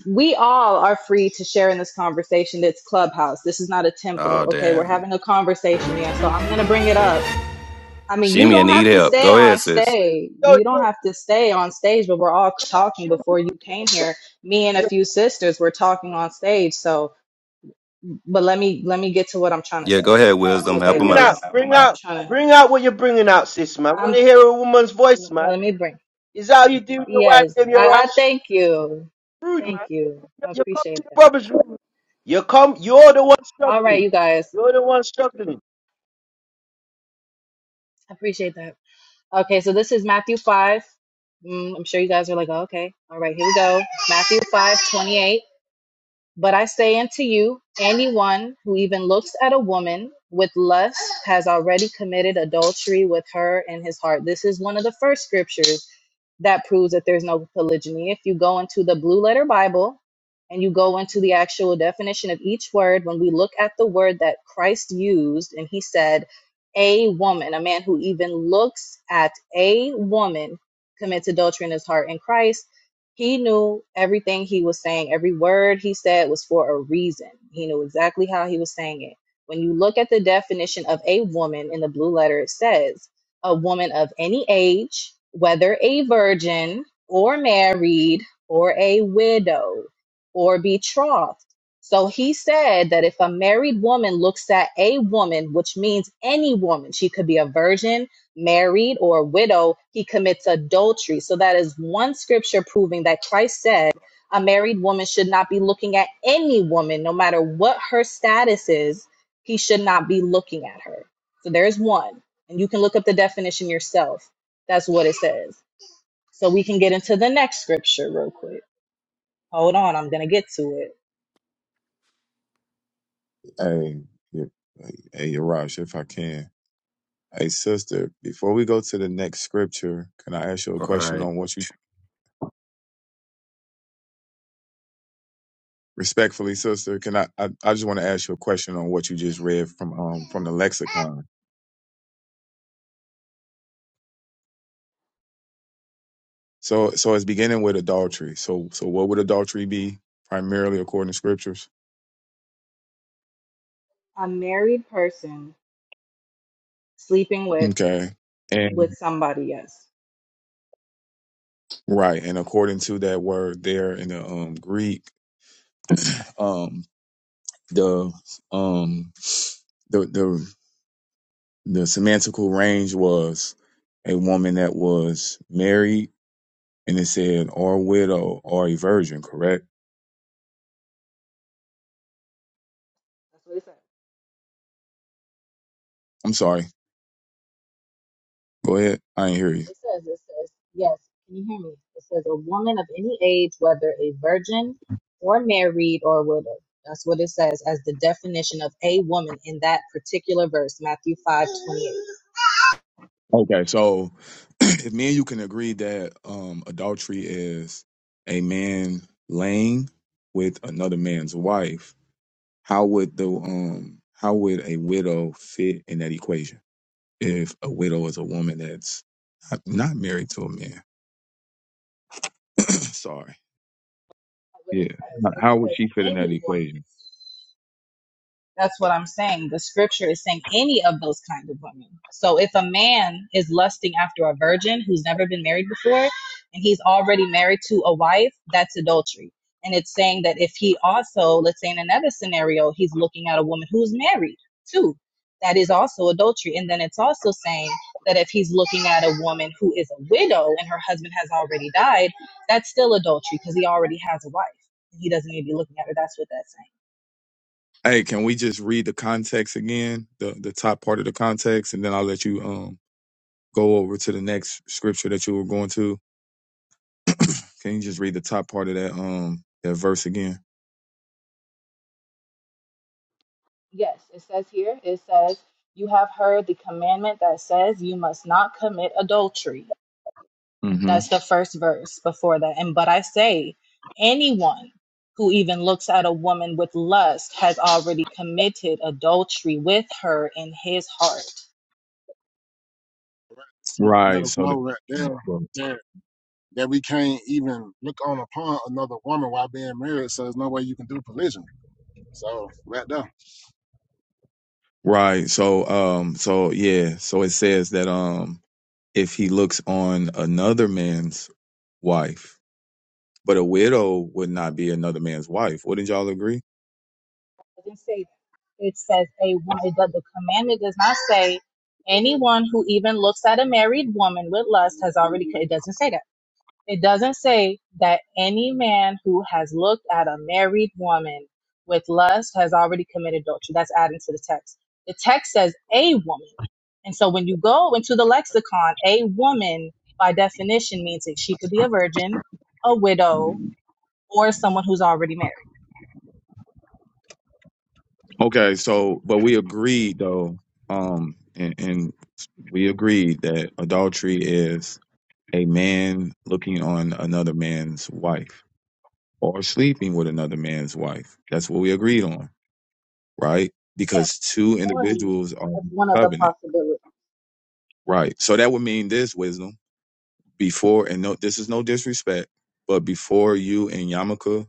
we all are free to share in this conversation. It's Clubhouse. This is not a
Oh,
temple. Okay, we're
damn.
having a conversation. Yeah, so I'm gonna bring it up. I mean, you
Shimmy, I
don't have
need
to
help.
stay
Go
on
ahead, sis.
stage.
So
You don't
you're
have to stay on stage, but we're all
Rush,
talking
you're
before you
rude,
came
bro.
here. Me and a
You're
few sisters were talking on stage. So, but let me let me get to what I'm trying to
Yeah, go
say.
ahead,
bring out what you're
Wisdom.
Okay,
Help him
bringing
out.
because
out. Bring
I'm
out,
trying to.
bring out what you're bringing out, sis, man. Want
I'm.
to hear a woman's voice, man?
Let me bring.
Is that how you deal with your wife?
Yes,
Them, you're
I, I
Rush.
thank you.
Rude, man.
Thank you. I
You come to
appreciate
the
that.
rubbish room. You come. You're the one
All
struggling.
right, you guys.
You're the one struggling.
I appreciate that. Okay, so this is Matthew 5. Mm, I'm sure you guys are like, oh, okay, all right, here we go. Matthew 5 28. But I say unto you, anyone who even looks at a woman with lust has already committed adultery with her in his heart. This is one of the first scriptures that proves that there's no polygyny. If you go into the blue letter Bible and you go into the actual definition of each word, when we look at the word that Christ used, and he said, a woman, a man who even looks at a woman commits adultery in his heart in Christ, he knew everything he was saying. Every word he said was for a reason. He knew exactly how he was saying it. When you look at the definition of a woman in the blue letter, it says, a woman of any age, whether a virgin or married or a widow or betrothed. So he said that if a married woman looks at a woman, which means any woman, she could be a virgin, married, or a widow, he commits adultery. So that is one scripture proving that Christ said a married woman should not be looking at any woman, no matter what her status is, he should not be looking at her. So there's one. And you can look up the definition yourself. That's what it says. So we can get into the next scripture real quick. Hold on, I'm going to get to it.
Hey, yeah, hey, hey, Yarash, if I can. Hey, sister, before we go to the next scripture, can I ask you a
All
question
right.
on what you respectfully, sister? Can I? I, I just want to ask you a question on what you just read from um from the lexicon. So so it's beginning with adultery. So so what would adultery be primarily according to scriptures?
A married person sleeping with
Okay. And
with somebody else.
right, and according to that word there in the um Greek, um the um the the the semantical range was a woman that was married And it said, or widow or a virgin, correct?
That's what it says.
I'm sorry. Go ahead. I didn't hear you.
It says, it says, yes, can you hear me? It says, a woman of any age, whether a virgin or married or widow. That's what it says as the definition of a woman in that particular verse, Matthew 5 28.
Okay. So if me and you can agree that um, adultery is a man laying with another man's wife, how would the um how would a widow fit in that equation? If a widow is a woman that's not not married to a man, sorry,
What it
yeah,
says, it
how would
says,
she fit in
any
that
woman.
equation?
That's what I'm saying. The scripture is saying any of those kind of women. So if a man is lusting after a virgin who's never been married before and he's already married to a wife, that's adultery. And it's saying that if he also, let's say in another scenario, he's looking at a woman who's married too, that is also adultery. And then it's also saying that if he's looking at a woman who is a widow and her husband has already died, that's still adultery because he already has a wife. He doesn't need to be looking at her. That's what that's saying.
Hey, can we just read the context again, the the top part of the context, and then I'll let you um go over to the next scripture that you were going to. Can you just read the top part of that um that verse again?
Yes, it says here, it says, You have heard the commandment that says you must not commit adultery.
hmm
That's the first verse before that. And but I say, anyone who even looks at a woman with lust has already committed adultery with her in his heart.
Let
Right.
us
So
know right there
the
that, that we can't even look on upon another woman while being married, so there's no way you can do polygyny. So, right there.
right. So um so yeah. So it says that um if he looks on another man's wife, but a widow would not be another man's wife. Wouldn't y'all agree?
It didn't say that. It says a woman, it does, the commandment does not say anyone who even looks at a married woman with lust has already, co- it doesn't say that. It doesn't say that any man who has looked at a married woman with lust has already committed adultery. That's adding to the text. The text says a woman. And so when you go into the lexicon, a woman by definition means that she could be a virgin, a widow, or someone who's already married.
Okay, so but we agreed though, um, and, and we agreed that adultery is a man looking on another man's wife or sleeping with another man's wife. That's what we agreed on, right?
That's
Because two
one.
individuals are
That's
in
one of the
covenant,
possibilities.
right? So that would mean this wisdom before, and no, this is no disrespect, but before you and Yamaka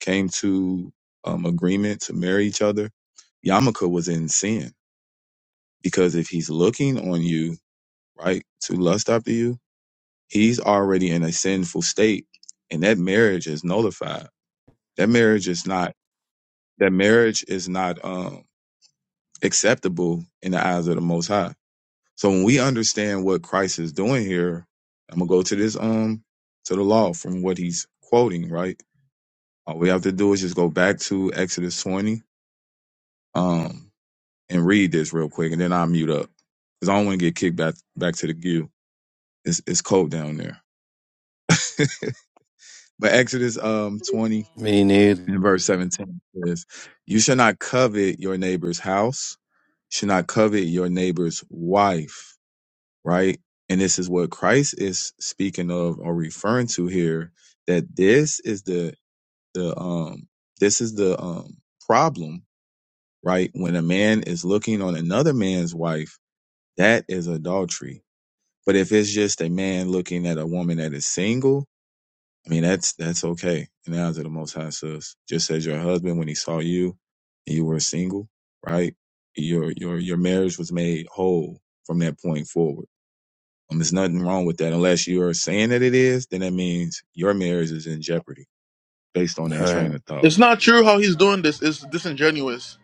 came to um agreement to marry each other, Yamaka was in sin Because if he's looking on you, right, to lust after you, he's already in a sinful state and that marriage is nullified. That marriage is not that marriage is not um acceptable in the eyes of the most high. So when we understand what Christ is doing here, I'm gonna go to this um to the law from what he's quoting, right? All we have to do is just go back to Exodus 20 um and read this real quick and then I'll mute up. Because I don't want to get kicked back back to the queue. It's it's cold down there. But Exodus um
Understand.
20
Me neither.
and verse 17 says, You shall not covet your neighbor's house, should not covet your neighbor's wife, right? And this is what Christ is speaking of or referring to here, that this is the the um this is the um problem, right? When a man is looking on another man's wife, that is adultery. But if it's just a man looking at a woman that is single, I mean, that's that's okay. And now to the Most High says, just as your husband, when he saw you, and you were single, right? Your your your marriage was made whole from that point forward. Um, there's nothing wrong with that, unless you are saying that it is. Then that means your marriage is in jeopardy based on that train
Damn.
of thought.
It's not true how he's
Yeah,
All right.
doing this. It's disingenuous.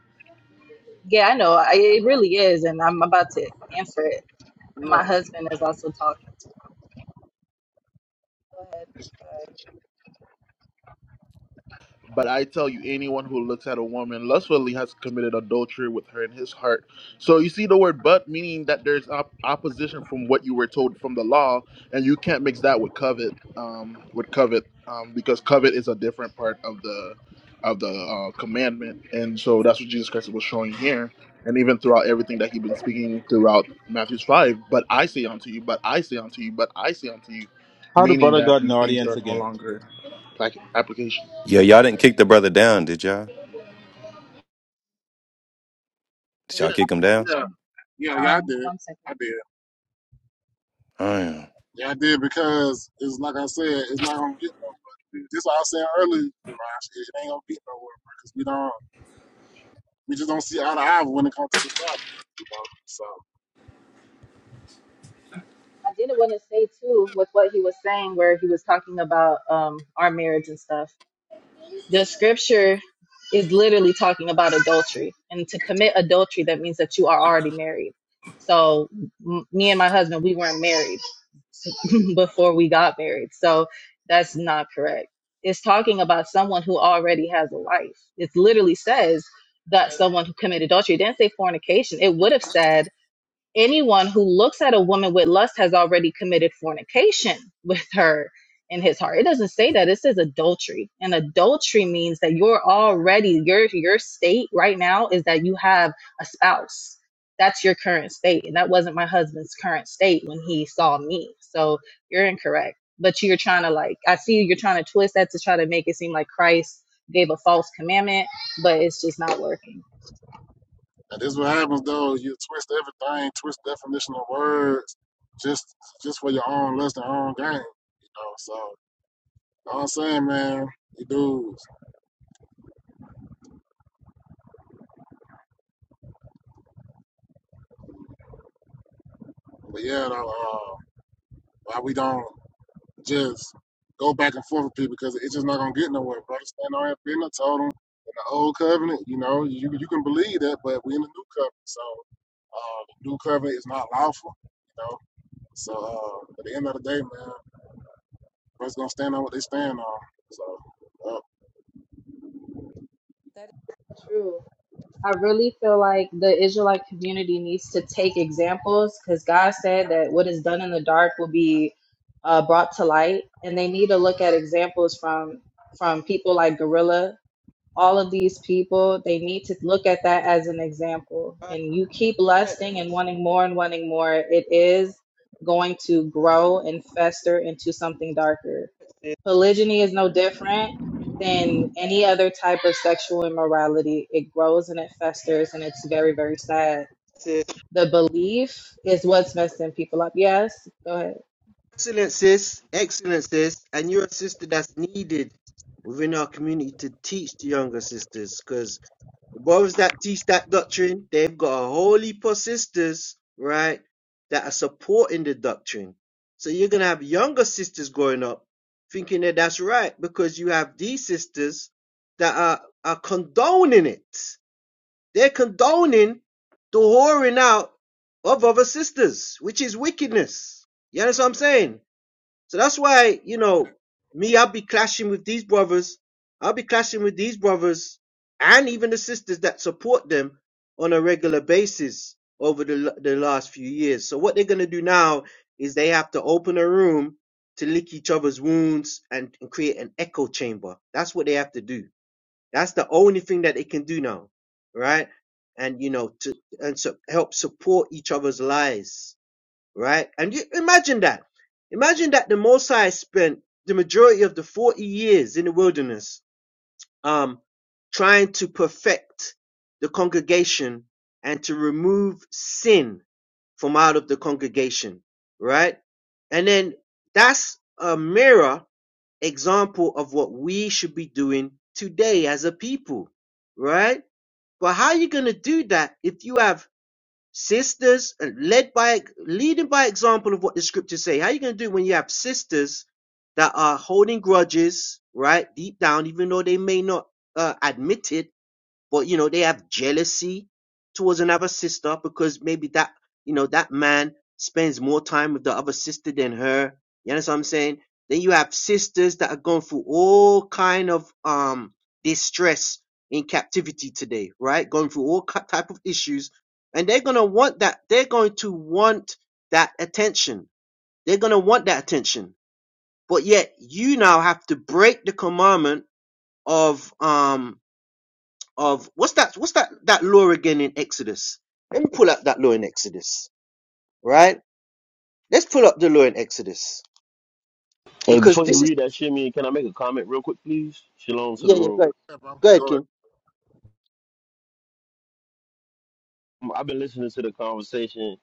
Yeah, I know. I, it really is. And I'm about to answer it. And
yeah,
my husband is also talking to it. Go ahead. Sorry.
But I tell you, anyone who looks at a woman lustfully has committed adultery with her in his heart. So you see the word but, meaning that there's op- opposition from what you were told from the law, and you can't mix that with covet, um, with covet, um, because covet is a different part of the of the uh, commandment, and so that's what Jesus Christ was showing here, and even throughout everything that he's been speaking throughout Matthew's five. But I say unto you, but I say unto you, but I say unto you,
How the
meaning
brother
that
got an
these things
audience
are no
again?
longer like application.
Yeah, y'all didn't kick the brother down, did y'all? Did
yeah,
y'all kick him down?
yeah, yeah, I
um
did.
one second
I did.
Damn.
Yeah, I did because it's like I said, it's not gonna get nowhere. This what I was saying earlier, Raj, it ain't gonna get nowhere because we don't, we just don't see eye to eye when it comes to this topic. You know? So
i didn't want to say too with what he was saying where he was talking about um our marriage and stuff the scripture is literally talking about adultery and to commit adultery that means that you are already married so m- me and my husband we weren't married before we got married so that's not correct it's talking about someone who already has a wife it literally says that someone who committed adultery it didn't say fornication it would have said anyone who looks at a woman with lust has already committed fornication with her in his heart. It doesn't say that. It says adultery. And adultery means that you're already your your state right now is that you have a spouse. That's your current state. And that wasn't my husband's current state when he saw me. So you're incorrect. But you're trying to like I see you're trying to twist that to try to make it seem like Christ gave a false commandment, but it's just not working.
and this is what happens though. You twist everything, twist definition of words, just just for your own less than own game. You know, so you know what I'm saying, man, you dudes. But yeah, though, uh, why we don't? just go back and forth with people because it's just not gonna get nowhere. Brother stand on already been I told him in the old covenant, you know, you you can believe that, but we are in the new covenant, so uh, the new covenant is not lawful, you know. So uh, at the end of the day, man, brothers gonna stand on what they stand on. So uh,
True. I really feel like the Israelite community needs to take examples because God said that what is done in the dark will be uh, brought to light, and they need to look at examples from from people like Gorilla. All of these people, they need to look at that as an example.
All right,
And you keep
all right,
lusting and wanting more and wanting more, it is going to grow and fester into something darker.
sis.
Polygyny is no different than any other type of sexual immorality. It grows and it festers, and it's very, very sad.
sis,
The belief is what's messing people up. Yes, go ahead.
Excellencies, excellencies, and you're a sister that's needed within our community to teach the younger sisters, because the brothers that teach that doctrine, they've got a whole heap of sisters, right, that are supporting the doctrine. So you're gonna have younger sisters growing up thinking that that's right, because you have these sisters that are are condoning it. They're condoning the whoring out of other sisters, which is wickedness. You understand what I'm saying? So that's why, you know, me, I'll be clashing with these brothers. I'll be clashing with these brothers and even the sisters that support them on a regular basis over the, l- the last few years. So what they're going to do now is they have to open a room to lick each other's wounds and, and create an echo chamber. That's what they have to do. That's the only thing that they can do now. Right. And, you know, to, and so help support each other's lies right? And you imagine that. Imagine that the Mosai spent the majority of the 40 years in the wilderness, um, trying to perfect the congregation and to remove sin from out of the congregation, right? And then that's a mirror example of what we should be doing today as a people, right? But how are you going to do that if you have sisters and led by leading by example of what the scriptures say. How are you going to do when you have sisters that are holding grudges, right? Deep down, even though they may not uh, admit it, but you know they have jealousy towards another sister because maybe that you know that man spends more time with the other sister than her you understand what i'm saying then you have sisters that are going through all kind of um distress in captivity today right going through all ki- type of issues and they're going to want that they're going to want that attention they're going to want that attention but yet you now have to break the commandment of um of what's that what's that that law again in Exodus? Let me pull up that law in Exodus, right? Let's pull up the law in Exodus
Hey,
because
before you
this is
read that shit, me, can I make a comment real quick, please? Shalom to
yeah
the
yeah go
room.
ahead,
yeah, bro,
go ahead
go ahead.
King.
Um, I've been listening to the conversation,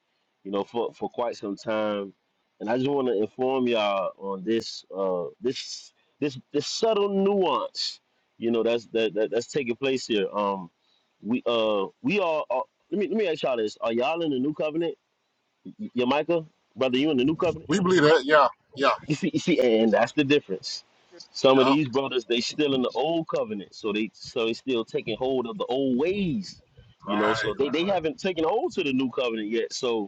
you know, for, for quite some time, and I just want to inform y'all on this, uh, this, this, this subtle nuance, you know, that's that, that that's taking place here. Um, we uh, we are. are let me let me ask y'all this: Are y'all in the new covenant, Y- Yamika, brother? You in the new covenant?
We believe that, yeah, yeah,
You see, you see, and that's the difference. Some of
yeah,
these brothers, they still in the old covenant, so they so they still taking hold of the old ways, you know. So
right,
they, they
right,
haven't taken hold to the new covenant yet. So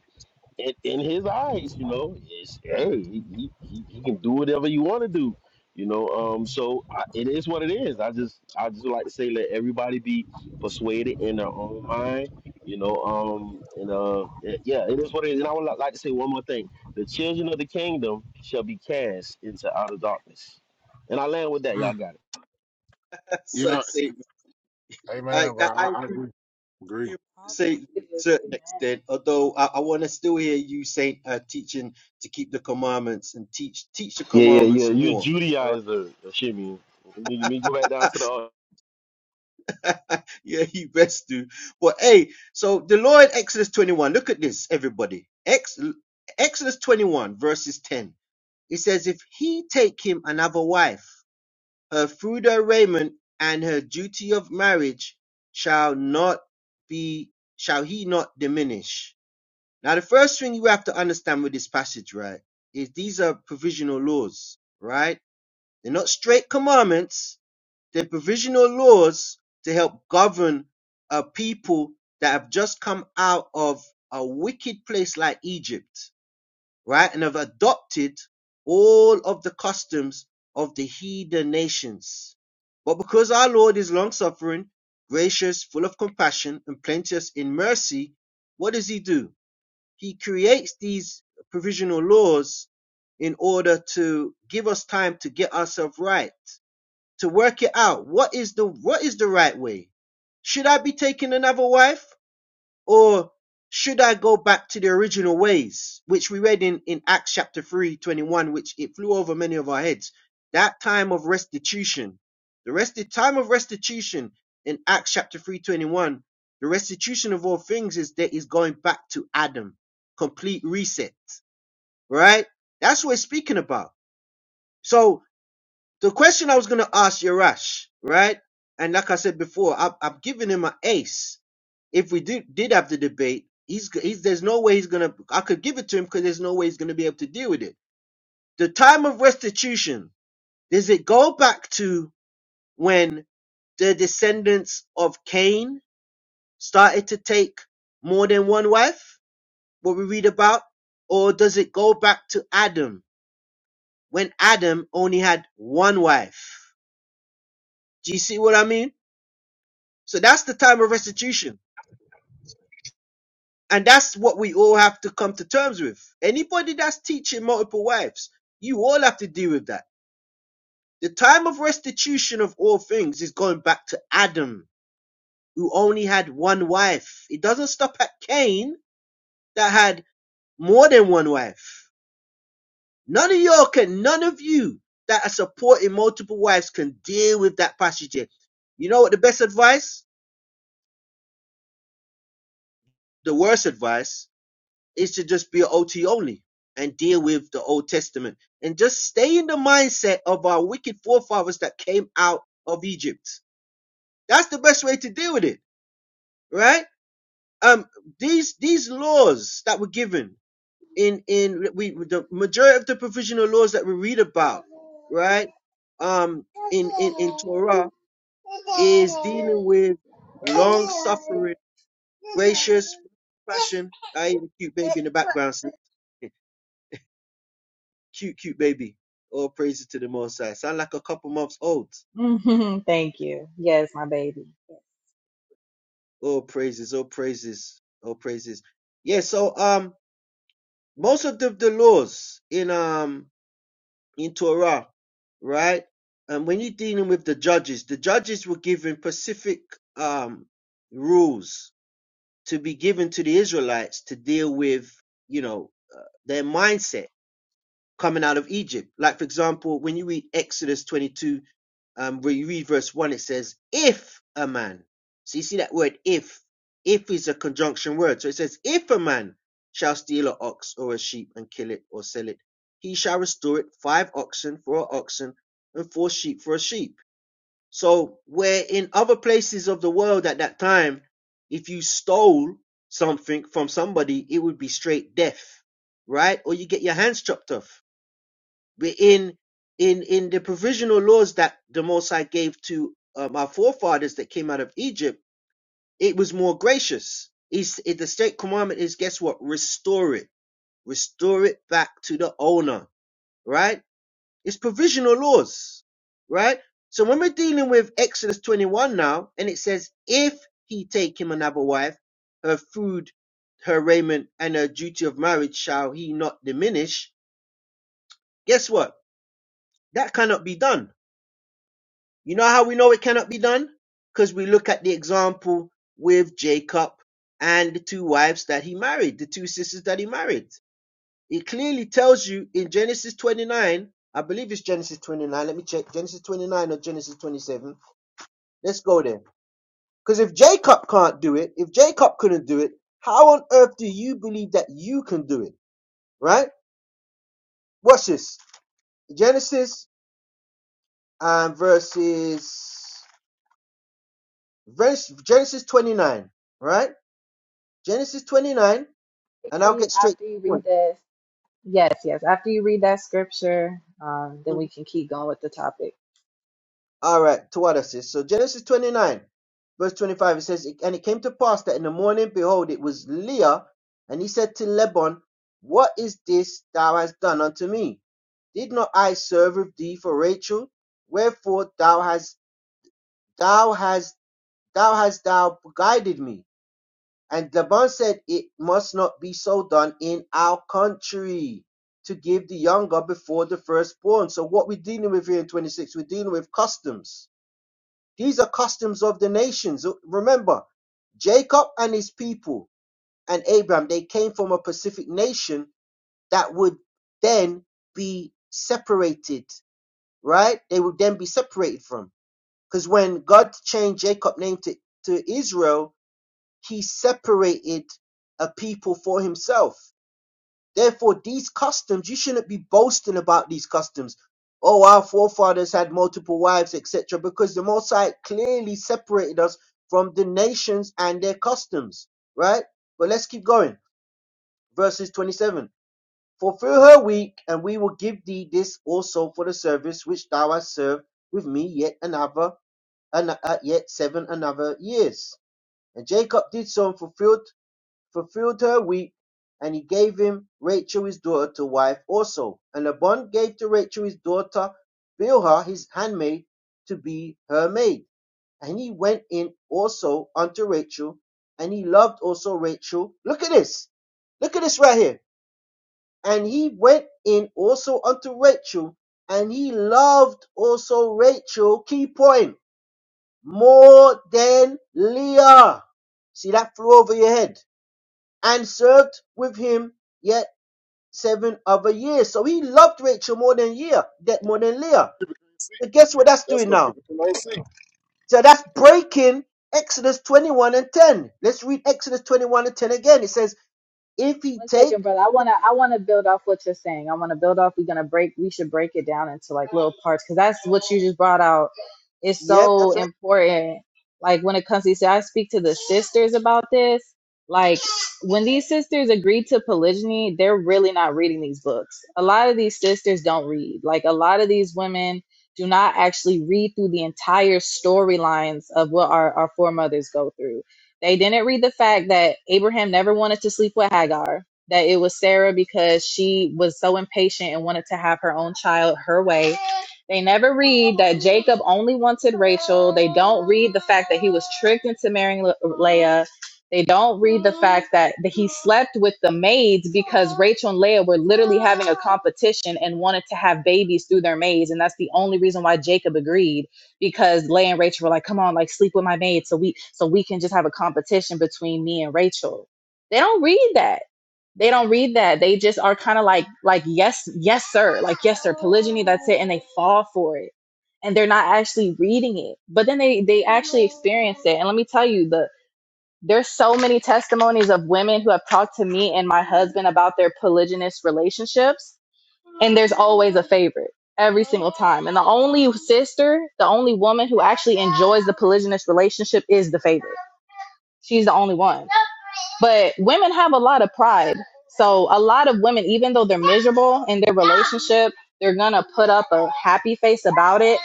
in, in his eyes, you know, it's, hey, he, he, he he can do whatever you want to do, you know. Um, so I, it is what it is. I just I just would like to say let everybody be persuaded in their own mind, you know. Um, and uh, it- yeah, it is what it is. And I would li- like to say one more thing: the children of the kingdom shall be cast into outer darkness. And I land with that. Y'all
mm,
got it.
That's so
yeah,
Satan. I,
amen, bro.
I, I
I, I
agree
agree.
with
Agree.
you, Satan to
It
a
is.
certain
Amen.
extent, although I, I want to still hear you, Saint, uh, teaching to keep the commandments and teach teach the
Yeah, yeah, yeah.
commandments
You're a
more. All right.
Judaizer, Shimmy. Let me, let me go back down to the. uh,
yeah, you best do. But hey, so the Lord Exodus 21, look at this, everybody. Ex, Exodus 21, verses 10. It says, If he take him another wife, her food fruitful raiment and her duty of marriage shall not be, shall he not diminish. Now, the first thing you have to understand with this passage, right, is these are provisional laws, right? They're not straight commandments, they're provisional laws to help govern a people that have just come out of a wicked place like Egypt right? And have adopted all of the customs of the heathen nations. But because our Lord is long suffering, gracious, full of compassion, and plenteous in mercy, what does he do? He creates these provisional laws in order to give us time to get ourselves right, to work it out. What is the what is the right way? Should I be taking another wife? Or should I go back to the original ways, which we read in, in Acts chapter 3 21, which it flew over many of our heads? That time of restitution. The rest the time of restitution in Acts chapter 3 21, the restitution of all things is that is going back to Adam. Complete reset. Right? That's what it's speaking about. So the question I was gonna ask Yarash, right? And like I said before, I've, I've given him an ace if we did did have the debate, he's he's there's no way he's gonna. I could give it to him because there's no way he's gonna be able to deal with it. The time of restitution does it go back to when the descendants of Cain started to take more than one wife? What we read about, or does it go back to Adam when Adam only had one wife? Do you see what I mean? So that's the time of restitution And that's what we all have to come to terms with. Anybody that's teaching multiple wives, you all have to deal with that. The time of restitution of all things is going back to Adam, who only had one wife. It doesn't stop at Cain that had more than one wife. None of y'all can, none of you that are supporting multiple wives can deal with that passage here. You know what the best advice? The worst advice it should just be an OT only and deal with the Old Testament and just stay in the mindset of our wicked forefathers that came out of Egypt. That's the best way to deal with it, right? Um, these these laws that were given in in we the majority of the provisional laws that we read about, right? Um, in in in Torah is dealing with long suffering, gracious, compassion. I ain't a cute baby in the background. Cute, cute baby. All praises to the Most High. Sound like a couple months old.
Thank you. Yes, my baby. Yes.
All praises, all praises, all praises. Yeah, so um, most of the, the laws in um in Torah, right? And when you're dealing with the judges, the judges were given specific um rules to be given to the Israelites to deal with, you know, uh, their mindset coming out of Egypt. Like for example, when you read Exodus 22 um, when you read verse 1, it says, if a man. So you see that word if. If is a conjunction word. So it says, if a man shall steal an ox or a sheep and kill it or sell it, he shall restore it five oxen for an oxen and four sheep for a sheep. So where in other places of the world at that time, if you stole something from somebody, it would be straight death, right? Or you get your hands chopped off but in in in the provisional laws that the Most High gave to um, our forefathers that came out of Egypt, it was more gracious. It's, it, the state commandment is guess what? Restore it, restore it back to the owner. Right? It's provisional laws. Right? So when we're dealing with Exodus 21 now, and it says, if he take him another wife, her food, her raiment, and her duty of marriage shall he not diminish. Guess what? That cannot be done You know how we know it cannot be done? Because we look at the example with Jacob and the two wives that he married, the two sisters that he married. It clearly tells you in Genesis 29, I believe it's Genesis 29, let me check, Genesis 29 or Genesis 27. Let's go there. Because if Jacob can't do it, if Jacob couldn't do it, how on earth do you believe that you can do it? Right? Watch this. Genesis um, verses, verse, Genesis 29, right? Genesis 29, and I'll
Read
get straight to
after you
the
read
point.
this. Yes, yes. After you read that scripture, um, then we
Mhm.
can keep going with the topic.
All right, to what I says. So Genesis 29, verse 25, it says, And it came to pass that in the morning, behold, it was Leah, and he said to Laban, What is this thou hast done unto me? Did not I serve with thee for Rachel? Wherefore thou hast thou hast thou hast thou guided me? And Laban said, It must not be so done in our country to give the younger before the firstborn. So, what we're dealing with here in 26, we're dealing with customs. These are customs of the nations. So Remember, Jacob and his people and Abraham, they came from a Pacific nation that would then be separated, right? They would then be separated from. Because when God changed Jacob's name to, to Israel, he separated a people for himself. Therefore, these customs, you shouldn't be boasting about these customs. Oh, our forefathers had multiple wives, etc., because the Most High clearly separated us from the nations and their customs, right? But let's keep going. Verses 27 Fulfill her week, and we will give thee this also for the service which thou hast served with me yet another, an, uh, yet seven another years. And Jacob did so and fulfilled fulfilled her week, and he gave him Rachel his daughter to wife also. And Laban gave to Rachel his daughter Bilhah his handmaid to be her maid. And he went in also unto Rachel, and he loved also Rachel. Look at this. Look at this right here. And he went in also unto Rachel, and he loved also Rachel, key point, more than Leah. See that flew over your head and served with him yet seven other years. So he loved Rachel more than year, that more than Leah.
People can't see.
So guess what that's
That's
doing
what
now?
people can see.
So that's breaking Exodus 21 and 10. Let's read Exodus 21 and 10 again. It says, if he
One
take,
second, brother. I wanna I wanna build off what you're saying. I wanna build off. We're gonna break. We should break it down into like little parts because that's what you just brought out. It's
yep,
so
that's right,
important. Like when it comes to, so I speak to the sisters about this. Like when these sisters agree to polygyny, they're really not reading these books. A lot of these sisters don't read. Like a lot of these women do not actually read through the entire storylines of what our, our foremothers go through. They didn't read the fact that Abraham never wanted to sleep with Hagar that it was Sarah because she was so impatient and wanted to have her own child her way. They never read that Jacob only wanted Rachel. They don't read the fact that he was tricked into marrying Le- Leah. They don't read the fact that that he slept with the maids because Rachel and Leah were literally having a competition and wanted to have babies through their maids. And that's the only reason why Jacob agreed because Leah and Rachel were like, come on, like sleep with my maid so we so we can just have a competition between me and Rachel. They don't read that they don't read that. They just are kind of like like yes, yes sir, like yes sir, polygyny, that's it and they fall for it. And they're not actually reading it. But then they they actually experience it. And let me tell you the there's so many testimonies of women who have talked to me and my husband about their polygynous relationships and there's always a favorite every single time. And the only sister, the only woman who actually enjoys the polygynous relationship is the favorite. She's the only one. But women have a lot of pride. So a lot of women, even though they're miserable in their relationship, they're gonna put up a happy face about it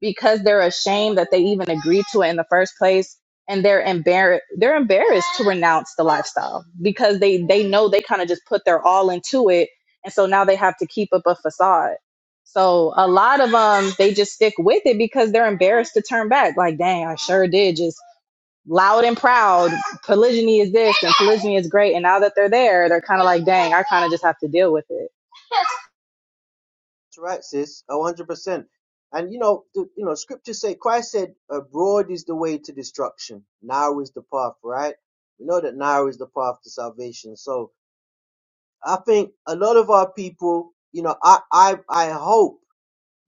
because they're ashamed that they even agreed to it in the first place and they're embarrassed they're embarrassed to renounce the lifestyle because they they know they kind of just put their all into it and so now they have to keep up a facade so a lot of them they just stick with it because they're embarrassed to turn back like dang i sure did just loud and proud polygyny is this and polygyny is great and now that they're there they're kind of like dang i kind of just have to deal with it
that's right, sis, 100%. And you know, the, you know, scriptures say, Christ said, uh, broad is the way to destruction. Narrow is the path, right? We know that narrow is the path to salvation. So, I think a lot of our people, you know, I I I hope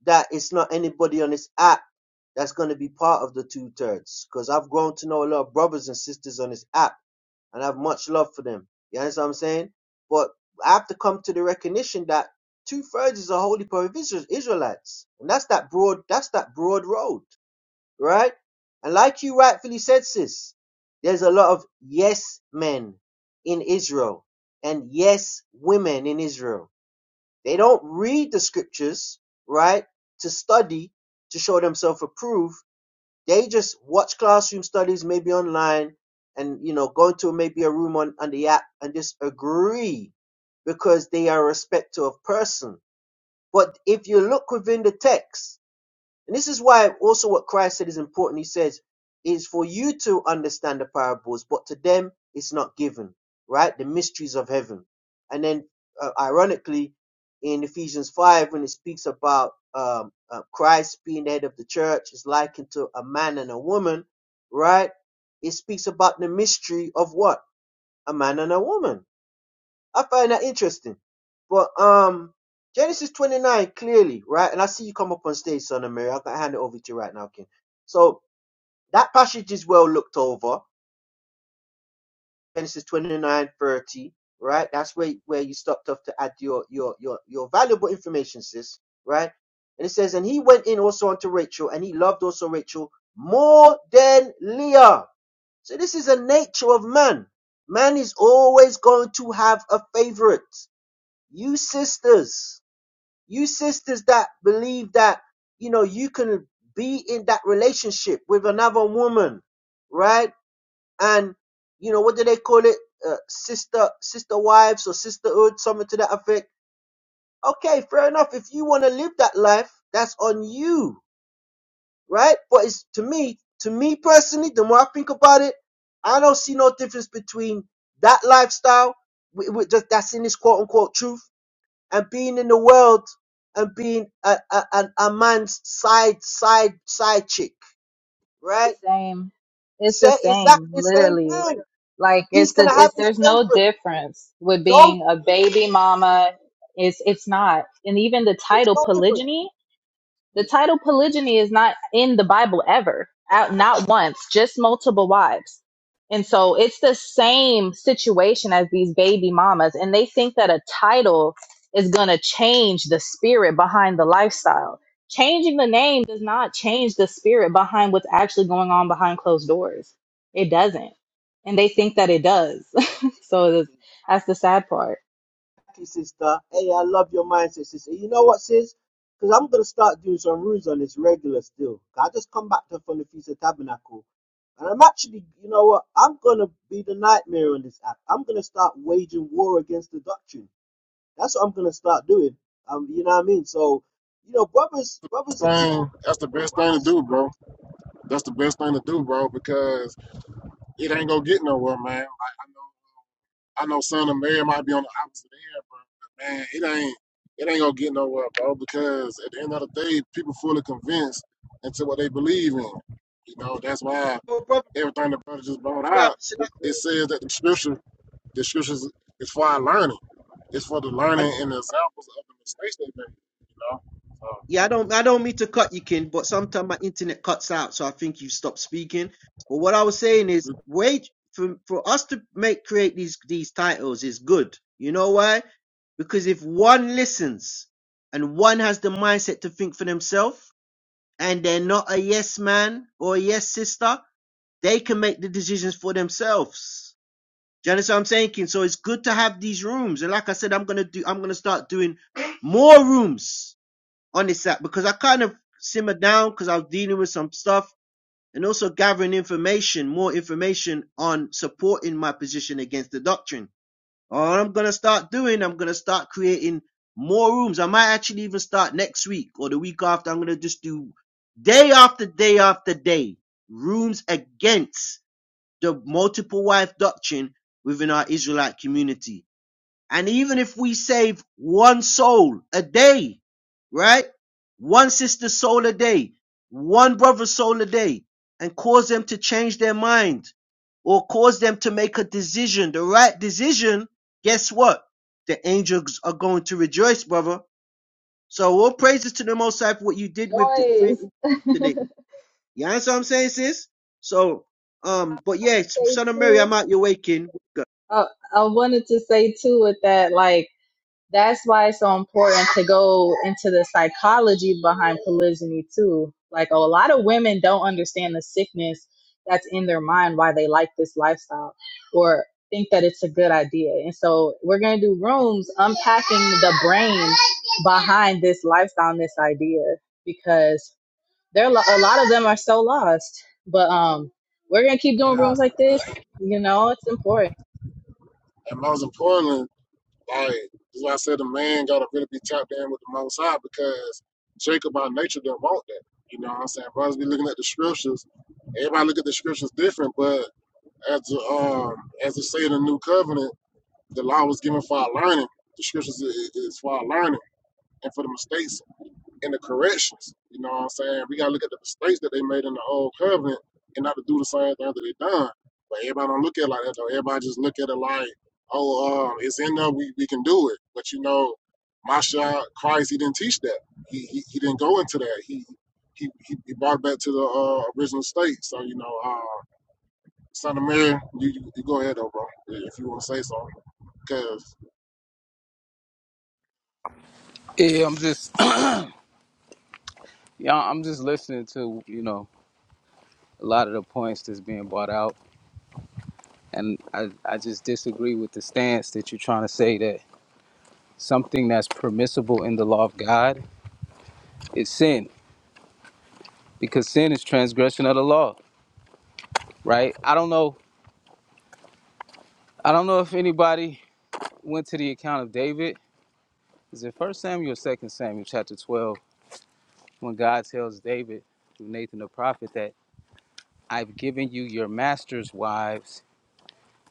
that it's not anybody on this app that's going to be part of the two thirds because I've grown to know a lot of brothers and sisters on this app and I have much love for them. You understand what I'm saying? But I have to come to the recognition that two thirds is a holy pair of Israel- Israelites, and that's that broad that's that broad road right? And like you rightfully said, sis, there's a lot of yes men in Israel and yes women in Israel. They don't read the scriptures, right, to study, to show themselves approved. They just watch classroom studies, maybe online, and, you know, go into maybe a room on, on the app and just agree because they are a respecter of person. But if you look within the text, and this is why also what Christ said is important. He says, It is for you to understand the parables, but to them it's not given, right? The mysteries of heaven. And then, uh, ironically, in Ephesians 5, when it speaks about um, uh, Christ being the head of the church, is likened to a man and a woman, right? It speaks about the mystery of what? A man and a woman I find that interesting. But um, Genesis 29, clearly, right? And I see you come up on stage, Son of Mary. I can hand it over to you right now, King. So that passage is well looked over. Genesis 29, 30, right? That's where, where you stopped off to add your, your, your, your valuable information, sis, right? And it says, and he went in also unto Rachel, and he loved also Rachel more than Leah. So this is a nature of man. Man is always going to have a favorite you sisters, you sisters that believe that, you know, you can be in that relationship with another woman, right? And, you know, what do they call it? Uh, sister, sister wives or sisterhood, something to that effect. Okay, fair enough. If you want to live that life, that's on you, right? But it's to me, to me personally, the more I think about it, I don't see no difference between that lifestyle, wh- wh- that's in this quote unquote truth and being in the world and being a, a, a, a man's side side side chick, right?
it's the same it's the
Say exactly
same
the same
literally
thing.
like
He's
it's the
gonna have
it's
his
there's no
favorite.
difference with
No,
being a baby mama it's it's not and even the
it's
title
no different.
polygyny The
Thank
title polygyny is not in the Bible ever, out not once, just multiple wives. And so it's the same situation as these baby mamas, and they think that a title is going to change the spirit behind the lifestyle. Changing the name does not change the spirit behind what's actually going on behind closed doors. It doesn't. And they think that it does. so that's the sad part.
you, sister. Hey, I love your mindset, sister. You know what, sis? Because I'm gonna start doing some rules on this regular still. I just come back to from the Feast of Tabernacle. And I'm actually, you know what? I'm gonna be the nightmare on this app. I'm gonna start waging war against the doctrine. That's what I'm gonna start doing. Um, you know what I mean? So, you know, brothers, brothers and sisters,
Thing, that's the best thing to do, bro. That's the best thing to do, bro, because it ain't gonna get nowhere, man. Like I know, I know, son of Mary might be on the opposite end, bro, but man, it ain't, it ain't gonna get nowhere, bro, because at the end of the day, people fully convinced into what they believe in. You know, that's why
brother, brother,
everything the brother just brought
brother,
out.
you have to.
It says that the scripture, the scriptures is for our learning. It's for the
I,
learning and the examples of the mistakes they made. You know, so
yeah, I don't, I don't mean to cut you, Ken, but sometimes my internet cuts out, so I think you stop speaking. But what I was saying is,
we-
wait for for us to make create these these titles is good. You know why? Because if one listens and one has the mindset to think for themselves, and they're not a yes man or a yes sister, they can make the decisions for themselves. Do you understand what I'm saying? King? So it's good to have these rooms. And like I said, I'm gonna do I'm gonna start doing more rooms on this app because I kind of simmered down because I was dealing with some stuff and also gathering information, more information on supporting my position against the doctrine. All I'm gonna start doing, I'm gonna start creating more rooms. I might actually even start next week or the week after. I'm gonna just do day after day after day. Rooms against the multiple wife doctrine within our Israelite community. And even if we save one soul a day, right? One sister's soul a day, one brother's soul a day, and cause them to change their mind or cause them to make a decision, the right decision, guess what? The angels are going to rejoice, brother. So all praises to the Most High for what you did with the
Joyce,
creating today. You understand what I'm saying, sis? So, um, but yeah,
say
son of Mary,
two.
I'm out your way, king.
Uh, I wanted to say too with that, like that's why it's so important to go into the psychology behind polygyny too. Like a lot of women don't understand the sickness that's in their mind why they like this lifestyle or think that it's a good idea. And so we're gonna do rooms unpacking the brain behind this lifestyle and this idea because there a lot of them are so lost. But um, we're gonna keep doing
yeah.
rooms like
And
this. You know, it's important.
and most importantly. Like that's why I said the man gotta really be tapped in with the most high because Jacob by nature didn't want that. You know what I'm saying? Brothers be looking at the scriptures. Everybody look at the scriptures different, but as the, um as it say in the new covenant, the law was given for our learning. The scriptures is, is for our learning and for the mistakes in the corrections. You know what I'm saying? We gotta look at the mistakes that they made in the old covenant and not to do the same thing that they done. But everybody don't look at it like that though. Everybody just look at it like, oh, um, it's in there, we, we can do it. But you know, Masha, Christ, he didn't teach that. He he, he didn't go into that. He he he he brought it back to the uh, original state. So, you know, uh, Son of Mary, you, you, you go ahead though, bro, if you wanna say something. Cause
Yeah, I'm just, yeah, I'm just listening to you know a lot of the points that's being brought out, and I, I just disagree with the stance that you're trying to say that something that's permissible in the law of God is sin, because sin is transgression of the law, right? I don't know, I don't know if anybody went to the account of David. Is it First Samuel, or Second Samuel, chapter 12, when God tells David through Nathan the prophet that I've given you your master's wives,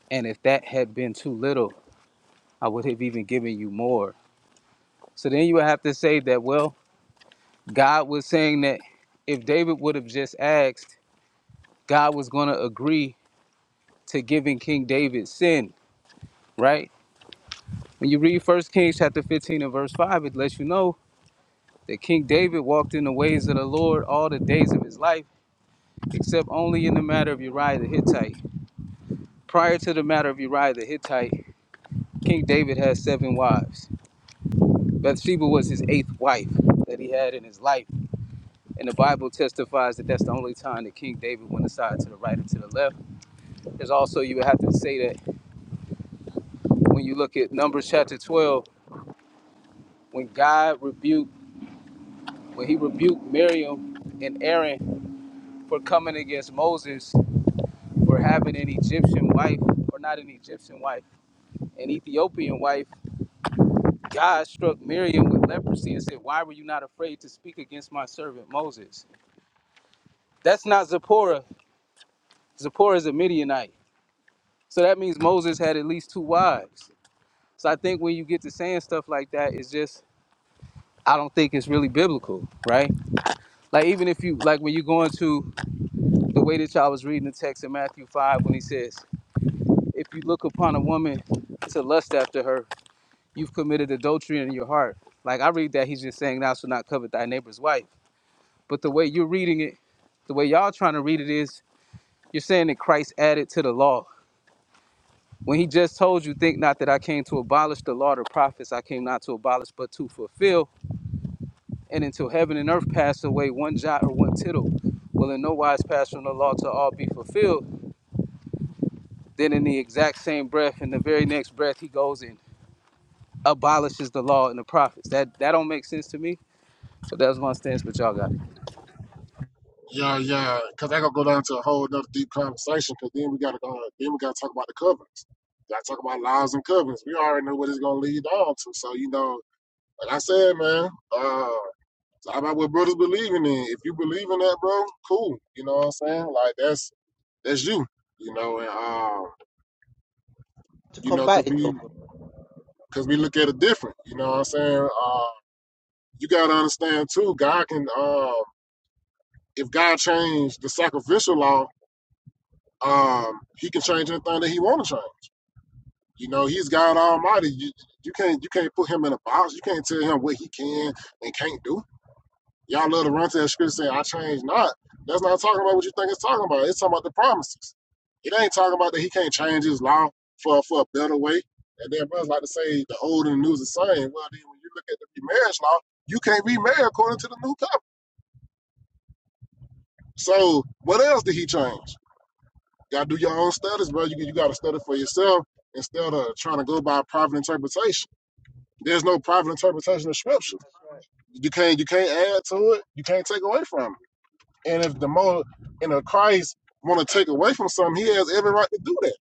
and if that had been too little. I would have even given you more. So then you would have to say that, well, God was saying that if David would have just asked, God was going to agree to giving King David sin, right? When you read 1 Kings chapter 15 and verse 5, it lets you know that King David walked in the ways of the Lord all the days of his life, except only in the matter of Uriah the Hittite. Prior to the matter of Uriah the Hittite, King David had seven wives. Bathsheba was his eighth wife that he had in his life. And the Bible testifies that that's the only time that King David went aside to the right and to the left. There's also, you would have to say that when you look at Numbers chapter 12, when God rebuked, when he rebuked Miriam and Aaron for coming against Moses for having an Egyptian wife, or not an Egyptian wife, an Ethiopian wife, God struck Miriam with leprosy and said, Why were you not afraid to speak against my servant Moses? That's not Zipporah. Zipporah is a Midianite. So that means Moses had at least two wives. So I think when you get to saying stuff like that, it's just I don't think it's really biblical, right? Like even if you like when you go into the way that y'all was reading the text in Matthew five when he says, If you look upon a woman to lust after her, you've committed adultery in your heart. Like I read that he's just saying thou shalt not covet thy neighbor's wife. But the way you're reading it, the way y'all trying to read it is you're saying that Christ added to the law. When he just told you, think not that I came to abolish the law or the prophets, I came not to abolish but to fulfill And until heaven and earth pass away, one jot or one tittle will in no wise pass from the law to all be fulfilled. Then in the exact same breath, in the very next breath, he goes and abolishes the law and the prophets. That that don't make sense to me. But that's my stance. But y'all got it.
Yeah, yeah, because that gonna go down to a whole another deep conversation. Because then we gotta go, then we gotta talk about the covenants. Gotta talk about laws and covenants. We already know what it's gonna lead on to. So you know, like I said, man, uh, it's all about what brothers believing in. If you believe in that, bro, cool. You know what I'm saying? Like that's that's you. You know, and um,
to
you know, cause
combat it though,
we
bro.
cause we look at it different. You know what I'm saying? Uh, you gotta understand too. God can, um, if God changed the sacrificial law, um, He can change anything that He want to change. You know, he's God Almighty. You, you can't you can't put him in a box. You can't tell him what he can and can't do. Y'all love to run to that scripture saying, I change not. That's not talking about what you think it's talking about. It's talking about the promises. It ain't talking about that he can't change his law for for a better way. And then brothers like to say the old and the new is the same. Well, then when you look at the marriage law, you can't remarry according to the new covenant. So what else did he change? You gotta do your own studies, bro. You, you gotta study for yourself instead of trying to go by private interpretation. There's no private interpretation of scripture. You can't you can't add to it. You can't take away from it. And if the more and if Christ want to take away from something, he has every right to do that.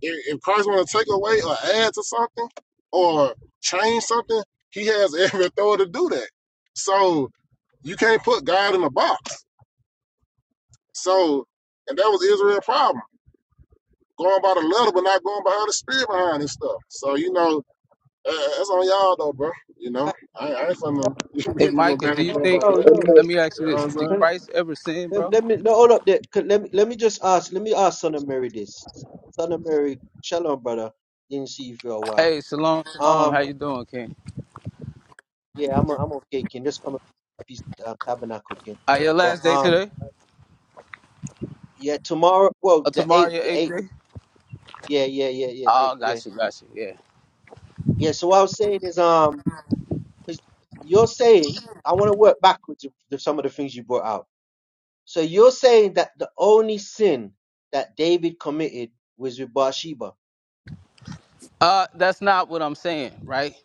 If, if Christ want to take away or add to something or change something, he has every authority to do that. So you can't put God in a box. So, and that was Israel's problem, going by the letter but not going by how the spirit behind this stuff. So you know, Uh, that's on y'all though, bro. You know,
Right?
I, I ain't finna
Hey,
people go
Micah,
back
do
and
you
forth
think?
about
Yo,
that.
yo.
Let me ask you
You know what
this:
I'm
Did
saying?
Can-
Christ ever sin,
Let,
bro?
let me no, hold up there. Can- Let me let me just ask. Let me ask Son of Mary this. Son of Mary, shalom, brother. Didn't see you for a while.
Hey, shalom, shalom. How
Um,
you doing, King?
yeah, I'm i am i am okay, King. Just come and peace uh, tabernacle, King.
Uh, your
But
last day
um,
today?
yeah, tomorrow. Well,
Or
the
tomorrow,
eighth,
your
the
eighth
eighth.
day?
Yeah, yeah, yeah, yeah,
Oh,
eighth, yeah,
gotcha, gotcha. Yeah.
yeah. So what I was saying is um. Because you're saying, I want to work backwards with the- some of the things you brought out. So you're saying that the only sin that David committed was with Bathsheba.
Uh, that's not what I'm saying, right?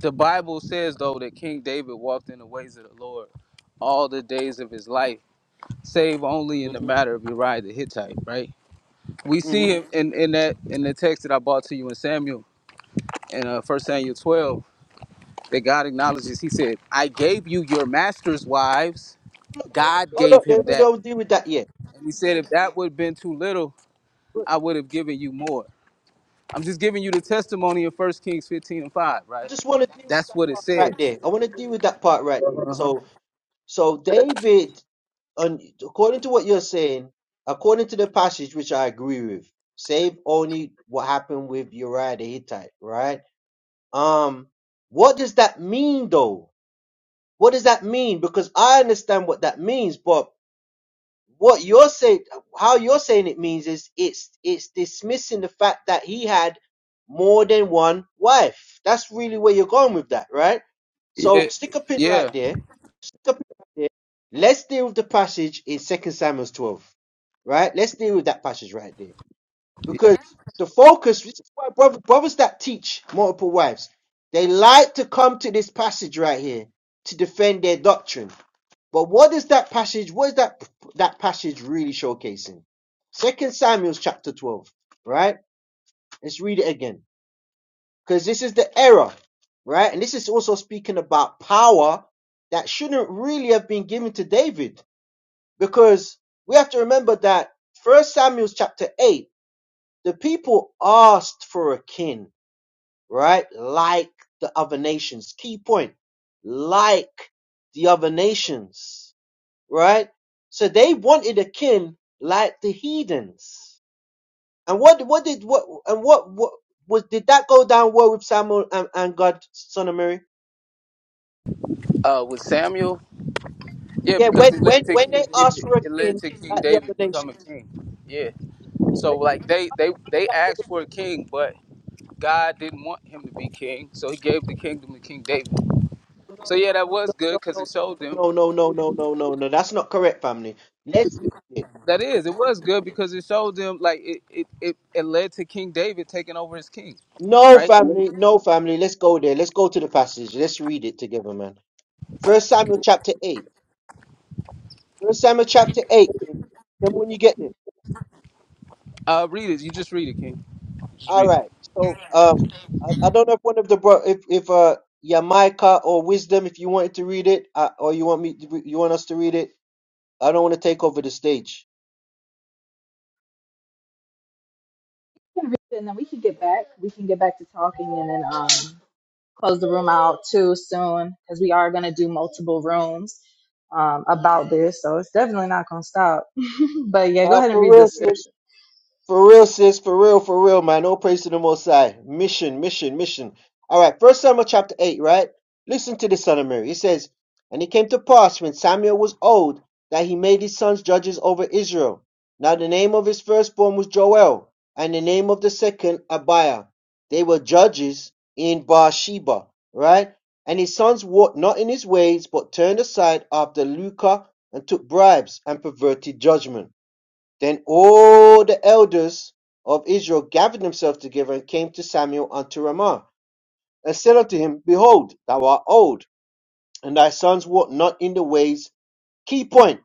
The Bible says though that King David walked in the ways of the Lord all the days of his life, save only in the
hmm
matter of Uriah the Hittite, right? We see
hmm
him in, in that in the text that I brought to you in Samuel in uh, 1 Samuel 12 that God acknowledges. He said, "I gave you your master's wives. God
Hold
gave
up,
him
David. We
that."
don't deal with that yet.
And he said, "If that would have been too little, I would have given you more." I'm just giving you the testimony in First Kings 15 and 5,
I
right?
just want to deal with
That's what it
that
says.
right there. I want to deal with that part right there.
Uh-huh.
So, so David, un- according to what you're saying, according to the passage which I agree with, save only what happened with Uriah the Hittite, right? Um, what does that mean though? What does that mean? Because I understand what that means, but what you're saying, how you're saying it means is it's it's dismissing the fact that he had more than one wife. That's really where you're going with that, right?
Yeah.
So stick a pin
Yeah.
right there. Stick a pin right there. Let's deal with the passage in Second Samuel 12, right? Let's deal with that passage right there
Yeah.
because the focus, this is why brothers, brothers that teach multiple wives, they like to come to this passage right here to defend their doctrine but what is that passage? What is that that passage really showcasing? Second Samuel chapter 12, right? Let's read it again. Because this is the error, right? And this is also speaking about power that shouldn't really have been given to David. Because we have to remember that first Samuel chapter 8, the people asked for a king, right? Like the other nations. Key point. Like the other nations right? So they wanted a king like the heathens. And what what did what and what what was did that go down well with Samuel and, and God, son of Mary?
Uh, with Samuel, yeah,
Yeah,
because
when
it led
when
to
when they
King
asked
David.
for a
It led
king
to King
like the other
David
nation.
becoming king. Yeah. So
when-
like they they they asked for a king, but God didn't want him to be king, so He gave the kingdom to King David.
No,
So yeah,
no,
that
no,
was good
no,
because it
no,
showed them.
no, no, no, no, no, no, no, no. no, That's not correct, family. Let's read it.
That is,
Let's-
it was good because it showed them like it it it, it led to King David taking over as king,
No,
right?
family, no, family. Let's go there. Let's go to the passage. Let's read it together, man. First Samuel chapter eight. First Samuel chapter eight. Then when you get there.
Uh, read it. You just read it, King. Just
All
read it.
right. So um, I, I don't know if one of the bro, if if uh Yamaika or Wisdom, if you wanted to read it, uh, or you want me, to, re- you want us to read it. I don't want to take over the stage.
And then we can get back. We can get back to talking and then um, close the room out too soon because we are going to do multiple rooms um, about this. So it's definitely not going to stop. but yeah, go
Uh,
ahead and
for
read
real,
the
sis.
scripture.
For real, sis. For real, for real, man. All praise to the Most High. Mission, mission, mission. All right. First Samuel chapter eight. Right. Listen to the son of Mary. It says, "And it came to pass when Samuel was old that he made his sons judges over Israel. Now the name of his firstborn was Joel, and the name of the second Abiah. They were judges in Bathsheba. Right. And his sons walked not in his ways, but turned aside after Lucah and took bribes and perverted judgment." Then all the elders of Israel gathered themselves together and came to Samuel unto Ramah, and said unto him, Behold, thou art old, and thy sons walk not in the ways. Key point.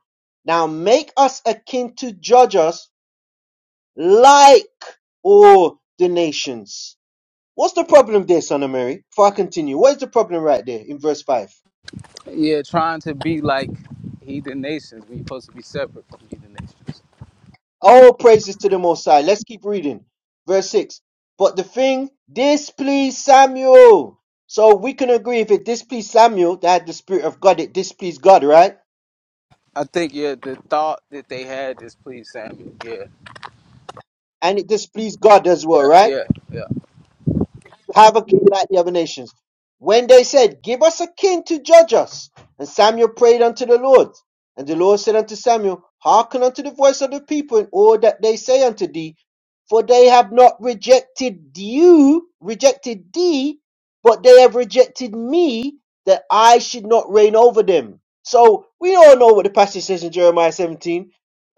Now make us a king to judge us like all the nations. What's the problem there, son of Mary? Before I continue, what is the problem right there in verse 5?
Yeah, trying to be like heathen nations. We are supposed to be separate from heathen nations.
All praises to the Most High. Let's keep reading. Verse 6. But the thing displeased Samuel. So we can agree if it displeased Samuel, that had the Spirit of God, it displeased God, right?
I think yeah, the thought that they had displeased Samuel. Yeah,
And it displeased God as
yeah,
well, right?
yeah, yeah.
have a king like the other nations. When they said, Give us a king to judge us. And Samuel prayed unto the Lord. And the Lord said unto Samuel, Hearken unto the voice of the people in all that they say unto thee, for they have not rejected you, rejected thee, but they have rejected me, that I should not reign over them. So we all know what the passage says in Jeremiah 17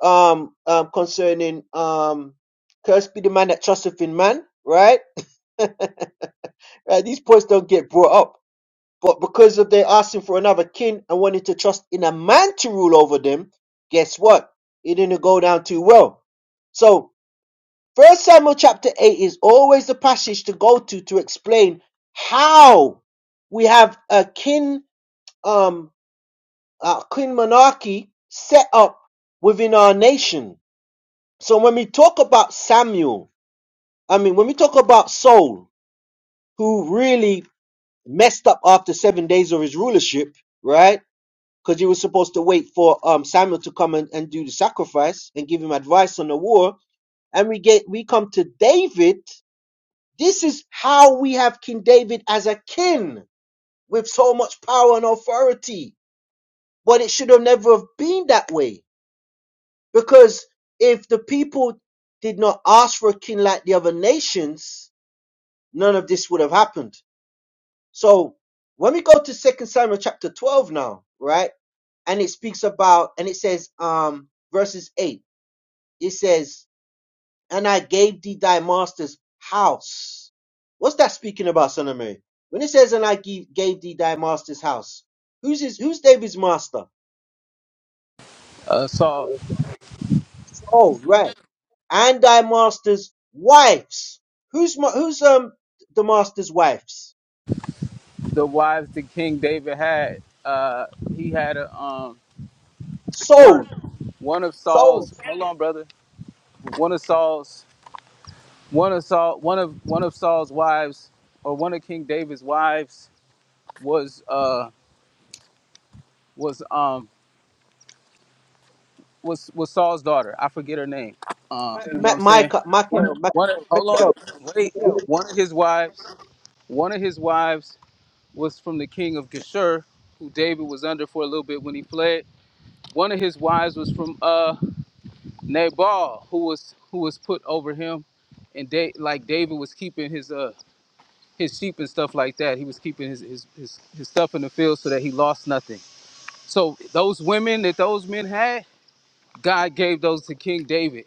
um, um, concerning um, cursed be the man that trusteth in man, right? Right? These points don't get brought up. But because of their asking for another king and wanting to trust in a man to rule over them, guess what? It didn't go down too well. So, First Samuel chapter 8 is always the passage to go to to explain how we have a kin, um, a kin monarchy set up within our nation. So, when we talk about Samuel, I mean, when we talk about Saul, who really messed up after seven days of his rulership, right? Because he was supposed to wait for um, Samuel to come and, and do the sacrifice and give him advice on the war. And we get we come to David. This is how we have King David as a king with so much power and authority. But it should have never have been that way. Because if the people did not ask for a king like the other nations, none of this would have happened. So when we go to Second Samuel chapter 12 now, right? and it speaks about and it says um verses 8 it says and i gave thee thy master's house what's that speaking about son of mary when it says and i gave, gave thee thy master's house who's his who's david's master
Uh, so
oh right and thy master's wives who's ma- who's um the master's wives
the wives that King David had, uh, he had a um one of
soul
one of
soul
Saul's. Hold on, brother. One of Saul's one of Saul one of one of Saul's wives or one of King David's wives was uh was um was was Saul's daughter. I forget her name. Uh, you know what
Ma- Ma-
I'm saying?
Micah, Michael,
One of,
Michael,
hold
Michael.
on, wait. One of his wives. One of his wives was from the king of Geshur, who David was under for a little bit when he fled. One of his wives was from uh, Nabal, who was who was put over him, and da- like David was keeping his uh his sheep and stuff like that. He was keeping his his, his his stuff in the field so that he lost nothing. So those women that those men had, God gave those to King David,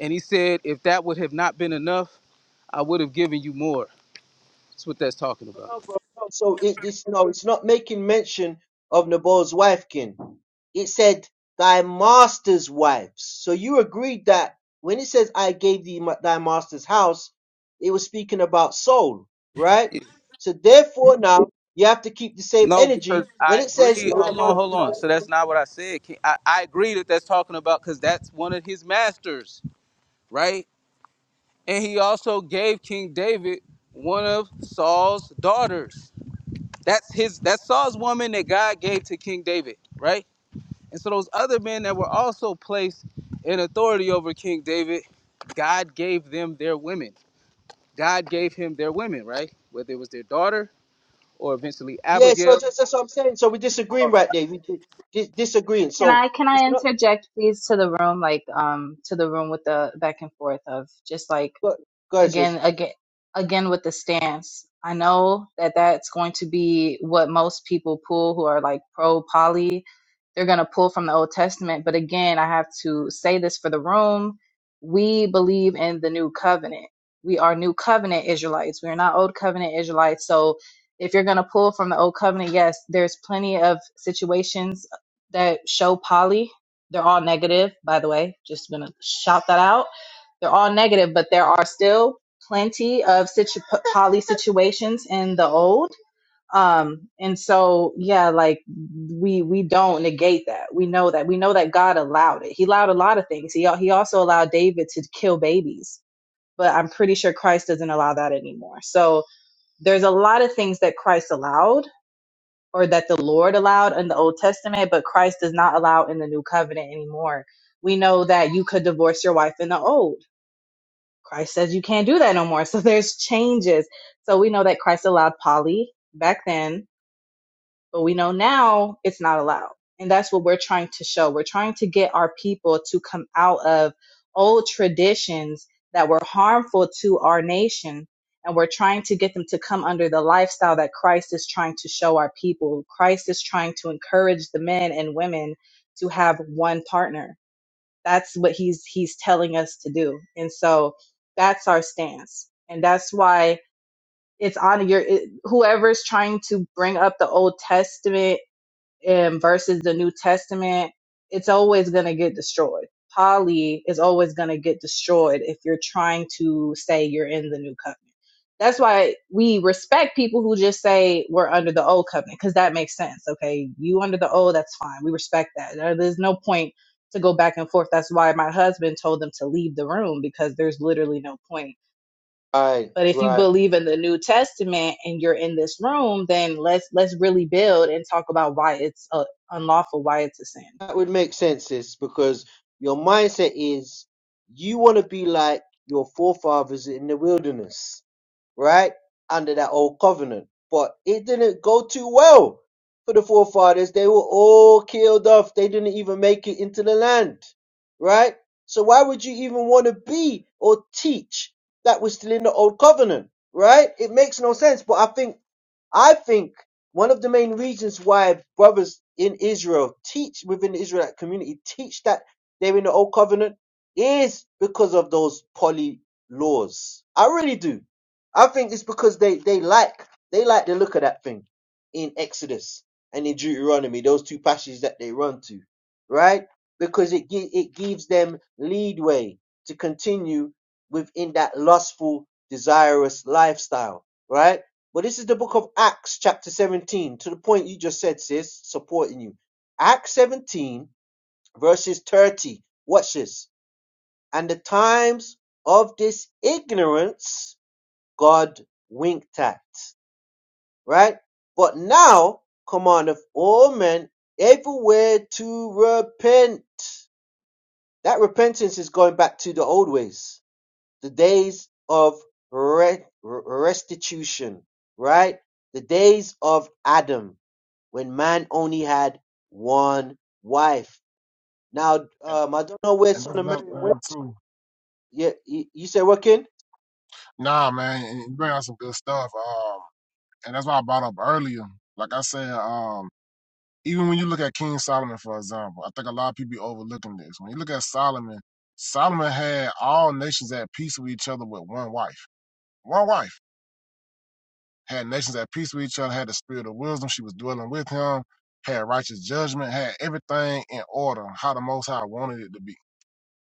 and he said, if that would have not been enough, I would have given you more. That's what that's talking about.
No, bro. No. So it this no, it's not making mention of Nabal's wife, kin. It said thy master's wives. So you agreed that when it says I gave thee ma- thy master's house, it was speaking about soul, right? So therefore now you have to keep the same
No, because
energy when
I
it says
agree.
thy
Hold on, hold on.
master's.
So that's not what I said. Can- I, I agree that that's talking about because that's one of his masters, right? And he also gave King David one of Saul's daughters. That's his. That's Saul's woman that God gave to King David, right? And so those other men that were also placed in authority over King David, God gave them their women. God gave him their women, right? Whether it was their daughter or eventually
Yeah. So
Abigail
that's, that's what I'm saying. So we're disagreeing right there. We di- dis- disagreeing.
Can
So
I can
it's
I
not.
interject please to the room like um to the room with the back and forth of just like
Go, go ahead, sis.
again again again with the stance i know that that's going to be what most people pull who are like pro poly they're going to pull from the old testament but again i have to say this for the room we believe in the new covenant we are new covenant israelites we are not old covenant israelites so if you're going to pull from the old covenant yes there's plenty of situations that show poly they're all negative by the way just going to shout that out they're all negative, but there are still plenty of situ- poly situations in the old. Um, and so, yeah, like we we don't negate that. We know that. We know that God allowed it. He allowed a lot of things. He al- he also allowed David to kill babies, but I'm pretty sure Christ doesn't allow that anymore. So there's a lot of things that Christ allowed or that the Lord allowed in the Old Testament, but Christ does not allow in the New Covenant anymore. We know that you could divorce your wife in the old Christ says you can't do that no more. So there's changes. So we know that Christ allowed poly back then, but we know now it's not allowed. And that's what we're trying to show. We're trying to get our people to come out of old traditions that were harmful to our nation. And we're trying to get them to come under the lifestyle that Christ is trying to show our people. Christ is trying to encourage the men and women to have one partner that's what he's he's telling us to do. And so that's our stance. And that's why it's on your it, whoever's trying to bring up the Old Testament um, versus the New Testament, it's always going to get destroyed. Poly is always going to get destroyed if you're trying to say you're in the new covenant. That's why we respect people who just say we're under the old covenant because that makes sense. Okay, you under the old, that's fine. We respect that. There- There's no point to go back and forth. That's why my husband told them to leave the room because there's literally no point
Right.
but if you
Right.
believe in the New Testament and you're in this room, then let's let's really build and talk about why it's uh, unlawful, why it's a sin.
that would make sense is because your mindset is you want to be like your forefathers in the wilderness right? Under that old covenant. But it didn't go too well for the forefathers. They were all killed off. They didn't even make it into the land, right? So why would you even want to be or teach that was still in the old covenant, right? It makes no sense. But I think, I think one of the main reasons why brothers in Israel teach within the Israelite community teach that they're in the old covenant is because of those poly laws. I really do I think it's because they they like they like the look of that thing in Exodus and in Deuteronomy, those two passages that they run to, right? Because it gi- it gives them leadway to continue within that lustful, desirous lifestyle, right? But this is the book of Acts, chapter 17, to the point you just said, sis, supporting you. Acts 17, verses 30. Watch this. And the times of this ignorance God winked at, right? But now commandeth all men everywhere to repent. That repentance is going back to the old ways, the days of re- restitution, right? The days of Adam, when man only had one wife. Now,
And,
um, I don't know where
and that's
Son of
another
Mary went.
thing too.
Yeah, you, you said what, Ken?
Nah, man, and you bring out some good stuff. Um, and that's why I brought up earlier. Like I said, um, even when you look at King Solomon, for example, I think a lot of people be overlooking this. When you look at Solomon, Solomon had all nations at peace with each other with one wife. One wife. had nations at peace with each other, had the spirit of wisdom. She was dwelling with him, had righteous judgment, had everything in order, how the Most High wanted it to be.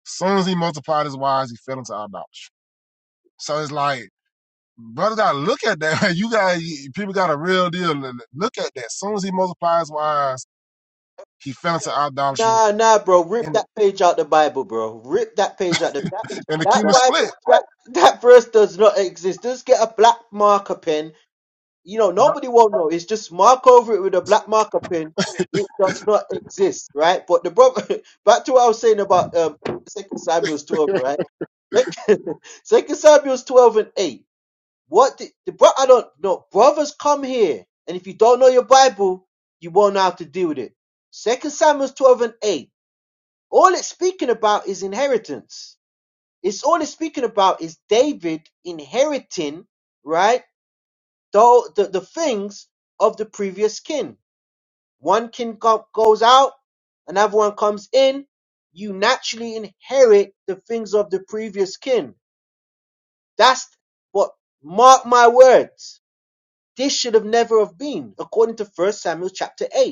soon as he multiplied his wives, he fell into idolatry. So it's like, brother, gotta look at that. man. You got people got a real deal. Look at that. soon as he multiplies wives, he fell
Nah,
into idolatry,
nah, nah, bro. Rip
and
that page out the Bible, bro. Rip that page out the that
and the
that
kingdom
Bible
split.
that, that verse does not exist. Just get a black marker pen. You know,
Bro,
nobody won't know. It's just mark over it with a black marker pen. It does not exist, right? But the brother, back to what I was saying about um, Second Samuel's twelve, right? Second Samuel's twelve and eight. What the, the bro? I don't know. Brothers, come here, and if you don't know your Bible, you won't know how to deal with it. Second Samuel's twelve and eight all it's speaking about is inheritance. It's all it's speaking about is David inheriting, right? The, the, the things of the previous kin. One kin go- goes out, another one comes in. You naturally inherit the things of the previous kin. That's what, mark my words. This should have never have been, according to First Samuel chapter 8.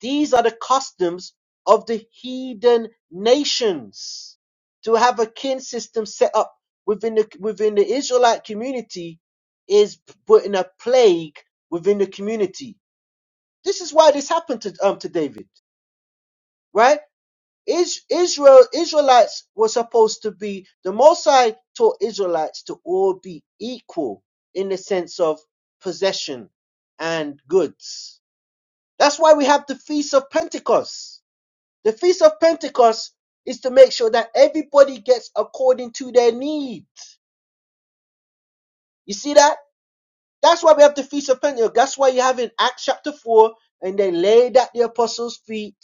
These are the customs of the heathen nations to have a kin system set up within the within the Israelite community is putting a plague within the community. This is why this happened to um to David, right? Is Israel Israelites were supposed to be the Mosai taught Israelites to all be equal in the sense of possession and goods. That's why we have the Feast of Pentecost the Feast of Pentecost is to make sure that everybody gets according to their needs. You see that? That's why we have the Feast of Pentecost. That's why you have in Acts chapter 4, and they laid at the apostles' feet,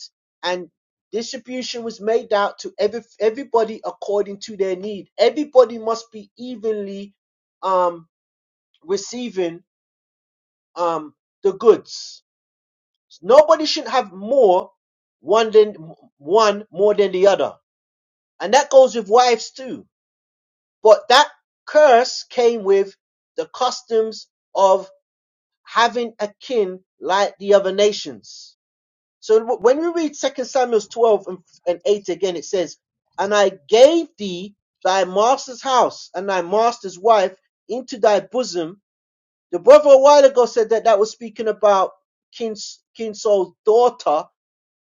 and distribution was made out to every everybody according to their need. Everybody must be evenly um, receiving um, the goods. Nobody should have more one than one more than the other. And that goes with wives too But that curse came with the customs of having a kin like the other nations. So when we read Second Samuel 12 and, 8 again, it says, And I gave thee thy master's house and thy master's wife into thy bosom. The brother a while ago said that that was speaking about King, King Saul's daughter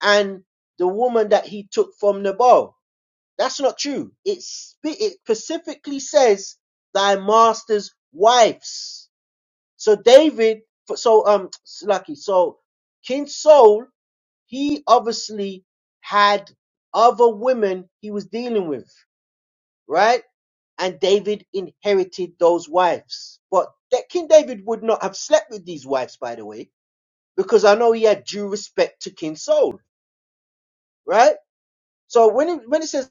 and the woman that he took from Nabal. That's not true. It, it specifically says thy master's wives. So David, so um, lucky. So King Saul, he obviously had other women he was dealing with, right? And David inherited those wives. But that King David would not have slept with these wives, by the way, because I know he had due respect to King Saul, right? So when it, when it says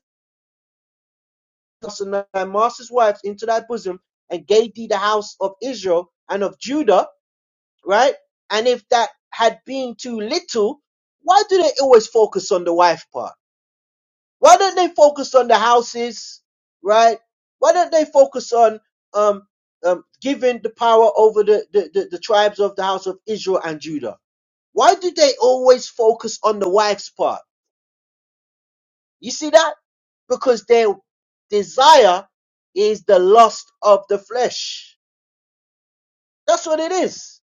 us and thy master's wives into thy bosom, and gave thee the house of Israel and of Judah, right? And if that had been too little, why do they always focus on the wife part? Why don't they focus on the houses, right? Why don't they focus on um, um, giving the power over the, the, the, the tribes of the house of Israel and Judah? Why do they always focus on the wife's part? You see that? Because their desire is the lust of the flesh. That's what it is.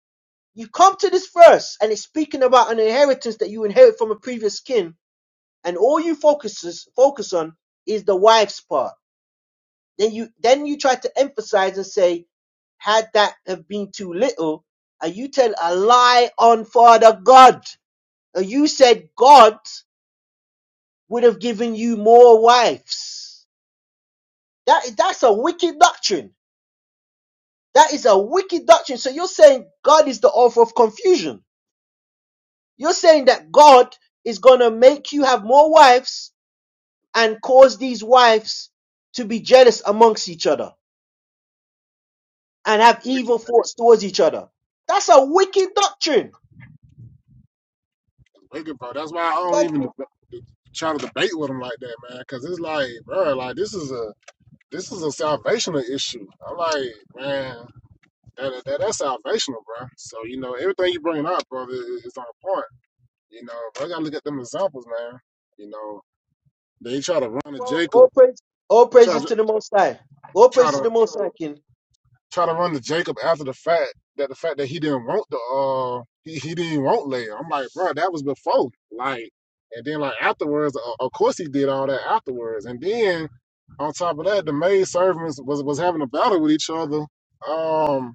You come to this verse and it's speaking about an inheritance that you inherit from a previous kin, and all you focuses focus on is the wife's part. Then you then you try to emphasize and say, had that have been too little, and you tell a lie on Father God. And you said God would have given you more wives. That that's a wicked doctrine. That is a wicked doctrine. So you're saying God is the author of confusion. You're saying that God is going to make you have more wives and cause these wives to be jealous amongst each other and have
Wicked,
evil thoughts towards each other. That's a wicked doctrine.
wicked, bro. That's why I don't
God,
even
King.
deb- try to debate with him like that, man. Because it's like, bro, like this is a this is a salvational issue. I'm like, man, that, that that's salvational, bro. So you know, everything you bringing up, brother, is, is on point. You know, but I gotta look at them examples, man. You know, they try to run to Jacob,
All praise, all
try
praises
to
to the Most High. All
try
praise to
to
the Most High, King.
try to run to Jacob after the fact that the fact that he didn't want the uh he, he didn't want Leah. I'm like, bro, that was before, like, and then like afterwards, o- of course he did all that afterwards, and then on top of that, the maid servants was was having a battle with each other. Um.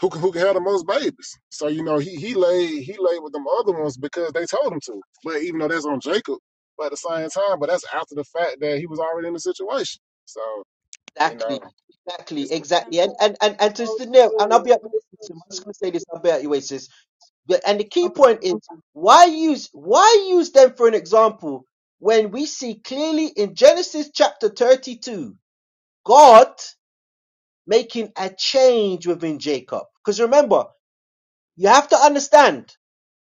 who can, who can have the most babies. So you know he he laid he laid with them other ones because they told him to. But even though that's on Jacob, but at the same time, but that's after the fact that he was already in the situation. So you know
Exactly, exactly,
it's you
But
exactly.
I'm
And and and and to
so
the nail. and I'll be
true.
at your
That is so
waist. I'm just
true.
gonna say this. I'll be at your waist. The- And the key
Okay.
point is why use why use them for an example when we see clearly in Genesis chapter 32 God making a change within Jacob. Because remember, you have to understand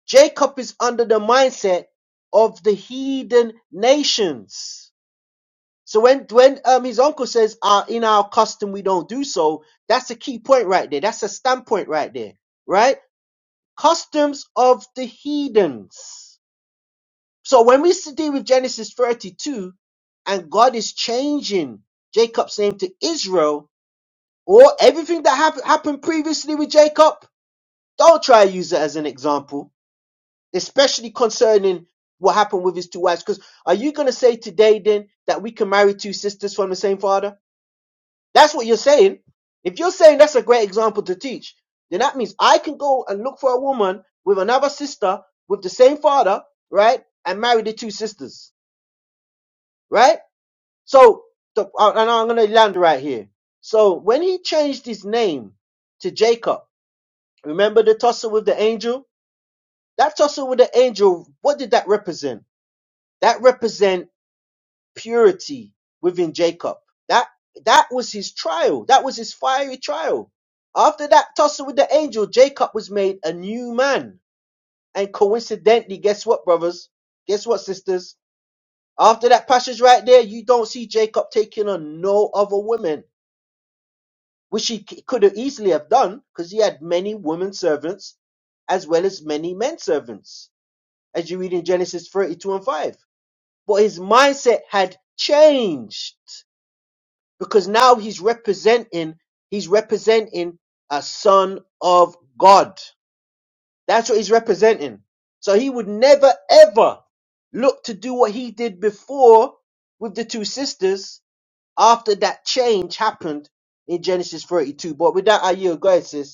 Jacob is under the mindset of the heathen nations. So when when um his uncle says uh, in our custom we don't do so, that's a key point right there. That's a standpoint right there, right? Customs of the heathens. So when we see- deal with Genesis 32 and God is changing Jacob's name to Israel, or everything that hap- happened previously with Jacob, don't try to use it as an example, especially concerning what happened with his two wives. Because are you going to say today then that we can marry two sisters from the same father? That's what you're saying. If you're saying that's a great example to teach, then that means I can go and look for a woman with another sister with the same father, right? And marry the two sisters, right? So, the, uh, and I'm going to land right here. So, when he changed his name to Jacob, remember the tussle with the angel? That tussle with the angel, what did that represent? That represent purity within Jacob. That that was his trial. That was his fiery trial. After that tussle with the angel, Jacob was made a new man. And coincidentally, guess what, brothers? Guess what, sisters? After that passage right there, you don't see Jacob taking on no other women which he could have easily have done because he had many women servants as well as many men servants, as you read in Genesis 32 and 5. But his mindset had changed because now he's representing, he's representing a son of God. That's what he's representing. So he would never ever look to do what he did before with the two sisters after that change happened in Genesis 32. But with that, I yield. Go ahead, sis.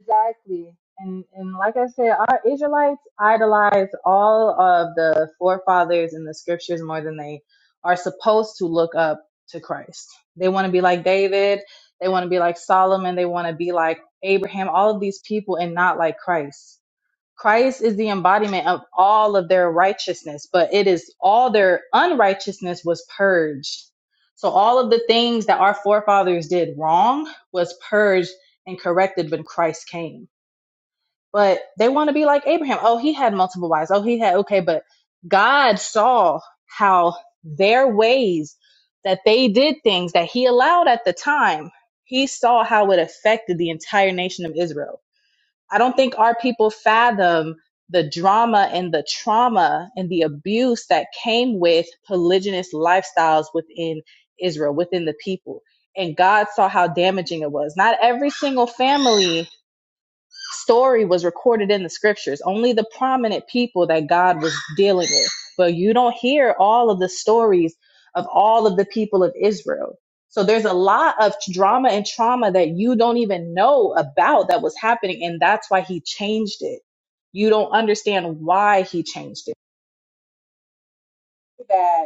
Exactly. And and like I said, our Israelites idolize all of the forefathers in the scriptures more than they are supposed to look up to Christ. They want to be like David. They want to be like Solomon. They want to be like Abraham. All of these people and not like Christ Christ is the embodiment of all of their righteousness, but it is all their unrighteousness was purged. So all of the things that our forefathers did wrong was purged and corrected when Christ came. But they want to be like Abraham. Oh, he had multiple wives. Oh, he had okay, but God saw how their ways that they did things that he allowed at the time, he saw how it affected the entire nation of Israel I don't think our people fathom the drama and the trauma and the abuse that came with polygynous lifestyles within Israel, within the people. And God saw how damaging it was. Not every single family story was recorded in the scriptures, only the prominent people that God was dealing with. But you don't hear all of the stories of all of the people of Israel. So there's a lot of drama and trauma that you don't even know about that was happening. And that's why he changed it. You don't understand why he changed it. That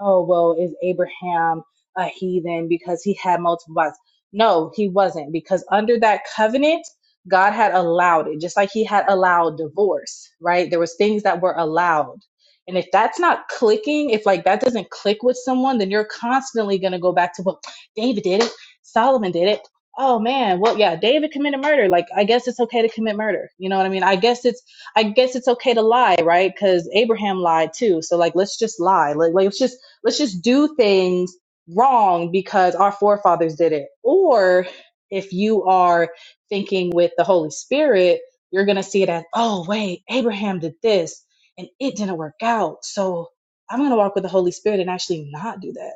oh well is abraham a heathen because he had multiple wives no he wasn't because under that covenant god had allowed it just like he had allowed divorce right there was things that were allowed and if that's not clicking if like that doesn't click with someone then you're constantly going to go back to well david did it solomon did it oh man well yeah david committed murder like i guess it's okay to commit murder you know what i mean i guess it's I guess it's okay to lie, right? Because Abraham lied too. So like, let's just lie. Like, let's just let's just do things wrong because our forefathers did it. Or if you are thinking with the Holy Spirit, you're going to see it as, oh, wait, Abraham did this and it didn't work out. So I'm going to walk with the Holy Spirit and actually not do that.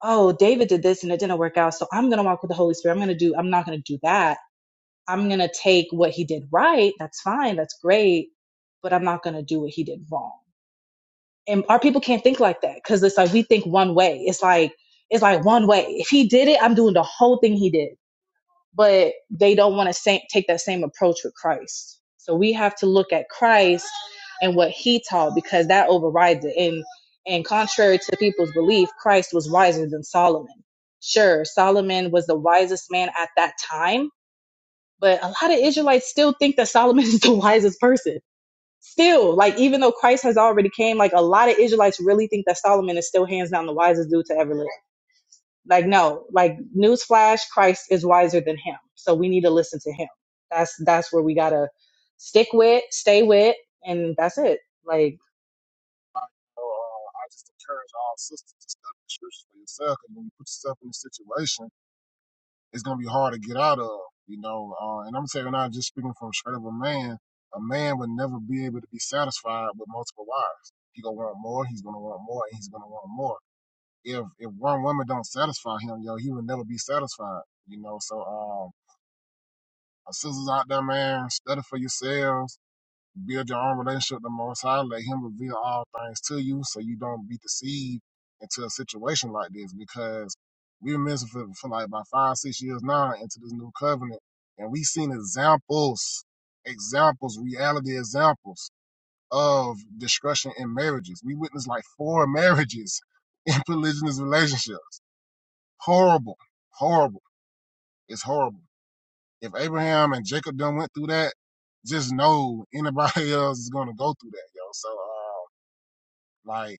Oh, David did this and it didn't work out. So I'm going to walk with the Holy Spirit. I'm going to do, I'm not going to do that. I'm going to take what he did right. That's fine. That's great. But I'm not going to do what he did wrong and our people can't think like that because it's like we think one way. It's like it's like one way. If he did it, I'm doing the whole thing he did. But they don't want to sa- take that same approach with Christ. So we have to look at Christ and what he taught because that overrides it. And and contrary to people's belief, Christ was wiser than Solomon. Sure, Solomon was the wisest man at that time, but a lot of Israelites still think that Solomon is the wisest person still like even though christ has already came like a lot of israelites really think that solomon is still hands down the wisest dude to ever live like no like newsflash christ is wiser than him so we need to listen to him that's that's where we gotta stick with stay with and that's it like
know, uh, I just encourage all sisters to study the scriptures for yourself. And when you put yourself in a situation, it's gonna be hard to get out of. You know, uh, and I'm saying not just speaking from straight up a man. A man would never be able to be satisfied with multiple wives. He gonna want more. He's gonna want more, and he's gonna want more. if if one woman don't satisfy him, yo, he will never be satisfied. You know, so um, our sisters out there, man, study for yourselves, build your own relationship with the Most High, let Him reveal all things to you, so you don't be deceived into a situation like this. Because we've been missing for, for like about five, six years now into this new covenant, and we've seen examples, examples, reality examples of destruction in marriages. We witnessed like four marriages in polygamous relationships Horrible, horrible. It's horrible. If Abraham and Jacob done went through that, just know anybody else is gonna go through that, yo. So, uh, like,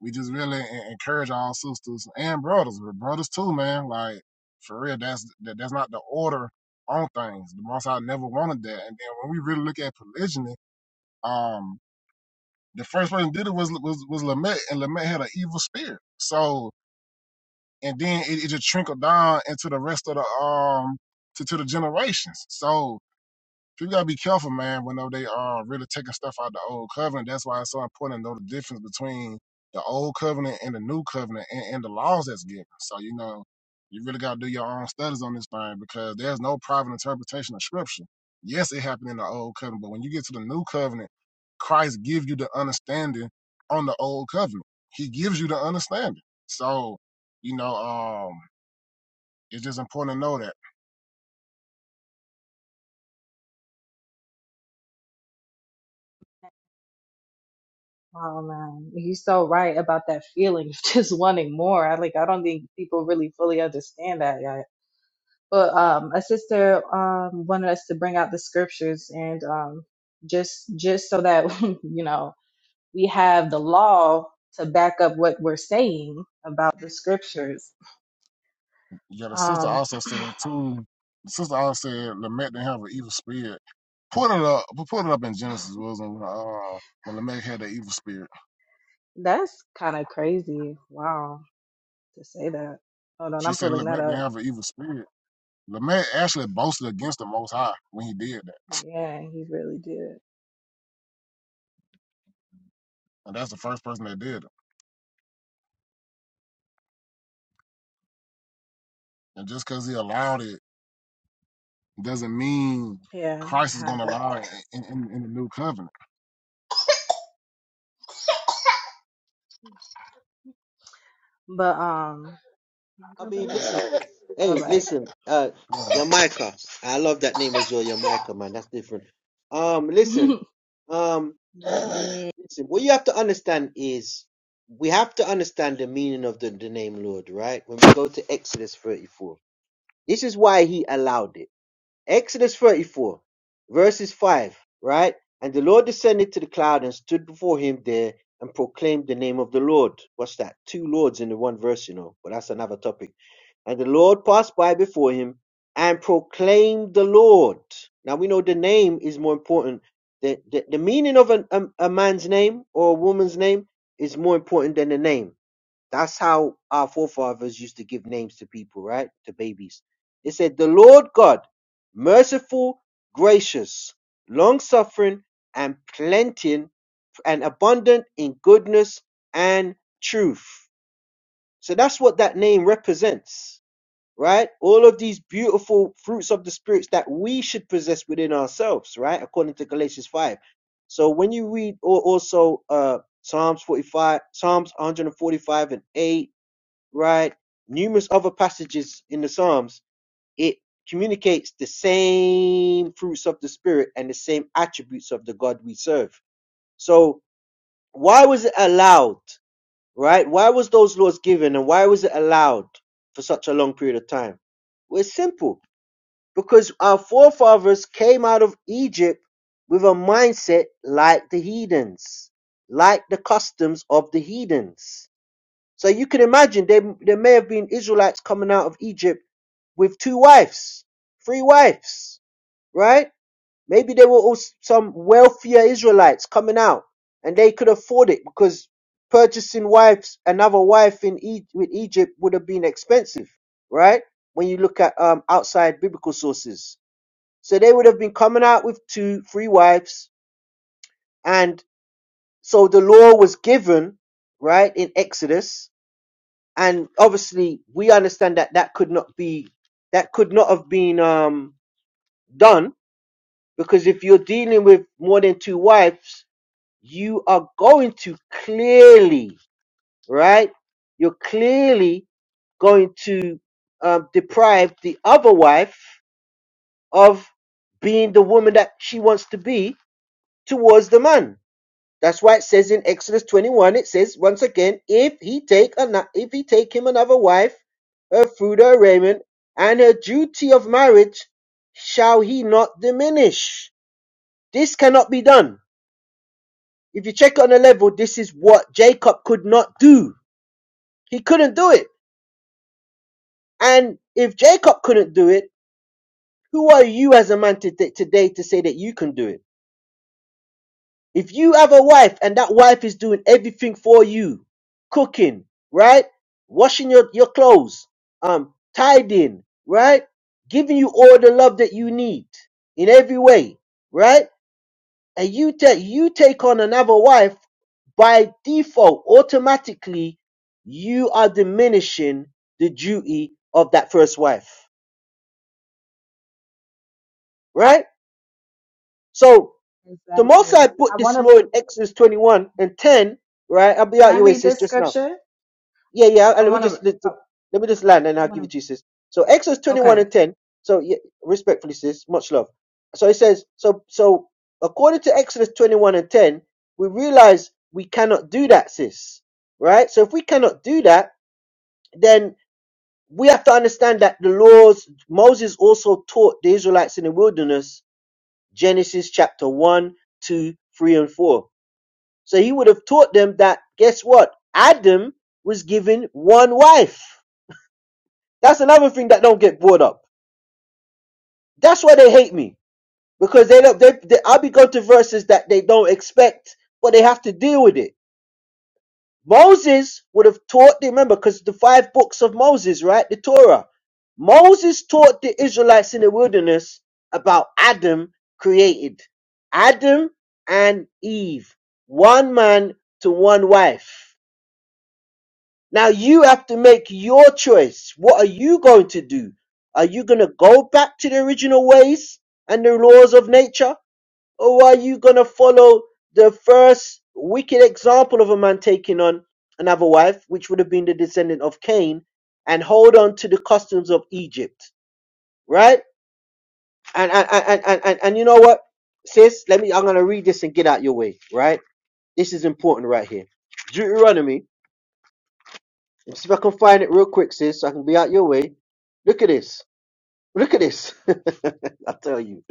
we just really encourage all sisters and brothers, but brothers too, man. Like, for real, that's that, that's not the order on things. The Most High never wanted that. And then when we really look at polygyny, um, the first person did it was was was Lamech, and Lamech had an evil spirit. So and then it, it just trickled down into the rest of the um to, to the generations. So so you gotta be careful, man, whenever they are really taking stuff out of the old covenant. That's why it's so important to know the difference between the old covenant and the new covenant and, and the laws that's given. So, you know, you really gotta do your own studies on this thing because there's no private interpretation of scripture. Yes, it happened in the old covenant, but when you get to the new covenant, Christ gives you the understanding on the old covenant. He gives you the understanding. So, you know, um, it's just important to know that.
oh man he's so right about that feeling of just wanting more i like i don't think people really fully understand that yet but um a sister um wanted us to bring out the scriptures and um just just so that you know we have the law to back up what we're saying about the scriptures.
Yeah, the sister
Um,
also said too. The sister also said Lamech didn't have an evil spirit. Put it up. Put it up in Genesis, wasn't when uh when Lamech had the evil spirit.
that's kind of crazy. Wow, to say that. Hold on,
She
I'm
said
pulling that
Lamech didn't
up.
have an evil spirit. Lamech actually boasted against the Most High when he did that,
Yeah, he really did.
and that's the first person that did it. And just because he allowed it doesn't mean
Yeah,
Christ
I
is
have
going to
it.
allow it in, in, in the new covenant.
But um,
I mean, listen, sis.
all
Hey,
right.
listen, uh,
Yeah.
Yamaika. I love that name as well, Yamaika, man. That's different. Um, listen, um,
Yeah,
listen. What you have to understand is we have to understand the meaning of the, the name Lord, right? When we go to Exodus 34, this is why he allowed it. Exodus 34, verses 5, right? And the Lord descended to the cloud and stood before him there and proclaimed the name of the Lord. What's that? Two Lords in the one verse, you know, but that's another topic. And the Lord passed by before him and proclaimed the Lord. Now we know the name is more important. The, the, the meaning of an, a, a man's name or a woman's name is more important than the name. That's how our forefathers used to give names to people, right? To babies. It said, The Lord God, merciful, gracious, long suffering, and plenteous, and abundant in goodness and truth. So that's what that name represents, right? All of these beautiful fruits of the spirits that we should possess within ourselves, right? According to Galatians 5. So when you read or also uh Psalms 45, Psalms 145 and 8, right? Numerous other passages in the Psalms, it communicates the same fruits of the Spirit and the same attributes of the God we serve. So, why was it allowed, right? Why was those laws given and why was it allowed for such a long period of time? Well, it's simple because our forefathers came out of Egypt with a mindset like the heathens, like the customs of the heathens so you can imagine there, there may have been Israelites coming out of Egypt with two wives, three wives, right? Maybe there were also some wealthier Israelites coming out and they could afford it because purchasing wives, another wife in e- with Egypt would have been expensive, right? When you look at um, outside biblical sources. So they would have been coming out with two, three wives. And so the law was given, right, in Exodus and obviously we understand that that could not be that could not have been um done because if you're dealing with more than two wives you are going to clearly right you're clearly going to um, deprive the other wife of being the woman that she wants to be towards the man That's why it says in Exodus 21, it says once again, if he take ano- if he take him another wife, her food, her raiment, and her duty of marriage, shall he not diminish? This cannot be done. If you check on a level, this is what Jacob could not do. He couldn't do it. And if Jacob couldn't do it, who are you as a man today to say that you can do it? If you have a wife and that wife is doing everything for you, cooking, right? Washing your, your clothes, um, tidying, right? Giving you all the love that you need in every way, right? And you take you take on another wife by default, automatically, you are diminishing the duty of that first wife, right? So the most
exactly.
I
I
put this
want to.
law in Exodus 21 and 10, right? I'll be
Can
out
I
your way,
read
sis,
this
just now
scripture?
Yeah, yeah. uh,
I
Let me
want to.
just let,
I
let me just land, and I'll
want
give it to you,
to.
sis. So Exodus twenty-one
Okay.
and ten. So yeah, respectfully, sis, much love. So it says, so so according to Exodus twenty-one and ten, we realize we cannot do that, sis. Right. So if we cannot do that, then we have to understand that the laws Moses also taught the Israelites in the wilderness, Genesis chapter one, two, three, and four. So he would have taught them that. Guess what? Adam was given one wife That's another thing that don't get brought up. That's why they hate me because they don't. They, they I be going to verses that they don't expect, but they have to deal with it. Moses would have taught. They remember because the five books of Moses, right? The Torah. Moses taught the Israelites in the wilderness about Adam created Adam and Eve, one man to one wife. Now you have to make your choice. What are you going to do? Are you going to go back to the original ways and the laws of nature? Or are you going to follow the first wicked example of a man taking on another wife, which would have been the descendant of Cain, and hold on to the customs of Egypt? Right? And and and and, and, and you know what, sis? Let me I'm gonna read this and get out your way, right? This is important right here. Deuteronomy Let's see if I can find it real quick, sis, so I can be out your way. Look at this. Look at this. I tell you.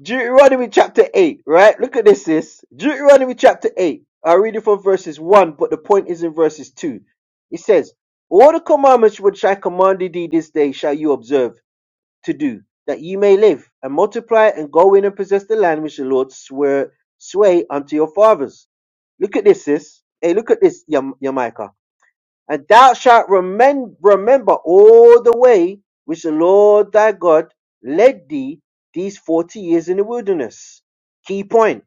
Deuteronomy chapter 8, right? Look at this, sis. Deuteronomy chapter 8. I read it from verses 1, but the point is in verses 2. It says, All the commandments which I commanded thee this day shall you observe to do, that ye may live, and multiply, and go in and possess the land which the Lord swear, sway unto your fathers. Look at this, sis. Hey, look at this, Yam- Yamaika. And thou shalt remem- remember all the way which the Lord thy God led thee these forty years in the wilderness. Key point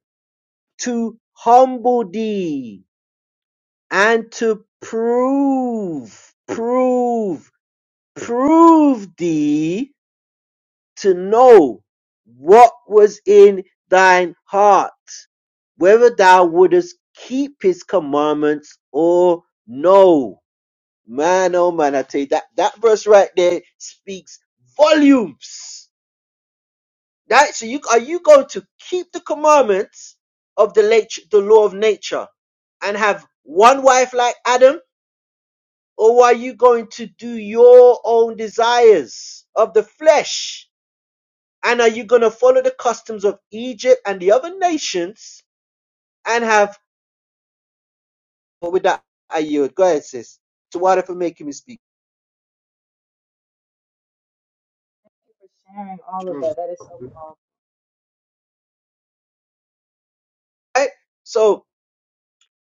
to humble thee and to prove, prove, prove thee to know what was in thine heart, whether thou wouldest keep his commandments or no. Man, oh man, I tell you that that verse right there speaks volumes. That so you are you going to keep the commandments of the late, the law of nature and have one wife like Adam, or are you going to do your own desires of the flesh? And are you going to follow the customs of Egypt and the other nations and have? But with that, I yield. Go ahead, sis. So why for making me speak?
For sharing all of
It's
that, that is so called
Right? So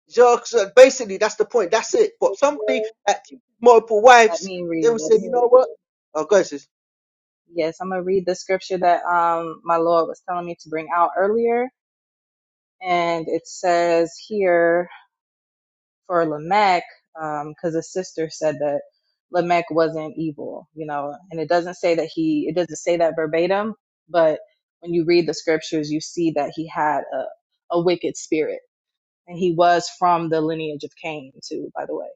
Yeah, so basically, that's the point. That's it. But somebody
Scripture.
that keeps multiple
Let
wives,
me
they
read
will say, you
this
know what?
scripture.
Oh, God, sis.
Yes, I'm gonna read the scripture that um my Lord was telling me to bring out earlier, and it says here for Lamech, um, because his sister said that Lamech wasn't evil, you know, and it doesn't say that he, it doesn't say that verbatim, but when you read the scriptures, you see that he had a a wicked spirit, and he was from the lineage of Cain too, by the way.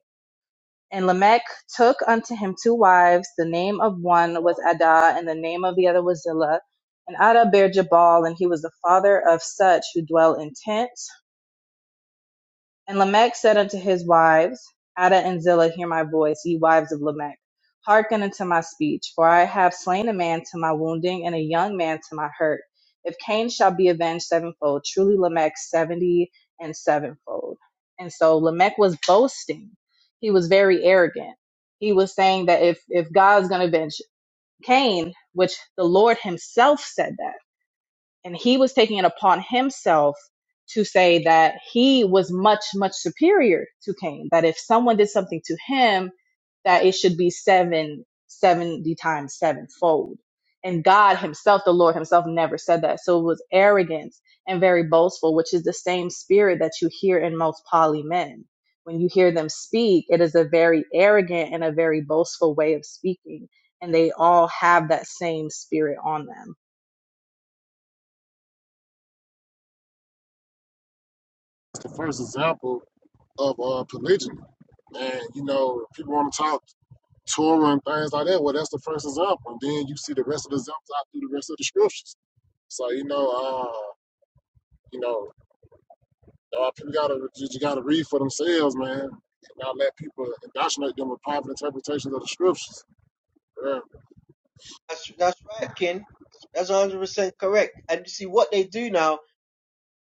And Lamech took unto him two wives. The name of one was Ada, and the name of the other was Zillah. And Ada bare Jabal, and he was the father of such who dwell in tents. And Lamech said unto his wives, Ada and Zillah, hear my voice, ye wives of Lamech. Hearken unto my speech, for I have slain a man to my wounding, and a young man to my hurt. If Cain shall be avenged sevenfold, truly Lamech seventy and sevenfold. And so Lamech was boasting. He was very arrogant. He was saying that if, if God's going to avenge Cain, which the Lord himself said that and he was taking it upon himself to say that he was much much superior to cain that if someone did something to him that it should be seven seventy times sevenfold and god himself the lord himself never said that so it was arrogance and very boastful which is the same spirit that you hear in most poly men when you hear them speak it is a very arrogant and a very boastful way of speaking and they all have that same spirit on them
the first example of uh, polygyny. And you know, people want to talk. Torah and things like that. Well, that's the first example. And then you see the rest of the examples out through the rest of the scriptures. So, you know, uh, you know, uh, people gotta you gotta read for themselves, man. And not let people indoctrinate them with private interpretations of the scriptures. Yeah. We're
That's, that's right, Kin. That's 100% correct. And you see what they do now,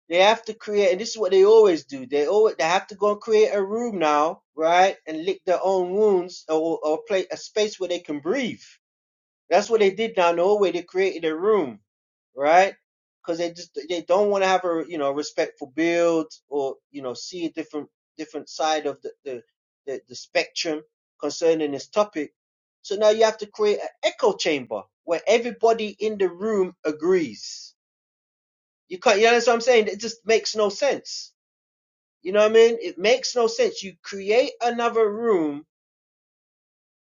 they have to create, and this is what they always do. They always they have to go and create a room now, right? And lick their own wounds or, or play a place- a space where they can breathe. That's what they did down the hallway. They created a room, right? Because they just they don't want to have a you know respectful build or you know see a different different side of the the, the, the spectrum concerning this topic. So now you have to create an echo chamber where everybody in the room agrees. You can't. You know what I'm saying? It just makes no sense. You know what I mean? It makes no sense. You create another room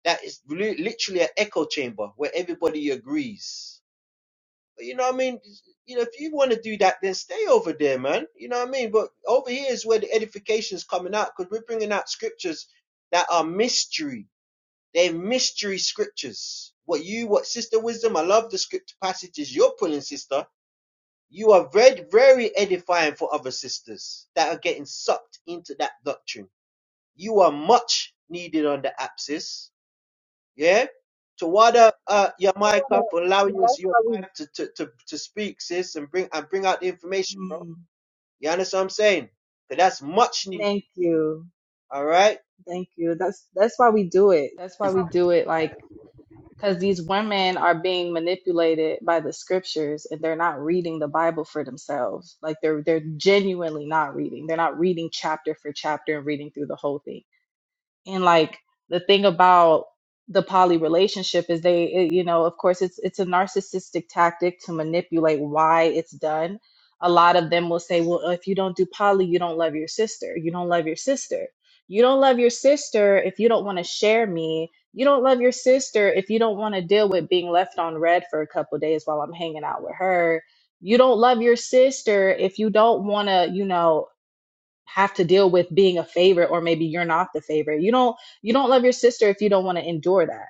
that is li- literally an echo chamber where everybody agrees you know what I mean? You know, if you want to do that, then stay over there, man. You know what I mean? But over here is where the edification is coming out because we're bringing out scriptures that are mystery. They're mystery scriptures. What you, what Sister Wisdom, I love the script passages you're pulling, Sister. You are very, very edifying for other sisters that are getting sucked into that doctrine. You are much needed on the apsis. Yeah. Tawada
That's
uh, your
what
mic
I
up, allow your,
that's
your
why we
wife to, to, to, to speak, sis, and bring and bring out the information, bro.
mm,
You understand what I'm saying? Because that's much needed.
thank you.
All right.
Thank you. That's that's why we do it. That's why we do it like cuz these women are being manipulated by the scriptures and they're not reading the Bible for themselves. Like they're they're genuinely not reading. They're not reading chapter for chapter and reading through the whole thing. and like the thing about the poly relationship is they it- you know of course it's it's a narcissistic tactic to manipulate why it's done a lot of them will say well if you don't do poly you don't love your sister you don't love your sister you don't love your sister if you don't want to share me you don't love your sister if you don't want to deal with being left on red for a couple days while i'm hanging out with her you don't love your sister if you don't want to you know have to deal with being a favorite or maybe you're not the favorite. You don't you don't love your sister if you don't want to endure that.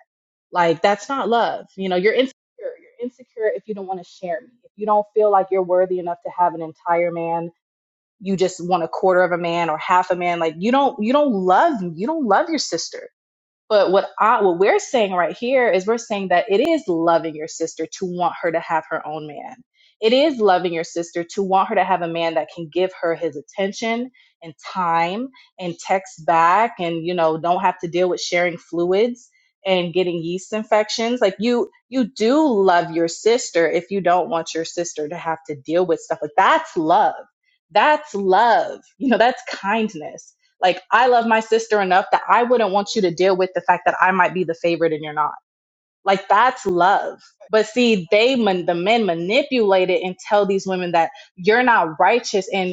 Like that's not love. You know, you're insecure. You're insecure if you don't want to share me. If you don't feel like you're worthy enough to have an entire man, you just want a quarter of a man or half a man. Like you don't you don't love you don't love your sister. But what I, what we're saying right here is we're saying that it is loving your sister to want her to have her own man. It is loving your sister to want her to have a man that can give her his attention and time and text back and you know don't have to deal with sharing fluids and getting yeast infections. Like you you do love your sister if you don't want your sister to have to deal with stuff like that's love. That's love. You know, that's kindness like I love my sister enough that I wouldn't want you to deal with the fact that I might be the favorite and you're not. Like that's love. But see, they man, the men manipulate it and tell these women that you're not righteous. And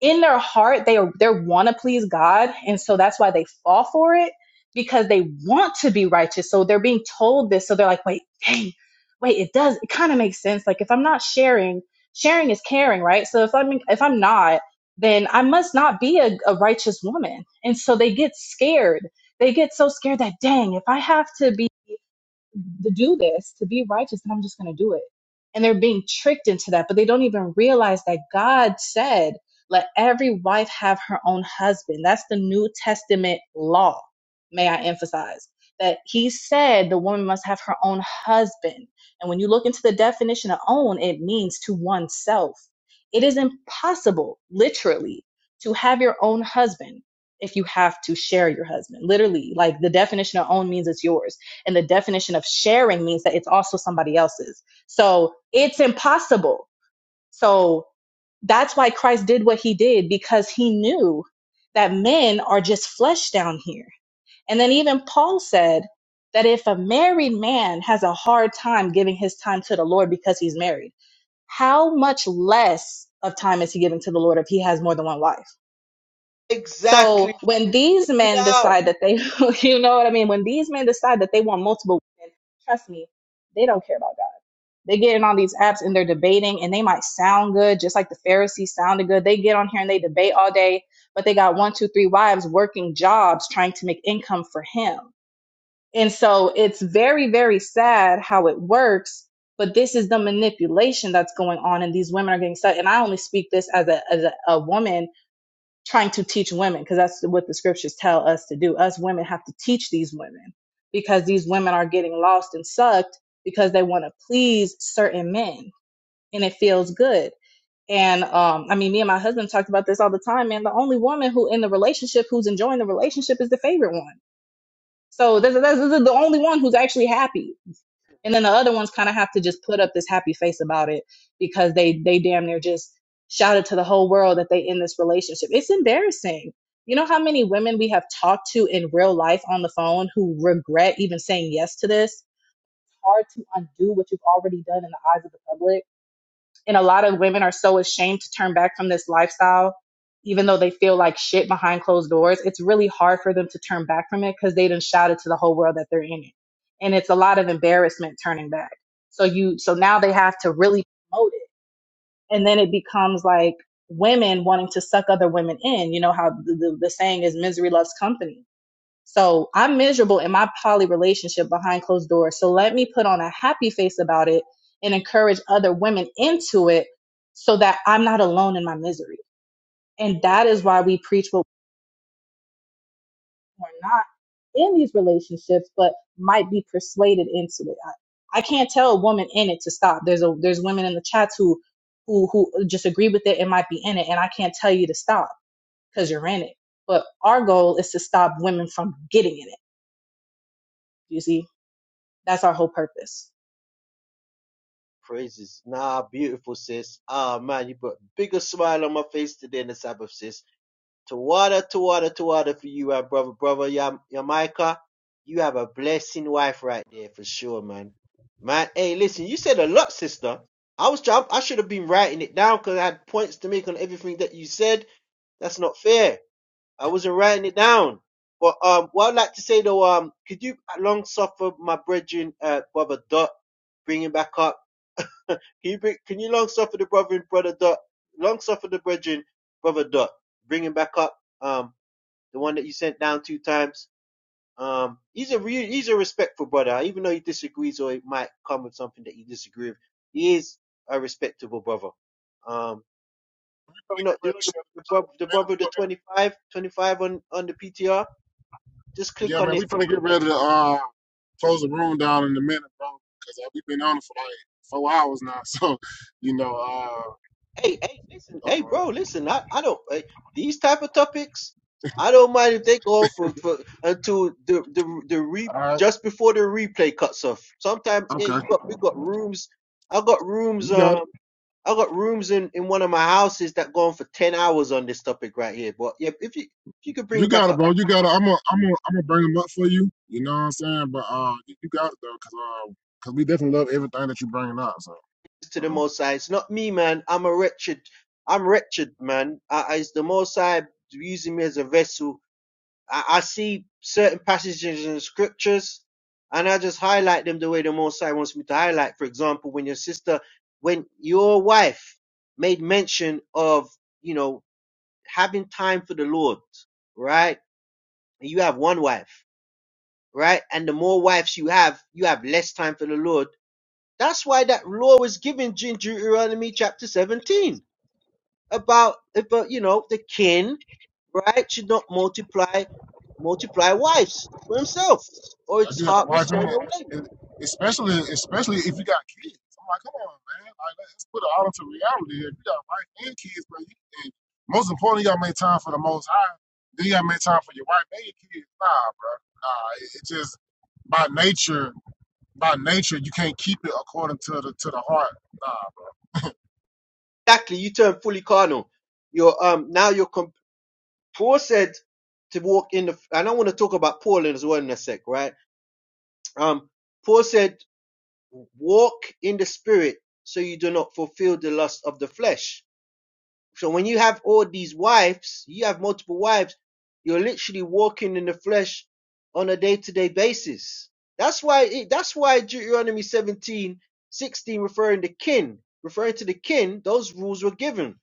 in their heart they they want to please God and so that's why they fall for it because they want to be righteous so they're being told this so they're like wait dang wait it does it kind of makes sense like if I'm not sharing sharing is caring right so if I'm if I'm not then I must not be a, a righteous woman and so they get scared they get so scared that dang if I have to be to do this, to be righteous, and I'm just going to do it. And they're being tricked into that, but they don't even realize that God said, let every wife have her own husband. That's the New Testament law, may I emphasize. That he said the woman must have her own husband. And when you look into the definition of own, it means to oneself. It is impossible, literally, to have your own husband if you have to share your husband. Literally, like the definition of own means it's yours and the definition of sharing means that it's also somebody else's. So it's impossible. So that's why Christ did what he did because he knew that men are just flesh down here. And then even Paul said that if a married man has a hard time giving his time to the Lord because he's married, how much less of time is he giving to the Lord if he has more than one wife? So
Exactly.
when
sis.
these
Bring it
men
out.
decide that they, you know what I mean? When these men decide that they want multiple women, trust me, they don't care about God. They get in on these apps and they're debating and they might sound good, just like the Pharisees sounded good. They get on here and they debate all day, but they got one, two, three wives working jobs trying to make income for him. And so it's very, very sad how it works. But this is the manipulation that's going on, and these women are getting stuck. And I only speak this as a as a, a woman trying to teach women because that's what the scriptures tell us to do. Us women have to teach these women because these women are getting lost and sucked because they want to please certain men and it feels good. And um, I mean, me and my husband talked about this all the time. Man, the only woman who in the relationship who's enjoying the relationship is the favorite one. So this, this, this is the only one who's actually happy and then the other ones kind of have to just put up this happy face about it because they they damn near just shouted to the whole world that they in this relationship it's embarrassing you know how many women we have talked to in real life on the phone who regret even saying yes to this hard to undo what you've already done in the eyes of the public and a lot of women are so ashamed to turn back from this lifestyle, even though they feel like shit behind closed doors. It's really hard for them to turn back from it because they done shouted to the whole world that they're in it. And it's a lot of embarrassment turning back. So you, so now they have to really promote it. And then it becomes like women wanting to suck other women in. You know how the, the, the saying is misery loves company so I'm miserable in my poly relationship behind closed doors. So let me put on a happy face about it and encourage other women into it so that I'm not alone in my misery. And that is why we preach what we're not in these relationships, but might be persuaded into it. I, I can't tell a woman in it to stop. There's a there's women in the chats who who who just agree with it and might be in it, and I can't tell you to stop because you're in it. But our goal is to stop women from getting in it. You see, that's our whole purpose.
Praises. Nah, beautiful, sis. Ah, man, you put a bigger smile on my face today in the Sabbath, sis. Tawada, Tawada, Tawada for you, right, brother, brother. Yam- Yamaika, you have a blessing wife right there for sure, man. Man, hey, listen, you said a lot, sister. I was trying, I should have been writing it down because I had points to make on everything that you said. That's not fair. I wasn't writing it down. But um, what I'd like to say though, um, could you long suffer my brethren, uh, brother Dot, bring him back up? Can you bring, can you long suffer the brother and brother Dot, long suffer the brethren, brother Dot, bring him back up? Um the one that you sent down two times. Um, he's a re- he's a respectful brother, even though he disagrees or it might come with something that you disagree with. He is a respectable brother. Um, you
gonna
know,
get
you
ready
know
to
the,
shut it
the, brother,
in
the
a
brother
minute.
with
We
the 25, twenty-five on on the PTR. Just
gonna-
click
Yeah,
on
man,
it.
we're gonna get ready to uh close the room down in a minute, bro. Because uh, we've been on it for like four hours now. So, you know, uh,
Hey, hey, listen, hey,
uh
bro, listen. I I don't eh, these type of topics. I don't mind if they go on for, for until the the the re
all right,
just before the replay cuts off. Sometimes hey,
okay.
we got we got rooms. I got rooms.
You got it.
Um, I got rooms in, in one of my houses that go on for 10 hours on this topic right here. But yeah, if you, if you could bring
You
it back
got it,
up
bro. You got it. I'm gonna, I'm gonna, I'm gonna bring them up for you. You know what I'm saying? But uh, you got it though, cause uh, cause we definitely love everything that you bringing up. So
to the
uh,
Most High, it's not me, man. I'm a wretched, I'm wretched, man. I, I, it's the Most High using me as a vessel. I, I see certain passages in the scriptures and I just highlight them the way the Most High wants me to highlight. For example, when your sister, when your wife made mention of, you know, having time for the Lord, right? You have one wife right? And the more wives you have, you have less time for the Lord. That's why that law was given in Deuteronomy chapter 17 about, about you know, the king, right, should not multiply multiply wives for himself, or
I
its
do have to
heart will
wife in
turn
it,
away.
and especially, especially if you got kids. I'm like, come on, man. Like, let's put it all into reality. here. If you got wife and kids, bro, you, and most importantly, you gotta make time for the Most High. Then you gotta make time for your wife and your kids. Nah, bro. Nah, it, it just by nature, by nature, you can't keep it according to the to the heart. Nah,
Exactly, you turn fully carnal. You're um now you're com- Paul said to walk in the. And I want to talk about Paul as well in a sec, right? Um, Paul said, "Walk in the Spirit, so you do not fulfill the lust of the flesh." So when you have all these wives, you have multiple wives, you're literally walking in the flesh on a day-to-day basis. That's why it, that's why Deuteronomy 17 16 referring to kin, referring to the kin, those rules were given.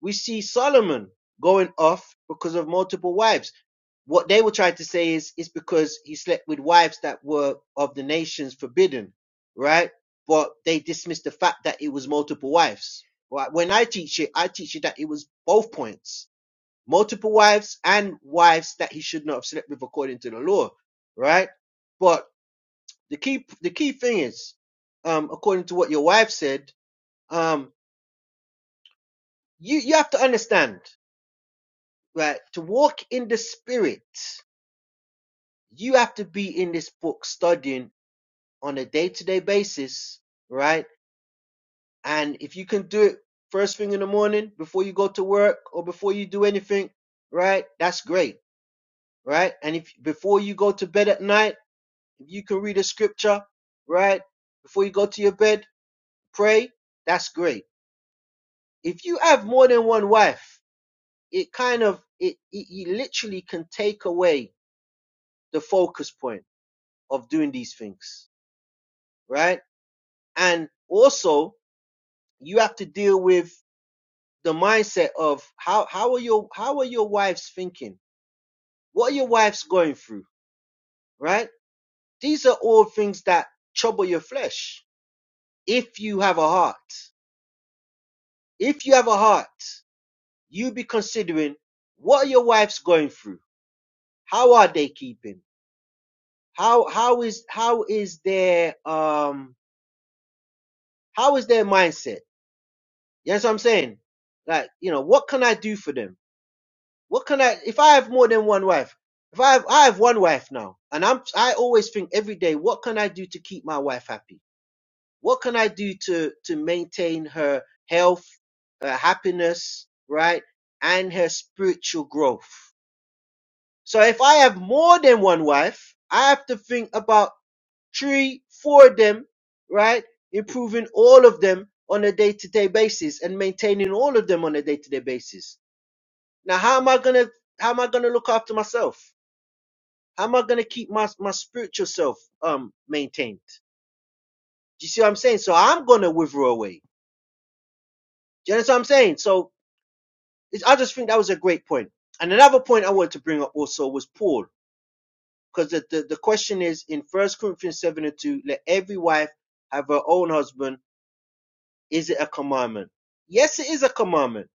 We see Solomon going off because of multiple wives. What they were trying to say is it's because he slept with wives that were of the nations forbidden, right? But they dismissed the fact that it was multiple wives. Right? When I teach it, I teach it that it was both points. Multiple wives and wives that he should not have slept with according to the law, right? But the key the key thing is, um, according to what your wife said, um, you, you have to understand, right? To walk in the spirit, you have to be in this book studying on a day to day basis, right? And if you can do it first thing in the morning before you go to work or before you do anything, right? That's great, right? And if before you go to bed at night, if you can read a scripture, right? Before you go to your bed, pray. That's great. If you have more than one wife, it kind of it, it you literally can take away the focus point of doing these things, right? And also, you have to deal with the mindset of how how are your how are your wives thinking? What are your wives going through? Right? These are all things that trouble your flesh. If you have a heart, if you have a heart, you be considering what are your wives going through? How are they keeping? How how is how is their um how is their mindset? You know what I'm saying? Like, you know, what can I do for them? What can I? If I have more than one wife, if I have, I have one wife now, and I'm I always think every day, what can I do to keep my wife happy? What can I do to to maintain her health, her happiness, right, and her spiritual growth? So if I have more than one wife, I have to think about three, four of them, right, improving all of them on a day to day basis and maintaining all of them on a day to day basis. Now, how am I gonna how am I gonna look after myself? How am I gonna keep my my spiritual self um maintained? Do you see what I'm saying? So I'm gonna wither away. Do you understand what I'm saying? So it's, I just think that was a great point. And another point I wanted to bring up also was Paul, because the, the the question is in First Corinthians seven and two, let every wife have her own husband. Is it a commandment? Yes, it is a commandment.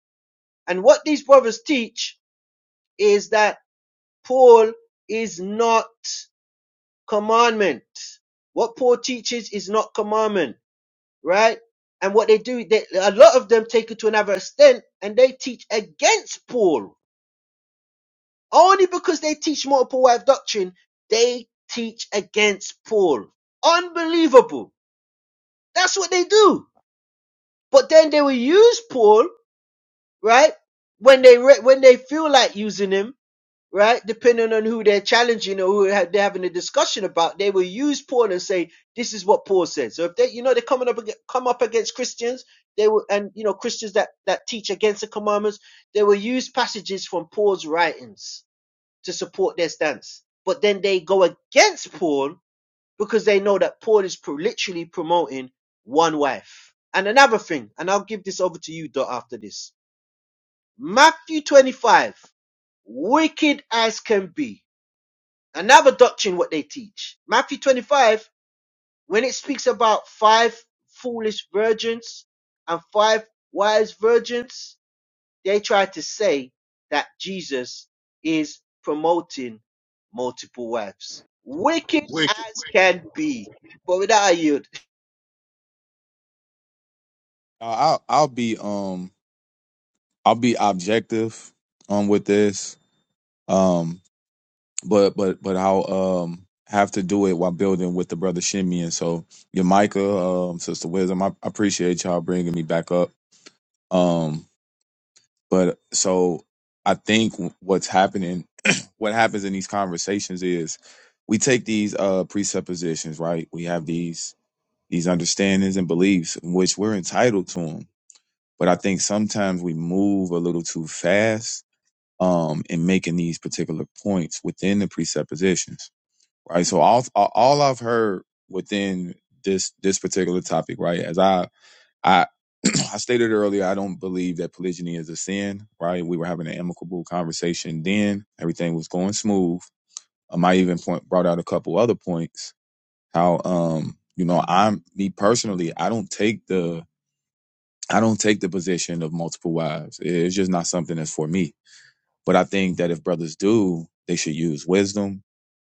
And what these brothers teach is that Paul is not commandment. What Paul teaches is not commandment. right? And what they do, they, a lot of them take it to another extent and they teach against Paul. Only because they teach multiple wife doctrine, they teach against Paul. Unbelievable. That's what they do. But then they will use Paul, right? When they, re- when they feel like using him right? Depending on who they're challenging or who ha- they're having a discussion about, they will use Paul and say, "This is what Paul said." So if they, you know, they're coming up ag- come up against Christians, they will, and you know, Christians that that teach against the commandments, they will use passages from Paul's writings to support their stance. But then they go against Paul because they know that Paul is pro- literally promoting one wife. And another thing, and I'll give this over to you, Dot, after this. Matthew 25, wicked as can be Another doctrine what they teach. Matthew 25, when it speaks about five foolish virgins and five wise virgins, they try to say that Jesus is promoting multiple wives. Wicked
wicked.
as can be. But without a yield.
Uh, I'll I'll be um I'll be objective um with this. Um, but but but I'll um have to do it while building with the brother Shimeon. So your Micah, um, Sister Wisdom, I, I appreciate y'all bringing me back up. Um, but so I think what's happening, what happens in these conversations is we take these uh presuppositions, right? We have these these understandings and beliefs, which we're entitled to them. But I think sometimes we move a little too fast um in making these particular points within the presuppositions right? So all all I've heard within this this particular topic, right? As I I I stated earlier, I don't believe that polygyny is a sin, right? We were having an amicable conversation then. Everything was going smooth. Um, I even point brought out a couple other points. How um, you know, I'm me personally, I don't take the I don't take the position of multiple wives. It's just not something that's for me. But I think that if brothers do, they should use wisdom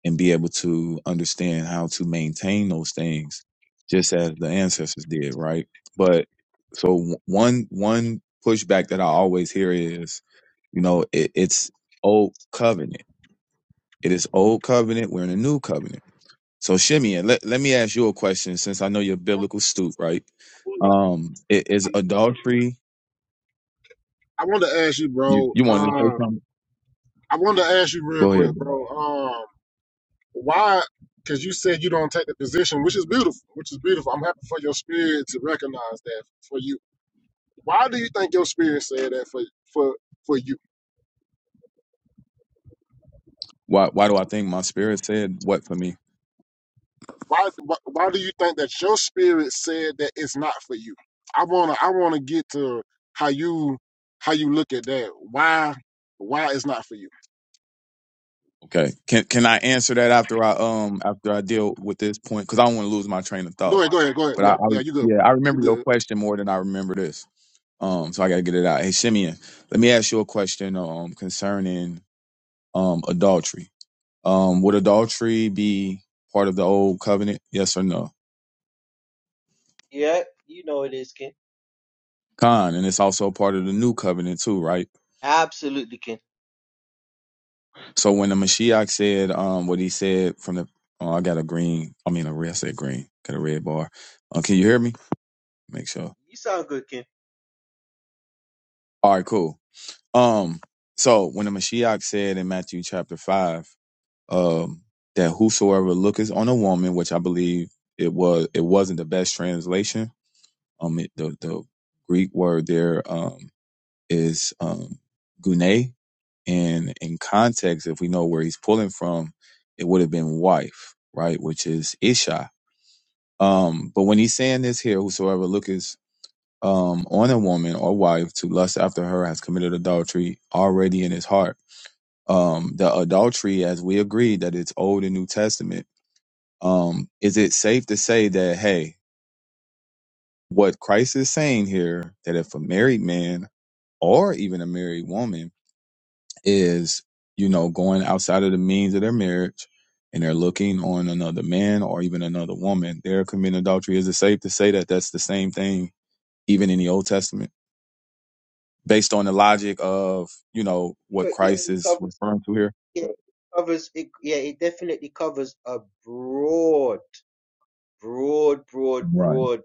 and be able to understand how to maintain those things just as the ancestors did right but so w- one one pushback that i always hear is you know it, it's old covenant it is old covenant we're in a new covenant so Shimeon, let, let me ask you a question since i know you're a biblical stoop right um i- is adultery
I wanted to ask you,
you
bro.
you wanted to say
Uh,
something
I wanted to ask you real
go ahead
quick, bro. Um, why? Because you said you don't take the position, which is beautiful. Which is beautiful. I'm happy for your spirit to recognize that for you. Why do you think your spirit said that for for for you?
why why do i think my spirit said what for me
Why why, why do you think that your spirit said that it's not for you? I wanna I wanna get to how you how you look at that. Why why it's not for you?
Okay. Can can I answer that after I um after I deal with this point? Because I don't want to lose my train of
Go
thought.
ahead, go ahead, go ahead.
But I,
Yeah,
I
yeah,
re-
you good,
yeah,
bro.
I
You
remember your
good.
question more than I remember this. Um, so I gotta get it out. Hey Simeon, let me ask you a question um concerning um adultery. Um, would adultery be part of the old covenant? Yes or no?
Yeah, you know it is, Ken.
Con, and it's also part of the new covenant too, right?
Absolutely, Ken.
So when the Mashiach said um what he said from the oh I got a green I mean a red I said green, got a red bar. Uh, can you hear me? Make sure.
You sound good, Ken.
All right, cool. Um, so when the Mashiach said in Matthew chapter five, um, that whosoever looketh on a woman, which I believe it was, it wasn't the best translation. Um, it, the the Greek word there um is um gune, and in context, if we know where he's pulling from, it would have been wife, right? Which is isha. Um, but when he's saying this here, whosoever looketh um, on a woman or wife to lust after her has committed adultery already in his heart. Um, the adultery, as we agreed, that it's Old and New Testament. Um, is it safe to say that, hey, what Christ is saying here, that if a married man or even a married woman is, you know, going outside of the means of their marriage and they're looking on another man or even another woman, they're committing adultery. Is it safe to say that that's the same thing even in the Old Testament? based on the logic of you know
Co-
what
Yeah,
Christ
it
is
covers.
referring to here.
Yeah, it covers. It, yeah, it definitely covers a broad, broad, broad,
Right.
broad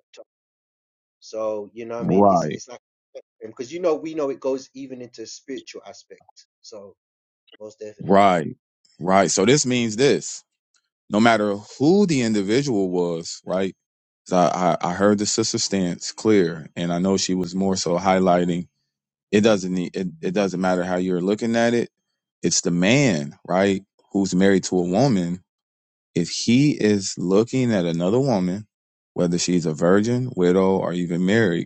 So you know what I mean? It's
Right.
it's like because you know we know it goes even into spiritual aspect. So most definitely.
Right. Right. So this means this. No matter who the individual was, right? 'Cause I, I I heard the sister's stance clear, and I know she was more so highlighting it doesn't need it, it doesn't matter how you're looking at it. It's the man, right, who's married to a woman. If he is looking at another woman, whether she's a virgin, widow, or even married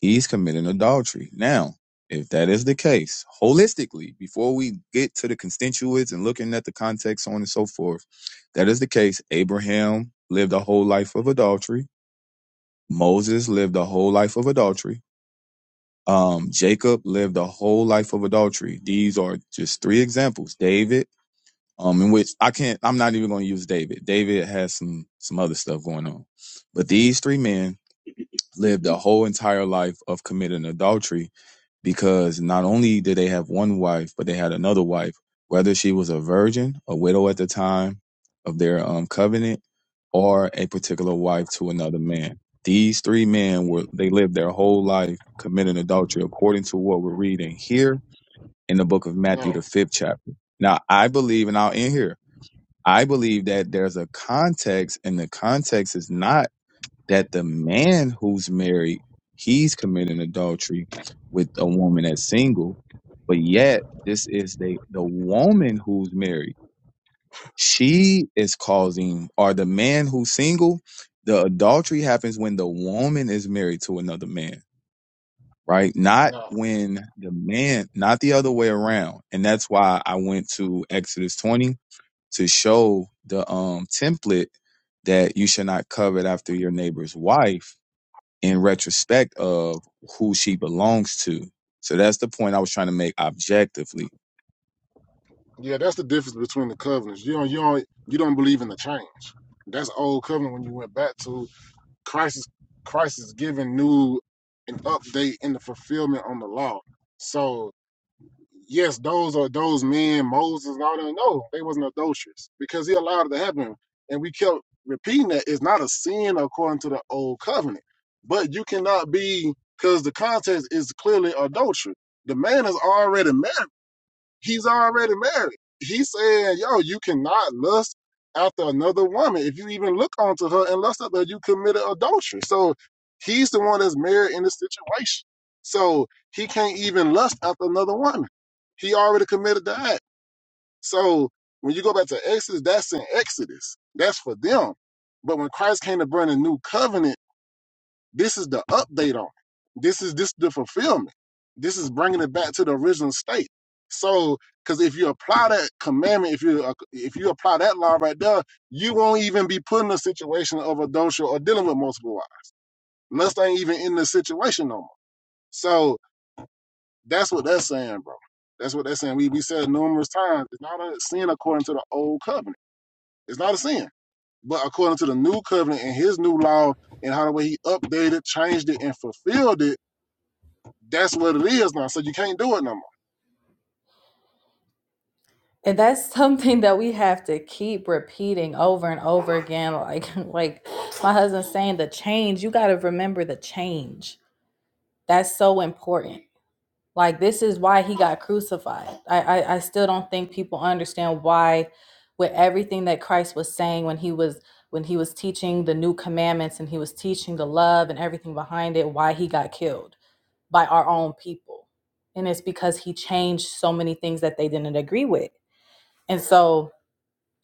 he's committing adultery. Now, if that is the case, holistically, before we get to the constituents and looking at the context, so on and so forth, that is the case. Abraham lived a whole life of adultery. Moses lived a whole life of adultery. Um, Jacob lived a whole life of adultery. These are just three examples. David, um, in which I can't, I'm not even going to use David. David has some, some other stuff going on, but these three men lived a whole entire life of committing adultery because not only did they have one wife, but they had another wife, whether she was a virgin, a widow at the time of their um, covenant, or a particular wife to another man. These three men were they lived their whole life committing adultery, according to what we're reading here in the book of Matthew,
No,
the fifth chapter. Now, I believe, and I'll end here. I believe that there's a context, and the context is not that the man who's married, he's committing adultery with a woman that's single. But yet, this is the the woman who's married. She is causing, or the man who's single, the adultery happens when the woman is married to another man, right? Not
no.
when the man, not the other way around. And that's why I went to Exodus 20 to show the um template that you should not covet after your neighbor's wife in retrospect of who she belongs to. So that's the point I was trying to make objectively.
Yeah, that's the difference between the covenants. You don't, you don't, you don't believe in the change. That's old covenant when you went back to Christ. Is, Christ is giving new an update in the fulfillment on the law. So yes, those are those men, Moses and all that. No, they wasn't adulterous because he allowed it to happen, and we kept repeating that it's not a sin according to the old covenant. But you cannot be because the context is clearly adultery. The man is already married. He's already married. He said, yo, you cannot lust after another woman. If you even look onto her and lust after her, you committed adultery. So he's the one that's married in this situation. So he can't even lust after another woman. He already committed the act. So when you go back to Exodus, that's in Exodus. That's for them. But when Christ came to bring a new covenant, this is the update on it. This is this the fulfillment. This is bringing it back to the original state. So, because if you apply that commandment, if you uh, if you apply that law right there, you won't even be put in a situation of adultery or dealing with multiple wives. Lust ain't even in the situation no more. So that's what that's saying, bro. That's what they're saying. We we said numerous times. It's not a sin according to the old covenant. It's not a sin. But according to the new covenant and his new law and how the way he updated, changed it, and fulfilled it That's what it is now. So you can't do it no
And that's something that we have to keep repeating over and over again. Like, like my husband's saying, the change, you got to remember the change. That's so important. Like, this is why he got crucified. I, I, I still don't think people understand why, with everything that Christ was saying when he was when he was teaching the new commandments and he was teaching the love and everything behind it, why he got killed by our own people. And it's because he changed so many things that they didn't agree with. And so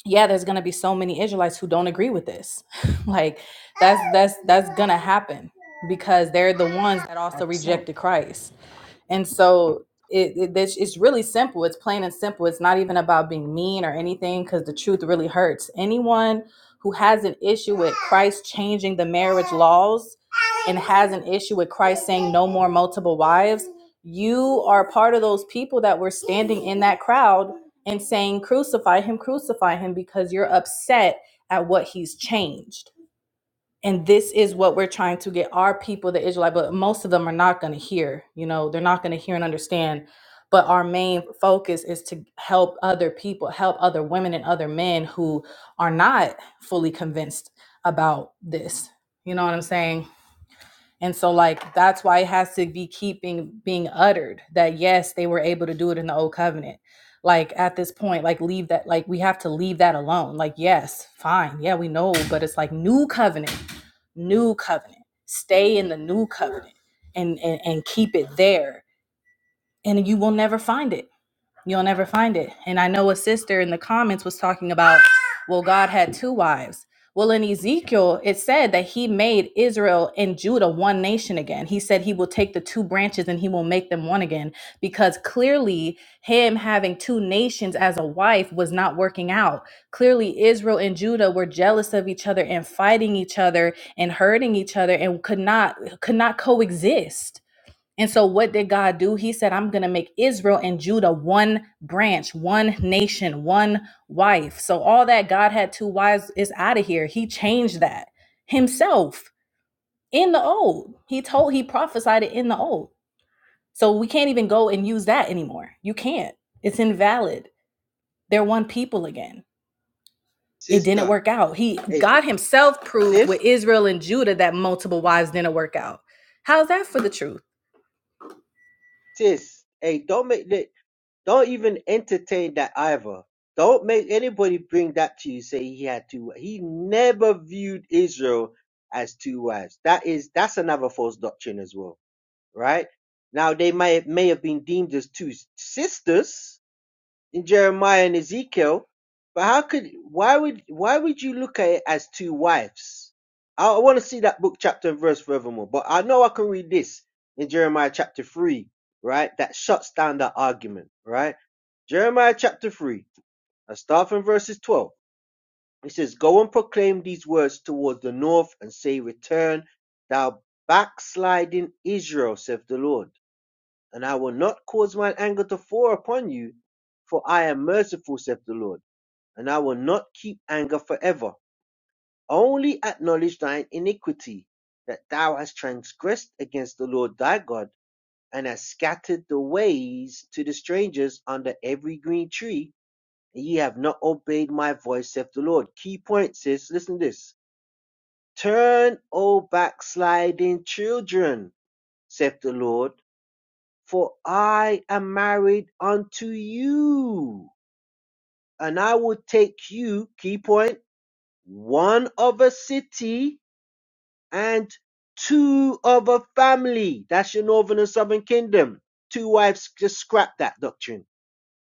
yeah there's going to be so many israelites who don't agree with this like that's that's that's going to happen because they're the ones that also
more.
rejected christ and so it, it that's- it's really simple. It's plain and simple. It's not even about being mean or anything because the truth really hurts. Anyone who has an issue with Christ changing the marriage laws and has an issue with Christ saying no more multiple wives, you are part of those people that were standing in that crowd and saying crucify him, crucify him because you're upset at what he's changed and this is what we're trying to get our people the israelite but most of them are not going to hear you know they're not going to hear and understand but our main focus is to help other people help other women and other men who are not fully convinced about this you know what i'm saying and so
Right.
like that's why it has to be keeping being uttered that yes, they were able to do it in the old covenant. Like at this point, like leave that like we have to leave that alone. Like, yes, fine, yeah, we know, but it's like new covenant, new covenant. Stay in the new covenant and and, and keep it there. And you will never find it You'll never find it. And I know a sister in the comments was talking about, well, God had two wives. Well, in Ezekiel, it said that he made Israel and Judah one nation again. He said he will take the two branches and he will make them one again because clearly him having two nations as a wife was not working out. Clearly, Israel and Judah were jealous of each other and fighting each other and hurting each other and could not could not coexist and so, what did God do? He said, I'm going to make Israel and Judah one branch, one nation, one wife. So, all that God had two wives is out of here. He changed that himself in the old. He told, he prophesied it in the old. So, we can't even go and use that anymore. You can't. It's invalid. They're one people again it didn't
Sister.
work out. He
Hey, s-
God himself proved with
sis,
Israel and Judah that multiple wives didn't work out. How's that for the truth?
sis, hey, don't make that, don't even entertain that either. Don't make anybody bring that to you. Say he had two. wi- He never viewed Israel as two wives. That is, that's another false doctrine as well, right? Now they may may have been deemed as two s- sisters, in Jeremiah and Ezekiel. But how could why would why would you look at it as two wives? I, I want to see that book chapter and verse furthermore. But I know I can read this in Jeremiah chapter three, right? That shuts down that argument, right? Jeremiah chapter three. I start from verses 12. It says, Go and proclaim these words towards the north and say, Return, thou backsliding Israel, saith the Lord and I will not cause mine anger to fall upon you, for I am merciful, saith the Lord, and I will not keep anger forever. Only acknowledge thine iniquity, that thou hast transgressed against the Lord thy God, and hast scattered the ways to the strangers under every green tree, and ye have not obeyed my voice, saith the Lord. Key point sis. listen to this. Turn, O backsliding children, saith the Lord, For I am married unto you, and I will take you, key point, one of a city and two of a family. That's your northern and southern kingdom. Two wives, just scrap that doctrine.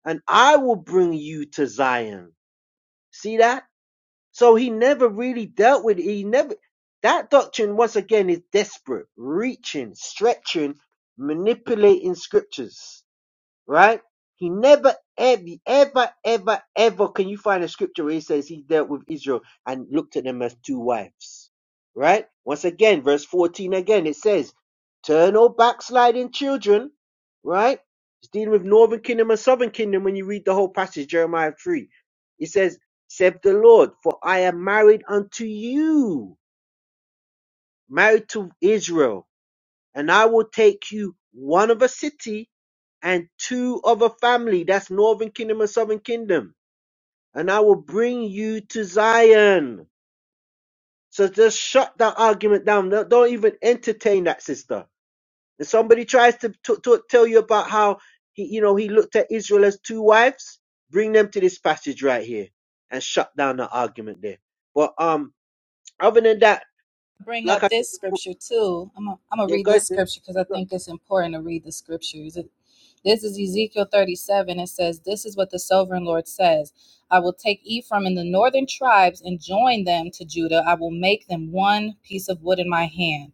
And I will bring you to Zion. See that? So he never really dealt with it. He never, that doctrine, once again, is desperate, reaching, stretching, manipulating scriptures. right? He never, ever, ever, ever, ever can you find a scripture where he says he dealt with Israel and looked at them as two wives, right? Once again, verse 14 again, it says, Turn all backsliding children, right? It's dealing with northern kingdom and southern kingdom when you read the whole passage, Jeremiah 3. It says, Said the Lord, for I am married unto you, married to Israel and I will take you one of a city and two of a family. That's northern kingdom and southern kingdom. And I will bring you to Zion. So just shut that argument down. No- Don't even entertain that, sister. If somebody tries to, to, to tell you about how he, you know, he looked at Israel as two wives, bring them to this passage right here and shut down the argument there. But um, other than that,
bring
like
up
I said
this
before,
scripture too. I'm gonna I'm gonna
yeah,
read this
guys,
scripture because I
you got
think it's important to read the scriptures. It- this is Ezekiel 37. It says, This is what the sovereign Lord says I will take Ephraim and the northern tribes and join them to Judah. I will make them one piece of wood in my hand.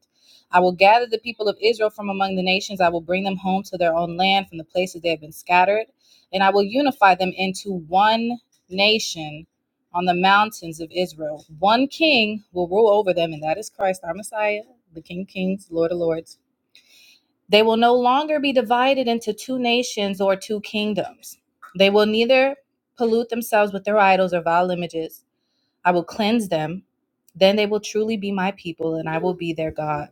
I will gather the people of Israel from among the nations. I will bring them home to their own land from the places they have been scattered, and I will unify them into one nation on the mountains of Israel. One king will rule over them, and that is Christ, our Messiah, the King of Kings, Lord of Lords. They will no longer be divided into two nations or two kingdoms. They will neither pollute themselves with their idols or vile images. I will cleanse them. Then they will truly be my people, and I will be their God.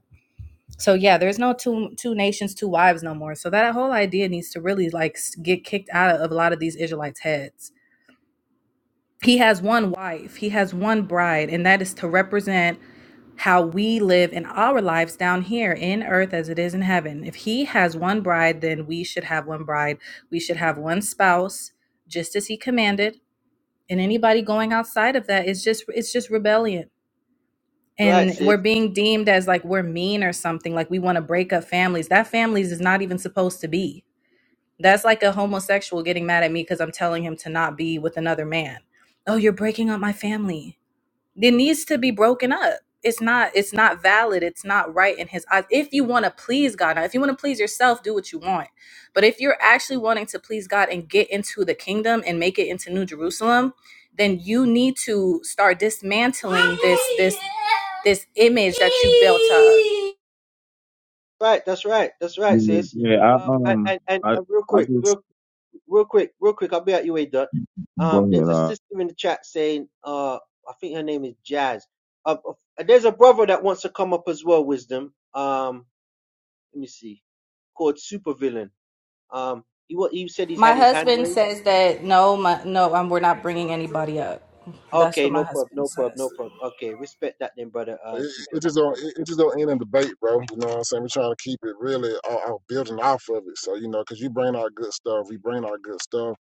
So yeah, there's no two two nations, two wives no more. So that whole idea needs to really like s- get kicked out of a lot of these Israelites' heads He has one wife, he has one bride, and that is to represent how we live in our lives down here in earth as it is in heaven. If he has one bride, then we should have one bride. We should have one spouse, just as he commanded. And anybody going outside of that is just it's just rebellion.
right,
And
sis.
we're being deemed as like we're mean or something, like we want to break up families. That families is not even supposed to be. That's like a homosexual getting mad at me because I'm telling him to not be with another man. Oh, you're breaking up my family it needs to be broken up. It's not it's not valid. It's not right in his eyes. If you want to please God, now if you want to please yourself, do what you want. But if you're actually wanting to please God and get into the kingdom and make it into New Jerusalem, then you need to start dismantling this this this image that you built up.
right. That's right. That's right,
Yeah,
sis.
yeah. I
Um, and,
um,
and, and
I
uh, real
I
quick,
just
real, real quick, real quick. I'll be at you, a dot. Um,
go ahead.
there's a
Uh,
sister in the chat saying, uh, I think her name is Jazz. Uh, uh, there's a brother that wants to come up as well, Wisdom. Um, let me see, called Supervillain. Um, he wa- he said he's
My
had his hand
husband
raised.
says that no, my, no, um, we're not bringing anybody up. That's
Okay,
what my
no prob,
husband
no prob,
says.
no prob. Okay, respect that then, brother. Um,
It,
super.
it just don't. It, it just don't end in debate, bro. You know what I'm saying? We're trying to keep it really all, all building off of it. So you know, because you bring out good stuff, we bring out good stuff.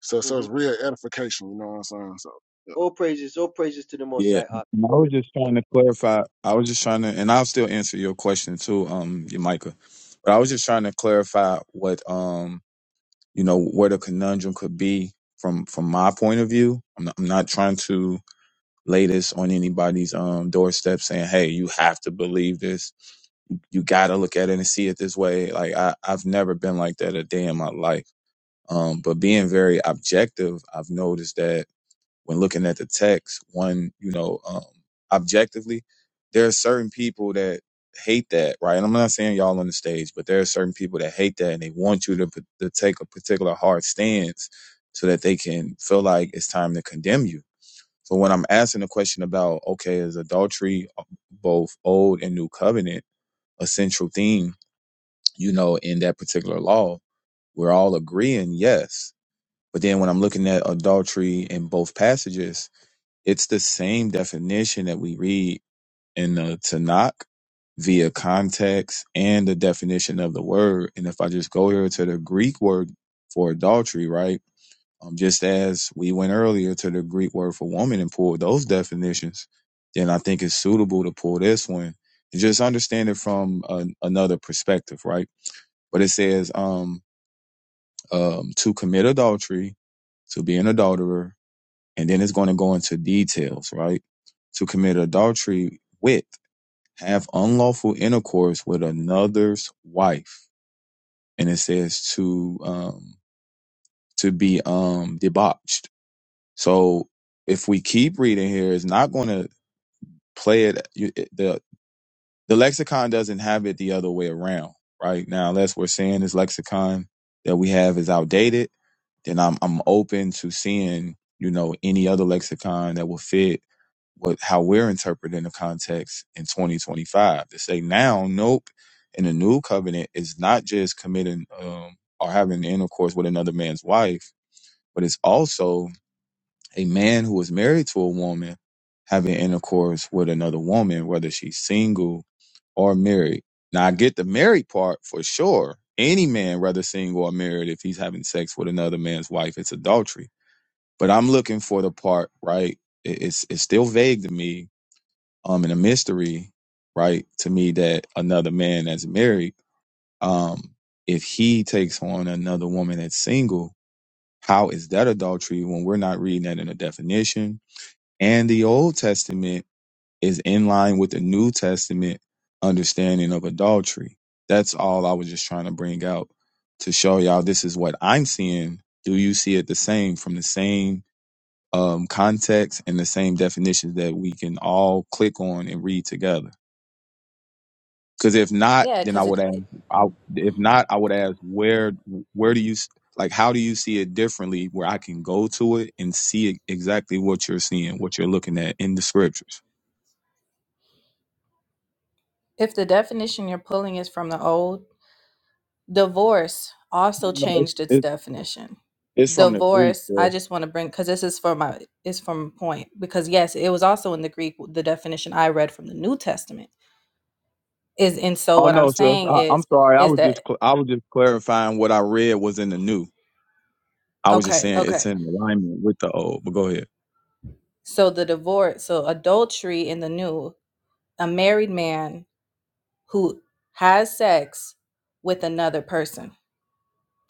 So so
Mm-hmm.
it's real edification. You know what I'm saying? So yeah.
All praises, all praises to the Most
Yeah.
High.
I
Uh,
was just trying to clarify. I was just trying to, and I'll still answer your question too, um, Micah. But I was just trying to clarify what, um, you know, where the conundrum could be from from my point of view. I'm not, I'm not trying to. latest on anybody's um doorstep saying, "Hey, you have to believe this. You got to look at it and see it this way." Like I, I've never been like that a day in my life. Um, but being very objective, I've noticed that when looking at the text, one, you know, um, objectively, there are certain people that hate that, right? And I'm not saying y'all on the stage, but there are certain people that hate that and they want you to, p- to take a particular hard stance so that they can feel like it's time to condemn you so when I'm asking the question about, okay, is adultery uh, both old and new covenant a central theme, you know, in that particular law? We're all agreeing, yes. But then when I'm looking at adultery in both passages, it's the same definition that we read in the Tanakh via context and the definition of the word. And if I just go here to the Greek word for adultery, right? Um, just as we went earlier to the Greek word for woman and pulled those definitions, then I think it's suitable to pull this one and just understand it from an another perspective, right? But it says um, um, to commit adultery, to be an adulterer, and then it's going to go into details, right? To commit adultery with, have unlawful intercourse with another's wife, and it says to um, to be um, debauched So if we keep reading here, it's not going to play it. you- it- the The lexicon doesn't have it the other way around, right? Now, unless we're saying this lexicon that we have is outdated, then I'm I'm open to seeing you know any other lexicon that will fit what how we're interpreting the context in 2025. To say now, nope, in the new covenant is not just committing um, or having intercourse with another man's wife, but it's also a man who is married to a woman having intercourse with another woman, whether she's single or married. Now, I get the married part for sure. Any man, whether single or married, if he's having sex with another man's wife, it's adultery. But I'm looking for the part, right? it- It's it's still vague to me, um, and a mystery, right, to me that another man that's married, um, if he takes on another woman that's single, how is that adultery when we're not reading that in a definition? And the Old Testament is in line with the New Testament understanding of adultery. That's all I was just trying to bring out to show y'all this is what I'm seeing. Do you see it the same from the same um, context and the same definitions that we can all click on and read together? Because if not,
Yeah,
then I
because
would ask. I, if not, I would ask where where do you s- like how do you see it differently? Where I can go to it and see exactly what you're seeing, what you're looking at in the scriptures.
if the definition you're pulling is from the old Divorce also
No, it's,
changed its
it's
definition.
it's from the Greek,
Divorce, I
sis.
just want to bring because this is for my is from point because yes, it was also in the Greek. The definition I read from the New Testament is, and so
Oh
what I'm
no, sis.
saying
I, I'm
is,
sorry. I
is
was
that
just cl- I was just clarifying what I read was in the new. I was just
okay,
saying it's
okay.
in alignment with the old. But go ahead.
So the divorce, so adultery in the new, a married man who has sex with another person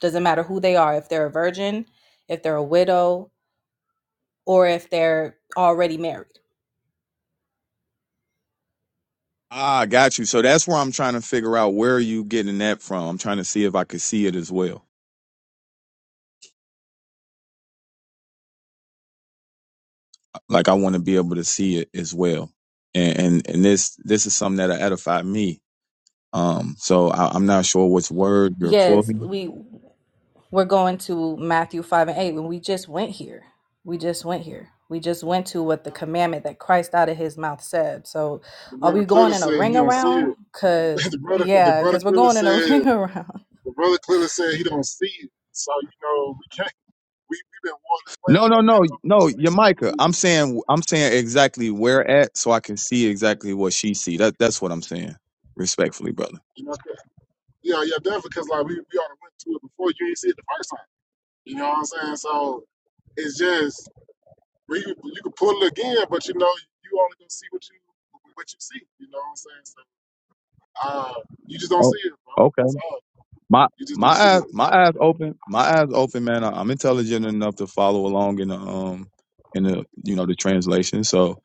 doesn't matter who they are, if they're a virgin, if they're a widow, or if they're already married.
Ah, I got you. So that's where I'm trying to figure out where are you getting that from. I'm trying to see if I could see it as well. Like I want to be able to see it as well. And and, and this this is something that edified me. Um, so I, I'm not sure which word you're
Yes,
pulling.
we We're going to Matthew 5 and 8 when we just went here. We just went here. We just went to what the commandment that Christ out of his mouth said. So
the
are we
brother
going
clearly
in a
said he
ring
don't see it.
around? Because,
the brother the
yeah,
brother
because we're
clearly
going in a
said
ring around.
the brother clearly said he don't see it. So you know we can't. We we have been warning
No,
playing
no,
for a
no, no, Yamika.
minute.
I'm saying I'm saying exactly where at so I can see exactly what she see. That that's what I'm saying. Respectfully, brother.
You know, 'cause- yeah, yeah, definitely. Because like we we already went to it before. You ain't see it the first time. You know what I'm saying? So it's just we you can pull it again, but you know you only gonna see what you what you see. You know what I'm saying? So uh, you just don't
Oh,
see it, bro.
okay.
That's all.
My
You just
my
don't see
eyes my eyes
it.
open. My eyes open, man. I, I'm intelligent enough to follow along in the um in the you know the translation. So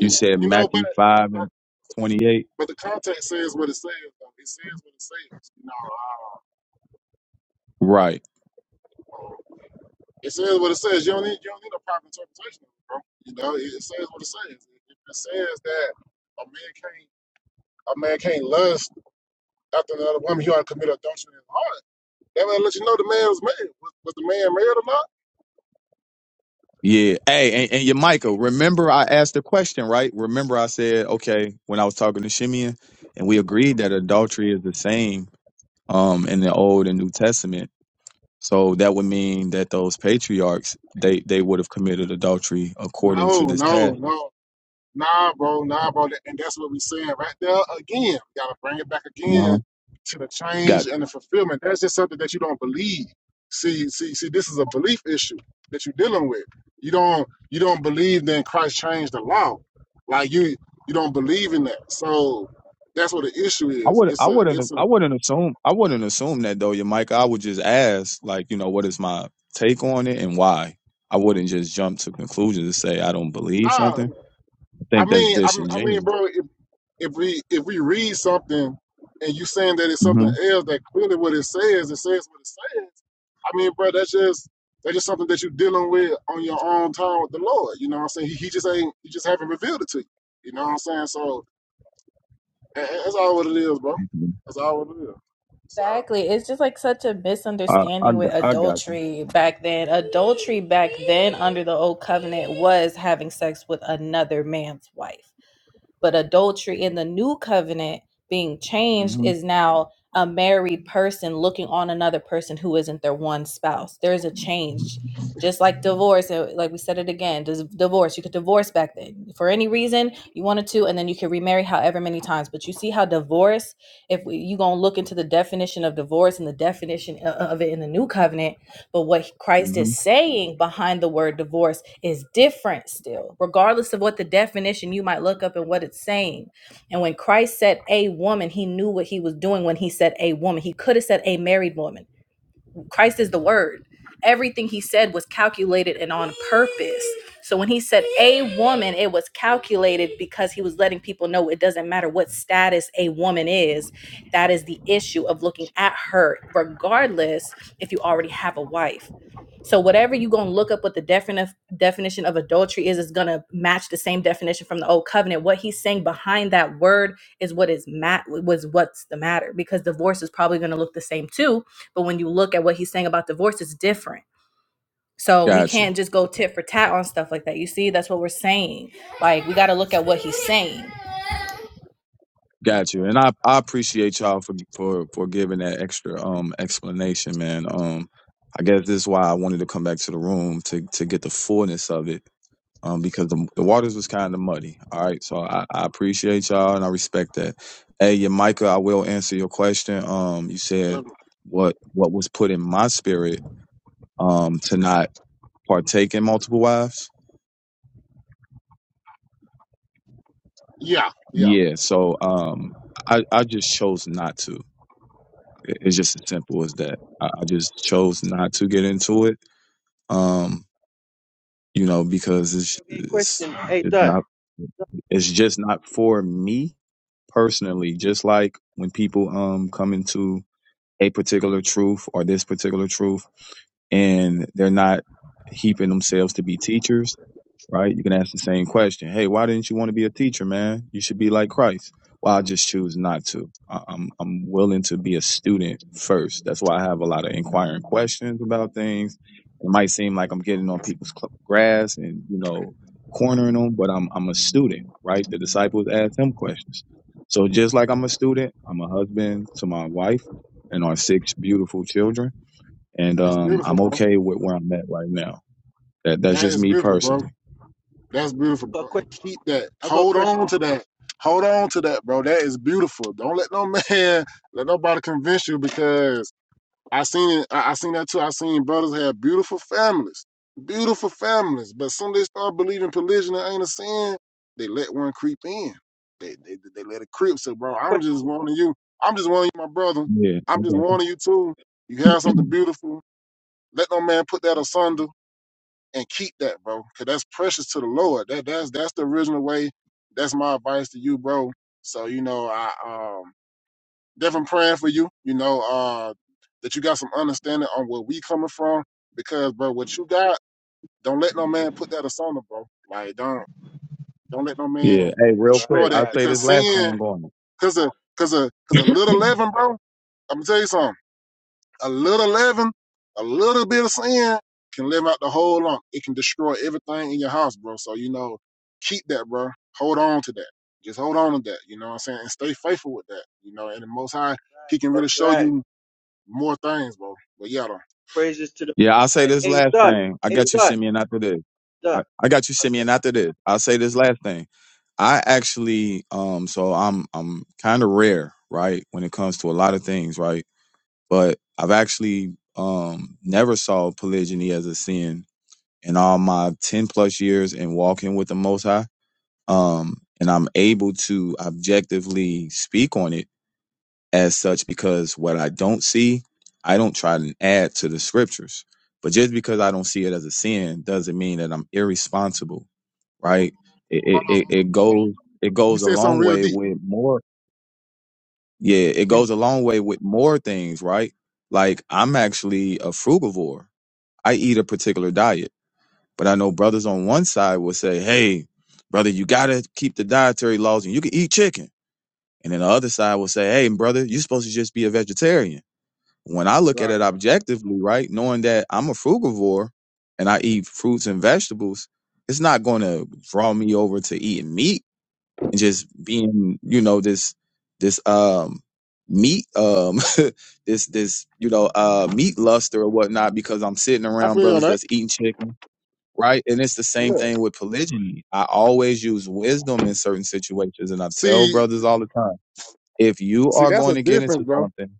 you said
you know, but,
Matthew five
but
and twenty eight.
but the context says what it says. Though. It says what it says. You know,
Right.
uh, it says what it says. You don't need you don't need a proper interpretation, of it, bro. You know, it, it says what it says. If it says that a man can't a man can't lust after another woman, he ought to commit adultery in his heart That way, to let you know the man was married. Was, was the man married
Yeah. Hey, and, and your Michael, remember I asked the question, right? Remember I said, okay, when I was talking to Shimeon, and we agreed that adultery is the same um in the old and new testament. So that would mean that those patriarchs, they they would have committed adultery according to
or not? No,
this
no,
passage.
no. Nah, bro, nah, bro. And that's what we saying right there again. Gotta bring it back
Uh-huh.
again to the
Got
change and the fulfillment. That's just something that you don't believe. See, see, see, this is a belief issue that you're dealing with. You don't you don't believe that Christ changed the law. Like you you don't believe in that. So that's what the issue
I
is.
would
It's
I
a
wouldn't
it's a
I wouldn't assume I wouldn't assume that though, your Michael. I would just ask, like, you know, what is my take on it and why? I wouldn't just jump to conclusions and say I don't believe
nah.
something. I
I
think that's
mean I, I mean,
disingenuous.
bro. If if we if we read something and you saying that it's something
hmm
else that clearly what it says, it says what it says. I mean, bro, that's just that's just something that you're dealing with on your own time with the Lord. You know what I'm saying? He, he just ain't he just haven't revealed it to you. You know what I'm saying? So a- a- that's all what it is, bro.
hmm
That's all what it is. So
Exactly. It's just like such a
I, I
misunderstanding with
got I got you.
adultery back then. Adultery back then under the old covenant was having sex with another man's wife. But adultery in the new covenant being changed
hmm
is now a married person looking on another person who isn't their one spouse. There is a change. Just like divorce, uh, like we said it again, dis- divorce, you could divorce back then for any reason you wanted to, and then you could remarry however many times. But you see how divorce, if we, you gonna look into the definition of divorce and the definition o- of it in the new covenant, but what Christ
hmm
is saying behind the word divorce is different still, regardless of what the definition you might look up and what it's saying. And when Christ said a woman, he knew what he was doing when he said a woman. He could have said a married woman. Christ is the word. Everything he said was calculated and on purpose. So when he said a woman, it was calculated because he was letting people know it doesn't matter what status a woman is. That is the issue of looking at her, regardless if you already have a wife. So whatever you're gonna look up what the defini- definition of adultery is, is gonna match the same definition from the old covenant. What he's saying behind that word is what is mat was what's the matter because divorce is probably gonna look the same too but when you look at what he's saying about divorce, it's different. So we
Got you.
can't just go tit for tat on stuff like that. You see, that's what we're saying. Like we got to look at what he's saying.
Got you. And I, I appreciate y'all for, for for giving that extra um explanation, man. Um, I guess this is why I wanted to come back to the room to to get the fullness of it. Um, because the the waters was kind of muddy. All right, so I, I appreciate y'all and I respect that. Hey, yeah, Micah, I will answer your question. Um, you said
um,
what what was put in my spirit um to not partake in multiple wives.
yeah, yeah,
Yeah, so um, I I just chose not to. It- It's just as simple as that. I, I just chose not to get into it. Um, you know, because it's
okay,
it's
question. Hey,
just
Dot.
not it's just not for me personally. Just like when people um come into a particular truth or this particular truth, and they're not heaping themselves to be teachers right? You can ask the same question. Hey, why didn't you want to be a teacher, man? You should be like Christ. Well, I just choose not to. I- I'm I'm willing to be a student first. That's why I have a lot of inquiring questions about things. It might seem like I'm getting on people's cl- grass and you know cornering them, but I'm I'm a student, right? The disciples asked him questions. So just like I'm a student, I'm a husband to my wife and our six beautiful children, and
that's
um,
beautiful,
I'm
bro.
okay with where I'm at right now. That that's
That
just
is
me
beautiful, bro.
personally.
That's beautiful,
Got
bro.
Dud.
And keep that.
I got a
Hold
question.
on to that. Hold on to that, bro. That is beautiful. Don't let no man, let nobody convince you because I seen it. I, I seen that too. I seen brothers have beautiful families, beautiful families. But soon they start believing polygyny ain't a sin. They let one creep in. They, they they let it creep. So,
I got
bro,
a
I'm
question.
just warning you. I'm just warning you, my brother.
Yeah.
I'm just warning you too. You have something beautiful. Let no man put that asunder and keep that, bro, because that's precious to the Lord. That that's that's the original way. That's my advice to you, bro. So you know, I um definitely praying for you. You know, uh, that you got some understanding on where we coming from, because bro, what you got, don't let no man put that asunder, bro. Like don't don't let no
Yeah.
man
Hey,
Right,
real
right,
destroy
quick,
that,
I'll
right,
say
right,
this
because
last
sin,
thing, going.
cause a cause a cause a little leaven, bro. I'm gonna tell you something a little leaven, a little bit of sin can live out the whole lump. It can destroy everything in your house, bro. So, you know, keep that, bro. Hold on to that. Just hold on to that. You know what I'm saying? And stay faithful with that. You know, and the most high, he can
right.
really
That's
show
right.
you more things, bro. But yeah, though.
Praises to the
Yeah,
Most
I'll say
High.
this
Hey,
last
Dot.
thing. I
Hey,
got you,
Dot.
Simeon, after this.
Dot.
I, I got you, Simeon, after this. I'll say this last thing. I actually, um, so I'm I'm kind of rare, right, when it comes to a lot of things, right? But I've actually um never saw polygyny as a sin in all my ten plus years in walking with the Most High. Um, and I'm able to objectively speak on it as such because what I don't see, I don't try and add to the scriptures. But just because I don't see it as a sin doesn't mean that I'm irresponsible,
Hold on,
right? It
hold
it,
on,
it, it
hold
goes it
on. You
goes a
said something
long
real
way
deep.
with more. Yeah, it
You
goes a long way with more things, right? Like I'm actually a frugivore. I eat a particular diet, but I know brothers on one side will say, "Hey, brother, you gotta keep the dietary laws, and you can eat chicken." And then the other side will say, "Hey, brother, you're supposed to just be a vegetarian." When I look at
Right.
it objectively, right, knowing that I'm a frugivore and I eat fruits and vegetables, it's not going to draw me over to eating meat and just being, you know, this this um meat um this this you know uh meat luster or whatnot because I'm sitting
I
around
feel you on
brothers
that.
that's eating chicken, right? And it's the same
Yeah.
thing with polygyny. I always use wisdom in certain situations, and I tell
See,
brothers all the time, if you
see,
are
that's
going
the
to get into
difference, bro.
something,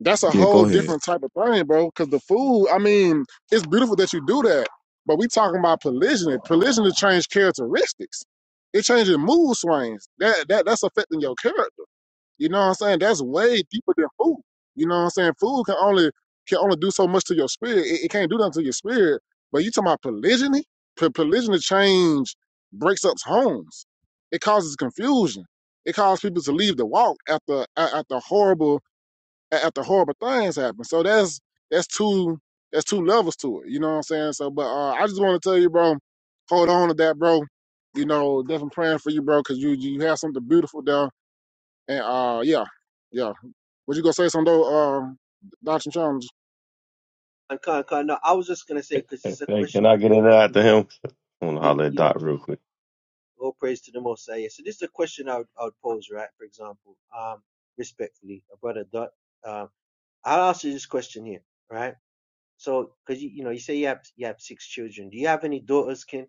that's a
yeah, go
whole
ahead.
different type of thing, bro. Because the food, I mean, it's beautiful that you do that, but we talking about polygyny. Polygyny change characteristics. It changes mood swings. That that that's affecting your character. You know what I'm saying? That's way deeper than food. You know what I'm saying? Food can only can only do so much to your spirit. It, it can't do nothing to your spirit. But you talking about polygyny? Po- polygyny change breaks up homes. It causes confusion. It causes people to leave the walk after a- after horrible a- after horrible things happen. So that's that's two that's two levels to it. You know what I'm saying? So, but uh, I just want to tell you, bro, hold on to that, bro. You know, definitely praying for you, bro, because you you have something beautiful down. And uh, yeah, yeah. What you gonna say, some though, um, Dr. Jones?
And Khan, Khan. No, I was just gonna say because this is a
Hey,
question
can I
I'd
get in there
pose.
after
is-
him? I want to
it-
holler at
Yeah.
Doc real quick.
All praise to the Most High. Yeah. So this is a question I would, I would pose, right? For example, um, respectfully, a brother Dot. Um, I'll ask you this question here, right? So, because you, you know, you say you have you have six children. Do you have any daughters, Ken?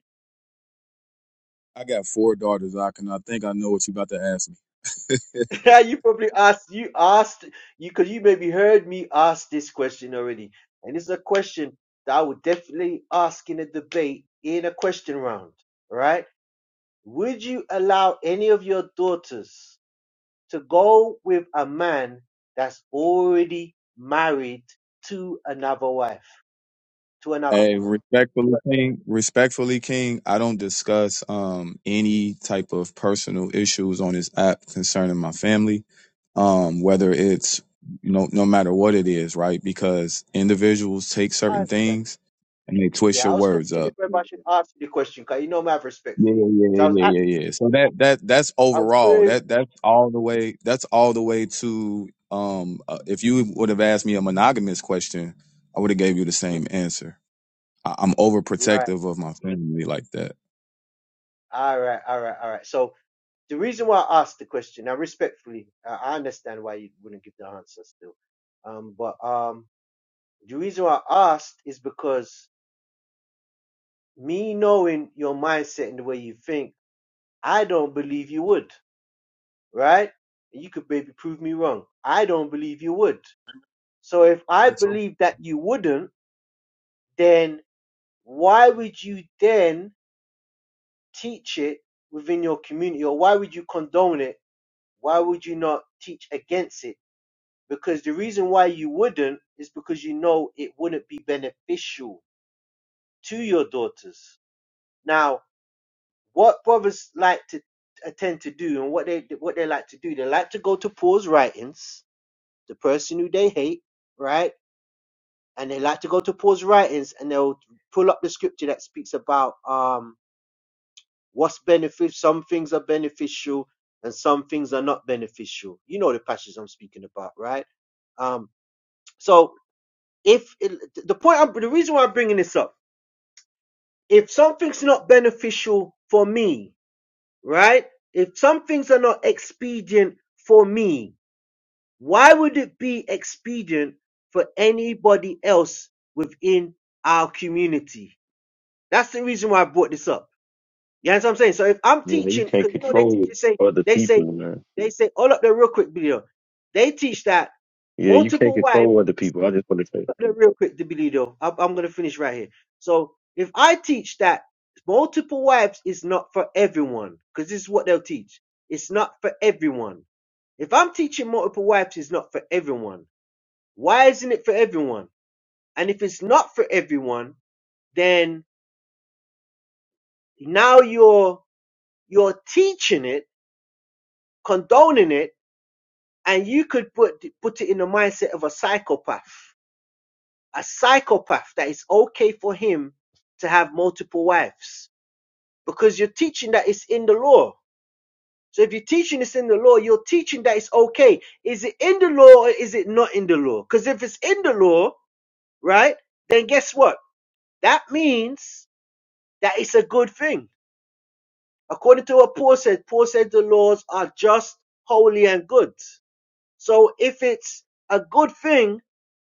I got four daughters, I can I think I know what you about to ask me.
Yeah, you probably asked you asked you because you maybe heard me ask this question already, and it's a question that I would definitely ask in a debate in a question round. Right? Would you allow any of your daughters to go with a man that's already married to another wife, to another
Uh,
Hey,
woman?
respectfully, King. Respectfully, King. I don't discuss um any type of personal issues on this app concerning my family. Um, whether
Mhm.
it's you know no matter what it is, right? Because individuals take
I
certain
understand.
things and they twist
Yeah,
your
I was
words up.
considering whether I should ask you the question because you know I have respect for
Yeah,
you.
yeah,
So I
yeah,
was
yeah,
act-
yeah, yeah. So that that that's
I was
overall.
querying.
That that's all the way. That's all the way to. Um, uh, if you would have asked me a monogamous question, I would have gave you the
Mhm.
same answer. I, I'm
Right.
overprotective of my family like that.
All right, all right, all right. So the reason why I asked the question, now respectfully, I I understand why you wouldn't give the answer still. Um, but um, the reason why I asked is because me knowing your mindset and the way you think, I don't believe you would, right? And You could maybe prove me wrong. I don't believe you would. So if I
Me too.
believe that you wouldn't, then why would you then teach it within your community or why would you condone it? Why would you not teach against it? Because the reason why you wouldn't is because you know it wouldn't be beneficial to your daughters. Now, what brothers like to attend to do and what they what they like to do, they like to go to Paul's writings, the person who they hate, right? And they like to go to Paul's writings and they'll pull up the scripture that speaks about um what's benefit some things are beneficial and some things are not beneficial. You know the passage I'm speaking about, right? Um so if it, the point I'm, the reason why I'm bringing this up, if something's not beneficial for me, right? If some things are not expedient for me, why would it be expedient for anybody else within our community? That's the reason why I brought this up. You understand what I'm saying? So if I'm
Man, you
teaching,
can't
because you know they teach,
control
they say,
other
they say,
people, man.
they say, all up there real quick, video. They teach that
Yeah, you can't
multiple wives.
control other people. I just want to say.
No, real quick, Dibilido. i I'm going to finish right here. So, if I teach that multiple wives is not for everyone, because this is what they'll teach. It's not for everyone. If I'm teaching multiple wives, it's not for everyone. Why isn't it for everyone? And if it's not for everyone, then now you're you're teaching it, condoning it, and you could put put it in the mindset of a psychopath. A psychopath that it's okay for him to have multiple wives because you're teaching that it's in the law. So if you're teaching it's in the law, you're teaching that it's okay. Is it in the law or is it not in the law? Because if it's in the law, right, then guess what? That means that it's a good thing. According to what Paul said, Paul said the laws are just, holy, and good. So if it's a good thing,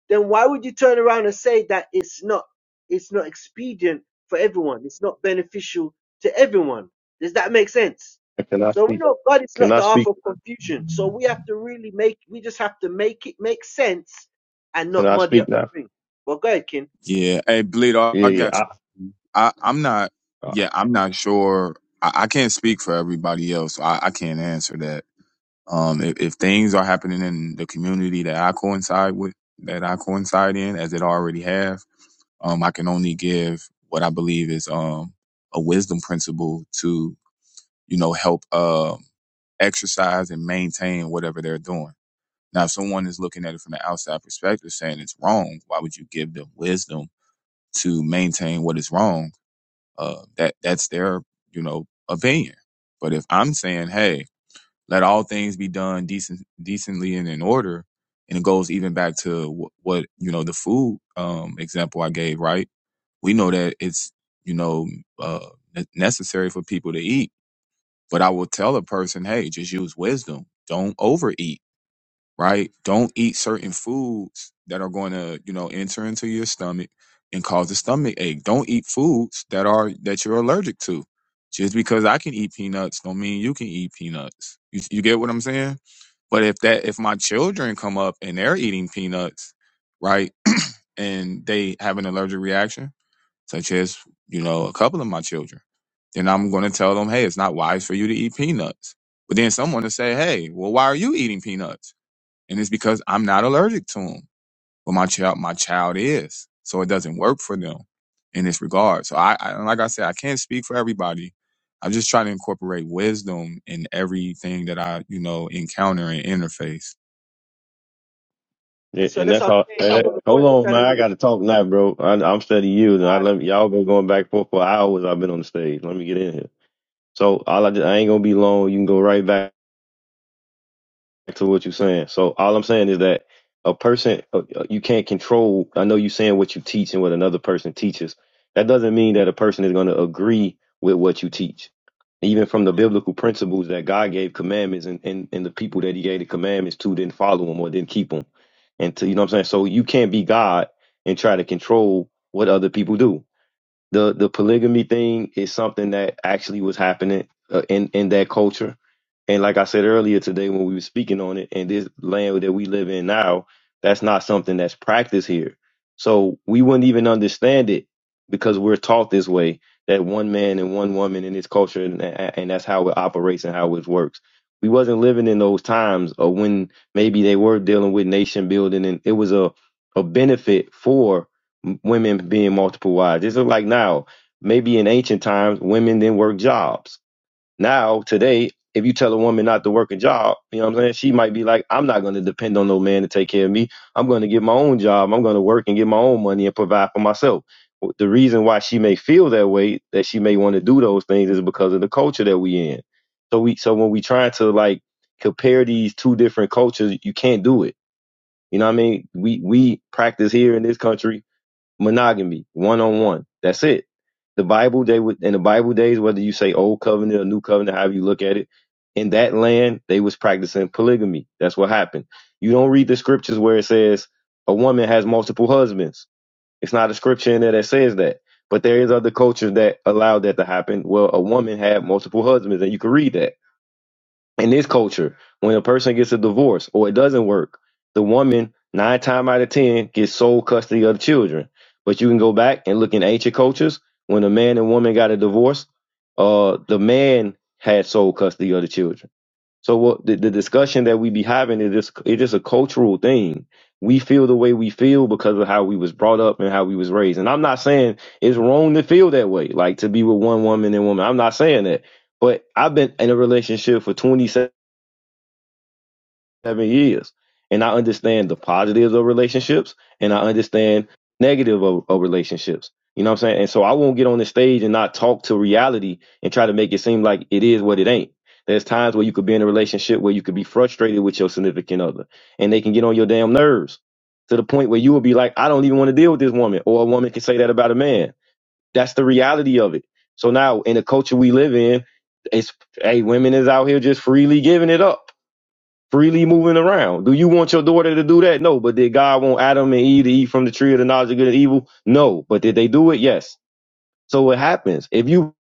then why would you turn around and say that it's not it's not expedient for everyone it's not beneficial to everyone does that make sense
Can I
so we
speak?
know god is
Can
not
I
the
speak?
author of confusion so we have to really make we just have to make it make sense and
Can
not
I
muddy
speak
up the
now?
thing well go ahead Ken.
Yeah. Hey, Bleedo,
Yeah,
I
yeah.
got you.
I,
I, I'm not,
I-
yeah, I'm not sure. I, I can't speak for everybody else. So I, I can't answer that. Um, if, if things are happening in the community that I coincide with, that I coincide in, as it already have, Um, I can only give what I believe is um, a wisdom principle to, you know, help um, exercise and maintain whatever they're doing. Now, if someone is looking at it from the outside perspective saying it's wrong, why would you give them wisdom to maintain what is wrong? Uh, that that's their, you know, opinion. But if I'm saying, hey, let all things be done decent, decently and in order, and it goes even back to wh- what you know the food um, example I gave, right? we know that it's you know uh, ne- necessary for people to eat but i will tell a person hey just use wisdom don't overeat right don't eat certain foods that are going to you know enter into your stomach and cause a stomach ache don't eat foods that are that you're allergic to just because i can eat peanuts don't mean you can eat peanuts you, you get what i'm saying but if that if my children come up and they're eating peanuts right and they have an allergic reaction such as, you know, a couple of my children. Then I'm going to tell them, hey, it's not wise for you to eat peanuts. But then someone will say, hey, well, why are you eating peanuts? And it's because I'm not allergic to them. But my child, my child is. So it doesn't work for them in this regard. So I, I like I said, I can't speak for everybody. I just try to incorporate wisdom in everything that I, you know, encounter and interface.
and
yeah,
so
and
that's
that's
what i'm
all.
saying
eh,
so the
hold
point i'm
on,
trying
man.
to
I
make
got to talk now, bro. I, I'm steady you, and I
uh
let y'all been going back and forth for hours. I've been on the stage. Let me get in here. So all I, just, I ain't gonna be long. You can go right back. back to what you're saying. So all I'm saying is that a person uh, uh, you can't control. I know you are saying what you teach and what another person teaches. That doesn't mean that a person is going to agree with what you teach. Even from the biblical principles that God gave commandments and, and, and the people that he gave the commandments to didn't follow them or didn't keep them. And to, you know what I'm saying? So you can't be God and try to control what other people do the the polygamy thing is something that actually was happening uh, in in that culture and like i said earlier today when we were speaking on it and this land that we live in now that's not something that's practiced here so we wouldn't even understand it because we're taught this way that one man and one woman in this culture and, and that's how it operates and how it works we wasn't living in those times or when maybe they were dealing with nation building and it was a a benefit for m- women being multiple wives. It's like now, maybe in ancient times, women didn't work jobs. Now, today, if you tell a woman not to work a job, you know what I'm saying? She might be like, I'm not going to depend on no man to take care of me. I'm going to get my own job. I'm going to work and get my own money and provide for myself. The reason why she may feel that way, that she may want to do those things, is because of the culture that we in. So we, so when we try to like compare these two different cultures, you can't do it. You know what I mean? We we practice here in this country monogamy, one on one. That's it. The Bible they would in the Bible days, whether you say old covenant or new covenant, however you look at it, in that land they was practicing polygamy. That's what happened. You don't read the scriptures where it says a woman has multiple husbands. It's not a scripture in there that says that. But there is other cultures that allowed that to happen. Well, a woman had multiple husbands, and you can read that in this culture, when a person gets a divorce or it doesn't work, the woman nine times out of ten gets sole custody of the children. But you can go back and look in ancient cultures when a man and woman got a divorce, uh, the man had sole custody of the children. So what the, the discussion that we be having is just it is a cultural thing. We feel the way we feel because of how we was brought up and how we was raised. And I'm not saying it's wrong to feel that way, like to be with one woman and woman. I'm not saying that. But I've been in a relationship for 27 seven years. And I understand the positives of relationships and I understand negative of, of relationships. You know what I'm saying? And so I won't get on the stage and not talk to reality and try to make it seem like it is what it ain't. There's times where you could be in a relationship where you could be frustrated with your significant other and they can get on your damn nerves to the point where you will be like, I don't even want to deal with this woman. Or a woman can say that about a man. That's the reality of it. So now in the culture we live in, it's hey, women is out here just freely giving it up freely moving around. Do you want your daughter to do that? No. But did God want Adam and Eve to eat from the tree of the knowledge of good and evil? No. But did they do it? Yes. So it happens. If you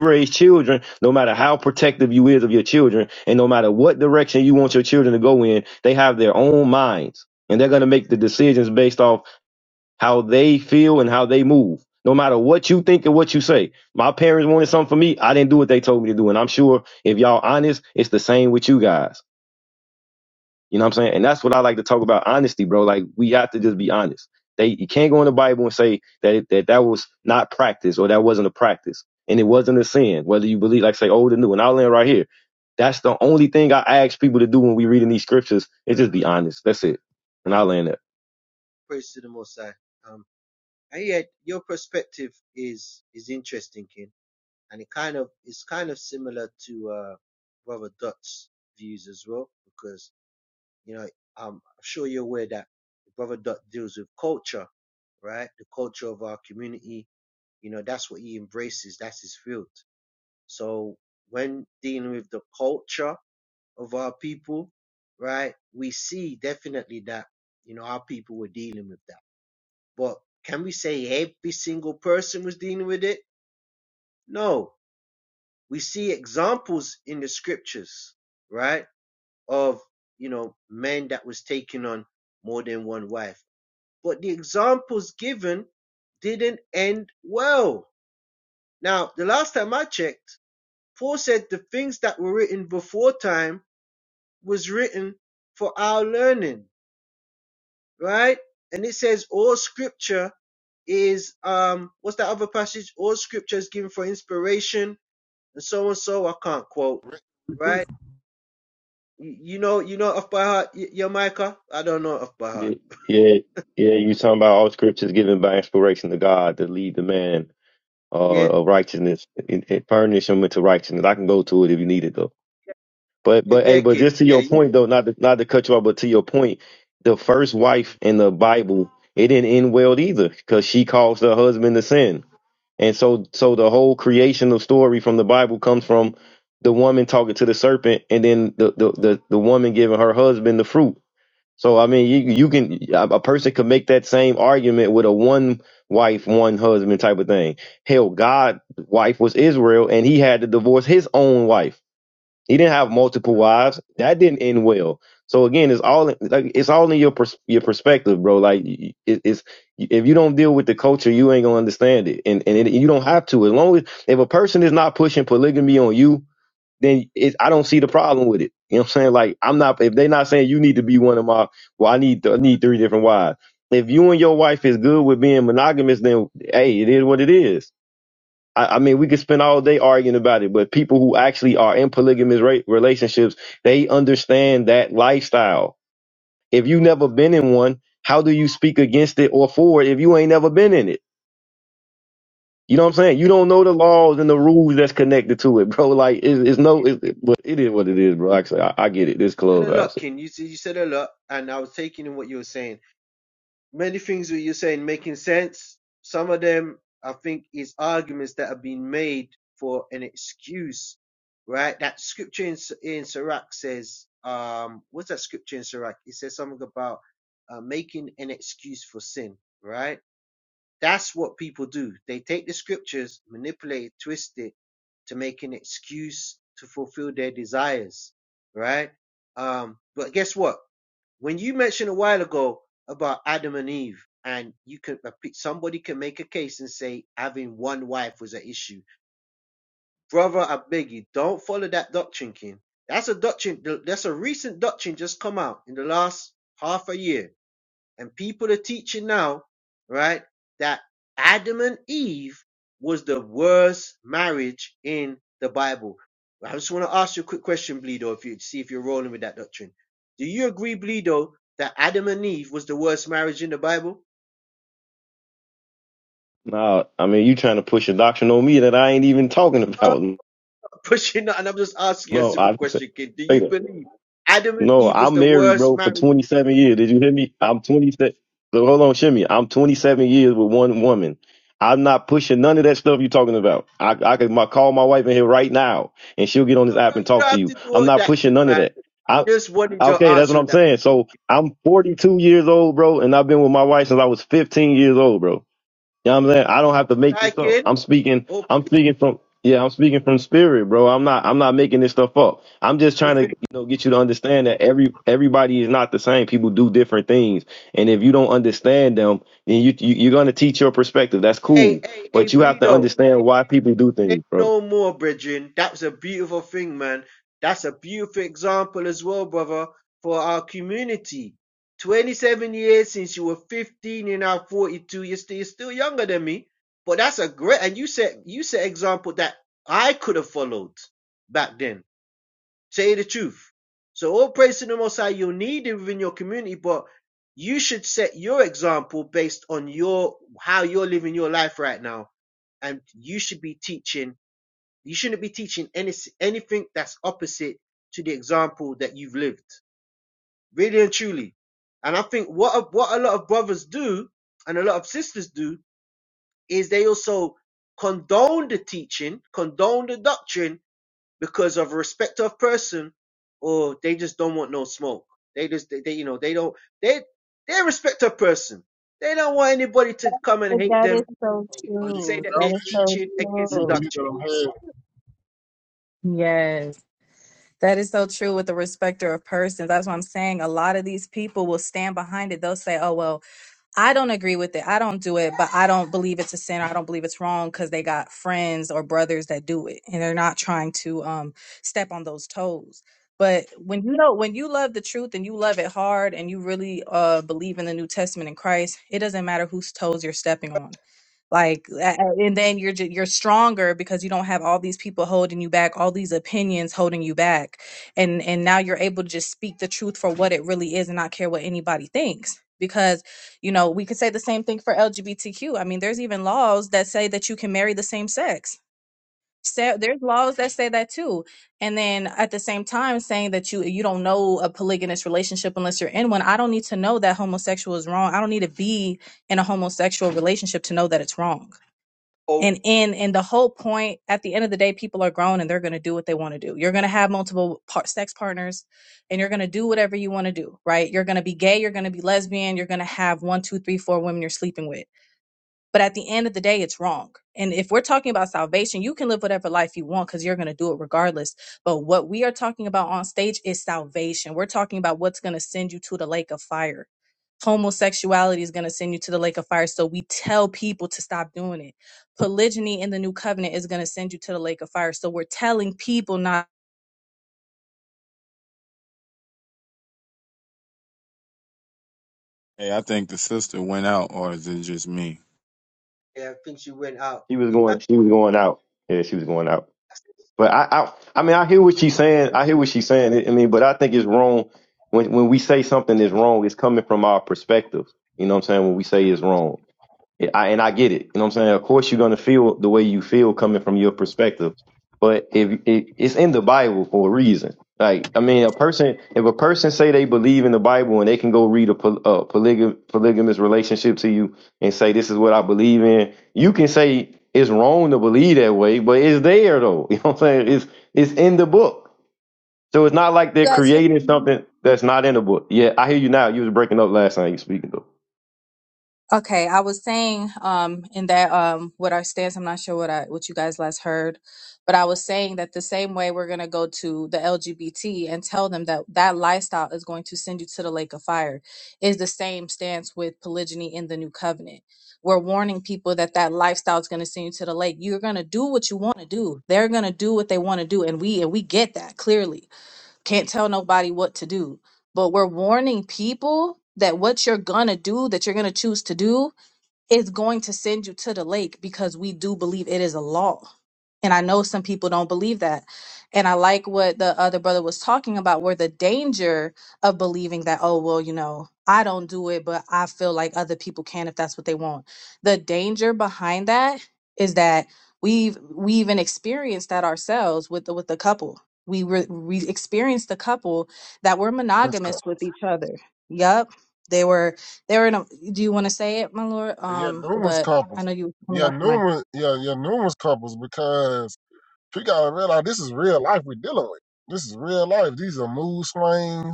raise children, no matter how protective you is of your children, and no matter what direction you want your children to go in, they have their own minds. And they're gonna make the decisions based off how they feel and how they move. No matter what you think and what you say. My parents wanted something for me. I didn't do what they told me to do. And I'm sure if y'all honest, it's the same with you guys. You know what I'm saying? And that's what I like to talk about honesty, bro. Like we have to just be honest. They you can't go in the Bible and say that that that was not practice or that wasn't a practice and it wasn't a sin. Whether you believe like say old and new, and I'll land right here. That's the only thing I ask people to do when we reading these scriptures is just be honest. That's it. And I'll land there.
praise to the most high um and yeah your perspective is is interesting Ken. and it kind of is kind of similar to uh, Brother Dot's views as well, because you know I'm sure you're aware that Brother Dot deals with culture, right? The culture of our community, you know, that's what he embraces. That's his field. So when dealing with the culture of our people, right, we see definitely that you know our people were dealing with that, but can we say every single person was dealing with it? No, we see examples in the scriptures, right, of you know men that was taking on more than one wife. But the examples given didn't end well. Now, the last time I checked, Paul said the things that were written before time was written for our learning, right? And it says all scripture is um what's that other passage? All scripture is given for inspiration and so and so I can't quote,
Proof.
right? You, know, you know off by heart, Y- Jamaica. I don't know off by heart.
Yeah, yeah, yeah. You talking about all scriptures given by inspiration to God to lead the man uh,
Yeah,
of righteousness, and, and furnish him into righteousness. I can go to it if you need it though. But but hey,
yeah,
but
kid.
just to
Yeah,
your
you,
point though, not to, not to cut you off, but to your point, the first
you
wife in the Bible it didn't end well either because she caused her husband to sin, and so so the whole creational story from the Bible comes from the woman talking to the serpent, and then the the the, the woman giving her husband the fruit. So I mean, you you can a a person could make that same argument with a one wife, one husband type of thing. Hell, God's wife was Israel, and he had to divorce his own wife. He didn't have multiple wives. That didn't end well. So again, it's all like it's all in your pers- your perspective, bro. Like it, it's if you don't deal with the culture, you ain't gonna understand it, and and it, you don't have to. As long as if a person is not pushing polygamy on you, then it, I don't see the problem with it. You know what I'm saying? Like I'm not if they're not saying you need to be one of my well, I need I need three different wives. If you and your wife is good with being monogamous, then hey, it is what it is. I, I mean, we could spend all day arguing about it, but people who actually are in polygamous ra- relationships, they understand that lifestyle. If you never been in one, how do you speak against it or for it if you ain't never been in it? You know what I'm saying? You don't know the laws and the rules that's connected to it, bro. Like it's, it's no, it, it, but it is what it is, bro. Actually, I, I get it. This
said a lot,
clubhouse.
kid. You said you said a lot, and I was taking in what you were saying. Many things that you're saying making sense. Some of them, I think, is arguments that have been made for an excuse, right? That scripture in S- in Sirach says, um, what's that scripture in Sirach? It says something about uh, making an excuse for sin, right? That's what people do. They take the scriptures, manipulate it, twist it to make an excuse to fulfill their desires, right? Um, but guess what? When you mentioned a while ago about Adam and Eve, and you could somebody can make a case and say having one wife was an issue, brother. I beg you, don't follow that doctrine, King. That's a doctrine. That's a recent doctrine just come out in the last half a year and people are teaching now, right, that Adam and Eve was the worst marriage in the Bible. I just want to ask you a quick question, Bleedo, if you see if you're rolling with that doctrine. Do you agree, Bleedo, that Adam and Eve was the worst marriage in the Bible?
Nah, I mean, you trying to push a doctrine on me that I ain't even talking
I'm
about.
not pushing that, and I'm just asking you a
No,
simple
I didn't say
question, kid. Do
say
you
that.
believe Adam and
No,
Eve was
I'm
the
married,
worst
bro, for
marriage?
27 years. Did you hear me? I'm 27. So hold on, Shimmy. I'm 27 years with one woman. I'm not pushing none of that stuff you're talking about. I, I could my, call my wife in here right now and she'll get on
Oh,
this app
bro,
and
you
talk
don't
to
have
you.
to do
I'm
all
not
that,
pushing
kid,
none of
man.
that.
I
I,
just wanted your
okay, that's what
answer
I'm
on that.
saying. So I'm 42 years old, bro, and I've been with my wife since I was 15 years old, bro. You know what I'm saying? I don't have to make
I
this up.
kid.
I'm speaking
Oh,
I'm speaking from yeah, I'm speaking from spirit, bro. I'm not I'm not making this stuff up. I'm just
people
trying to,
think,
you know, get you to understand that every everybody is not the same. People do different things. And if you don't understand them, then you, you you're gonna teach your perspective. That's
hey,
cool.
hey, hey,
But you have to
Bleedo. hey,
understand why people do
Say
things, bro.
no more, brethren. That's a beautiful thing, man. That's a beautiful example as well, brother, for our community. 27 years since you were 15 you you're now 42. You're still, you're still younger than me. But that's a great, and you set, you set example that I could have followed back then. Say the truth. So all praise to the Most High, you'll need it within your community, but you should set your example based on your, how you're living your life right now. And you should be teaching you shouldn't be teaching any, anything that's opposite to the example that you've lived, really and truly. And I think what a, what a lot of brothers do and a lot of sisters do is they also condone the teaching, condone the doctrine because of respect of person, or they just don't want no smoke. They just they, they you know they don't they they respect of person. They don't want anybody to come
Well,
and hate
That is
them,
so
Are you
say
true.
that
That
they're
is so
teaching against the
you see that
doctrine.
I'm
true.
having
Yes. That is so true with the respecter of persons. That's what I'm saying. A lot of these people will stand behind it. They'll say, oh, well, I don't agree with it. I don't do it, but I don't believe it's a sin. Or I don't believe it's wrong because they got friends or brothers that do it, and they're not trying to um step on those toes. But when you know when you love the truth and you love it hard and you really uh believe in the New Testament and Christ, it doesn't matter whose toes you're stepping on like a- a- and then you're ju- you're stronger because you don't have all these people holding you back all these opinions holding you back and and now you're able to just speak the truth for what it really is and not care what anybody thinks because you know we could say the same thing for lgbtq i mean there's even laws that say that you can marry the same sex so there's laws that say that too and then at the same time saying that you you don't know a polygamous relationship unless you're in one i don't need to know that homosexual is wrong i don't need to be in a homosexual relationship to know that it's wrong
Oh.
and in and the whole point at the end of the day people are grown and they're going to do what they want to do you're going to have multiple par- sex partners and you're going to do whatever you want to do right you're going to be gay you're going to be lesbian you're going to have one two three four women you're sleeping with but at the end of the day, it's wrong. And if we're talking about salvation, you can live whatever life you want because you're going to do it regardless. But what we are talking about on stage is salvation. We're talking about what's going to send you to the lake of fire. Homosexuality is going to send you to the lake of fire. So we tell people to stop doing it. Polygyny in the new covenant is going to send you to the lake of fire. So we're telling people not.
Hey, I think the sister went out, or is it just me?
Yeah, I think she went out.
She was
You
going
back
she was going out. Yeah, she was going out.
still
But I, I, I mean, I hear what she's saying. I hear what she's saying. I mean, but I think it's wrong when when we say something is wrong. It's coming from our perspective. You know what I'm saying? When we say it's wrong. Yeah, I, and I get it. You know what I'm saying? Of course, you're gonna feel the way you feel coming from your perspective, but if it, it's in the Bible for a reason, like I mean, a person if a person say they believe in the Bible and they can go read a, poly, a polygam, polygamous relationship to you and say this is what I believe in, you can say it's wrong to believe that way, but it's there though. You know what I'm saying? It's it's in the book, so it's not like they're
You guys hear?
creating
me?
something that's not in the book. Yeah, I hear you now. You was breaking up last time you speaking though.
Okay, I was saying um in that um what our stance, I'm not sure what I what you guys last heard, but I was saying that the same way we're gonna go to the LGBT and tell them that that lifestyle is going to send you to the lake of fire is the same stance with polygyny in the new covenant. We're warning people that that lifestyle is going to send you to the lake. You're going to do what you want to do. They're going to do what they want to do and we and we get that clearly. Can't tell nobody what to do but we're warning people that what you're gonna do, that you're gonna choose to do, is going to send you to the lake because we do believe it is a law. And I know some people don't believe that. And I like what the other brother was talking about, where the danger of believing that, oh, well, you know, I don't do it, but I feel like other people can if that's what they want. The danger behind that is that we've we even experienced that ourselves with the with the couple. We were we experienced the couple that were
numerous
monogamous with
couples.
each other. Yup. They were they were in a, do you want to say it, my lord?
Yeah,
Um,
numerous
but I
couples.
know you were coming
Yeah,
off the mic.
numerous. Yeah, yeah, numerous couples because We gotta realize this is real life we're dealing with. This is real life. These are mood swings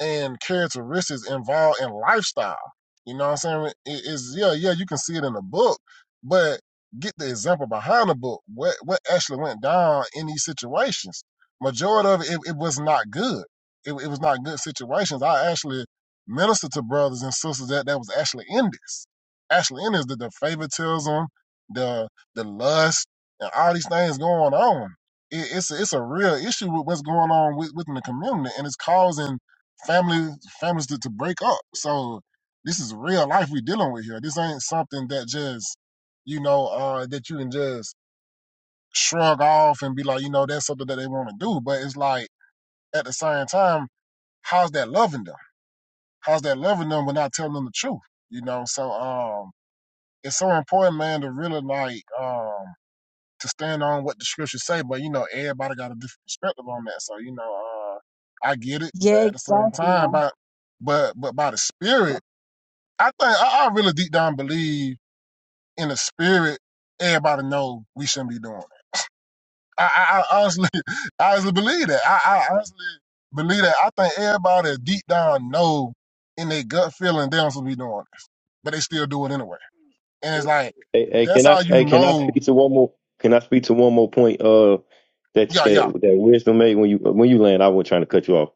and characteristics involved in lifestyle. You know what I'm saying? It- it's yeah, yeah, you can see it in the book, but get the example behind the book. What what actually went down in these situations? Majority of it, it, it was not good. It, it was not good situations. I actually ministered to brothers and sisters that that was actually in this, actually in this the, the favoritism, the the lust, and all these things going on. It, it's a, it's a real issue with what's going on with, within the community, and it's causing Family families to, to break up. So this is real life we dealing with here. This ain't something that just you know uh, that you can just shrug off and be like, you know, that's something that they want to do. But it's like at the same time, how's that loving them? How's that loving them when not telling them the truth? You know, so um, it's so important, man, to really like um to stand on what the scriptures say. But you know, everybody got a different perspective on that. So you know, uh, I get it, but
Yeah,
at the same time,
exactly.
by but but by the spirit I think I, I really deep down believe in the spirit. Everybody know we shouldn't be doing it. I, I, I honestly, I honestly believe that. I, I honestly believe that. I think everybody deep down know in their gut feeling they don't supposed to be doing this, but they still do it anyway. And it's like
Hey,
anyway.
hey,
that's
can I
how you
hey, can I
know.
speak to one more can I speak to one more point uh that
Yeah,
that
yeah,
that wisdom made when you when you land I wasn't trying to cut you off.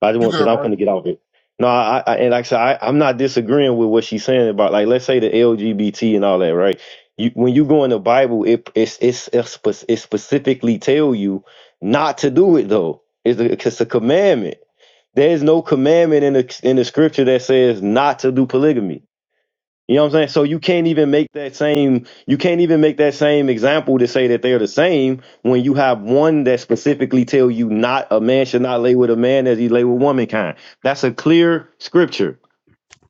I just
you
want because
good,
I'm
bro?
finna get off it. No, I, I and like I said, I, I'm not disagreeing with what she's saying about like let's say the LGBT and all that, right? You when you go in the Bible, it it's it's it's spe- it specifically tell you not to do it though. It's a, it's a commandment. There's no commandment in the in the scripture that says not to do polygamy. You know what I'm saying? So you can't even make that same you can't even make that same example to say that they're the same when you have one that specifically tell you not a man should not lay with a man as he lay with womankind. That's a clear scripture.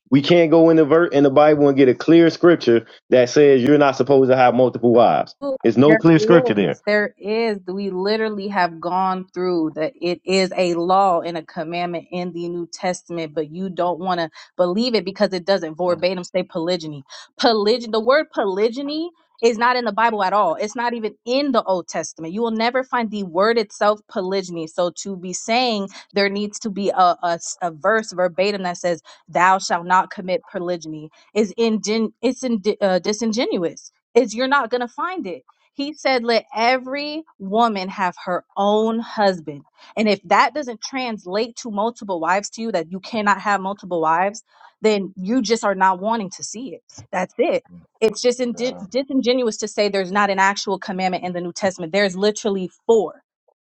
We can't go in the ver- in the Bible and get a clear scripture that says you're not supposed to have multiple wives.
Ooh,
There's no
There
clear scripture there.
is, there is. We literally have gone through that. It is a law and a commandment in the New Testament, but you don't want to believe it because it doesn't
Oh,
verbatim say polygyny. Polygyny, the word polygyny is not in the Bible at all. It's not even in the Old Testament. You will never find the word itself polygyny. So to be saying there needs to be a, a s- a verse verbatim that says, "Thou shalt not commit polygyny," is ingen- it's in, uh, disingenuous is you're not going to find it. He said, Let every woman have her own husband. And if that doesn't translate to multiple wives to you, that you cannot have multiple wives, then you just are not wanting to see it. That's it. It's just in-
yeah,
disingenuous to say there's not an actual commandment in the New Testament. There's literally four,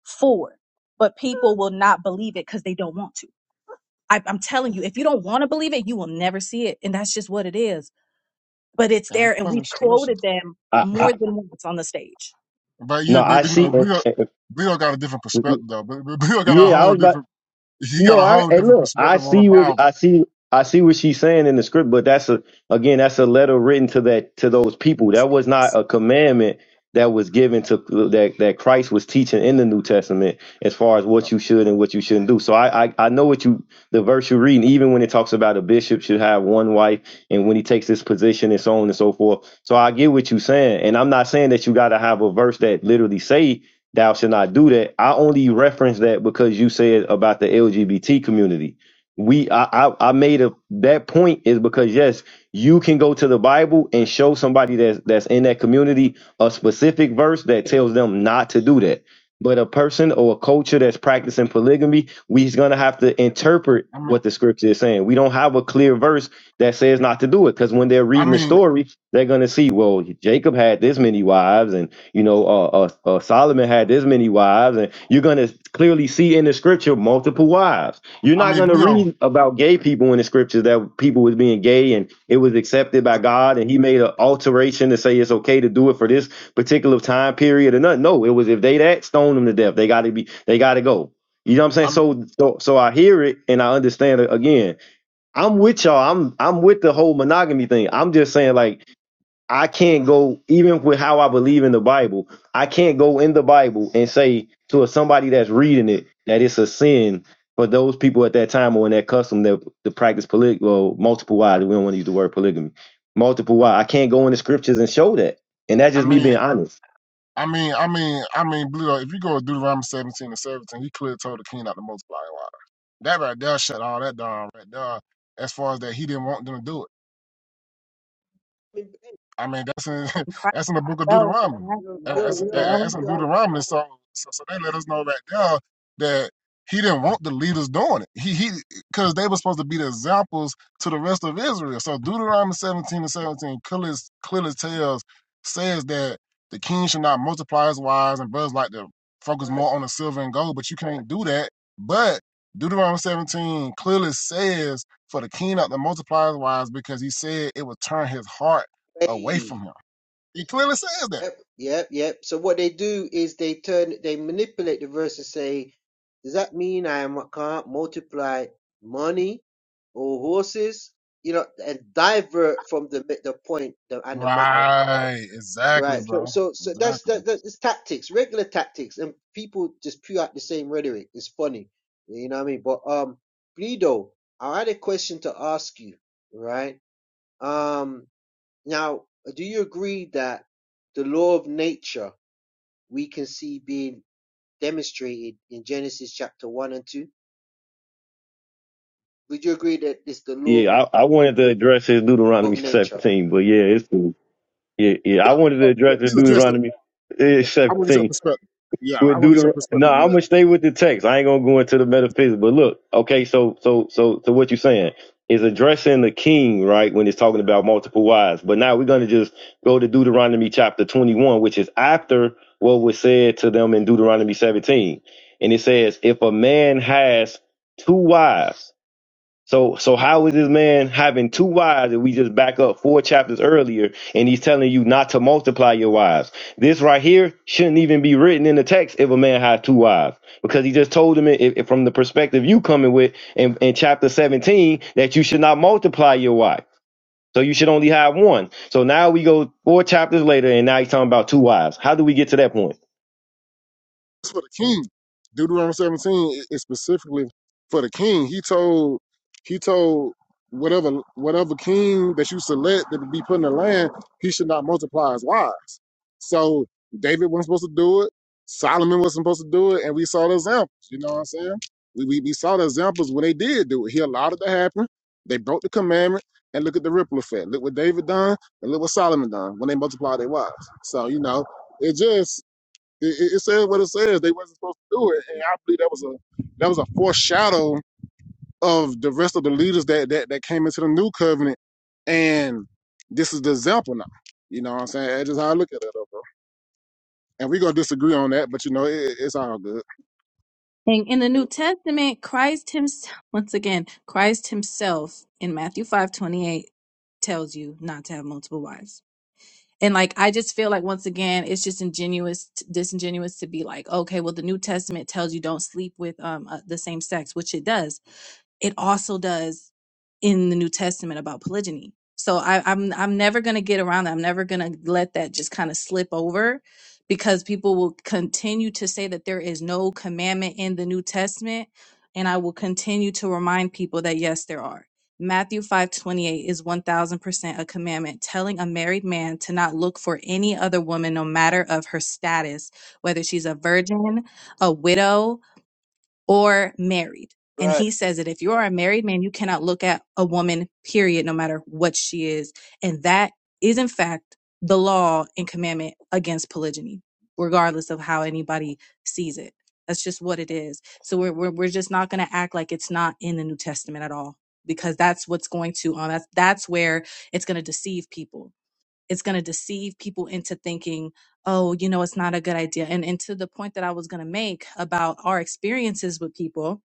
four, but people will not believe it because they don't want to. I, I'm telling you, if you don't want to believe it, you will never see it. And that's just what it is but it's
and
there
it's
and
kind of
we've
stressful.
quoted them
I, I,
more than once on the stage.
But
no,
you,
I
but you know,
see. uh,
Bill,
uh,
Bill got a different
uh,
perspective though. But but Bill got a
Yeah, I
whole
was about.
different. He got
No,
a
I
whole
hey
different
look, I
perspective on the
see what
Bible.
I see. I see what she's saying in the script, but that's a again, that's a letter written to that to those people. That was not a commandment that was given to that that Christ was teaching in the New Testament as far as what you should and what you shouldn't do. So I I, I know what you the verse you're reading, even when it talks about a bishop should have one wife and when he takes this position and so on and so forth. So I get what you're saying, and I'm not saying that you got to have a verse that literally say thou shall not do that. I only reference that because you said about the LGBT community. We, I, I, I made a that point is because yes, you can go to the Bible and show somebody that's that's in that community a specific verse that tells them not to do that. But a person or a culture that's practicing polygamy, we's gonna have to interpret
I mean.
what the scripture is saying. We don't have a clear verse that says not to do it because when they're
I
reading the
mean,
story, they're gonna see, well, Jacob had this many wives and you know, uh, uh, uh, Solomon had this many wives, and you're going to clearly see in the scripture multiple wives. You're
I
not
mean,
going to
Bleo,
read about gay people in the scriptures that people was being gay and it was accepted by God, and He made an alteration to say it's okay to do it for this particular time period or nothing. No, it was if they that stone them to death, they got to be, they got to go. You know what I'm saying?
I'm,
So, so, so I hear it and I understand it again. I'm with y'all. I'm, I'm with the whole monogamy thing. I'm just saying, like, I can't go even with how I believe in the Bible. I can't go in the Bible and say to somebody that's reading it that it's a sin for those people at that time or in that custom that to practice poly well, multiple wives. We don't want to use the word polygamy. Multiple wives. I can't go in the scriptures and show that. And that's
I
just me
mean,
being honest.
I mean, I mean, I mean, Bleo, if you go to Deuteronomy 17 and 17, he clearly told the king not to multiply water. That right there shut all that down right there as far as that he didn't want them to do it.
I mean, hey,
I mean, that's in
And Christ
that's in the book of
fell for
Deuteronomy.
Yo,
Matthew.
Uh,
yo,
That's, uh,
yo,
Yeah.
uh, that's in
yo,
Deuteronomy. So, so so they let us know right there that he didn't want the leaders doing it. He he because they were supposed to be the examples to the rest of Israel. So Deuteronomy 17 and 17 clearly, clearly tells says that the king should not multiply his wives and brothers like to focus
right.
more on the silver and gold, but you can't do that. But Deuteronomy 17 clearly says for the king not to multiply his wives because he said it would turn his heart away
Hey.
from him. He clearly says that.
Yep, yep, yep. So what they do is they turn they manipulate the verse and say, Does that mean I am, can't multiply money or horses? You know, and divert from the the point the, and the matter
Right. Exactly,
Right. So,
bro.
so, so that's
Exactly.
that, that. It's tactics, regular tactics, and people just spew out the same rhetoric. It's funny, you know what I mean. But um, Bledo, I had a question to ask you. Right. Um. Now, do you agree that the law of nature we can see being demonstrated in Genesis chapter one and two? Would you agree that it's the law
Yeah, I, I wanted to address his
of
Deuteronomy
nature?
17, but yeah, it's yeah, yeah. I wanted to
Yeah,
address the
please address that.
Deuteronomy eh,
I want to get your
17
perspective. Yeah, I
with
want to get your
Deuteronomy.
perspective
No,
on
I'm
that.
gonna stay with the text. I ain't gonna go into the metaphysics. But look, okay, so so so so what you are saying is addressing the king, right? When it's talking about multiple wives. But now we're gonna just go to Deuteronomy chapter 21, which is after what was said to them in Deuteronomy 17, and it says, if a man has two wives so, so how is this man having two wives if we just back up four chapters earlier and he's telling you not to multiply your wives? This right here shouldn't even be written in the text if a man had two wives because he just told him it, it- from the perspective you coming with in, in chapter 17 that you should not multiply your wife. So you should only have one. So now we go four chapters later and now he's talking about two wives. How do we get to that point?
It's for the king. Deuteronomy 17 is specifically for the king. He told he told whatever whatever king that you select that be put in the land, he should not multiply his wives. So David wasn't supposed to do it. Solomon wasn't supposed to do it, and we saw the examples. You know what I'm saying? We we, we saw the examples when they did do it. He allowed it to happen. They broke the commandment, and look at the ripple effect. Look what David done, and look what Solomon done when they multiplied their wives. So you know, it just it, it, it says what it says. They wasn't supposed to do it, and I believe that was a that was a foreshadow of the rest of the leaders that that, that came into the new covenant. And this is the example now. You know what I'm saying? That's just how I look at it, though, bro. And we're gonna disagree on that, but you know, it, it's all good.
And in the New Testament, Christ himself, once again, Christ himself in Matthew five twenty eight tells you not to have multiple wives and like i just feel like once again it's just ingenuous disingenuous to be like okay well the new testament tells you don't sleep with um uh, the same sex which it does it also does in the new testament about polygyny so I, i'm i'm never going to get around that i'm never going to let that just kind of slip over because people will continue to say that there is no commandment in the new testament and i will continue to remind people that yes there are Matthew 5:28 is 1000% a commandment telling a married man to not look for any other woman no matter of her status, whether she's a virgin, a widow, or married. And
Right.
he says that if you are a married man, you cannot look at a woman, period, no matter what she is. And that is, in fact, the law and commandment against polygyny, regardless of how anybody sees it. That's just what it is. So we're, we're, we're just not going to act like it's not in the New Testament at all, because that's what's going to, um, that's, that's where it's going to deceive people it's going to deceive people into thinking, oh, you know, it's not a good idea. And, and to the point that I was going to make about our experiences with people,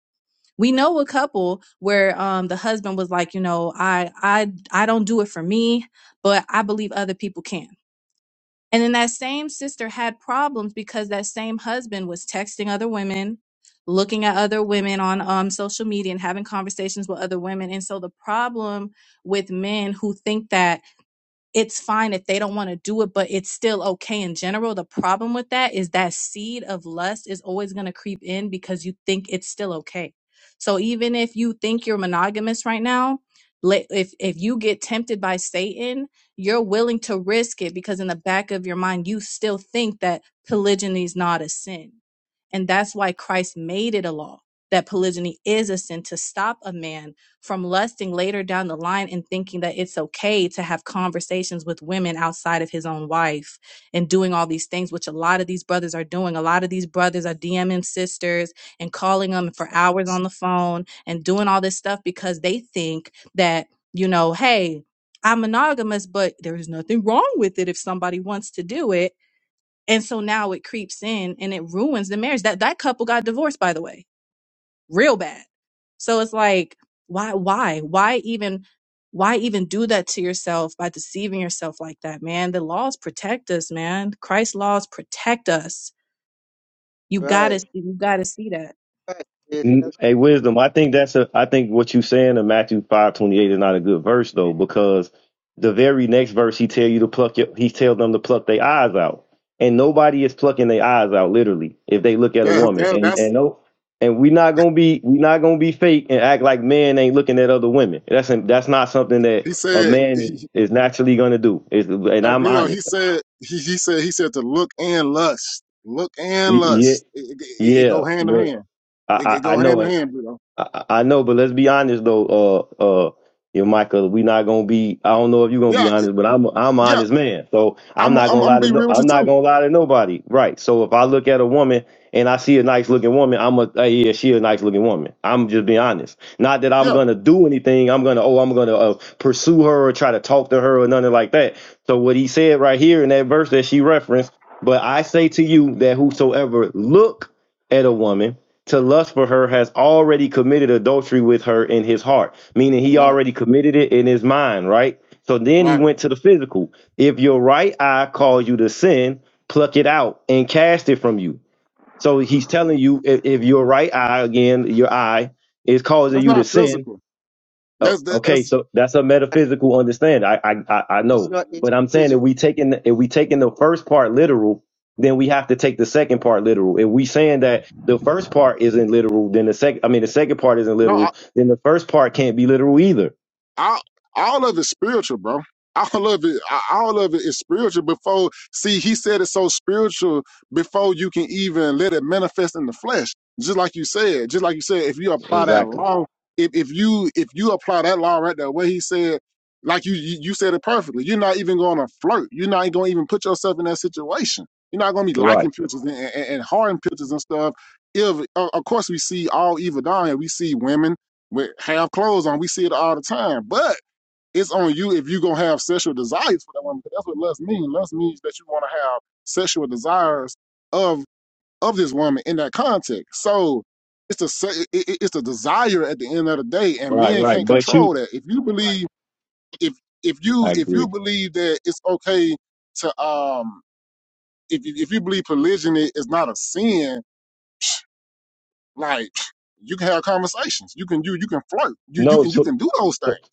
we know a couple where um, the husband was like, you know, I, I, I don't do it for me, but I believe other people can. And then that same sister had problems because that same husband was texting other women, looking at other women on um, social media and having conversations with other women. And so the problem with men who think that it's fine if they don't want to do it, but it's still okay in general. The problem with that is that seed of lust is always going to creep in because you think it's still okay. So even if you think you're monogamous right now, let- if if you get tempted by Satan, you're willing to risk it because in the back of your mind you still think that polygyny is not a sin. And that's why Christ made it a law that polygyny is a sin to stop a man from lusting later down the line and thinking that it's okay to have conversations with women outside of his own wife and doing all these things, which a lot of these brothers are doing. A lot of these brothers are DMing sisters and calling them for hours on the phone and doing all this stuff because they think that, you know, hey, I'm monogamous, but there's nothing wrong with it if somebody wants to do it. And so now it creeps in and it ruins the marriage. That that couple got divorced, by the way real bad. So it's like, why, why, why even, why even do that to yourself by deceiving yourself like that, man? The laws protect us, man. Christ's laws protect us. You gotta,
Right.
you gotta see that.
Right. Yes,
Mm, Hey, wisdom. I think that's a. I think what you saying in Matthew five twenty eight is not a good verse though, because the very next verse he tell you to pluck. Your, he tell them to pluck their eyes out, and nobody is plucking their eyes out literally if they look at a
That,
woman.
that,
And
that's
and no, and we not gonna be we not gonna be fake and act like men ain't looking at other women. That's that's not something that
he
a
said.
man
He,
is naturally gonna do. Is and
I
I'm
believe no,
honest.
he said he, he said he said to look and lust, look and
Y- Yeah,
lust. It, it, it it
yeah,
go hand in
but
hand.
I
It, it
I, I
go hand
know
in hand, you know.
I, I know, but let's be honest though. Uh, uh, you know, Michael, we not gonna be. I don't know if you're gonna be
Yeah,
honest, but I'm I'm an
yeah.
honest man, so I'm
I'm, I'm
not
I'm
gonna
gonna
lie to
be
no,
real with you
I'm not
too.
gonna lie to nobody, right? So if I look at a woman and I see a nice looking woman, I'm a hey, yeah, she a nice looking woman. I'm just being honest. Not that I'm
Yeah.
gonna do anything. I'm gonna oh, I'm gonna uh, pursue her or try to talk to her or nothing like that. So what he said right here in that verse that she referenced, but I say to you that whosoever look at a woman to lust for her has already committed adultery with her in his heart, meaning he
Right.
already committed it in his mind, right? So then he
Right.
went to the physical. If your right eye calls you to sin, pluck it out and cast it from you. So he's telling you if, if your right eye, again, your eye, is causing
That's
you to
not
sin,
physical.
Oh,
That's the
okay,
that's
so that's a
that's-
metaphysical understanding. I, I, I I
It's
know,
not. It's
but I'm saying
physical.
if we taking the, if we taking the first part literal, then we have to take the second part literal. If we saying that the first part isn't literal, then the second, I mean, the second part isn't
no.
literal, then the first part can't be literal either.
all all of it's spiritual, bro. All of it, all of it is spiritual. Before, see, he said it's so spiritual before you can even let it manifest in the flesh. Just like you said, just like you said, if you apply that
Exactly.
law, if if you if you apply that law right there, what he said, like you you, you said it perfectly. You're not even going to flirt. You're not going to even put yourself in that situation. You're not going to be
Right.
liking pictures and, and, and hard pictures and stuff. If, of course, we see all evil down here. We see women with have clothes on. We see it all the time. But it's on you if you gonna have sexual desires for that woman. That's what lust means. Lust means that you wanna have sexual desires of of this woman in that context. So it's the it, it's the desire at the end of the day, and
Right.
men
Right.
can't
But you,
control that. If you believe if if you
I
if you
agree.
believe that it's okay to um if if you believe polygyny is not a sin, like you can have conversations. You can you you can flirt. You you
No.
can you
So.
can do those
so
things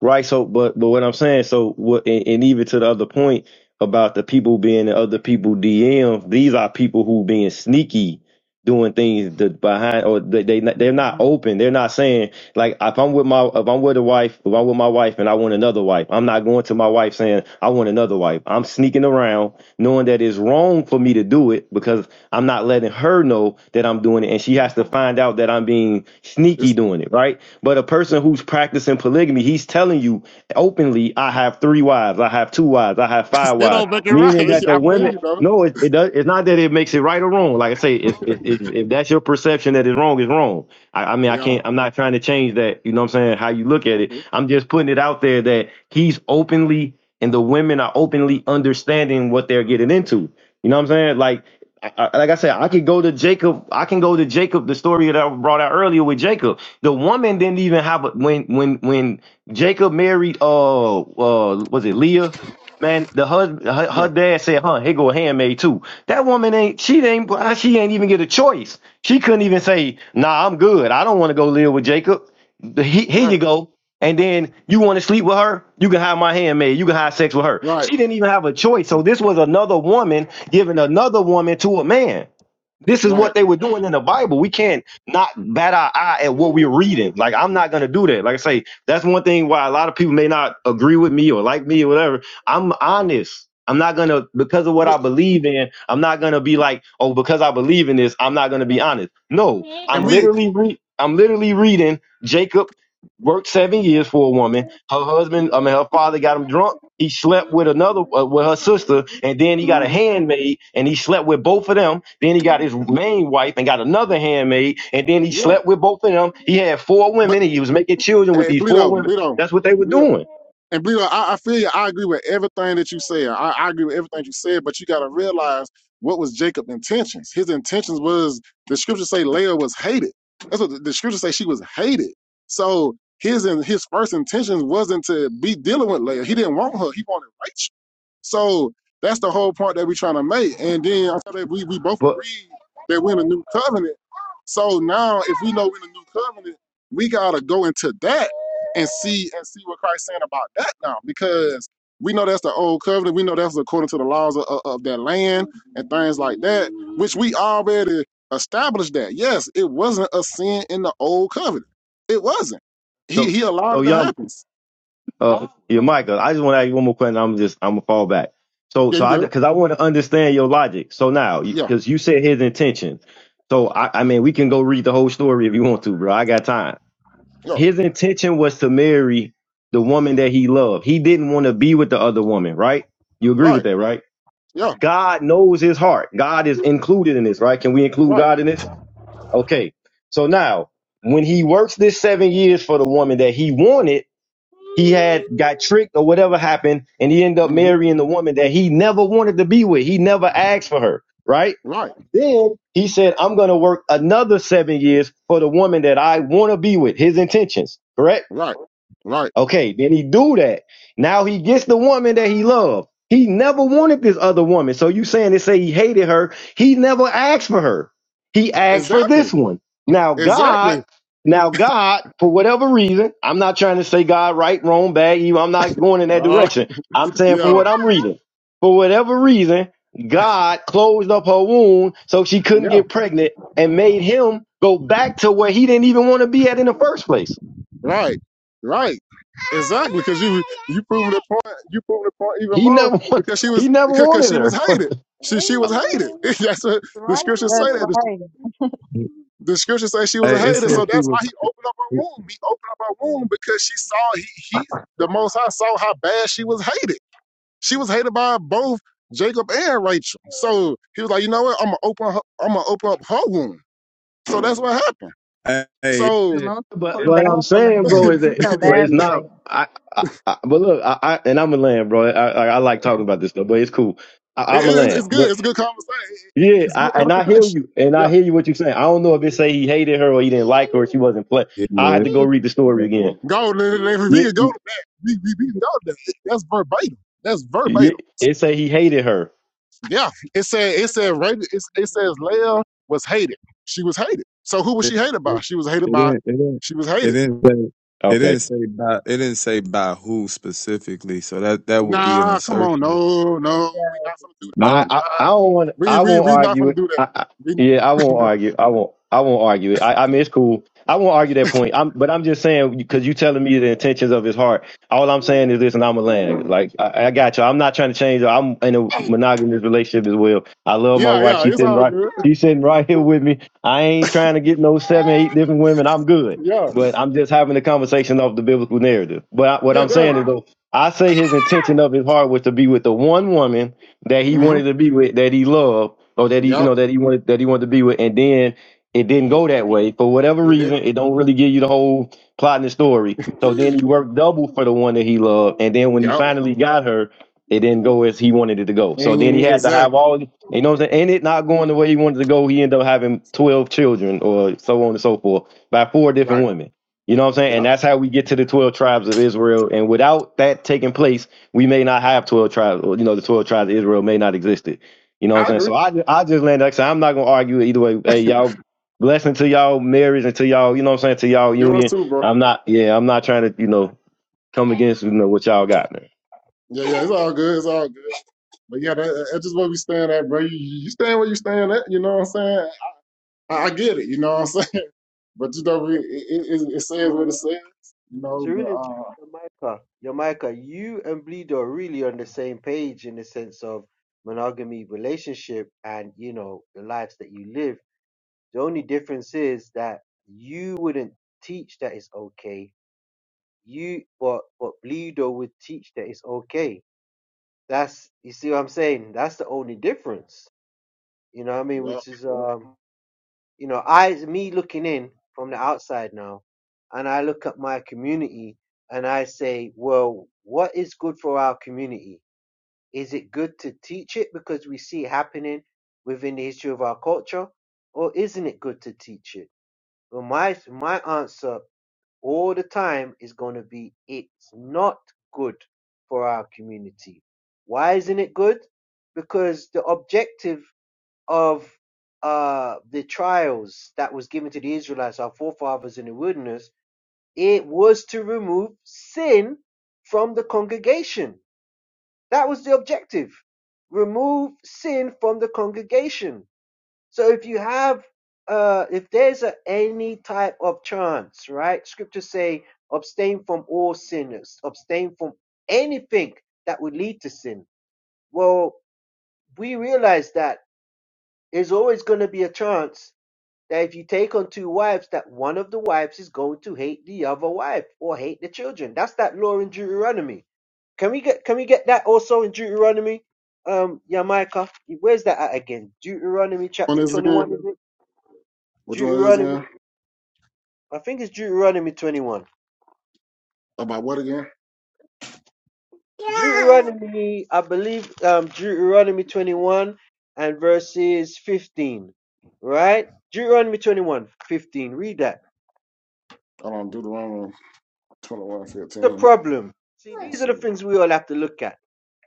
Right. So, but but what I'm saying, so what, and, and even to the other point about the people being the other people DMs, these are people who being sneaky, doing things the behind, or they, they not- they're not open. They're not saying like if I'm with my if I'm with a wife, if I'm with my wife and I want another wife, I'm not going to my wife saying I want another wife. I'm sneaking around, knowing that it's wrong for me to do it because I'm not letting her know that I'm doing it, and she has to find out that I'm being sneaky doing it. Right. But a person who's practicing polygamy, he's telling you openly, I have three wives, I have two wives, I have five
You know,
wives.
but you're right.
Meaning that the
I feel
women,
you brother.
no, it, it does. It's not that it makes it right or wrong. Like I say, if if, if, if that's your perception that is wrong, is wrong. I, I mean, I
Yeah.
can't. I'm not trying to change that. You know what I'm saying? How you look at it.
Okay.
I'm just putting it out there that he's openly and the women are openly understanding what they're getting into. You know what I'm saying? Like I, I- like I said, I could go to Jacob. I can go to Jacob. The story that I brought out earlier with Jacob. The woman didn't even have a, when when when Jacob married. Uh, uh, was it Leah? Man, the hus- her, her
Yeah.
dad said, "Huh, here go a handmaid too." That woman ain't. She ain't. She ain't even get a choice. She couldn't even say, "Nah, I'm good. I don't want to go live with Jacob." The- he- Here you
Right.
go. And then you want to sleep with her? You can have my handmaid. You can have sex with her.
Right.
She didn't even have a choice. So this was another woman giving another woman to a man. This is
Right.
what they were doing in the Bible. We can't not bat our eye at what we're reading. Like I'm not gonna do that. Like I say, that's one thing why a lot of people may not agree with me or like me or whatever. I'm honest. I'm not gonna because of what I believe in. I'm not gonna be like, oh, because I believe in this, I'm not gonna be honest. No, I'm
And we.
literally re- I'm literally reading Jacob worked seven years for a woman her husband, I mean, her father got him drunk. He slept with another, uh, with her sister, and then he got a
hmm
handmaid, and he slept with both of them. Then he got his main wife and got another handmaid, and then he
Yeah.
slept with both of them. He had four
But
women, and he was making children with
hey,
these four
Bleedo,
women.
Bleedo,
That's what they were
Bleedo.
doing.
And Bleedo, I, I feel you. I agree with everything that you said. I, I agree with everything you said, but you got to realize what was Jacob's intentions. His intentions was the scriptures say Leah was hated. That's what the, the scriptures say. She was hated. So his and his first intentions wasn't to be dealing with Leah. He didn't want her. He wanted Rachel. So that's the whole point that we're trying to make. And then I thought that we we both
But
agreed that we're in a new covenant. So now if we know we're in a new covenant, we gotta go into that and see and see what Christ's saying about that now, because we know that's the old covenant. We know that's according to the laws of, of, that land and things like that, which we already established that. Yes, it wasn't a sin in the old covenant. It wasn't. He
so,
he allowed
so
it to
y'all,
happen.
uh, yeah, Michael, I just want to ask you one more question. I'm just, I'm gonna fall back. So,
Yeah,
so
you
I,
good?
because I want to understand your logic. So now,
Yeah,
because you said his intention. So I, I mean, we can go read the whole story if you want to, bro. I got time.
yeah,
his intention was to marry the woman that he loved. He didn't want to be with the other woman, right? You agree with
right,
that, right?
yeah,
God knows his heart. God is included in this, right? Can we include
right,
God in this? Okay. So now, when he works this seven years for the woman that he wanted, he had got tricked or whatever happened, and he ended up
hmm
marrying the woman that he never wanted to be with. He never asked for her, right?
right,
Then he said, I'm going to work another seven years for the woman that I want to be with. His intentions, correct?
right, right.
Okay, then he do that. Now he gets the woman that he loved. He never wanted this other woman. So you saying they say he hated her. He never asked for her. He asked for
Exactly,
this one. Now God,
exactly.
now God, for whatever reason, I'm not trying to say God right, wrong, bad, evil. I'm not going in that
Uh,
direction. I'm saying from
yeah,
what I'm reading. For whatever reason, God closed up her wound so she couldn't
yeah,
get pregnant and made him go back to where he didn't even want to be at in the first place.
right, right. Exactly, because you you proved the point. You proved the point even
He
more
never wants,
because she
he
was
never
because
wanted
she was
her.
hated. She she was hated. That's what
That's
the
right.
scriptures
That's
say that. The,
right.
the scriptures say she was a
Hey, it
hater,
says
so
she
that's why
was.
he opened up her womb. He opened up her womb because she saw he he the Most High saw how bad she was hated. She was hated by both Jacob and Rachel. So he was like, you know what? I'm gonna open her, I'm gonna open up her womb. So that's what happened.
Hey, it
So
The
said,
most
But, but
it
felt
what
bad
I'm
for
saying,
Yeah,
Leia.
bro, is
He
that
it
felt
but
it-
bad
it's
for
it-
not.
Leia.
I, I, I but look, I, I and I'm a land, bro. I, I I like talking about this stuff, but it's cool.
it,
I, I'm a
it,
land,
it's good.
but
It's a good conversation. It- it-
yeah,
it's good
I, and I hear
edification.
you, and I hear you what you're saying. I don't know if it
Yeah.
say he hated her or he didn't like her or she wasn't play.
it
I had to
didn't.
go read the story again.
Go, if we
Yeah,
can go
yeah,
to that, we, we, we can go to that. That's verbatim. That's verbatim.
yeah, it say he hated her.
Yeah. It said, it said,
Verbatim.
right, it, it says Leah was hated. She was hated. So who was she hated by? She was hated by,
It didn't.
she was
It
hated.
didn't say. It didn't
Okay,
say by. It didn't say by who specifically. So that that would be an
Nah, come on.
assertion.
No,
With,
no.
uh,
We not gonna do that.
No,
I
We
no.
I, I
not,
don't want
we,
I
we,
won't
we not
argue
gonna
it.
do that.
I, I,
We,
yeah, I won't argue. I won't I won't argue it. I, I mean it's cool. I won't argue that point. I'm but I'm just saying because you telling me the intentions of his heart. All I'm saying
we
is this, and I'm a land.
not.
Like I, I got you. I'm not trying to change. her. I'm in a monogamous relationship as well. I love my
Yeah,
wife.
yeah.
She's
It's
sitting
all
right.
good.
She's sitting right here with me. I ain't trying to get no seven, eight different women. I'm good.
Yeah.
But I'm just having a conversation of the biblical narrative. But I, what
Yeah,
I'm saying is
definitely.
though, I say his intention of his heart was to be with the one woman that he
Mm-hmm.
wanted to be with, that he loved, or that he, you
Yep.
know, that he wanted that he wanted to be with, and then it didn't go that way for whatever
It
reason. It don't really give you the whole plot and the story. So
did.
then he worked double for the one that he loved, and then when he
Yep.
finally got her, it didn't go as he wanted it to go. So
And
then he
you-
had to have
exactly.
all, you know, what I'm saying, and it not going the way he wanted to go. He ended up having twelve children, or so on and so forth, by four different
Right.
women. You know what I'm saying? And
Yep.
that's how we get to the 12 tribes of Israel. And without that taking place, we may not have 12 tribes or you know the 12 tribes of israel may not existed you know what i'm
I
saying
agree.
so i, I just land like I said, i'm not going to argue either way hey y'all blessing to y'all marriage and to y'all you know what i'm saying to y'all
Yours
union
too, bro.
i'm not yeah i'm not trying to you know come against you know what y'all got man
Yeah, yeah, it's all good. It's all good. But yeah, that, that's just where we stand at, bro. You, you stand where you stand at. You know what I'm saying? I, I get it. You know what I'm saying? But you know, it, it, it, it says what it says. You know,
So
but
really,
uh,
Jamaica, Jamaica, you and Bleedo are really on the same page in the sense of monogamy relationship and you know the lives that you live. The only difference is that you wouldn't teach that it's okay. You, but but Bleedo would teach that it's okay. That's you see what I'm saying. That's the only difference. You know what I mean?
yeah. Which
Which is um you know, I me looking in from the outside now, and I look at my community and I say, well, what is good for our community? Is it good to teach it because we see it happening within the history of our culture, or isn't it good to teach it? Well, my my answer all the time is going to be it's not good for our community. Why isn't it good? Because the objective of uh, the trials that was given to the Israelites, our forefathers in the wilderness, it was to remove sin from the congregation. That was the objective. Remove sin from the congregation. So if you have, uh, if there's a, any type of chance, right? Scriptures say, abstain from all sinners, abstain from anything that would lead to sin. Well, we realize that there's always going to be a chance that if you take on two wives, that one of the wives is going to hate the other wife or hate the children. That's that law in Deuteronomy. Can we get can we get that also in Deuteronomy? Um, Yamaika, where's that at again? Deuteronomy
one
chapter
is it again?
twenty-one, is it?
Which one is it
Deuteronomy,
again?
I think it's Deuteronomy twenty-one.
About what again? Yeah. I
Deuteronomy, I believe, um, Deuteronomy twenty-one and verses fifteen, right? Deuteronomy 21, 15. Read that.
don't do the wrong one. Twenty-one
The
fifteen.
problem. See, these
Let's
are the
see.
things we all have to look at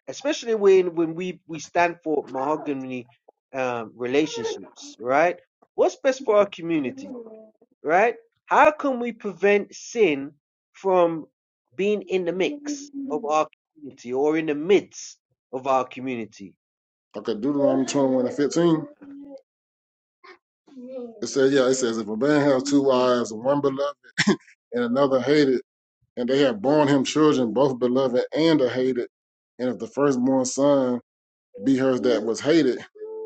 especially when when we we stand for mahogany um, relationships, right? What's best for our community, right? How can we prevent sin from being in the mix of our community or in the midst of our community?
Okay, Deuteronomy 21 and 15. It says, yeah, it says, if a man has two wives, and one beloved and another hated, and they have borne him children, both beloved and the hated, and if the firstborn son be hers that was hated,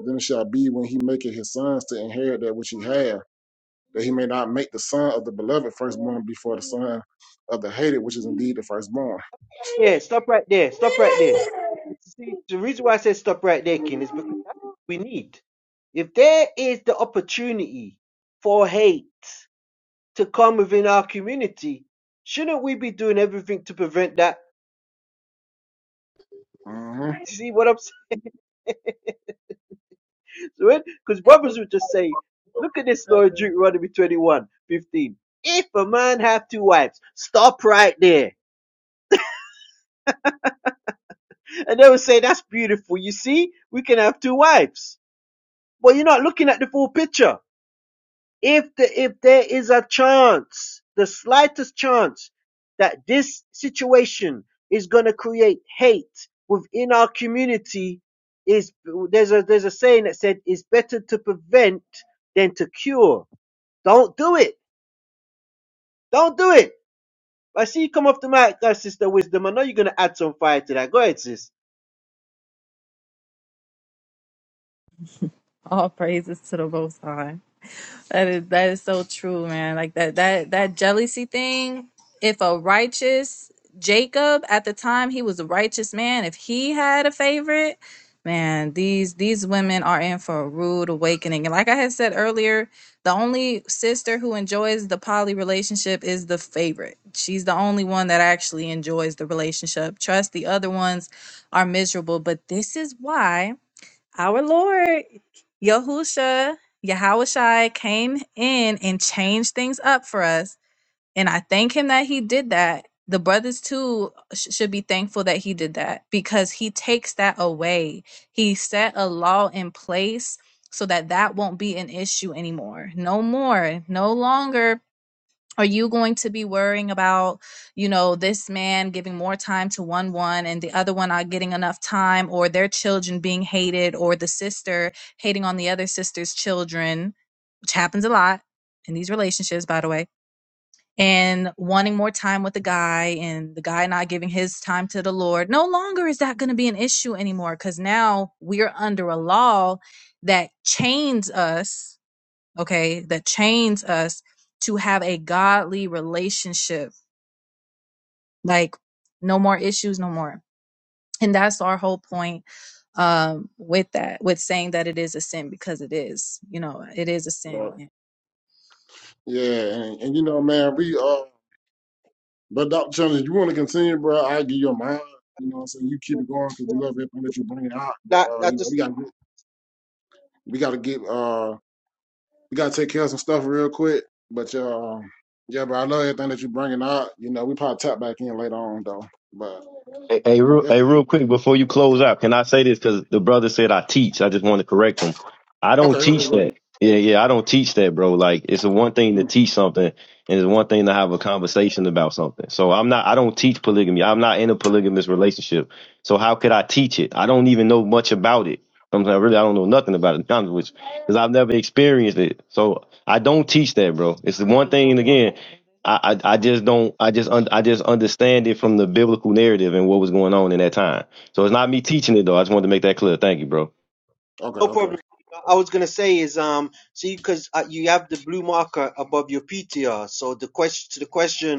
then it shall be when he maketh his sons to inherit that which he had, that he may not make the son of the beloved firstborn before the son of the hated, which is indeed the firstborn.
Yeah, stop right there. Stop right there. See, the reason why I said stop right there, Ken, is because we need. If there is the opportunity for hate to come within our community. Shouldn't we be doing everything to prevent that? You
hmm
see what I'm saying? Because
Exactly.
brothers would just say, look at this law in Deuteronomy 21, 15. If a man have two wives, stop right there. And they would say, that's beautiful. You see, we can have two wives. But you're not looking at the full picture. if the, if there is a chance, the slightest chance that this situation is going to create hate within our community is there's a there's a saying that said it's better to prevent than to cure. Don't do it. Don't do it. I see you come off the mic, uh, sister wisdom. I know you're going to add some fire to that. Go ahead, sis.
All praises to the Most High. That is that is so true, man. Like that that that jealousy thing. If a righteous Jacob at the time he was a righteous man, if he had a favorite, man, these these women are in for a rude awakening. And like I had said earlier, the only sister who enjoys the poly relationship is the favorite. She's the only one that actually enjoys the relationship. Trust the other ones are miserable, but this is why our Lord Yahusha, Yahushai came in and changed things up for us. And I thank him that he did that. The brothers too sh- should be thankful that he did that because he takes that away. He set a law in place so that that won't be an issue anymore. No more, no longer are you going to be worrying about you know this man giving more time to one one and the other one not getting enough time or their children being hated or the sister hating on the other sister's children which happens a lot in these relationships by the way and wanting more time with the guy and the guy not giving his time to the lord no longer is that going to be an issue anymore because now we're under a law that chains us okay, that chains us to have a godly relationship. Like, no more issues, no more. And that's our whole point um, with that, with saying that it is a sin because it is, you know, it is a sin.
Yeah, and, and you know, man, we uh, but Dr. Jones, if you want to continue, bro, I give you a mind. You know, what I'm saying you keep it going because we love everything that you bring out. But
That
uh, you
that
know, we
just
got we got to get uh, we got to take care of some stuff real quick. But uh, yeah, bro, I love everything that you bringing out. You know, we probably tap back in later on though. But
Hey, hey,
but
real, hey,
definitely,
real quick before you close out, can I say this? Because the brother said I teach. I just want to correct him. I
okay,
don't
okay,
teach
okay,
that. Yeah, yeah, I don't teach that, bro. Like it's one thing to
Mm,
teach something, and it's one thing to have a conversation about something. So I'm not. I don't teach polygamy. I'm not in a polygamous relationship. So how could I teach it? I don't even know much about it. I'm saying, really, I don't know nothing about it, to be honest with you, because I've never experienced it. So I don't teach that, bro. It's the one thing, again. I, I I just don't I just un, I just understand it from the biblical narrative and what was going on in that time. So it's not me teaching it though. I just wanted to make that clear. Thank you, bro.
okay,
no
okay.
problem. I was gonna say is um see because uh, you have the blue marker above your PTR. So the question to the question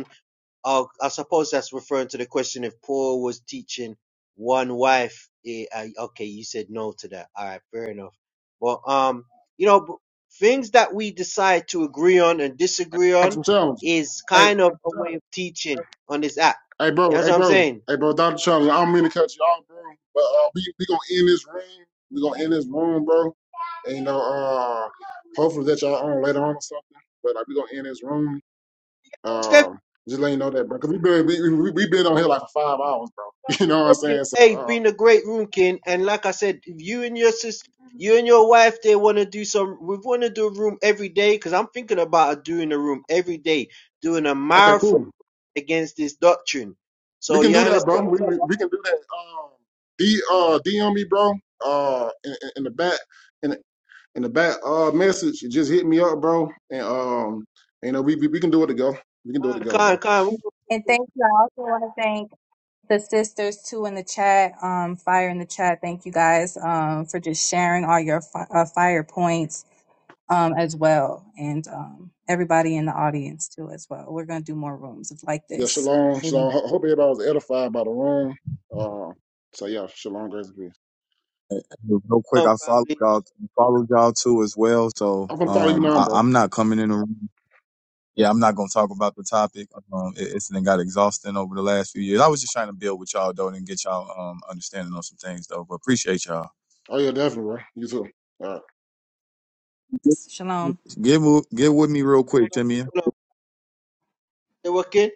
Oh, I suppose that's referring to the question if Paul was teaching one wife. eh, uh, okay, you said no to that. All right, fair enough. Well, um, you know, b- things that we decide to agree on and disagree
Got
on
some challenges.
is
Hey,
kind of a way of teaching on this app.
Hey,
You
bro.
know what
Hey,
I'm
bro.
saying?
Hey, bro. Dr. Charles, I don't mean to cut you off, bro. But uh, we we gonna end this room. We gonna end this room, bro. And you know, uh, hopefully that y'all on later on or something. But like, we gonna end this room.
Stephen
Um, just let you know that, bro. Cause we been we, we, we been on here like for five hours, bro. You know what I'm
Roomkin,
saying? So,
hey,
uh,
been a great Roomkin, and like I said, if you and your sister, you and your wife, they want to do some. We want to do a room every day because I'm thinking about doing a room every day doing a
okay,
marathon
cool.
against this doctrine.
We
So
can
you
do that,
understand?
bro. We we, we can do that. Um, D uh DM me, bro. Uh, in, in in the back. in. in the back uh message, just hit me up, bro. And um, you know, we we, we can do it together. We can do it
Khan,
together,
come
bro.
Khan, we don't
And thank you. I also want to thank the sisters too in the chat, um, fire in the chat. Thank you guys um, for just sharing all your fi- uh, fire points. um, as well, and um, everybody in the audience too as well. We're gonna do more rooms like
Yeah,
this.
shalom, shalom.
Amen.
Ho- hope everybody was edified by the room. Uh, so yeah, shalom, grace and peace.
Real quick,
come
I
from
followed y'all. Followed y'all too as well. So
I'm gonna follow you
um,
now,
I,
bro.
I'm not coming in the room. Yeah, I'm not gonna talk about the topic. Um, it, it's it got exhausting over the last few years. I was just trying to build with y'all though and get y'all um understanding on some things though. But appreciate y'all.
Oh yeah, definitely, bro. You too. All right.
Shalom.
Get wo- get with me real quick, Jimmy.
family. They working.